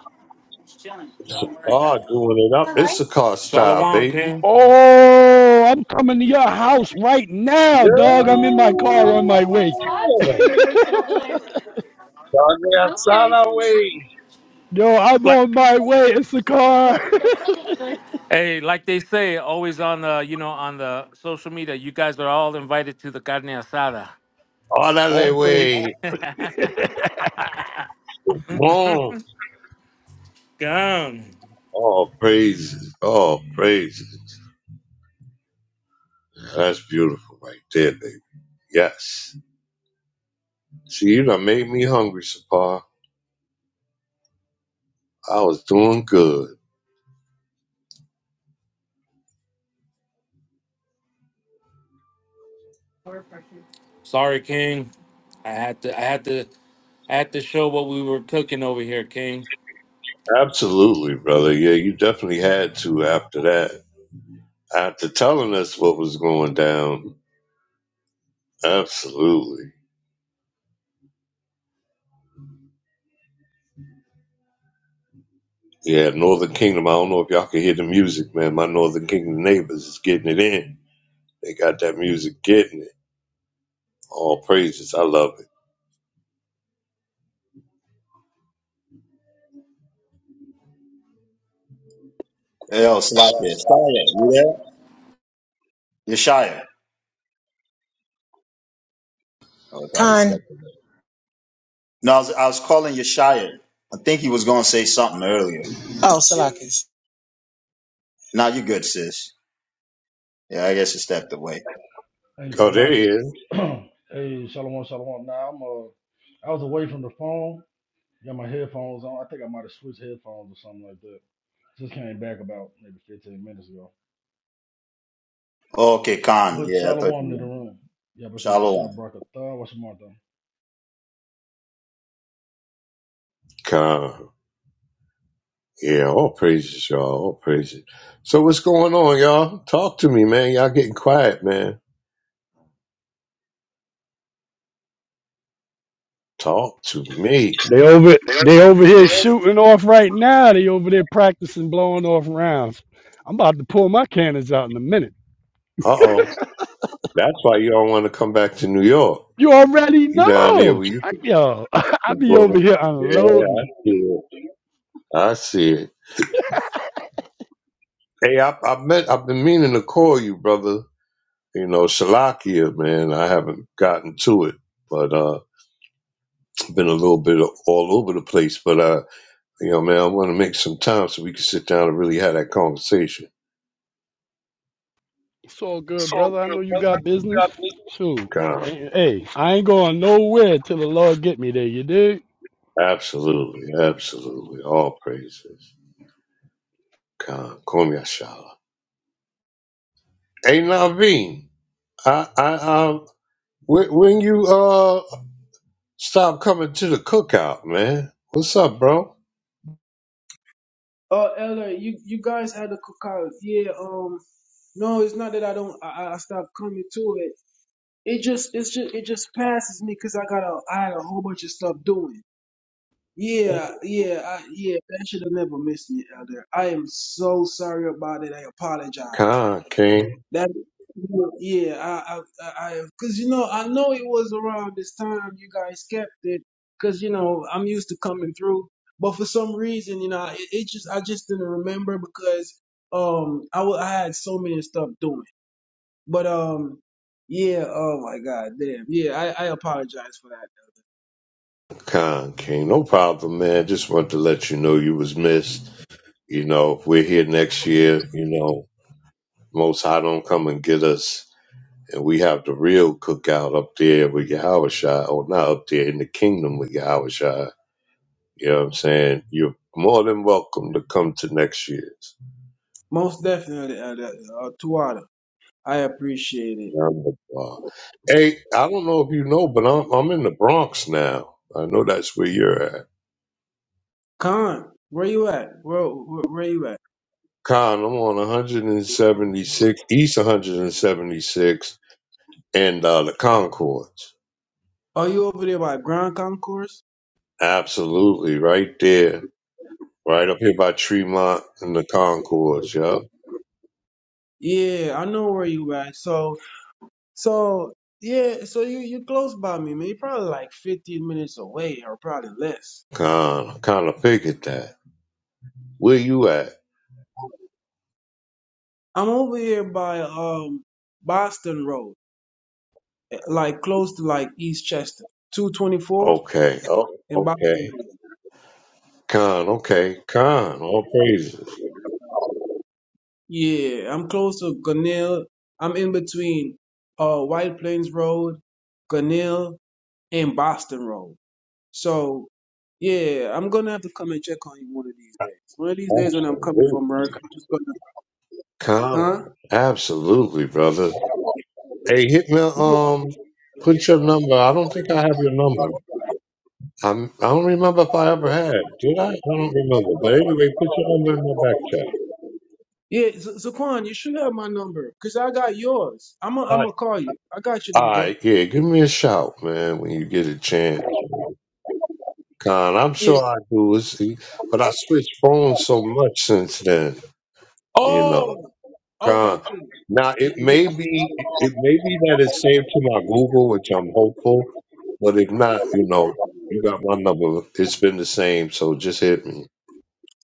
Oh, doing it up. Issachar style,
Shalom,
baby.
King.
Oh, I'm coming to your house right
Yeah.
now, dog. I'm in my car on my way.
Dale Sala, wey.
Yo, I'm
Like,
on my way. It's the car.
hey, like they say, always on the you know on the social media, you guys are all invited to the carne asada.
All that
All praises.
way. Boom.
Gone.
Oh, praises. Oh, praises. That's beautiful right there, baby. Yes. See, you done made me hungry, Sapar. I was doing good.
Sorry, King. I had to. I had to. I had to show what we were cooking over here, King.
Absolutely, brother. Yeah, you definitely had to after that. After telling us what was going down, Absolutely. Yeah, Northern Kingdom. I don't know if y'all can hear the music, man. My Northern Kingdom neighbors is getting it in. They got that music getting it. All praises. I love it.
Hey, yo, Slakia, Shia, you there? Yeshaya. I would probably step
Con.
away. No, I was, I was calling Yeshaya. I think he was going to say something earlier.
Oh, Salakis.
Now you're good, sis. Yeah, I guess you stepped away.
Hey,
Oh, there he
Salakia.
is.
hey, Shalom, Shalom. Now I'm uh, I was away from the phone. Got my headphones on. I think I might have switched headphones or something like that. Just came back about maybe 15 minutes ago.
okay, Khan.
But
Yeah, I thought
Shalom
you
to the
were.
room. Yeah, but you must
Shalom.
shop Baraka Thar. What's your Martha?
Con. Yeah, all praises, y'all. All praises. So what's going on, y'all? Talk to me, man. Y'all getting quiet, man. Talk to me.
They over
Uh
they over here shooting off right now. They over there practicing blowing off rounds. I'm about to pull my cannons out in a minute.
oh. That's why you don't want to come back to New York.
You already
You down there
know.
where you
I,
can
yo, I be
blow them.
over here
Yeah, I
unloading.
see it. I see it. Hey, I, I met, I've been meaning to call you, brother. You know, Shalakia, man. I haven't gotten to it, but uh, been a little bit all over the place. But uh, you know, man, I want to make some time so we can sit down and really have that conversation.
It's all good,
So
brother. I know
good,
you
brother.
got business.
God bless
Shoot.
You got business?
Hey, hey, I ain't going nowhere till the Lord get me there, you dig?
God, absolutely, absolutely. All praises. God, call me Ashala. Hey, Naveen, I, I, um, when, when you uh stop coming to the cookout, man. What's up, bro?
Oh, Elder, you, you guys had a cookout. Yeah, um, no, it's not that I don't, I, I I stopped coming to it It just it's just it just passes me because I got a I had a whole bunch of stuff doing. Yeah, yeah, I, yeah. That should have never missed me, Elder. I am so sorry about it. I apologize.
Con King,
That yeah, I I I because you know I know it was around this time you guys kept it because you know I'm used to coming through, but for some reason you know it, it just I just didn't remember because um I wa- I had so many stuff doing. But um, yeah. Oh my God, damn. Yeah, I, I apologize for that.
Con King, no problem, man. Just wanted to let you know you was missed. You know, we're here next year. You know, Most High don't come and get us, and we have the real cookout up there with Yahweh Shai, or not up there in the kingdom with Yahweh Shai. You know what I'm saying? You're more than welcome to come to next year's.
Most definitely, uh, uh, Tuada. I appreciate it.
Yom Kippur. Hey, I don't know if you know, but I'm I'm in the Bronx now. I know that's where you're at.
Khan, where you at? Where, where where you at?
Con, I'm on 176 East 176 and uh, the Concords.
Are you over there by Grand Concourse?
Absolutely, right there, right up here by Tremont and the Concords. Yup.
Yeah, I know where you at. So so yeah, so you you close by me, man. You're probably like 15 minutes away, or probably less.
Con, kind of figured that. Where you at?
I'm over here by um Boston Road, eh, like close to like East Chester, 224
Okay. Oh,
in Boston
okay.
Road.
Con, okay. Con, all praises.
Yeah, I'm close to Gunnell. I'm in between uh White Plains Road, Gunnell, and Boston Road. So yeah, I'm gonna have to come and check on you one of these days. One of these days when I'm coming
Absolutely.
from work, I'm just
Con,
gonna huh?
absolutely, brother. Hey, hit me.
No.
Um, put your number. I don't think I have your number. I'm, I don't remember if I ever had. Did I? I don't remember. But anyway, put your number in my back chat.
Yeah, Z- Zaquan, you should have my number because I got yours. I'm i
All
I'm
right.
gonna call you. I got your
All
number.
right. Yeah. Give me a shout, man, when you get a chance. Con, I'm
Yeah.
sure I do. It's, but I switched phones so much since then, you know.
Oh, okay,
Con.
cool.
Now
Yeah.
it
yeah.
may be it may be that it's saved to my Google, which I'm hopeful. But if not, you know, you got my number. It's been the same, so just hit me.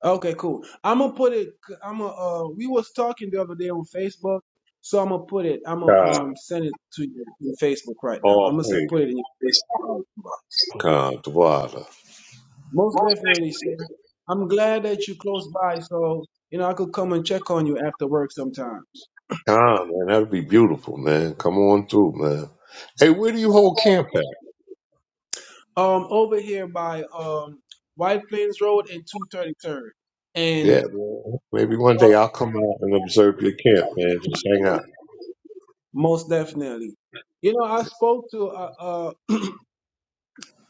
Okay, cool. I'm gonna put it. I'm gonna. Uh, we was talking the other day on Facebook, so I'm gonna put it. I'm gonna
Con.
um send it to you in Facebook right now. I'm
All
gonna send, put
praise.
it in your Facebook. uh,
Con. Dwada.
Most
Most
definitely, sir. I'm glad that you close by, so you know I could come and check on you after work sometimes.
definitely. Ah, man, that'd be beautiful, man. Come on through, man. Hey, where do you hold camp at?
Um, over here by um White Plains Road and 233rd, and
Yeah, man. Maybe one
uh,
day I'll come out and observe your camp, man. Just hang out.
most definitely. You know, I spoke to uh, uh,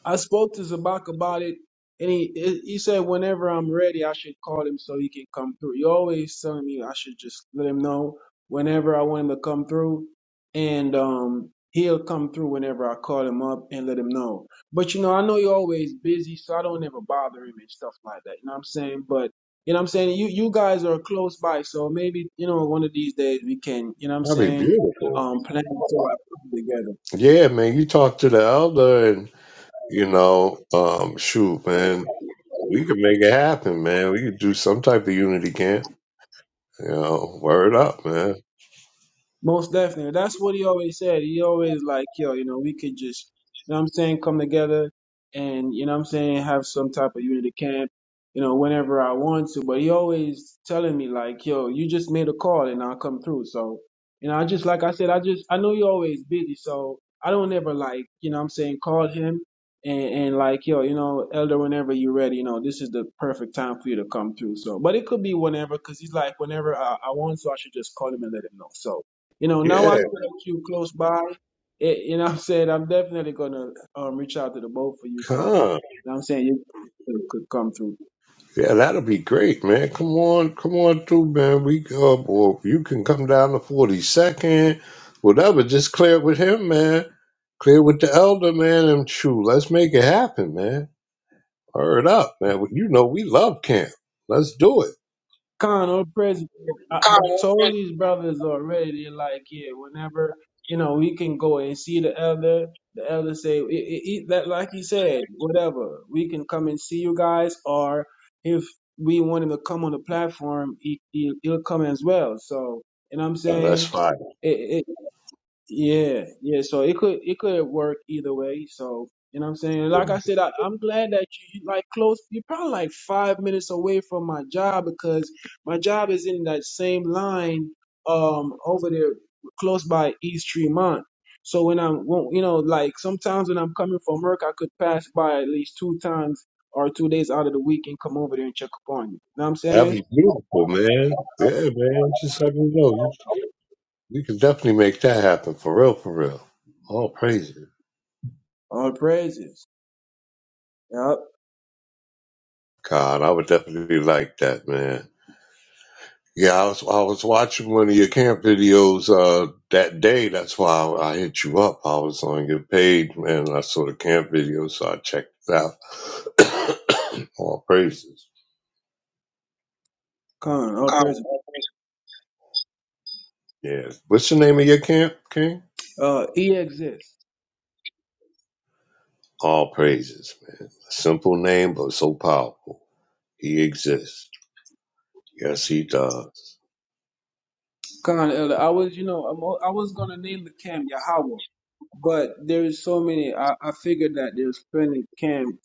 I spoke to Zabak about it, and he he said whenever I'm ready, I should call him so he can come through. He always telling me I should just let him know whenever I want him to come through, and um he'll come through whenever I call him up and let him know. But you know, I know you're always busy, so I don't ever bother him and stuff like that. You know what I'm saying? But you know what I'm saying? You you guys are close by, so maybe you know one of these days we can. You know what I'm
That'd be
saying?
beautiful.
Um, plan to together.
Yeah, man. You talk to the elder, and you know, um, shoot, man, we could make it happen, man. We could do some type of unity camp. You know, word up, man.
Most definitely. That's what he always said. He always like, yo, you know, we could just, you know what I'm saying, come together and, you know what I'm saying, have some type of unity camp, you know, whenever I want to. But he always telling me like, yo, you just made a call and I'll come through. So, you know, I just, like I said, I just, I know you're always busy. So I don't ever like, you know what I'm saying, call him and, and like, yo, you know, elder, whenever you're ready, you know, this is the perfect time for you to come through. So, but it could be whenever, cause he's like, whenever I, I want to, I should just call him and let him know. So, you know, now I
Yeah,
know that you close by. It, you know what I'm saying? I'm definitely going to um, reach out to the both of you. So,
come.
you know what I'm saying? You could come through.
Yeah, that'll be great, man. Come on, come on through, man. We uh, or you can come down to forty second, whatever. Just clear it with him, man. Clear it with the elder, man. And true, let's make it happen, man. Hurry up, man. Well, You know we love camp. Let's do it.
Con, old president, I, I
Oh,
told
okay.
these brothers already, they're like, yeah, whenever, you know, we can go and see the elder, the elder say, "E- e- e- that like he said, whatever, we can come and see you guys, or if we want him to come on the platform, he, he, he'll come as well. So, you know what I'm
Oh, that's
saying?
fine.
Yeah, yeah. So it could it could work either way. So you know what I'm saying. Like I said, I, I'm glad that you you, like close. You're probably like five minutes away from my job because my job is in that same line um over there close by East Tremont. So when I'm when- you know like sometimes when I'm coming from work, I could pass by at least two times or two days out of the week and come over there and check upon you. You know what I'm
That'd
saying?
be beautiful, man. Yeah, man. Just let me know. You- We can definitely make that happen for real, for real. All praise it.
All praises. Yep.
God, I would definitely like that, man. Yeah, I was I was watching one of your camp videos uh that day. That's why I, I hit you up. I was on your page, man. and I saw the camp video, so I checked it out. All praises.
Come on, all
Oh,
praises.
all praises. Yeah. What's the name of your camp, King?
Uh, he exists.
All praises, man. Simple name, but so powerful. He exists. Yes, he does.
Con Elder, I was, you know, I'm, I was gonna name the camp Yahweh, but there's so many. I, I figured that there's plenty camp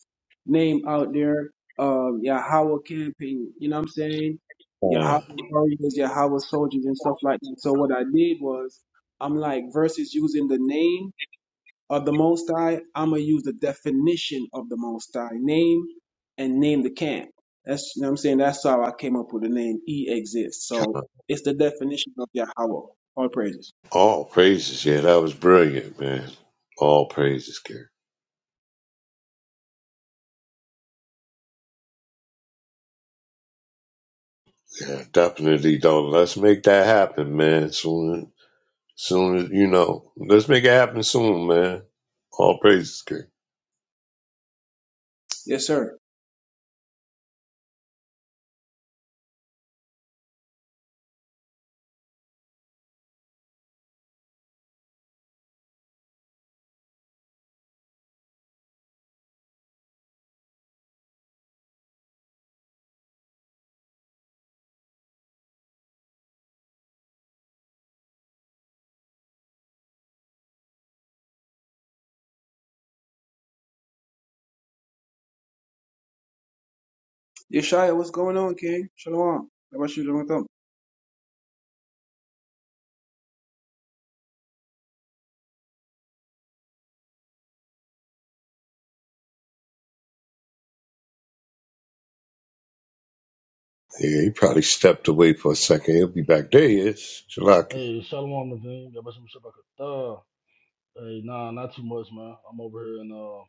name out there. Um, Yahweh camping, you know what I'm saying? Yahweh
Uh,
warriors, Yahweh soldiers, and stuff like that. So what I did was, I'm like versus using the name of the Most High, I'm gonna use the definition of the Most High name and name the camp. That's you know what I'm saying. That's how I came up with the name E exists. So it's the definition of Yahweh. All praises.
All praises. Yeah, that was brilliant, man. All praises, King. Yeah, definitely though. Let's make that happen, man. Soon, soon as you know, let's make it happen soon, man. All praises, King.
Yes, sir. Yeshaya, what's going on, King? Shalom. How about you doing with them?
Yeah, he probably stepped away for a second. He'll be back. There he is, Shalaki.
Hey, Shalom Levine. Yeah, but you must shop Hey, nah, not too much, man. I'm over here in uh,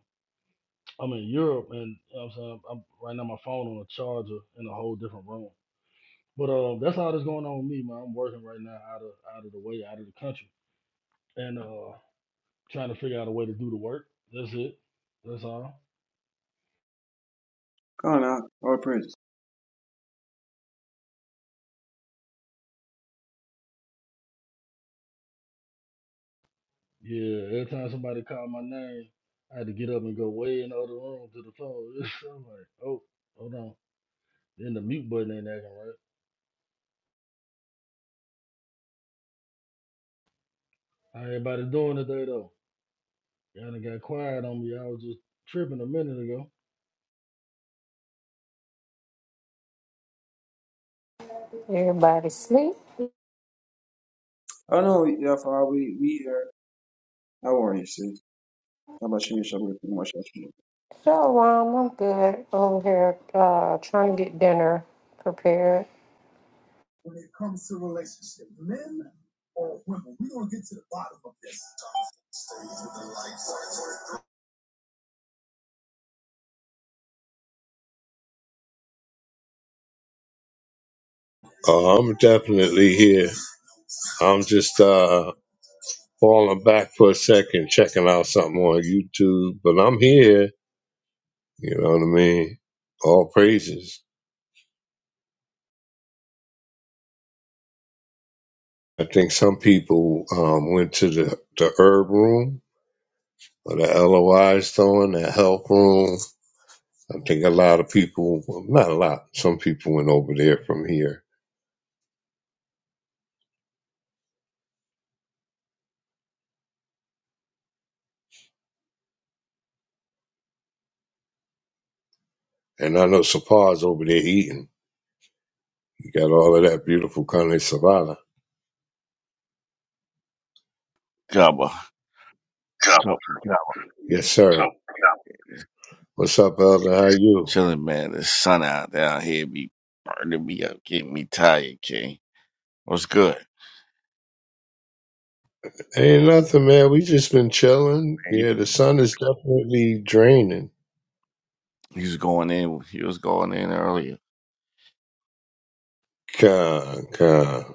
I'm in Europe, and you know what I'm saying I'm right now. My phone on a charger in a whole different room. But uh, that's all that's going on with me, man. I'm working right now out of out of the way, out of the country, and uh, trying to figure out a way to do the work. That's it. That's all.
Come on out. All praises.
Yeah. Every time somebody called my name, I had to get up and go way in the other room to the phone. So I'm like, oh, hold on. Then the mute button ain't acting right. How everybody doing today though? Y'all done got quiet on me. I was just tripping a minute ago.
Everybody sleep.
Oh no, Yahweh, we we here. How are you, sis? How about you, Yeshaya? What's your name?
Shalom, I'm good over here uh, trying to get dinner prepared.
Uh, I'm definitely here. I'm just uh falling back for a second, checking out something on YouTube, but I'm here. You know what I mean? All praises. I think some people um, went to the the herb room or the LOI is throwing, that health room. I think a lot of people, well, not a lot, some people went over there from here. And I know Sapar's over there eating. You got all of that beautiful carne savada.
Jabba.
Yeah.
Jabba. Jabba.
Yes, sir. Yeah. What's up, Elder? How you?
Chilling, man. The sun out down here be burning me up, getting me tired, King. What's good?
Ain't nothing, man. We just been chilling.
Man,
Yeah,
you-
the sun is definitely draining.
He was going in. He was going in earlier.
Con, con.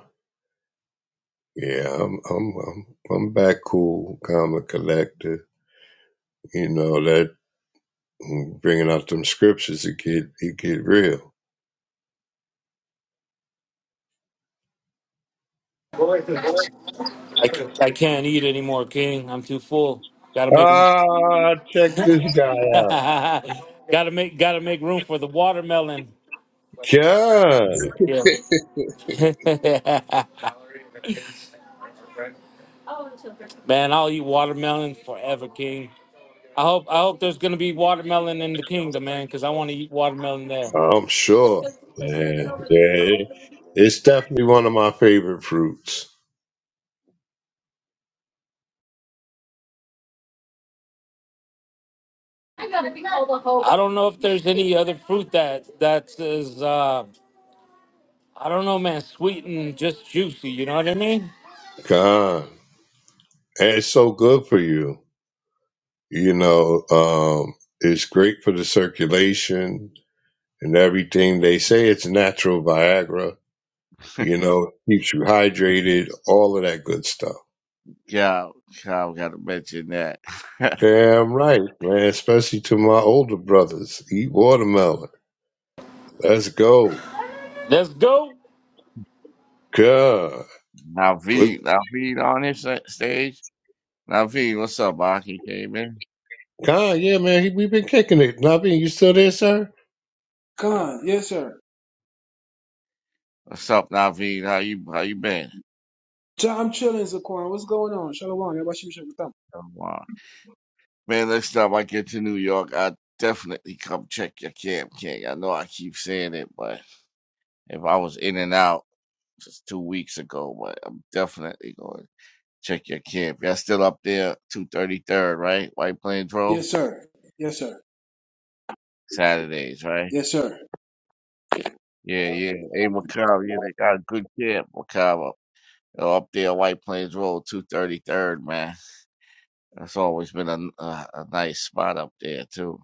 Yeah, I'm, I'm, I'm, I'm back cool, calm and collected. You know, let Bringing out them scriptures, it get it get real.
I, ca- I can't eat anymore, King. I'm too full. Gotta make
Ah, check this guy out.
gotta make gotta make room for the watermelon.
God,
Yeah. man, I'll eat watermelon forever, King. I hope I hope there's gonna be watermelon in the kingdom, man, because I want to eat watermelon there.
I'm sure. Yeah, yeah. It's definitely one of my favorite fruits.
I don't know if there's any other fruit that that is uh I don't know, man, sweet and just juicy. You know what I mean?
God, and it's so good for you. You know, um, it's great for the circulation and everything. They say it's natural Viagra. You know, keeps you hydrated, all of that good stuff.
Yeah, I gotta mention that.
Damn right, man. Especially to my older brothers. Eat watermelon. Let's go.
Let's go.
God.
now,
But-
V, now V on this stage. Naveed, what's up, Aki? Came in.
God, yeah, man. He, we been kicking it. Nabi, you still there, sir?
Come on, yes, sir.
What's up, Naveed? How you how you been?
Ja- I'm chilling, Zaquan. What's going on? Shalom. How about you, Yeshaya?
Um, uh, man, next time I get to New York, I definitely come check your camp, King. I know I keep saying it, but if I was in and out just two weeks ago, but I'm definitely going to check your camp. Y'all still up there, two thirty third, right? White Plains Road,
Yes, sir. Yes, sir.
Saturdays, right?
Yes, sir.
Yeah, yeah. Hey, Macau, yeah, they got a good camp, Macau. Up up there, White Plains Road, two thirty third, man. That's always been a, a, a nice spot up there too.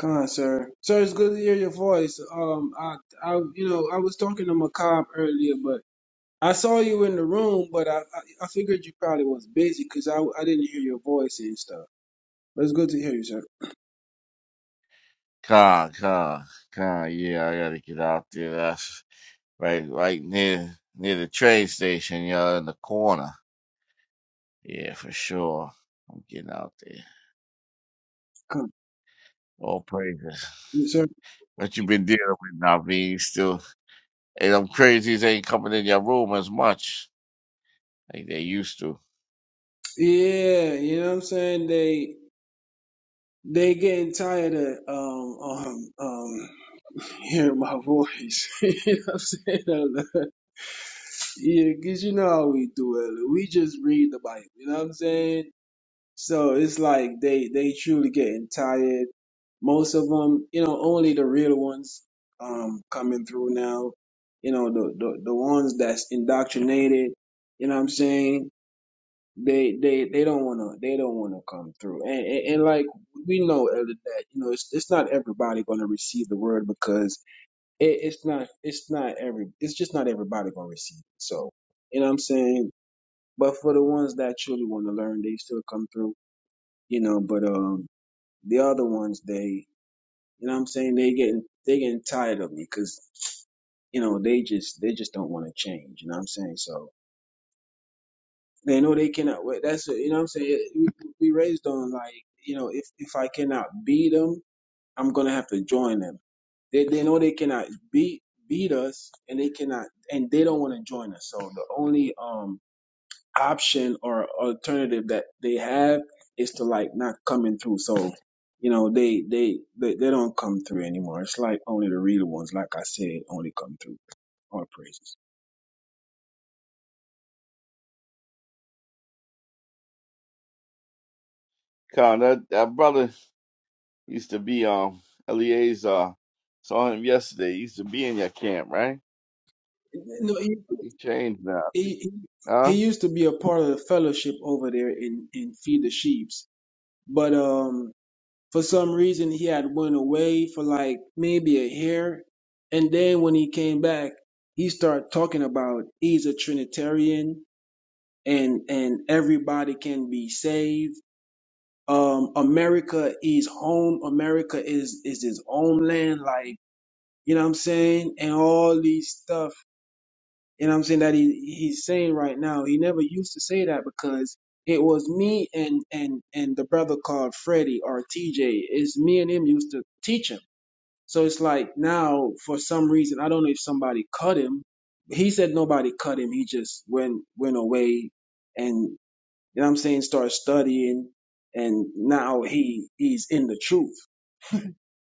Come on, sir. Sir, it's good to hear your voice. Um, I, I, you know, I was talking to Macab earlier, but I saw you in the room, but I, I, I figured you probably was busy because I, I didn't hear your voice and stuff. But it's good to hear you, sir.
Con, con, con. Yeah, I gotta get out there. That's right, right near near the train station. Yeah, in the corner. Yeah, for sure. I'm getting out there.
Come,
All praises.
yes, sir.
What you been dealing with, Naveen? Still, hey, them crazies ain't coming in your room as much like they used to.
Yeah, you know what I'm saying. They, they getting tired of um, um, um, hearing my voice. you know what I'm saying? Yeah, 'cause you know how we do it. We just read the Bible. You know what I'm saying? So it's like they they truly getting tired. Most of them, you know, only the real ones um coming through now. You know, the the, the ones that's indoctrinated. You know what I'm saying? They they they don't wanna they don't wanna come through. And and, and like we know Elder, that you know it's it's not everybody gonna receive the word because it, it's not it's not every it's just not everybody gonna receive it. So you know what I'm saying. But for the ones that truly want to learn, they still come through you know. But um, the other ones, they, you know what I'm saying? They getting, they getting tired of me because, you know, they just, they just don't want to change. You know what I'm saying? So they know they cannot wait. That's, what- you know what I'm saying? We, we raised on like, you know, if, if I cannot beat them, I'm going to have to join them. They, they know they cannot beat, beat us and they cannot, and they don't want to join us. So the only, um, option or alternative that they have is to like not coming through. So, you know, they they they, they don't come through anymore. It's like only the real ones, like I said, only come through All praises.
Con, that, that brother used to be um Eleazar. Saw him yesterday. He used to be in your camp, right?
No,
He changed now.
he he he
Huh?
used to be a part of the fellowship over there in in feed the sheeps, but um for some reason he had went away for like maybe a year, and then when he came back, he started talking about he's a Trinitarian and and everybody can be saved. Um, America is home. America is is his homeland. Like you know what I'm saying, and all these stuff. You know what I'm saying that he he's saying right now. He never used to say that because it was me and and and the brother called Freddie or TJ. It's me and him used to teach him. So it's like now for some reason I don't know if somebody cut him. He said nobody cut him. He just went went away and. You know what I'm saying? Start studying and now he he's in the truth.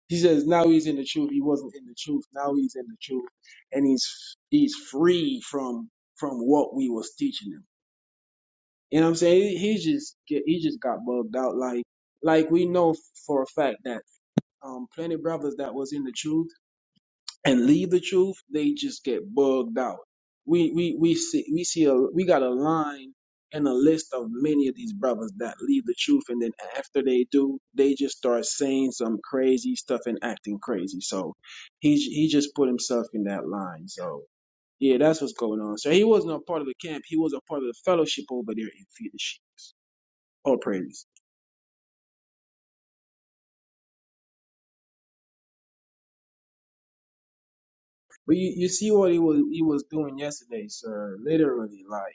He says now he's in the truth. He wasn't in the truth. Now he's in the truth. And he's he's free from from what we was teaching him. You know what I'm saying? He, he just get he just got bugged out like like we know for a fact that um plenty of brothers that was in the truth and leave the truth, they just get bugged out. We we we see we see a we got a line and a list of many of these brothers that leave the truth, and then after they do, they just start saying some crazy stuff and acting crazy. So he j- he just put himself in that line. So yeah, that's what's going on. So he wasn't a part of the camp. He was a part of the fellowship over there in Feed the Sheep. All praise. But you, you see what he was he was doing yesterday, sir. Literally, like.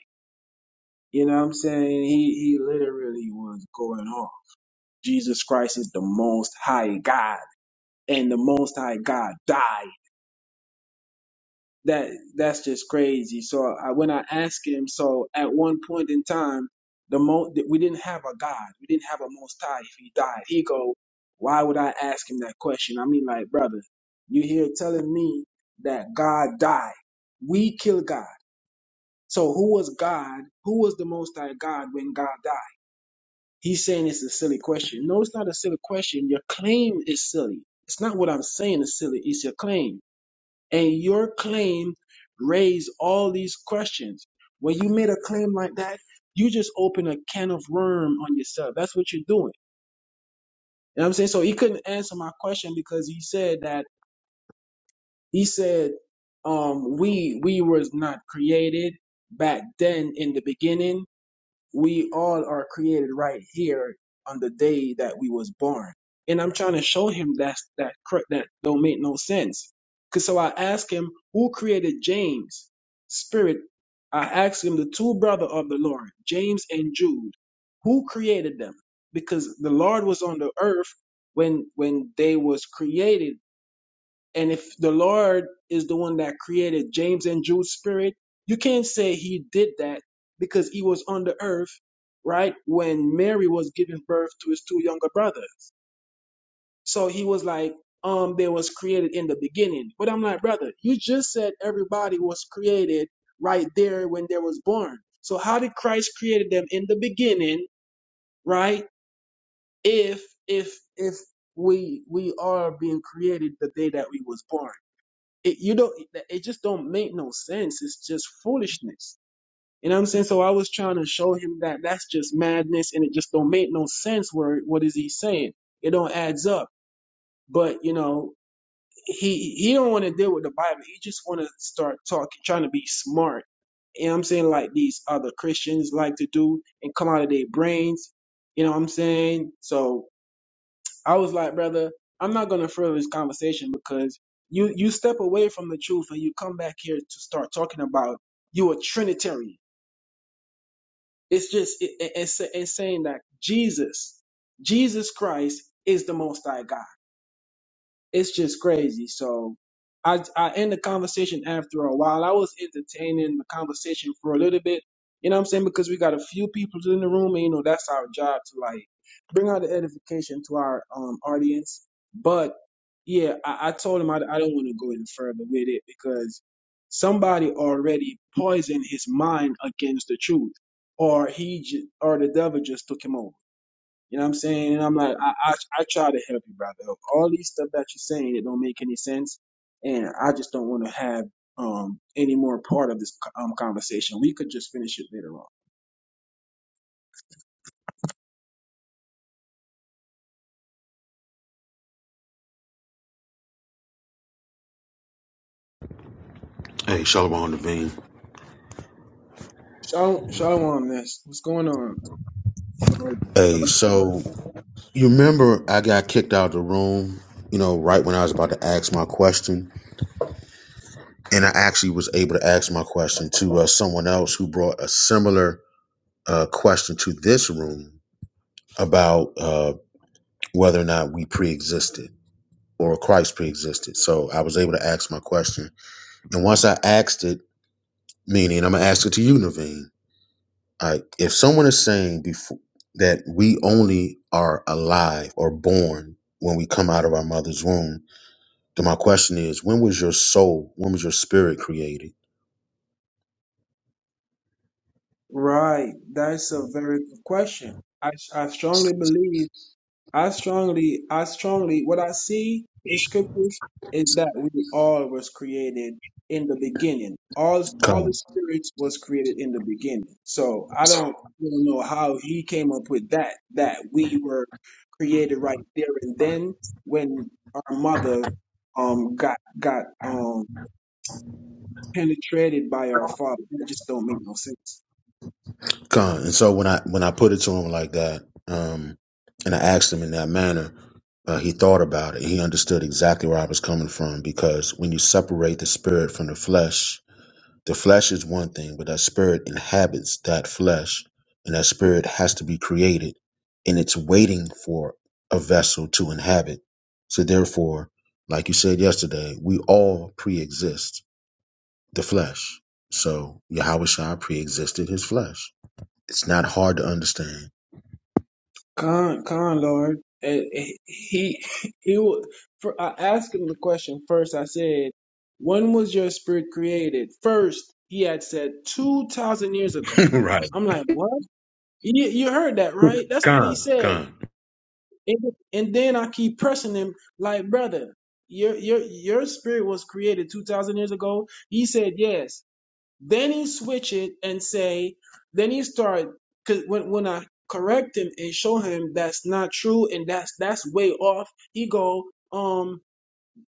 You know what I'm saying? He he literally was going off. Jesus Christ is the most high God and the most high God died. That that's just crazy. So I, when I asked him, so at one point in time, the mo we didn't have a God. We didn't have a most high if he died. He go, why would I ask him that question? I mean like, brother, you here telling me that God died. We kill God. So who was God? Who was the most high God when God died? He's saying it's a silly question. No, it's not a silly question. Your claim is silly. It's not what I'm saying is silly. It's your claim. And your claim raised all these questions. When you made a claim like that, you just open a can of worm on yourself. That's what you're doing. You know what I'm saying? So he couldn't answer my question because he said that he said um we we was not created back then in the beginning we all are created right here on the day that we was born and i'm trying to show him that's that cor- that don't make no sense because so i ask him who created james spirit i ask him the two brother of the lord james and jude who created them because the lord was on the earth when when they was created and if the Lord is the one that created James and Jude's spirit, you can't say he did that because he was on the earth, right? When Mary was giving birth to his two younger brothers. So he was like, um, they was created in the beginning. But I'm like, brother, you just said everybody was created right there when they was born. So how did Christ created them in the beginning, right? If if if we we are being created the day that we was born. It, you don't, it just don't make no sense. It's just foolishness. You know what I'm saying? So I was trying to show him that that's just madness and it just don't make no sense. Where, what is he saying? It don't adds up. But, you know, he, he don't want to deal with the Bible. He just want to start talking, trying to be smart you know what I'm saying, like these other Christians like to do and come out of their brains. You know what I'm saying? So I was like, brother, I'm not gonna further this conversation because you you step away from the truth and you come back here to start talking about you a Trinitarian. It's just it, it- it's, it's saying that Jesus, Jesus Christ is the Most High God it's just crazy. So I I end the conversation after a while. I was entertaining the conversation for a little bit. You know what I'm saying? Because we got a few people in the room and you know that's our job to like bring out the edification to our um audience. But yeah, I, I told him I, I don't want to go any further with it because somebody already poisoned his mind against the truth. Or he j- or the devil just took him over. You know what I'm saying? And I'm like, I, I, I try to help you, brother. All these stuff that you're saying, it don't make any sense. And I just don't want to have um any more part of this um conversation. We could just finish it later on.
Hey, Shalom Devine.
Shalom, shalom, this. What's going on, Lord?
Hey, so You remember I got kicked out of the room, you know, right when I was about to ask my question. And I actually was able to ask my question to uh, someone else who brought a similar uh, question to this room about uh, whether or not we pre existed or Christ pre existed. So I was able to ask my question. And once I asked it, meaning I'm going to ask it to you, Naveen. All right, if someone is saying before that we only are alive or born when we come out of our mother's womb, Then my question is, when was your soul, when was your spirit created?
Right. That's a very good question. I, I strongly believe I strongly, I strongly, what I see in scriptures is that we all was created in the beginning. All, all the
Come.
spirits was created in the beginning. So I don't, don't know how he came up with that, that we were created right there and then when our mother, um, got, got, um, penetrated by our father. That just don't make no sense.
Come. And so when I when I put it to him like that, um, and I asked him in that manner, uh, he thought about it. He understood exactly where I was coming from because when you separate the spirit from the flesh, the flesh is one thing, but that spirit inhabits that flesh, and that spirit has to be created, and it's waiting for a vessel to inhabit. So therefore, like you said yesterday, we all pre-exist the flesh. So Yahweh Shah pre-existed his flesh. It's not hard to understand.
Con, con Lord, Uh, he he will. For I asked him the question first. I said, "When was your spirit created?" First, he had said two thousand years ago.
right.
I'm like, "What? You, you heard that right? That's what he
Gone.
said."
Gone.
And, and then I keep pressing him, like, "Brother, your your your spirit was created two thousand years ago." He said, "Yes." Then he switch it and say, then he start because when when I correct him and show him that's not true and that's that's way off, he go um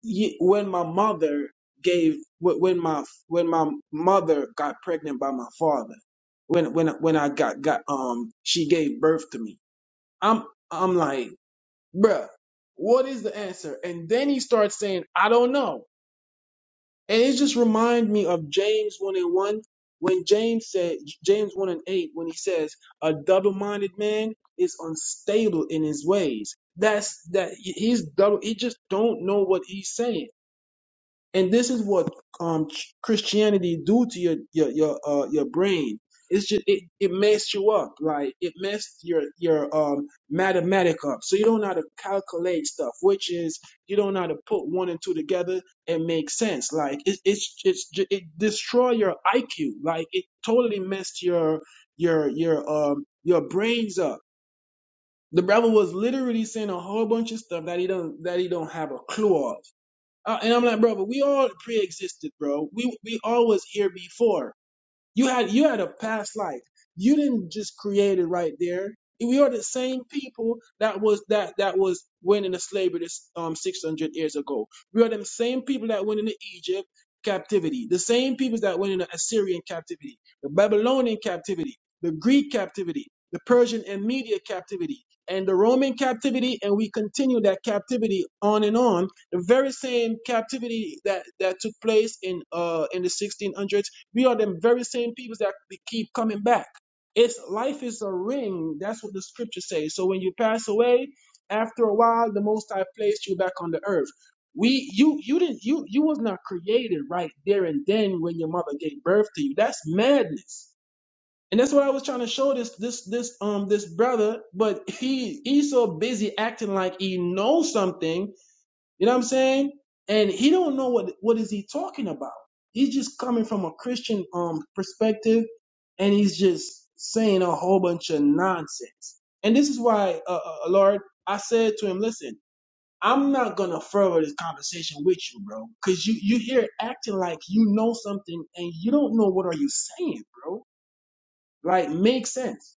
ye, when my mother gave wh- when my when my mother got pregnant by my father when when when I got got um she gave birth to me. I'm I'm like bruh, what is the answer? And then he starts saying I don't know. And it just reminds me of James 1 and 1 when James said, James 1 and 8, when he says, a double minded man is unstable in his ways. That's that he's double, he just don't know what he's saying and this is what um ch- Christianity do to your your your uh, your brain. It's just it it messed you up, like it messed your your um mathematic up. So you don't know how to calculate stuff, which is you don't know how to put one and two together and make sense. Like it, it's it's ju- it destroy your IQ. Like it totally messed your your your um your brains up. The brother was literally saying a whole bunch of stuff that he don't that he don't have a clue of uh, and I'm like, bro, but we all pre-existed, bro. We we always here before. You had you had a past life. You didn't just create it right there. We are the same people that was that that was went into slavery this um six hundred years ago. We are them same people that went into Egypt captivity. The same people that went into Assyrian captivity, the Babylonian captivity, the Greek captivity, the Persian and Media captivity, and the Roman captivity, and we continue that captivity on and on. The very same captivity that that took place in uh in the 1600s we are them very same people that we keep coming back. It's life is a ring. That's what the scripture says. So when you pass away, after a while, the Most High placed you back on the earth. We, you, you didn't, you, you was not created right there and then when your mother gave birth to you. That's madness. And that's what I was trying to show this, this, this, um, this brother. But he, he's so busy acting like he knows something you know what I'm saying? And he don't know what what is he talking about. He's just coming from a Christian um perspective, and he's just saying a whole bunch of nonsense. And this is why, uh, uh, uh, Lord, I said to him, "Listen, I'm not gonna further this conversation with you, bro, because you you here acting like you know something and you don't know what are you saying, bro. Like, make sense."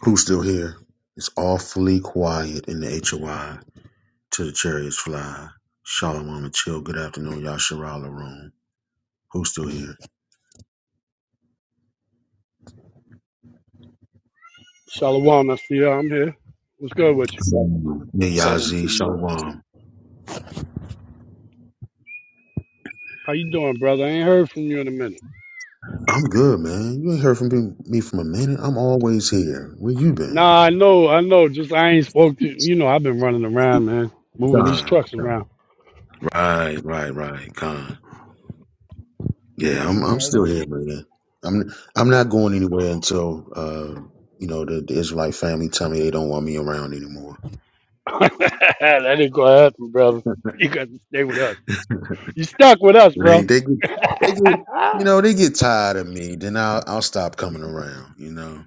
Who's still here? It's awfully quiet in the HOI till the chariots fly. Shalom and chill. Good afternoon, Yasharal room. Who's still here?
Shalom, I see you. I'm here. What's good with you?
Southern,
Hey,
Southern
Yazi,
Kingdom.
Shalom.
How you doing, brother? I ain't heard from you in a minute.
I'm good, man. You ain't heard from me me from a minute. I'm always here. Where you been?
Nah, I know, I know. Just I ain't spoke to you know. I've been running around, man, moving these
Gone.
trucks around.
Right, right, right. con.
What
Yeah, I'm
happened,
I'm
Myra?
still here, man. I'm I'm not going anywhere until uh you know the, the Israelite family tell me they don't want me around anymore.
that ain't gonna happen, brother. You got to stay with us. You stuck with us,
When They
bro.
they get, they get you know they get tired of me. Then I'll I'll stop coming around. You know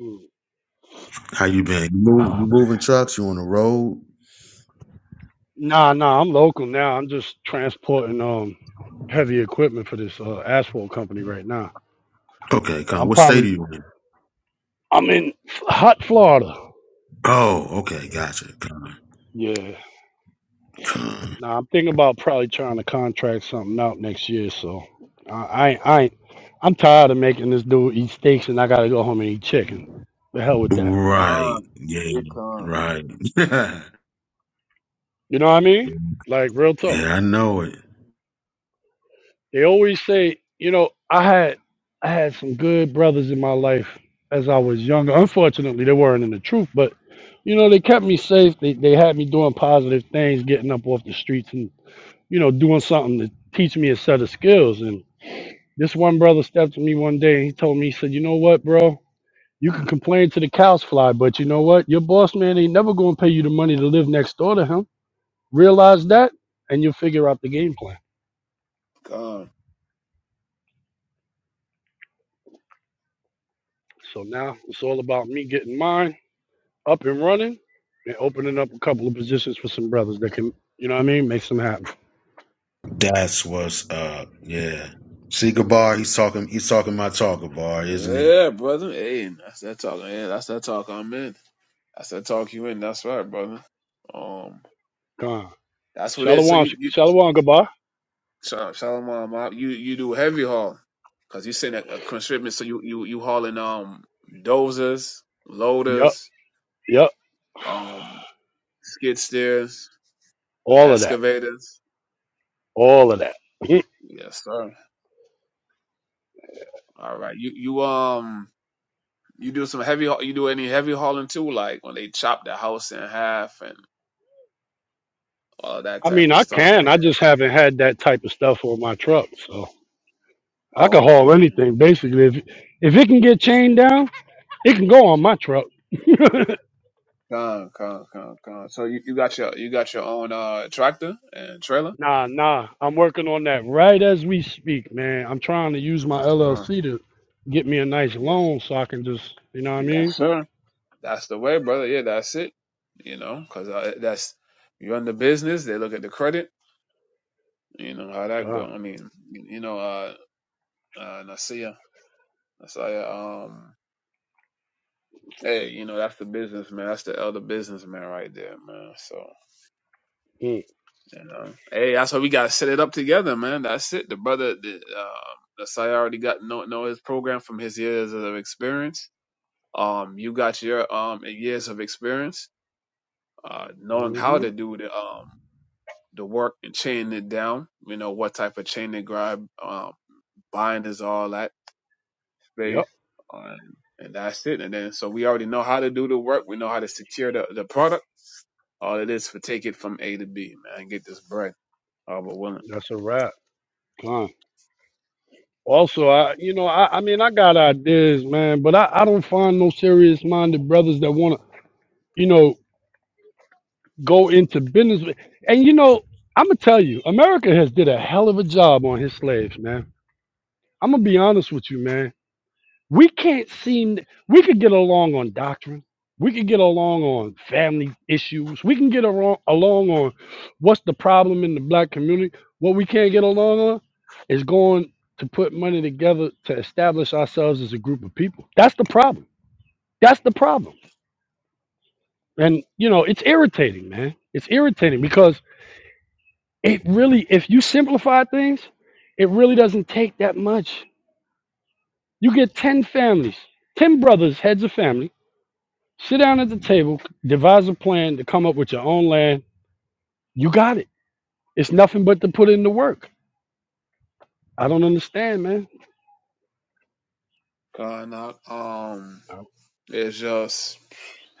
Mm.
how you been? You move you
Oh, man.
moving trucks? You on the road?
Nah, nah. I'm local now. I'm just transporting um heavy equipment for this uh, asphalt company right now.
Okay,
But
Con.
I'm
What state are
probably
you in?
I'm in hot Florida.
Oh, okay, gotcha. Con,
Yeah,
con.
Now I'm thinking about probably trying to contract something out next year. So I, I, ain't- I ain't- I'm tired of making this dude eat steaks, and I gotta go home and eat chicken. The hell with that.
Right.
Con,
Yeah.
big con,
Right. yeah,
You know what I mean? Like real talk.
I know it.
They always say, you know, I had, I had some good brothers in my life as I was younger. Unfortunately, they weren't in the truth, but you know, they kept me safe. They, they had me doing positive things, getting up off the streets, and you know, doing something to teach me a set of skills. This one brother stepped to me one day and he told me, he said, You know what, bro? You can complain to the cows fly, but you know what? Your boss man ain't never gonna pay you the money to live next door to him. Realize that and you'll figure out the game plan.
con.
So now it's all about me getting mine up and running and opening up a couple of positions for some brothers that can, you know what I mean, make some happen.
That's what's up. Yeah. See, Gabar, he's talking. He's talking my talk, Gabar, isn't he?
Yeah, brother. Hey, that's that talk. Yeah, that's that talk I'm in. That's that talk you in. That's right, brother. Um,
Gone.
that's what it is. So
Shalom, sh-
you, you
shalom, goodbye.
Sha- Shalom, um, uh, you you do heavy haul because you send a, a constrictment. So you you you hauling um dozers,
Yup,
loaders,
yup.
um skid steers,
All of that.
excavators.
All of that.
Yes, sir. All right. You you um you do some heavy. haul- You do any heavy hauling too, like when they chop the house in half uh, that
I
type
mean,
of
I
stuff
can.
like
I
that.
just haven't had that type of stuff on my truck. So. I can
Oh,
haul
okay.
anything basically. If if it can get chained down, it can go on my truck.
Con, con, con, con. So you, you got your you got your own uh tractor and trailer?
nah, nah. I'm working on that right as we speak, man. I'm trying to use my
Yes, sir.
LLC to get me a nice
Yes,
loan so I can just, you know what I
yes,
mean?
sir. That's the way, brother. Yeah, that's it. You know, 'cause uh, that's you run the business. They look at the credit. You know how that go.
God.
I mean, you, you know, uh, uh, Nasia, Nasia. Um, hey, you know that's the businessman. That's the elder businessman right there, man. So. You know? Hey, that's why we gotta set it up together, man. That's it. The brother, the uh, the side already got know know his program from his years of experience. Um, you got your um years of experience, uh, knowing how
Mm-hmm.
to do the um the work and chain it down. You know what type of chain to grab, um, binders, all that space,
Yep.
um, and that's it. And then so we already know how to do the work. We know how to secure the the product. All it is for take it from A to B, man. Get this bread. All but willing.
That's a wrap. God. Also, I, you know, I, I mean, I got ideas, man, but I, I don't find no serious minded brothers that want to, you know. go into business. And you know, I'm gonna tell you, America has did a hell of a job on his slaves, man. I'm gonna be honest with you, man. We can't seem we could get along on doctrine. We could get along on family issues. We can get along, along on what's the problem in the black community. What we can't get along on is going to put money together to establish ourselves as a group of people. That's the problem. That's the problem. And you know, it's irritating, man. It's irritating because It really, if you simplify things, it really doesn't take that much. You get 10 families, 10 brothers, heads of family, sit down at the table, devise a plan to come up with your own land. You got it. It's nothing but to put in the work. I don't understand, man.
God, nah, um. It's just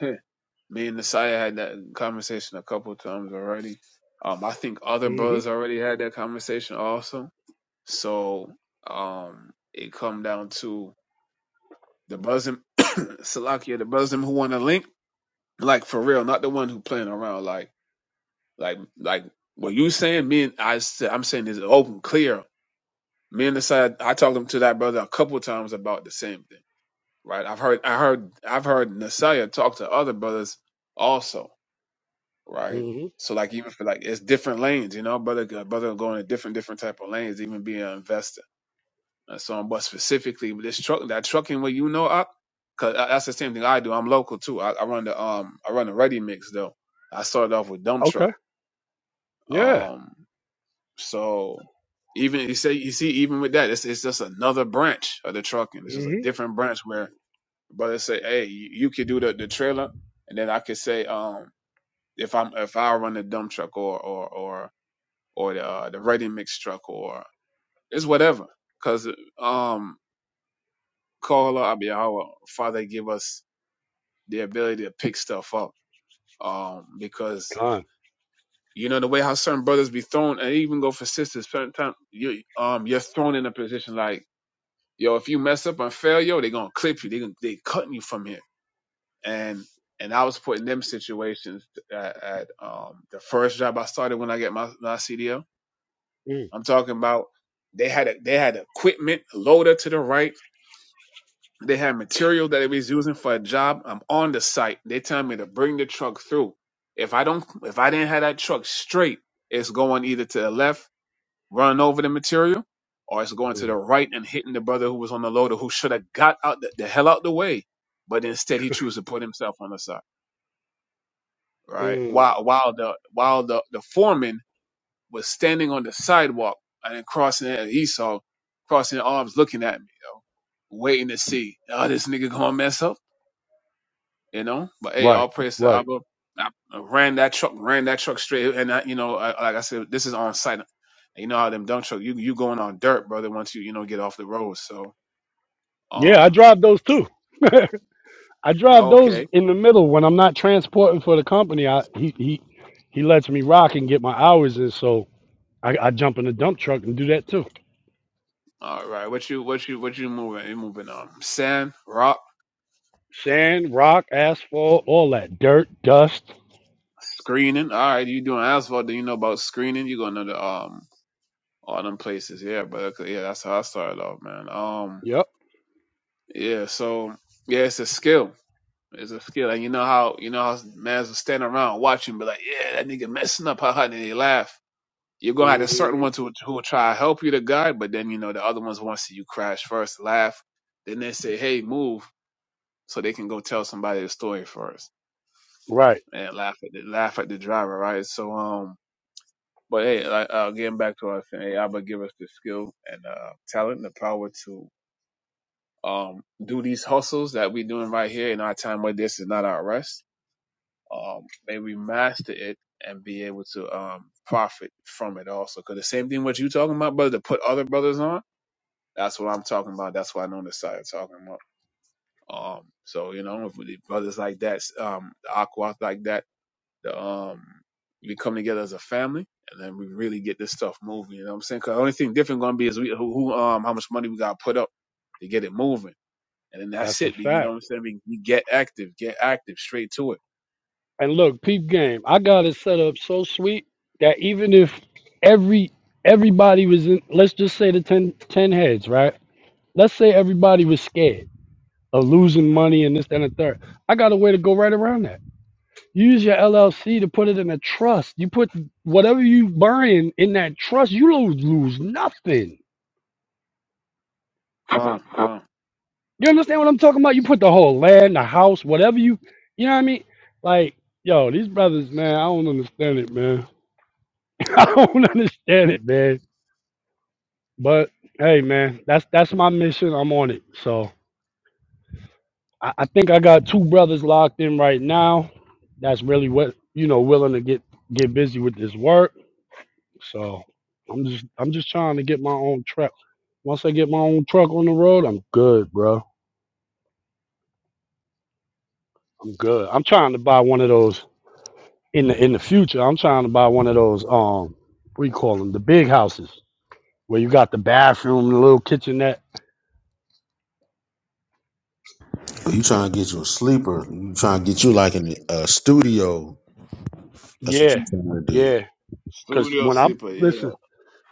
me and Nasiah had that conversation a couple times already. Um, I think other
hmm
brothers already had that conversation also. So um, it come down to the brothers, in- Salakia, the brothers in who want to link, like for real, not the one who playing around. Like, like, like what you saying? Me and I, s- I'm saying is open, clear. Me and Nasiah, I talked to that brother a couple times about the same thing. Right? I've heard, I heard, I've heard Nasiah talk to other brothers also right?
hmm
So like even for like it's different lanes, you know, brother brother going to different different type of lanes, even being an investor. And so on, but specifically with this truck that trucking where you know up, cause uh, that's the same thing I do. I'm local too. I, I run the um I run the ready mix though. I started off with dump truck.
Okay. Yeah.
Um so even you say you see even with that, it's it's just another branch of the trucking. It's just a
hmm
different branch where brother say, Hey, you, you could do the, the trailer and then I could say, um, if I'm if I run the dump truck or or or or the uh, the writing mix truck or it's whatever. Cause um Kohala Abiyawa, Father give us the ability to pick stuff up. Um because
Con.
you know the way how certain brothers be thrown and even go for sisters certain time you um you're thrown in a position like, yo, if you mess up and fail, yo, they gonna clip you. They gonna they cutting you from here. And and I was put in them situations at, at um the first job I started when I get my, my CDL
Mm,
I'm talking about they had a, they had equipment loader to the right. They had material that they was using for a job. I'm on the site. They tell me to bring the truck through. If I don't, if I didn't have that truck straight, it's going either to the left, running over the material, or it's going to the
mm,
right and hitting the brother who was on the loader who should have got out the, the hell out the way, but instead he chose to put himself on the side. Right.
mm.
While while the while the the foreman was standing on the sidewalk and crossing and he saw crossing arms looking at me, yo, waiting to see, oh, this nigga gonna mess up, you know? But hey,
Right.
all praise to
Right.
Abba. I I ran that truck, ran that truck straight, and I, you know, I, like I said, this is on site. You know how them dump truck, you you going on dirt, brother. Once you you know get off the road, so
Yeah, I
um,
drive those too. I drive those
okay,
in the middle when I'm not transporting for the company. I he he he lets me rock and get my hours in, so I, I jump in the dump truck and do that too.
all right. What you what you what you moving? You moving on sand, rock,
Sand, rock, asphalt, all that dirt, dust.
screening. All right, you doing asphalt? Then you know about screening. You gonna know the um all them places. Yeah, but okay, yeah, that's how I started off, man. Um,
Yep.
yeah, so yeah, it's a skill. It's a skill, and you know how you know how man's will stand around watching, be like, yeah, that nigga messing up, haha, and they laugh. You're gonna have a
hmm
certain ones who who will try to help you to guide, but then you know the other ones want to see you crash first, laugh, then they say, hey, move, so they can go tell somebody the story first
Right.
and laugh at the laugh at the driver, right? So um. But hey, like, uh, getting back to what I was saying, hey, Abba give us the skill and uh, talent, and the power to um, do these hustles that we're doing right here in our time where this is not our rest. Um, may we master it and be able to um, profit from it also. Because the same thing what you talking about, brother, to put other brothers on, that's what I'm talking about. That's what I know the side of talking about. Um, so, you know, if the brothers like that, um, the aquas like that, the, um, we come together as a family and then we really get this stuff moving. You know what I'm saying? Because the only thing different going to be is we, who, who, um, how much money we got to put up to get it moving. And then that's
That's a
it. You know
fact.
what I'm saying? We, we get active, get active, straight to it.
And look, peep game. I got it set up so sweet that even if every everybody was in, let's just say the 10 10 heads, right? Let's say everybody was scared of losing money and this, that, and the third. I got a way to go right around that. Use your LLC to put it in a trust. You put whatever you buying in that trust, you lose, lose nothing.
Come, come.
You understand what I'm talking about? You put the whole land, the house, whatever you, you know what I mean? Like, yo, these brothers, man, I don't understand it, man. I don't understand it, man. But hey, man, that's that's my mission. I'm on it. So I, I think I got two brothers locked in right now. That's really what you know, willing to get get busy with this work So I'm just I'm just trying to get my own truck. Once I get my own truck on the road, I'm good, bro. I'm good. I'm trying to buy one of those in the in the future. I'm trying to buy one of those um what do you call them? The big houses where you got the bathroom, the little kitchenette.
You trying to get you a sleeper? You trying to get you like in a studio? That's what
Yeah,
you trying to do.
yeah. Cause
Studio
when I'm
sleeper, yeah.
listen,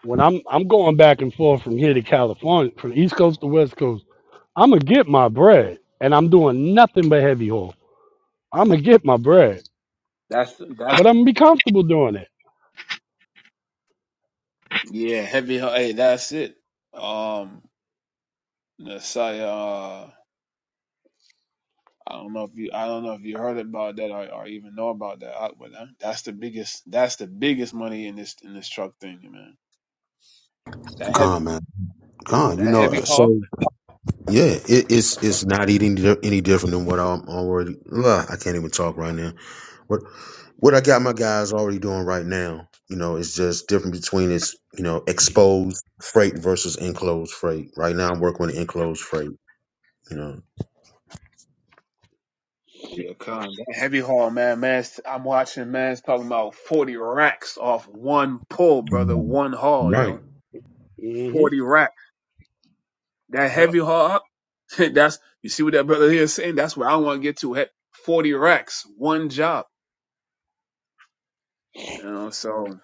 when I'm I'm going back and forth from here to California, from East Coast to West Coast, I'ma get my bread. And I'm doing nothing but heavy haul. I'ma get my bread.
That's that's
But I'm gonna be comfortable doing it.
yeah, heavy. Hey, that's it. Um, Messiah. Uh, I don't know if you I don't know if you heard about that or, or even know about that. I, but that- that's the biggest. That's the biggest money in this in this truck thing, man. That heavy.
Con man, con. You
That
know,
heavy
uh,
haul.
so yeah, it, it's it's not eating di- any different than what I'm already. Ugh, I can't even talk right now. what I got my guys already doing right now, you know, is just different between its, you know, exposed freight versus enclosed freight. Right now, I'm working with enclosed freight. You know,
Yeah, con. That heavy haul, man. Man's. I'm watching. Man's talking about forty racks off one pull, brother.
Mhm.
One haul,
Right.
yo.
Mm-hmm.
Forty racks. That
Yeah.
heavy heart, that's you see what that brother here is saying. That's where I want to get to. Heck, Forty racks, one job. You know, so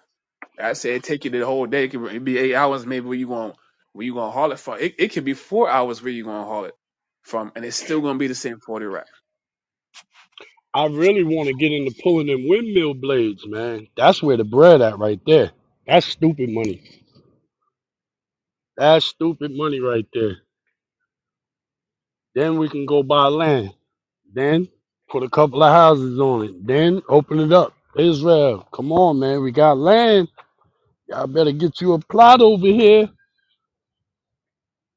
I said it take you the whole day. It could be eight hours, maybe where you going where you gonna haul it from. It it could be four hours where you gonna haul it from, and it's still gonna be the same forty racks.
I really want to get into pulling them windmill blades, man. That's where the bread at right there. That's stupid money. That's stupid money right there. Then we can go buy land. Then put a couple of houses on it. Then open it up. Israel, come on, man. We got land. Y'all better get you a plot over here.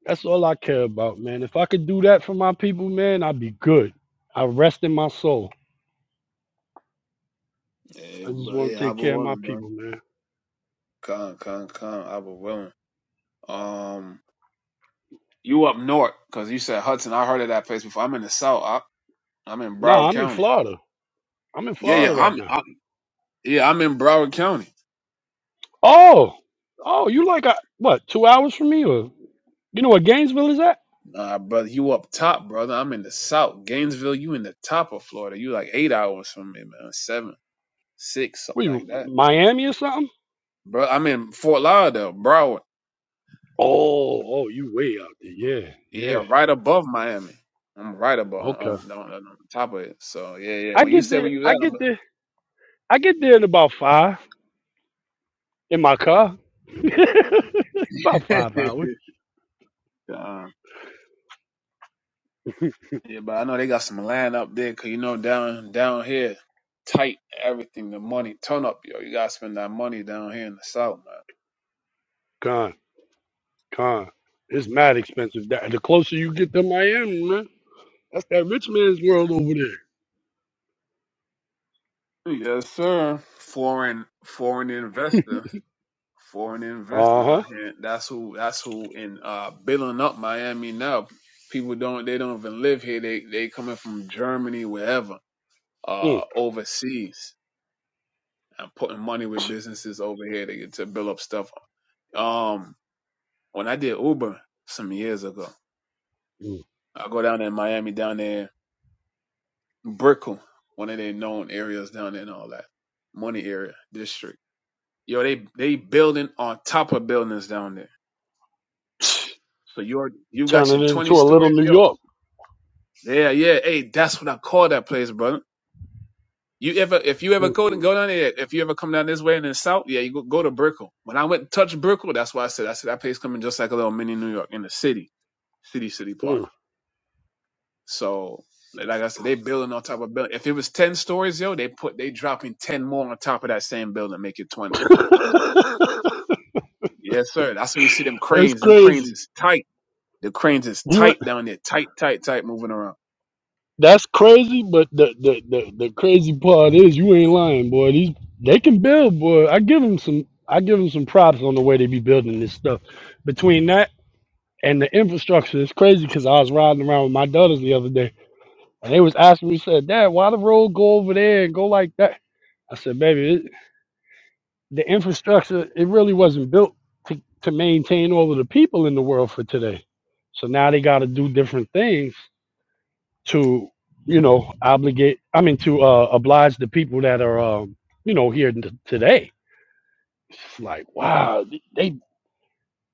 That's all I care about, man. If I could do that for my people, man, I'd be good. I rest in my soul. I
Hey,
just
but
want
hey,
to
I
take
be
care of my
willing, bro.
people, man.
Come, come, come. I be willing. Um, you up north? Cause you said Hudson. I heard of that place before. I'm in the south. I, I'm in
Nah,
Broward
I'm in
County.
Florida. I'm in
Yeah,
Florida
yeah.
right
I'm,
now.
I, yeah. I'm in Broward County.
Oh, oh, you like uh, what? Two hours from me, or you know where Gainesville is at?
Nah, brother, you up top, brother. I'm in the south. Gainesville, you in the top of Florida. You like eight hours from me, man. Seven, six,
Were
something like
you
that.
Miami or something?
Bro, I'm in Fort Lauderdale, Broward.
Oh, oh, you way out there. Yeah,
Yeah,
yeah.
right above Miami. I'm right above
Okay.
on, on, on, top of it. So yeah, yeah.
I
When you
get
said
there.
where you
I
was
get there. I get there in about five in my car. about
at, I'm
five hours.
uh, yeah, but I know they got some land up there, cause you know down down here, tight everything, the money, turn up, yo. You gotta spend that money down here in the south,
Con, con. It's mad expensive. That the closer you get to Miami, man, that's that rich man's world over there.
man. Yes, sir. Foreign foreign investor. Foreign
Uh
investors out
huh.
here. That's who. That's who in uh, building up Miami now. People don't. They don't even live here. They they coming from Germany, wherever, uh, overseas, and putting money with businesses over here to to build up stuff. Um, when I did Uber some years ago,
Mm,
I go down there in Miami, down there, Brickell, one of their known areas down there, and all that money area district. Yo, they they building on top of buildings down there.
mm.
So you are you
Turn
got your
it
twenty
into a little
stories,
New
yo
York.
Yeah, yeah. Hey, that's what I call that place, brother. You ever, if you ever
Mm-mm.
go go down there, if you ever come down this way in the south, yeah, you go, go to Brickell. When I went to touch Brickell, that's why I said, I said that place coming just like a little mini New York in the city, city, city park. So, like like I said, they building on top of building. If it was ten stories, yo, they put they dropping ten more on top of that same building, make it twenty. Yes, sir. That's how you see them
That's
cranes. Them cranes
crazy.
is tight. The cranes is
You
tight down there, tight, tight, tight, moving around.
that's crazy, but the, the the the crazy part is you ain't lying, boy. These they can build, boy. I give them some I give them some props on the way they be building this stuff. Between that and the infrastructure, it's crazy because I was riding around with my daughters the other day, and they was asking me, said, "Dad, why the road go over there and go like that?" I said, "Baby, it, the infrastructure it really wasn't built to to maintain all of the people in the world for today. So now they got to do different things to you know obligate i mean to uh oblige the people that are um you know here t- today it's like wow they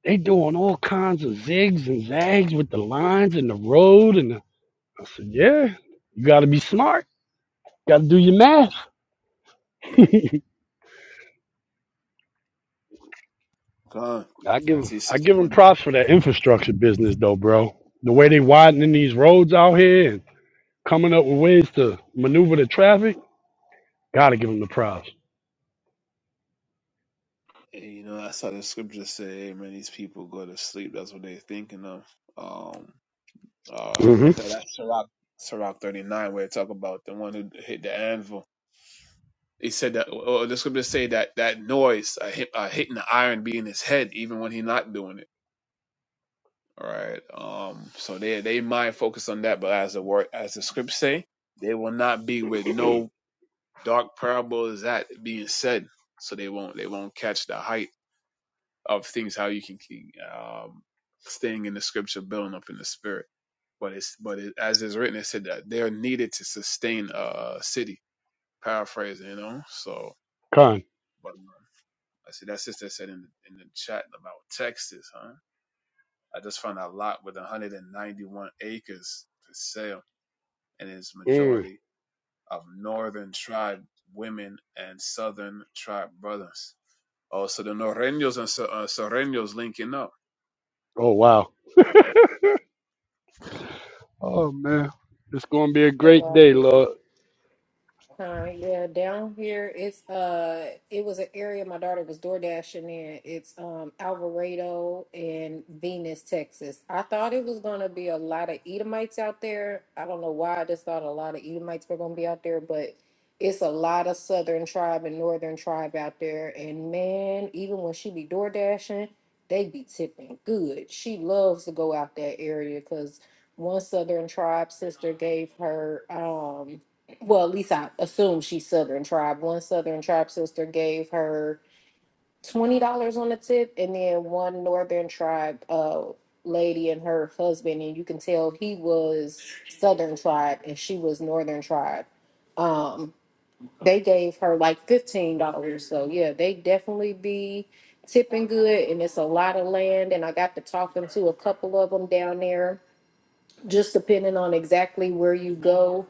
they doing all kinds of zigs and zags with the lines and the road and the, i said yeah you got to be smart got to do your math i
Come on.
give
I see
i
sister
give them
putting the
props for that infrastructure business though bro the way they widening these roads out here and coming up with ways to maneuver the traffic gotta give them the props
And, you know, that's how the scriptures say, hey, man, these people go to sleep. That's what they're thinking of. Um, uh,
mm-hmm
what's that? That's Sirach, Sirach 39, where it talk about the one who hit the anvil. He said that, or the scriptures say that that noise, uh, hit, uh, hitting the iron, be in his head, even when he's not doing it. All right. Um, so they they might focus on that, but as the word, as the scriptures say, they will not be with no dark parables that being said. So they won't they won't catch the hype of things how you can keep um, staying in the scripture, building up in the spirit. But it's but it, as is written, it said that they are needed to sustain a city. Paraphrasing, you know. So,
con
but I see that sister said in in the chat about Texas, huh? I just found a lot with 191 acres for sale, and its
mm.
majority of northern tribe women and southern tribe brothers. Also, the Norreños and Sor- uh, Soreños linking up.
oh wow Oh man, it's gonna be a great day, Lord.
Uh, yeah, down here it's uh it was an area my daughter was door dashing in. It's um Alvarado and Venus, Texas. I thought it was gonna be a lot of Edomites out there. I don't know why I just thought a lot of Edomites were gonna be out there, but it's a lot of southern tribe and northern tribe out there. And man, even when she be door dashing, they be tipping good. She loves to go out that area because one southern tribe sister gave her um well, at least I assume she's Southern Tribe. One Southern Tribe sister gave her twenty dollars on the tip, and then one Northern Tribe uh, lady and her husband, and you can tell he was Southern Tribe and she was Northern Tribe. Um, they gave her like fifteen dollars, so yeah, they definitely be tipping good, and it's a lot of land. And I got to talking to a couple of them down there just depending on exactly where you go.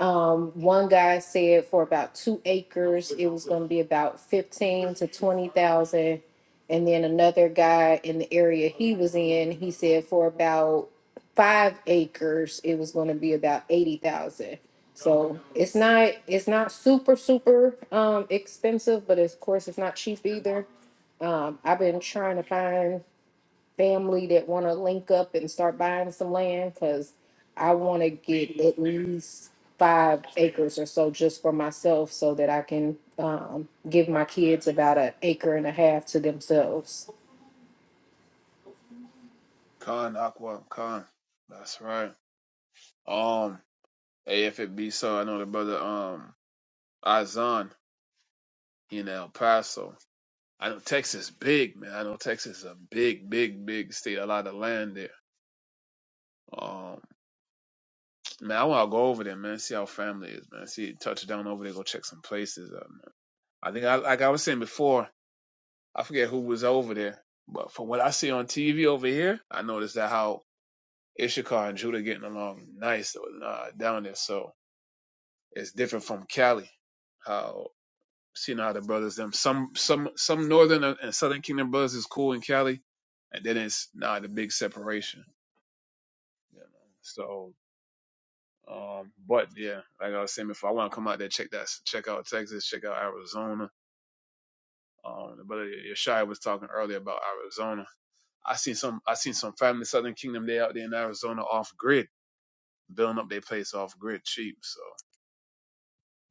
Um, one guy said for about two acres, it was gonna be about fifteen to twenty thousand. And then another guy in the area he was in, he said for about five acres, it was gonna be about eighty thousand. So it's not, it's not super, super, um, expensive, but of course, it's not cheap either. Um, I've been trying to find family that want to link up and start buying some land because I want to get at least five acres or so just for myself so that I can um, give my kids about an acre and a half to themselves.
Khan Aqua Khan. That's right. Um, hey, if it be so, I know the brother um Izan in El Paso. I know Texas big man. I know Texas is a big, big, big state. A lot of land there. Um, man, I want to go over there, man. See how family is, man. See touch down over there. Go check some places out, man. I think I like I was saying before. I forget who was over there, but from what I see on TV over here, I noticed that how Ishakar and Judah getting along nice uh, down there. So It's different from Cali. How seeing how the brothers them some some some northern and southern kingdom brothers is cool in Cali, and then it's not a big separation. You know? So, um, but yeah, like I was saying before, I want to come out there check that check out Texas, check out Arizona. Um, the brother Yeshaya was talking earlier about Arizona. I seen some I seen some family Southern Kingdom they out there in Arizona off grid, building up their place off grid cheap. So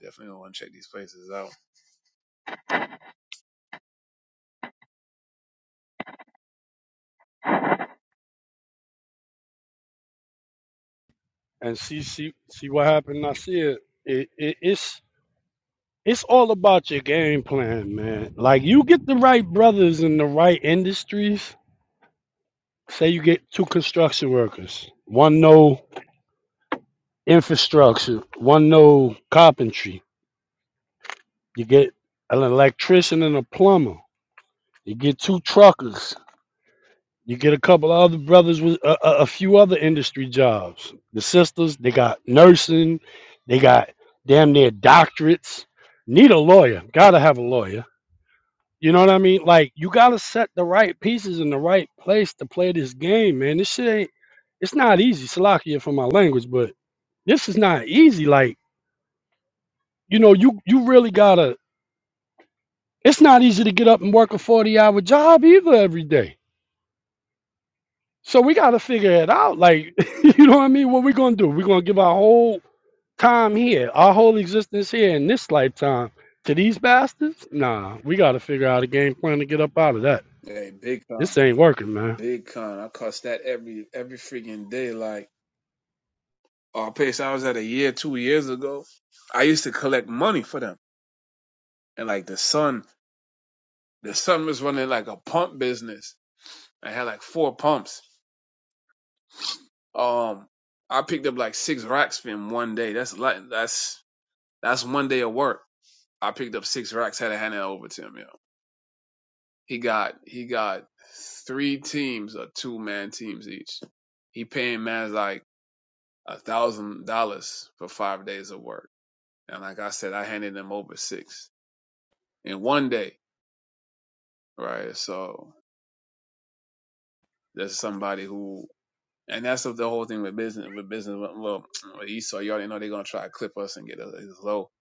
definitely want to check these places out.
And see, see, see what happened. I see it. It, it. It's it's all about your game plan, man. Like you get the right brothers in the right industries. Say you get two construction workers, one know infrastructure, one know carpentry. You get an electrician and a plumber. You get two truckers. You get a couple of other brothers with a, a, a few other industry jobs. The sisters, they got nursing, they got damn near doctorates. Need a lawyer. Gotta have a lawyer. You know what I mean? Like you gotta set the right pieces in the right place to play this game, man. This shit ain't. It's not easy. Salakia for my language, but this is not easy. Like you know, you you really gotta. It's not easy to get up and work a forty hour job either every day. So we got to figure it out. Like, you know what I mean? What we going to do? We're going to give our whole time here, our whole existence here in this lifetime to these bastards? Nah, we got to figure out a game plan to get up out of that.
Hey, big time.
This ain't working, man.
Big con. I cuss that every every freaking day. Like, oh, pace. I was at a year two years ago. I used to collect money for them, and like the son, the son was running like a pump business. I had like four pumps. Um, I picked up like six racks in one day. That's like that's that's one day of work. I picked up six racks. Had to hand it over to him. You he got he got three teams or two man teams each. He paying man's like a thousand dollars for five days of work And like I said, I handed them over six in one day, right? So there's somebody who, and that's the whole thing with business. With business, well, with Esau, you already know they're gonna try to clip us and get us low.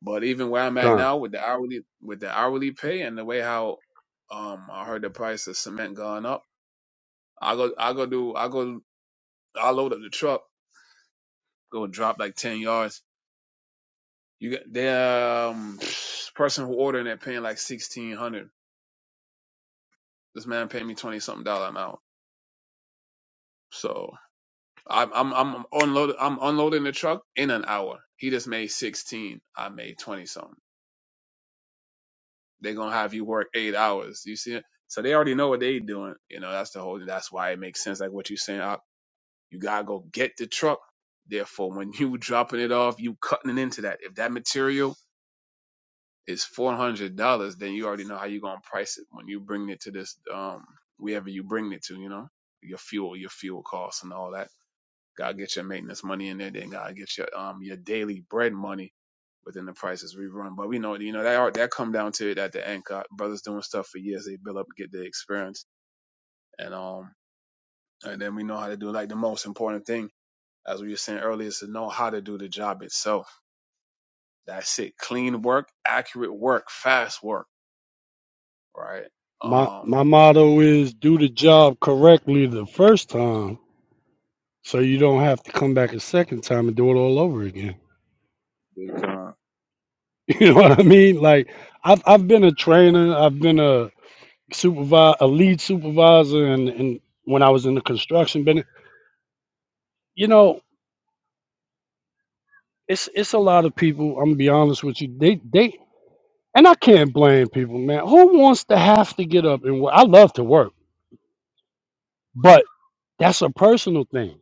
But even where I'm at
Gone.
now with the hourly, with the hourly pay and the way how, um, I heard the price of cement going up. I go, I go do, I go, I load up the truck, go drop like ten yards. You get the um, person who ordering it paying like sixteen hundred. This man paid me twenty something dollar amount. So I'm I'm I'm unloading I'm unloading the truck in an hour. He just made sixteen. I made twenty something. They're gonna have you work eight hours. You see it? So they already know what they doing. You know, that's the whole that's why it makes sense like what you're saying. Op. You gotta go get the truck. Therefore, when you dropping it off, you cutting it into that. If that material is four hundred dollars, then you already know how you gonna price it when you bring it to this um wherever you bring it to, you know? Your fuel, your fuel costs and all that God get your maintenance money in there. Then God get your um your daily bread money within the prices we run. But we know you know that are- that come down to it at the end. God, brothers doing stuff for years, they build up, and get the experience, and um and then we know how to do it. like the most important thing. As we were saying earlier, is to know how to do the job itself. That's it. Clean work, accurate work, fast work, right?
My
Um,
my motto is do the job correctly the first time so you don't have to come back a second time and do it all over again.
Con,
You know what I mean? Like I've I've been a trainer, I've been a supervisor, a lead supervisor and, and when I was in the construction business you know, it's it's a lot of people. I'm gonna be honest with you. They they and I can't blame people, man. Who wants to have to get up and work? I love to work, but that's a personal thing.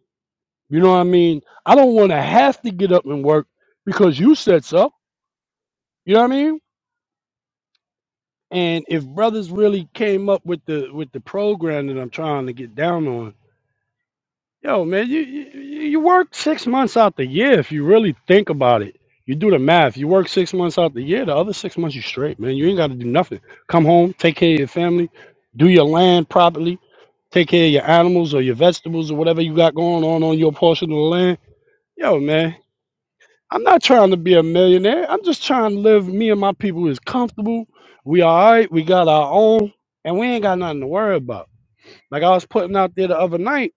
You know what I mean? I don't want to have to get up and work because you said so. You know what I mean? And if brothers really came up with the with the program that I'm trying to get down on, Yo, man, you, you you work six months out the year if you really think about it. You do the math. You work six months out the year. The other six months you straight, man. You ain't got to do nothing. Come home, take care of your family, do your land properly, take care of your animals or your vegetables or whatever you got going on on your portion of the land. Yo, man, I'm not trying to be a millionaire. I'm just trying to live. Me and my people is comfortable. We all right. We got our own, and we ain't got nothing to worry about. Like I was putting out there the other night.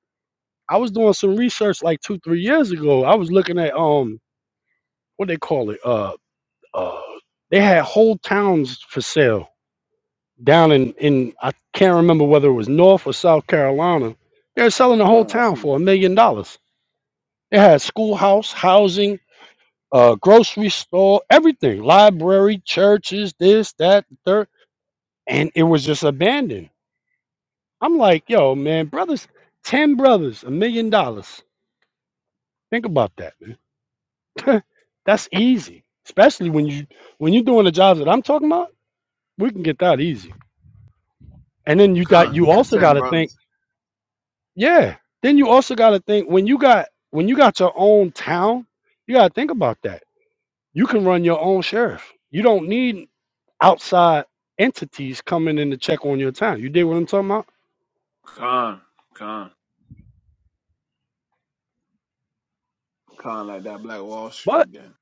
I was doing some research like two, three years ago. I was looking at um what they call it. Uh uh they had whole towns for sale down in, in I can't remember whether it was North or South Carolina. They were selling the whole
Con, I
town
see
for
that.
a million dollars. They had schoolhouse, housing, uh grocery store, everything. Library, churches, this, that, the third. And it was just abandoned. I'm like, yo, man, brothers, ten brothers, a million dollars. Think about that, That's easy, especially when you when you're doing the jobs that I'm talking about. We can get that easy. And then you got
Con,
you
uh,
also got
ten
to think,
brothers.
yeah. Then you also got to think when you got when you got your own town, you got to think about that. You can run your own sheriff. You don't need outside entities coming in to check on your town. You dig what I'm talking about?
Con, Con, Con, like that Black Wall
But
Street again.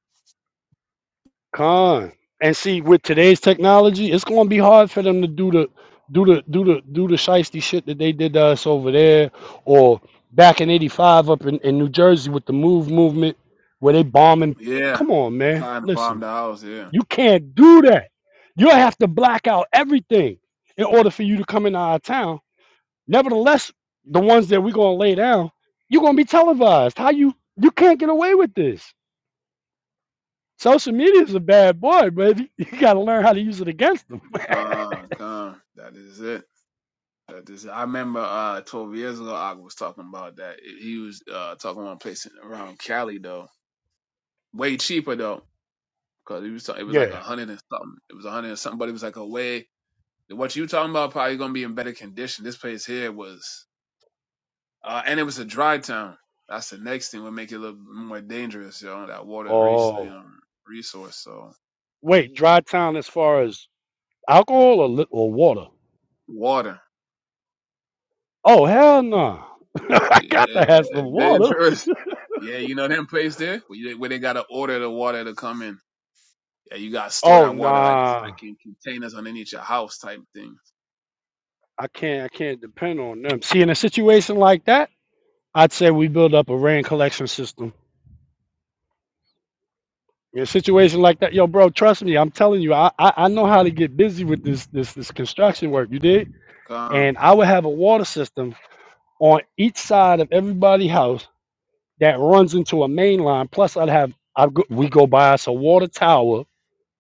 Con. And see, with today's technology, it's gonna be hard for them to do the do the do the do the shiesty shit that they did to us over there or back in eighty five up in, in New Jersey with the move movement where they bombing
Yeah.
come on man.
Kind of
Listen,
bombed the house, yeah.
you can't do that. You'll have to black out everything in order for you to come into our town. Nevertheless, the ones that we're gonna lay down, you're gonna be televised. How you you can't get away with this. Social media is a bad boy, but you, got to learn how to use it against them.
Kind, kind. That is it. That is it. I remember uh, 12 years ago, I was talking about that. He was uh, talking about a place around Cali, though. Way cheaper, though, because it was it was like a
Yeah.
hundred and something. It was a hundred and something, but it was like a way. What you talking about? Probably gonna be in better condition. This place here was, uh, and it was a dry town. That's the next thing would make it a little more dangerous, you know. That water res-
Oh.
um, resource, so
Wait, dry town as far as alcohol or li- or water?
water,
Oh hell no! I got
yeah,
to have some water.
dangerous. Yeah, you know them place there where, you, where they gotta order the water to come in. Yeah, you gotta store
Oh
that water like
nah,
like in containers underneath your house type thing.
I can't. I can't depend on them. See, in a situation like that, I'd say we build up a rain collection system. In a situation like that, yo, bro, trust me, I'm telling you, I, I, I know how to get busy with this this this construction work. You did,
Come,
and I would have a water system on each side of everybody's house that runs into a main line. Plus, I'd have I we go by us a water tower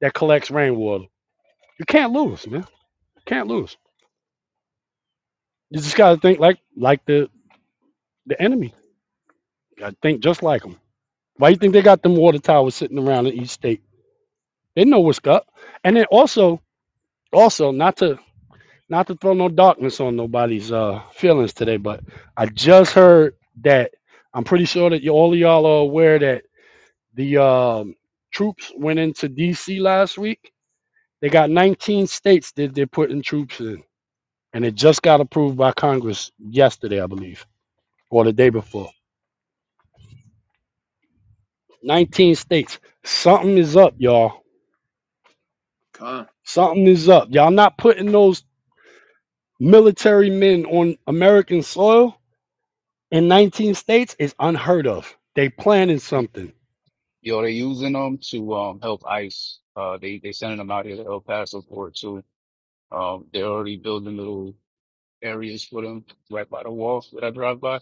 that collects rainwater. You can't lose, man. You can't lose. You just gotta think like like the the enemy. You gotta think just like them. Why you think they got them water towers sitting around in each state? They know what's up. And then also also not to not to throw no darkness on nobody's uh feelings today, but I just heard that I'm pretty sure that you, all of y'all are aware that The um, troops went into D.C. last week. They got 19 states that they're putting troops in, and it just got approved by Congress yesterday, I believe, or the day before. 19 states. Something is up, y'all.
come,
Something is up. Y'all not putting those military men on American soil in 19 states is unheard of. They planning
He-
something.
Yo, they using them to um help ICE. Uh, they they sending them out here to El Paso for it too. Um, they're already building little areas for them right by the wall that I drive by.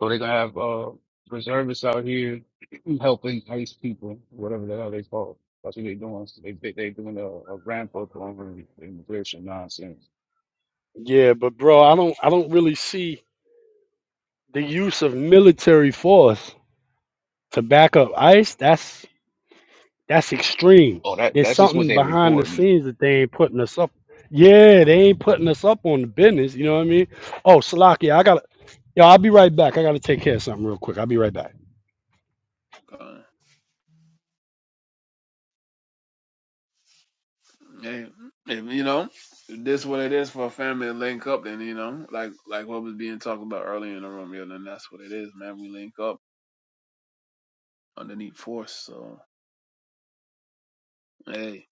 So they're gonna have uh reservists out here helping ICE people, whatever the hell they call. it. That's what they are doing. They they they doing a, a ramp up on immigration nonsense.
Yeah, but bro, I don't I don't really see the use of military force to back up ICE. That's That's extreme.
Oh, that
There's
that's just what
something
they
behind the
report.
scenes that they ain't putting us up. Yeah, they ain't putting us up on the business. You know what I mean? Oh, Salaki, I gotta. Yo, I'll be right back. I gotta take care of something real quick. I'll be right back.
come. Yeah, if, you know if this what it is for a family to link up. Then you know like like what was being talked about earlier in the room. Yeah, then that's what it is, man. We link up underneath force. So hey,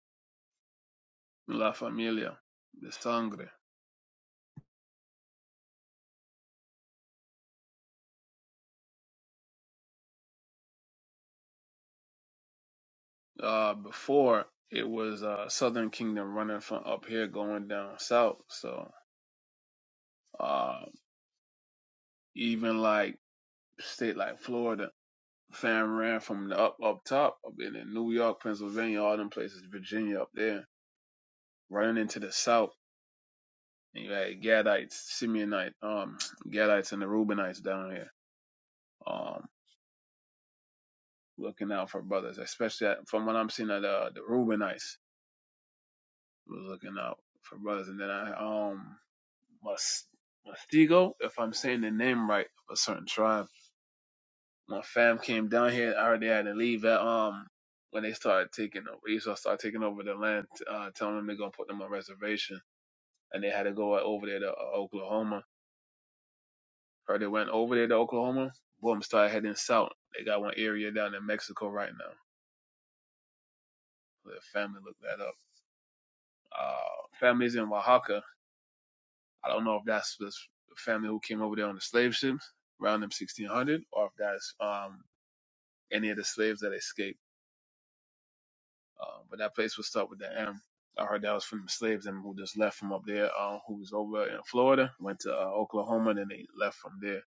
la familia, the sangre. Uh, before it was uh Southern Kingdom running from up here going down south. So. Uh, Even like state like Florida, fam ran from the up up top up in in New York, Pennsylvania, all them places, Virginia up there, running into the south. And you had Gadites, Simeonite, um, Gadites and the Reubenites down here, um, looking out for brothers, especially at, from what I'm seeing at uh, the Reubenites was looking out for brothers. And then I um Mustigo, if I'm saying the name right, of a certain tribe my fam came down here. I already had to leave at um when they started taking over. Esau started taking over the land, uh, telling them they're gonna put them on reservation, and they had to go over there to uh, Oklahoma. Heard they went over there to Oklahoma. Boom, started heading south. They got one area down in Mexico right now. The family looked that up. Uh, families in Oaxaca. I don't know if that's the family who came over there on the slave ships around them 1600, or if that's um any of the slaves that escaped Uh, but that place was start with the M. I heard that was from the slaves and who just left from up there, uh, who was over in Florida, went to uh, Oklahoma, and then they left from there.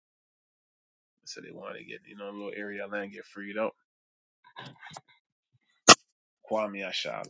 So they wanted to get, you know, a little area of land, get freed up. Kwame Ashala.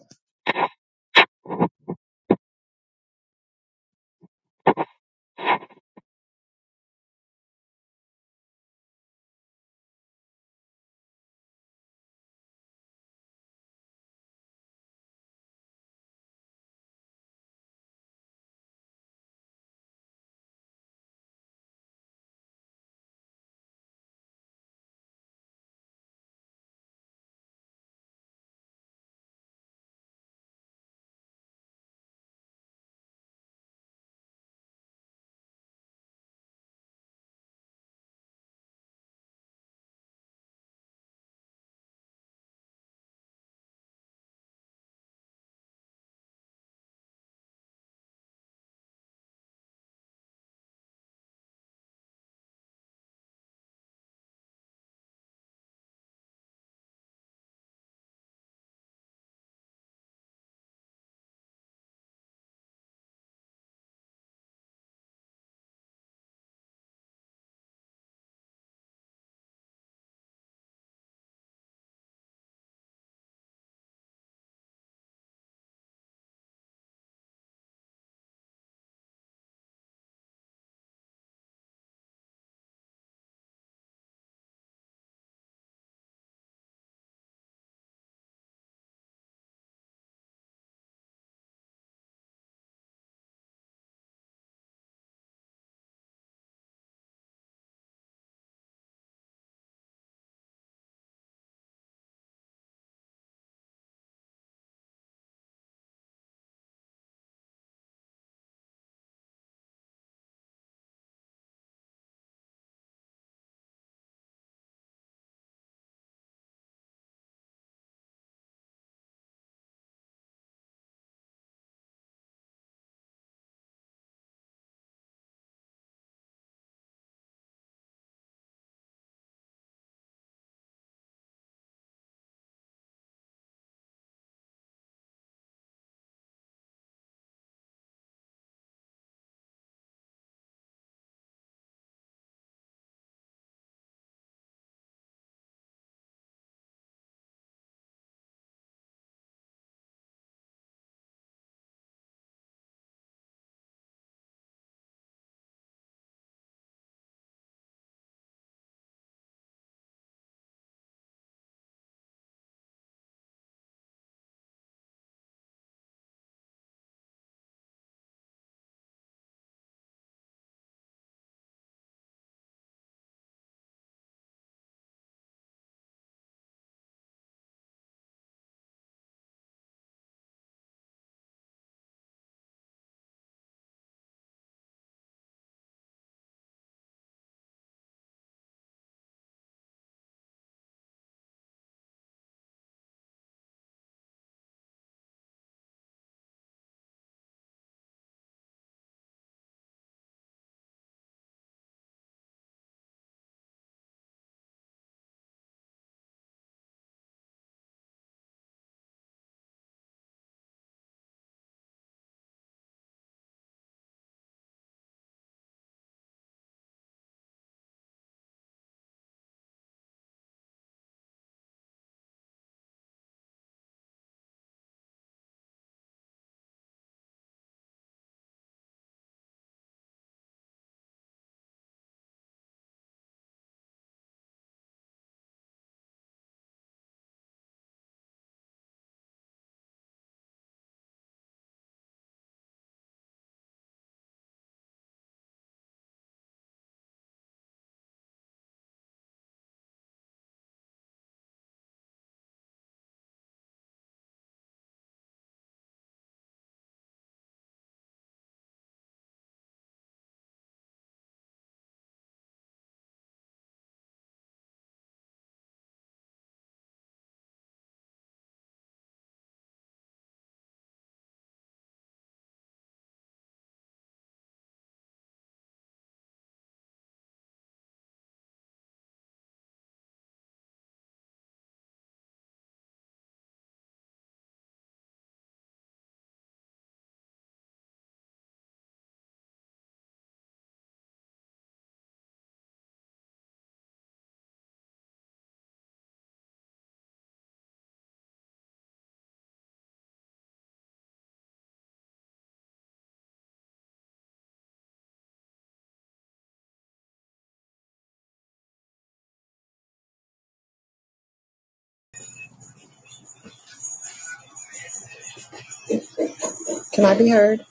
Can I be heard?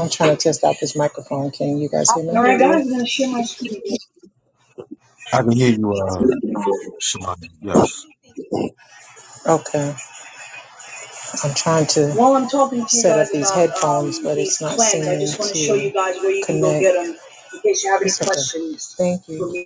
I'm trying to test out this microphone. Can you guys hear me? All right, guys, I'm going to share my screen.
I can hear you, uh, Shemaya. Yes.
Okay. I'm trying to While I'm talking to you set guys up these about, headphones, um, but it's not plans, I seeming I just want to to show you guys where you can go connect. get them in case you have any Okay. questions. Thank you.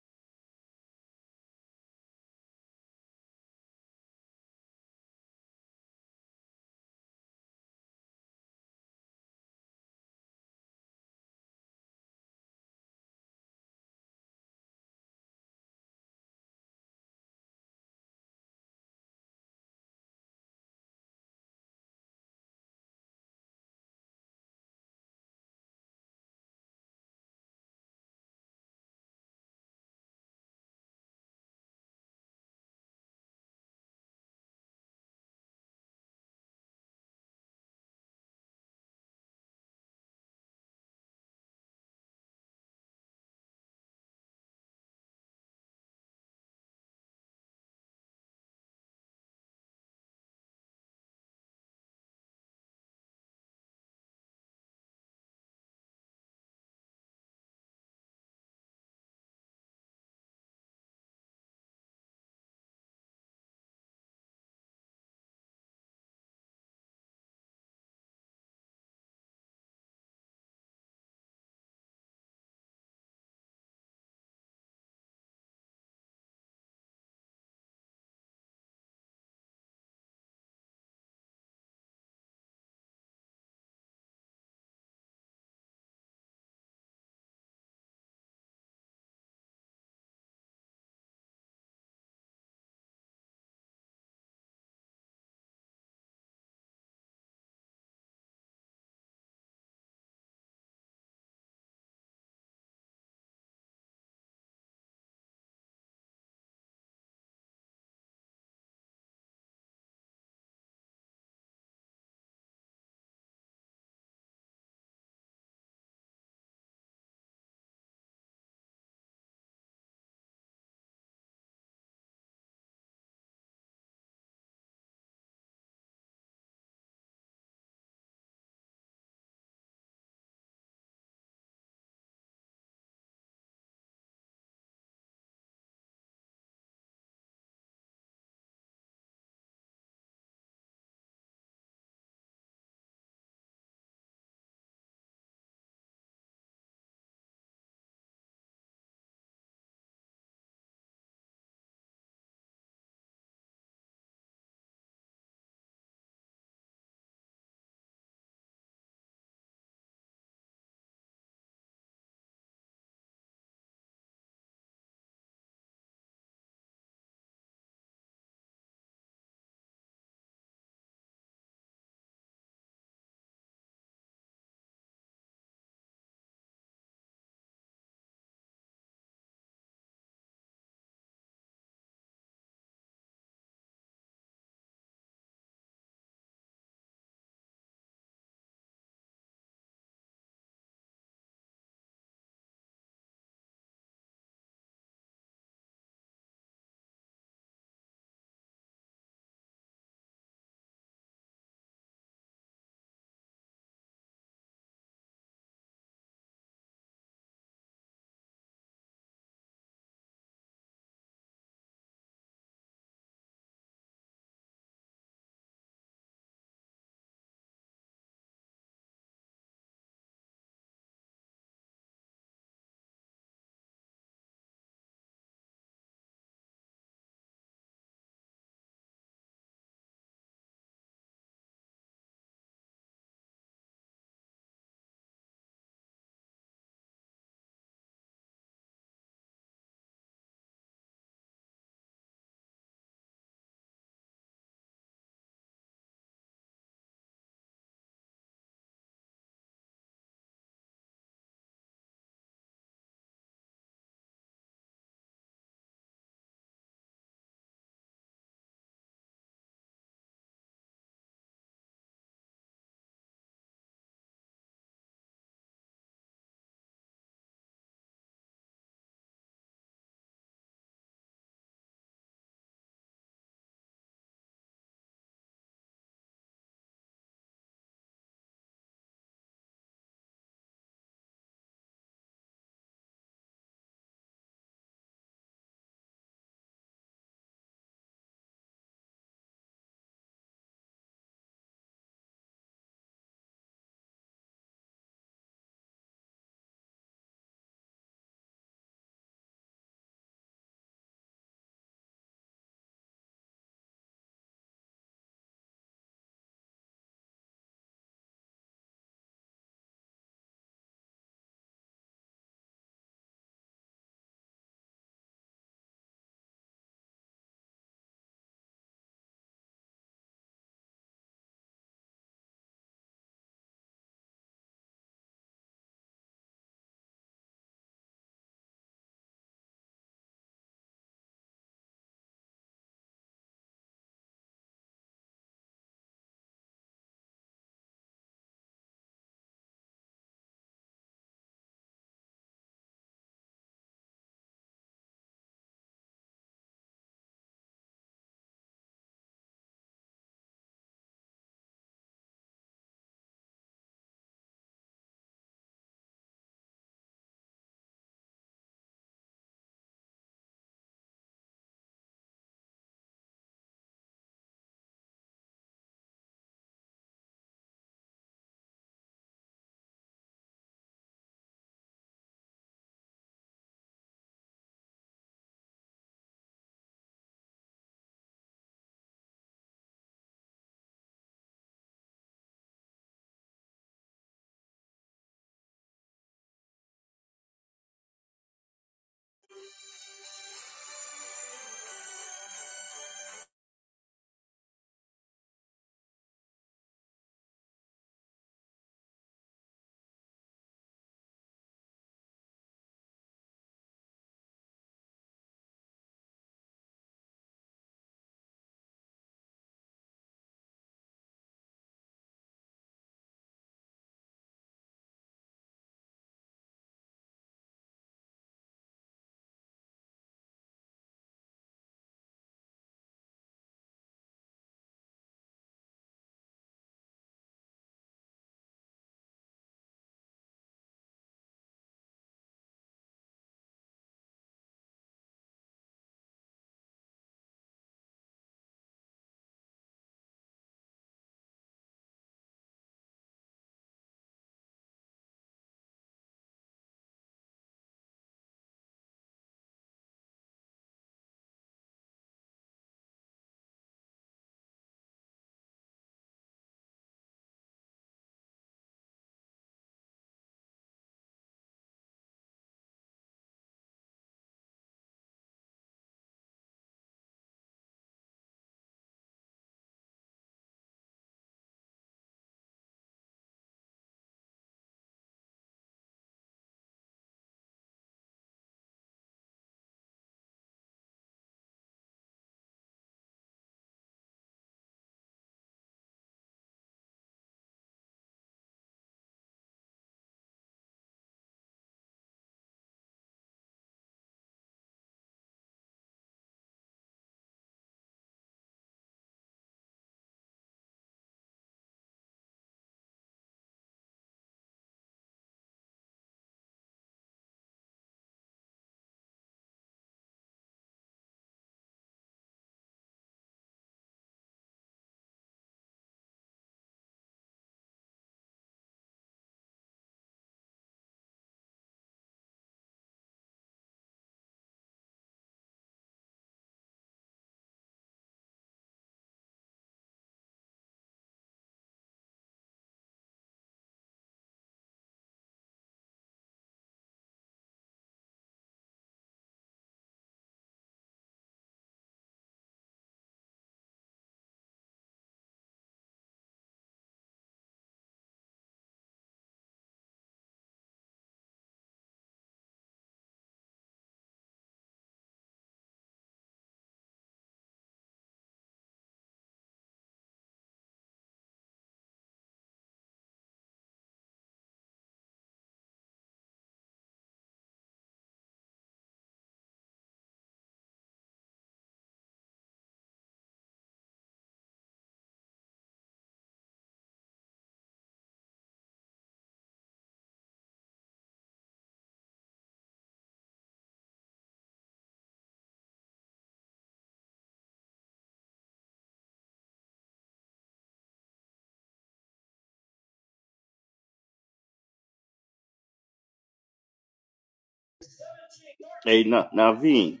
Hey, Na- Naveen,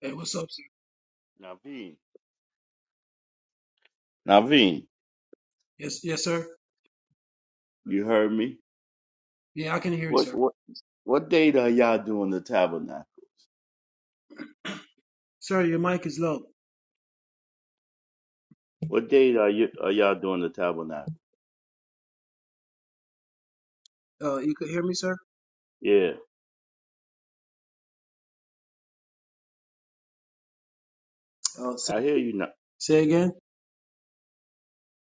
Hey, what's up, sir?
Naveen, Naveen,
Yes, yes, sir.
you heard me?
Yeah, I can hear you,
What
sir.
what what date are y'all doing the tabernacle?
Sir, your mic is low.
What date are you are y'all doing the tabernacle?
Uh, you could hear me, sir?
Yeah,
Uh, say
I hear you now.
say again.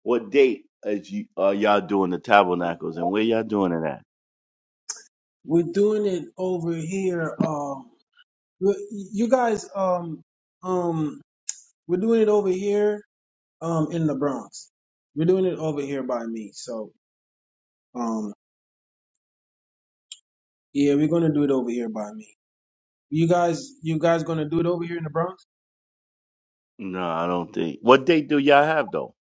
What date is you are y'all doing the tabernacles and where y'all doing it at?
We're doing it over here. Um, we- you guys, um, um, we're doing it over here, um, in the Bronx. We're doing it over here by me. So, um, yeah, we're gonna do it over here by me. You guys, you guys gonna do it over here in the Bronx?
No, I don't think. What date do y'all have though?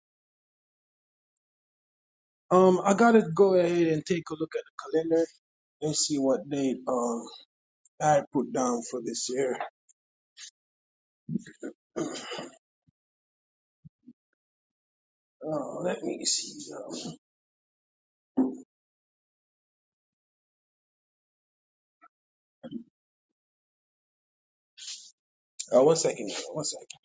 Um, I gotta go ahead and take a look at the calendar and see what date um I put down for this year. Oh, let me see. Um, uh, one second. One second.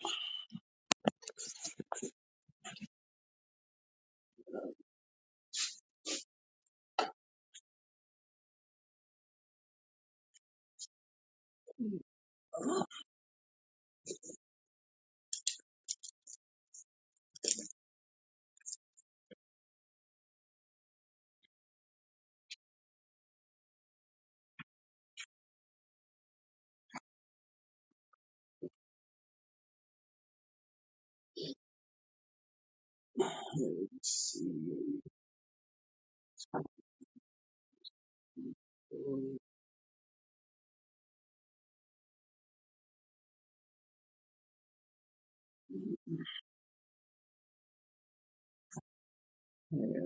Let's see. Yeah.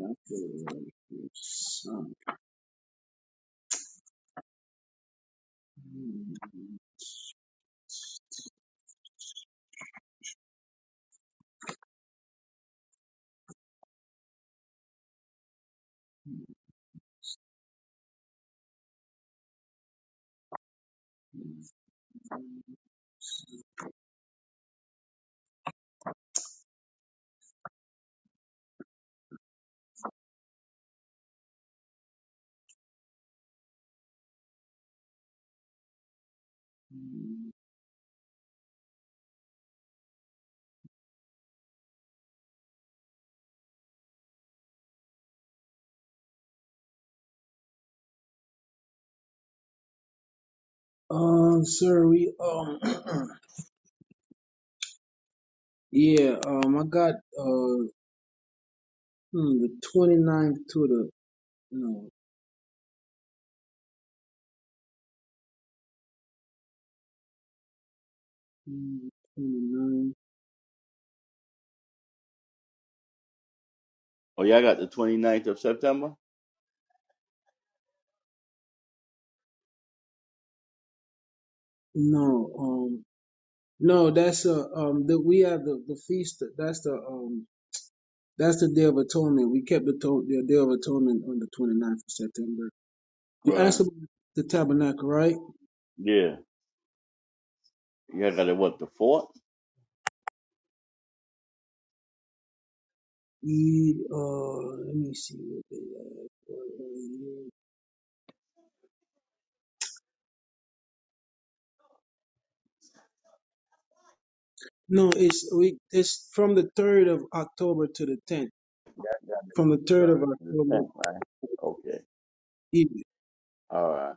Um, sir, we um, yeah, um, I got uh, hmm, the 29th to the no, hmm, 29th,
Oh, y'all got the twenty ninth of September?
no, um, no, that's uh, um, the we have the the feast. That's the um, that's the Day of Atonement. We kept the to- the Day of Atonement on the 29th of September. You asked
Right.
about the tabernacle, right?
Yeah. Y'all got it what the fourth?
It, uh, let me see what they have. for you. No, it's we. It's from the third of October to the tenth. From the third of
Third to the
October,
tenth, right? Okay.
evening.
All right.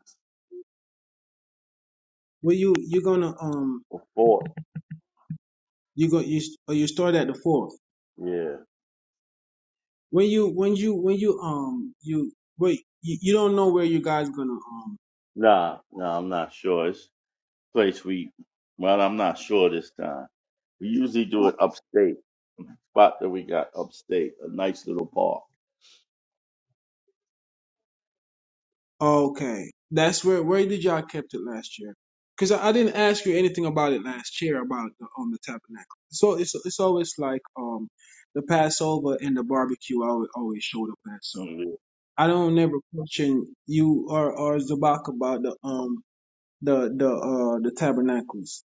Well, you you're gonna um
The fourth.
you go you s- or you start at the fourth.
Yeah.
When you when you when you um you wait you, you don't know where you guys gonna um
Nah, nah, I'm not sure. It's a place we, well, I'm not sure this time. We usually do it upstate, spot that we got upstate, a nice little park.
Okay, that's where. Where did y'all kept it last year? Because I, I didn't ask you anything about it last year about the, um the tabernacle. So it's it's always like um the Passover and the barbecue. I would always show the Passover.
And
I don't never question you or or Zabak about the um the the uh the tabernacles.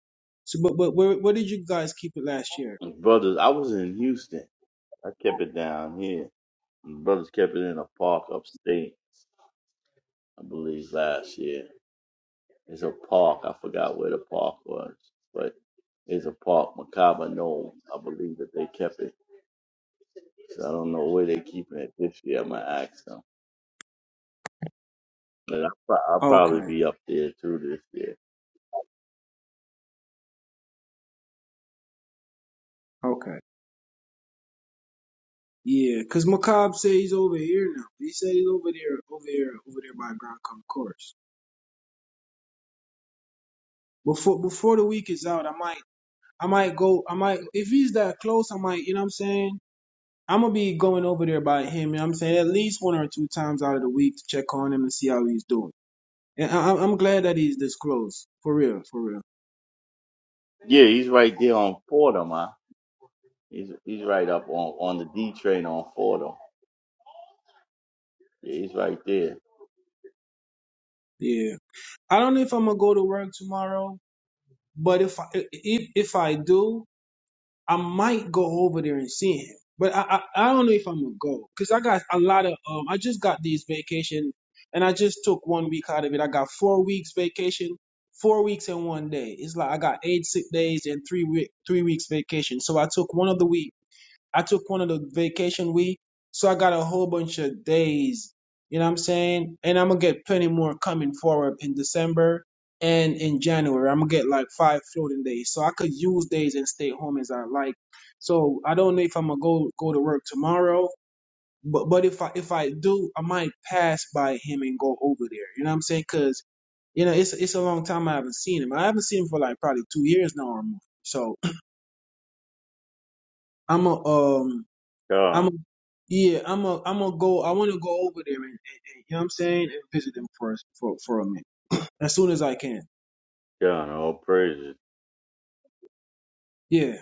So but but where where did you guys keep it last year?
Brothers, I was in Houston. I kept it down here. And Brothers kept it in a park upstate, I believe, last year. It's a park. I forgot where the park was, but it's a park, Macabre Knoll. I believe that they kept it. So I don't know where they're keeping it this year. I'm going to ask them. But I'll, pro- I'll probably
Okay,
be up there too this year.
okay, yeah. Because Macab said he's over here now. He said he's over there, over there, over there by Grand Concourse. before before the week is out, I might I might go I might if he's that close, I might, you know what I'm saying? I'm gonna be going over there by him, you know what I'm saying, at least one or two times out of the week to check on him and see how he's doing. And I I'm I'm glad that he's this close. For real, for real.
Yeah, he's right there on Fordham, huh? He's he's right up on, on the D train on Fordham. Yeah, he's right there.
Yeah. I don't know if I'm gonna go to work tomorrow, but if I if if I do, I might go over there and see him, but I I, I don't know if I'm gonna go because I got a lot of um. I just got these vacation, and I just took one week out of it. I got four weeks vacation, four weeks and one day. It's like I got eight sick days and three week three weeks vacation. So I took one of the weeks. I took one of the vacation week, so I got a whole bunch of days. You know what I'm saying? And I'm gonna get plenty more coming forward in December and in January. I'm gonna get like five floating days, so I could use days and stay home as I like. So I don't know if I'm gonna go go to work tomorrow, but but if I if I do, I might pass by him and go over there. You know what I'm saying? Cause you know it's it's a long time I haven't seen him. I haven't seen him for like probably two years now or more. So I'm a um. I'm
God,
a, yeah, I'm a, I'm gonna go. I want to go over there and, and, and you know what I'm saying, and visit them for us for for a minute as soon as I can.
God, all praises.
Yeah.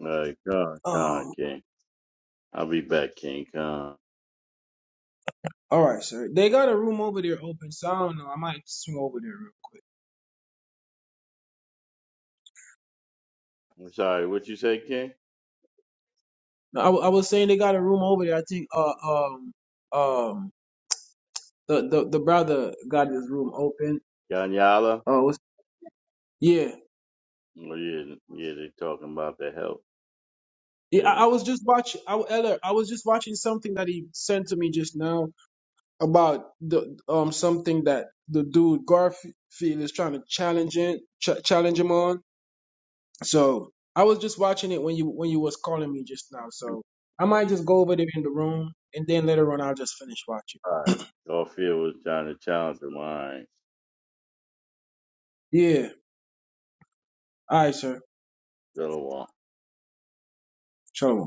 Like God, God,
Um.
King. I'll be back, King. Con.
All right, sir. They got a room over there open, so I don't know. I might swing over there. Real quick.
I'm sorry, what you say, King?
No, I, wa- I was saying they got a room over there. I think uh um um the the, the brother got his room open.
Ganyala?
Oh yeah.
Oh yeah, yeah, they talking about the help.
Yeah,
Yeah.
I I was just watching. I, Eller, I was just watching something that he sent to me just now, about the um something that the dude Garfield is trying to challenge it, ch- challenge him on. So I was just watching it when you when you was calling me just now.
All
So I might just go over there in the room and then later on I'll just finish watching.
right. Garfield was trying to challenge him. All
Yeah. All right, sir.
right.
Shalom.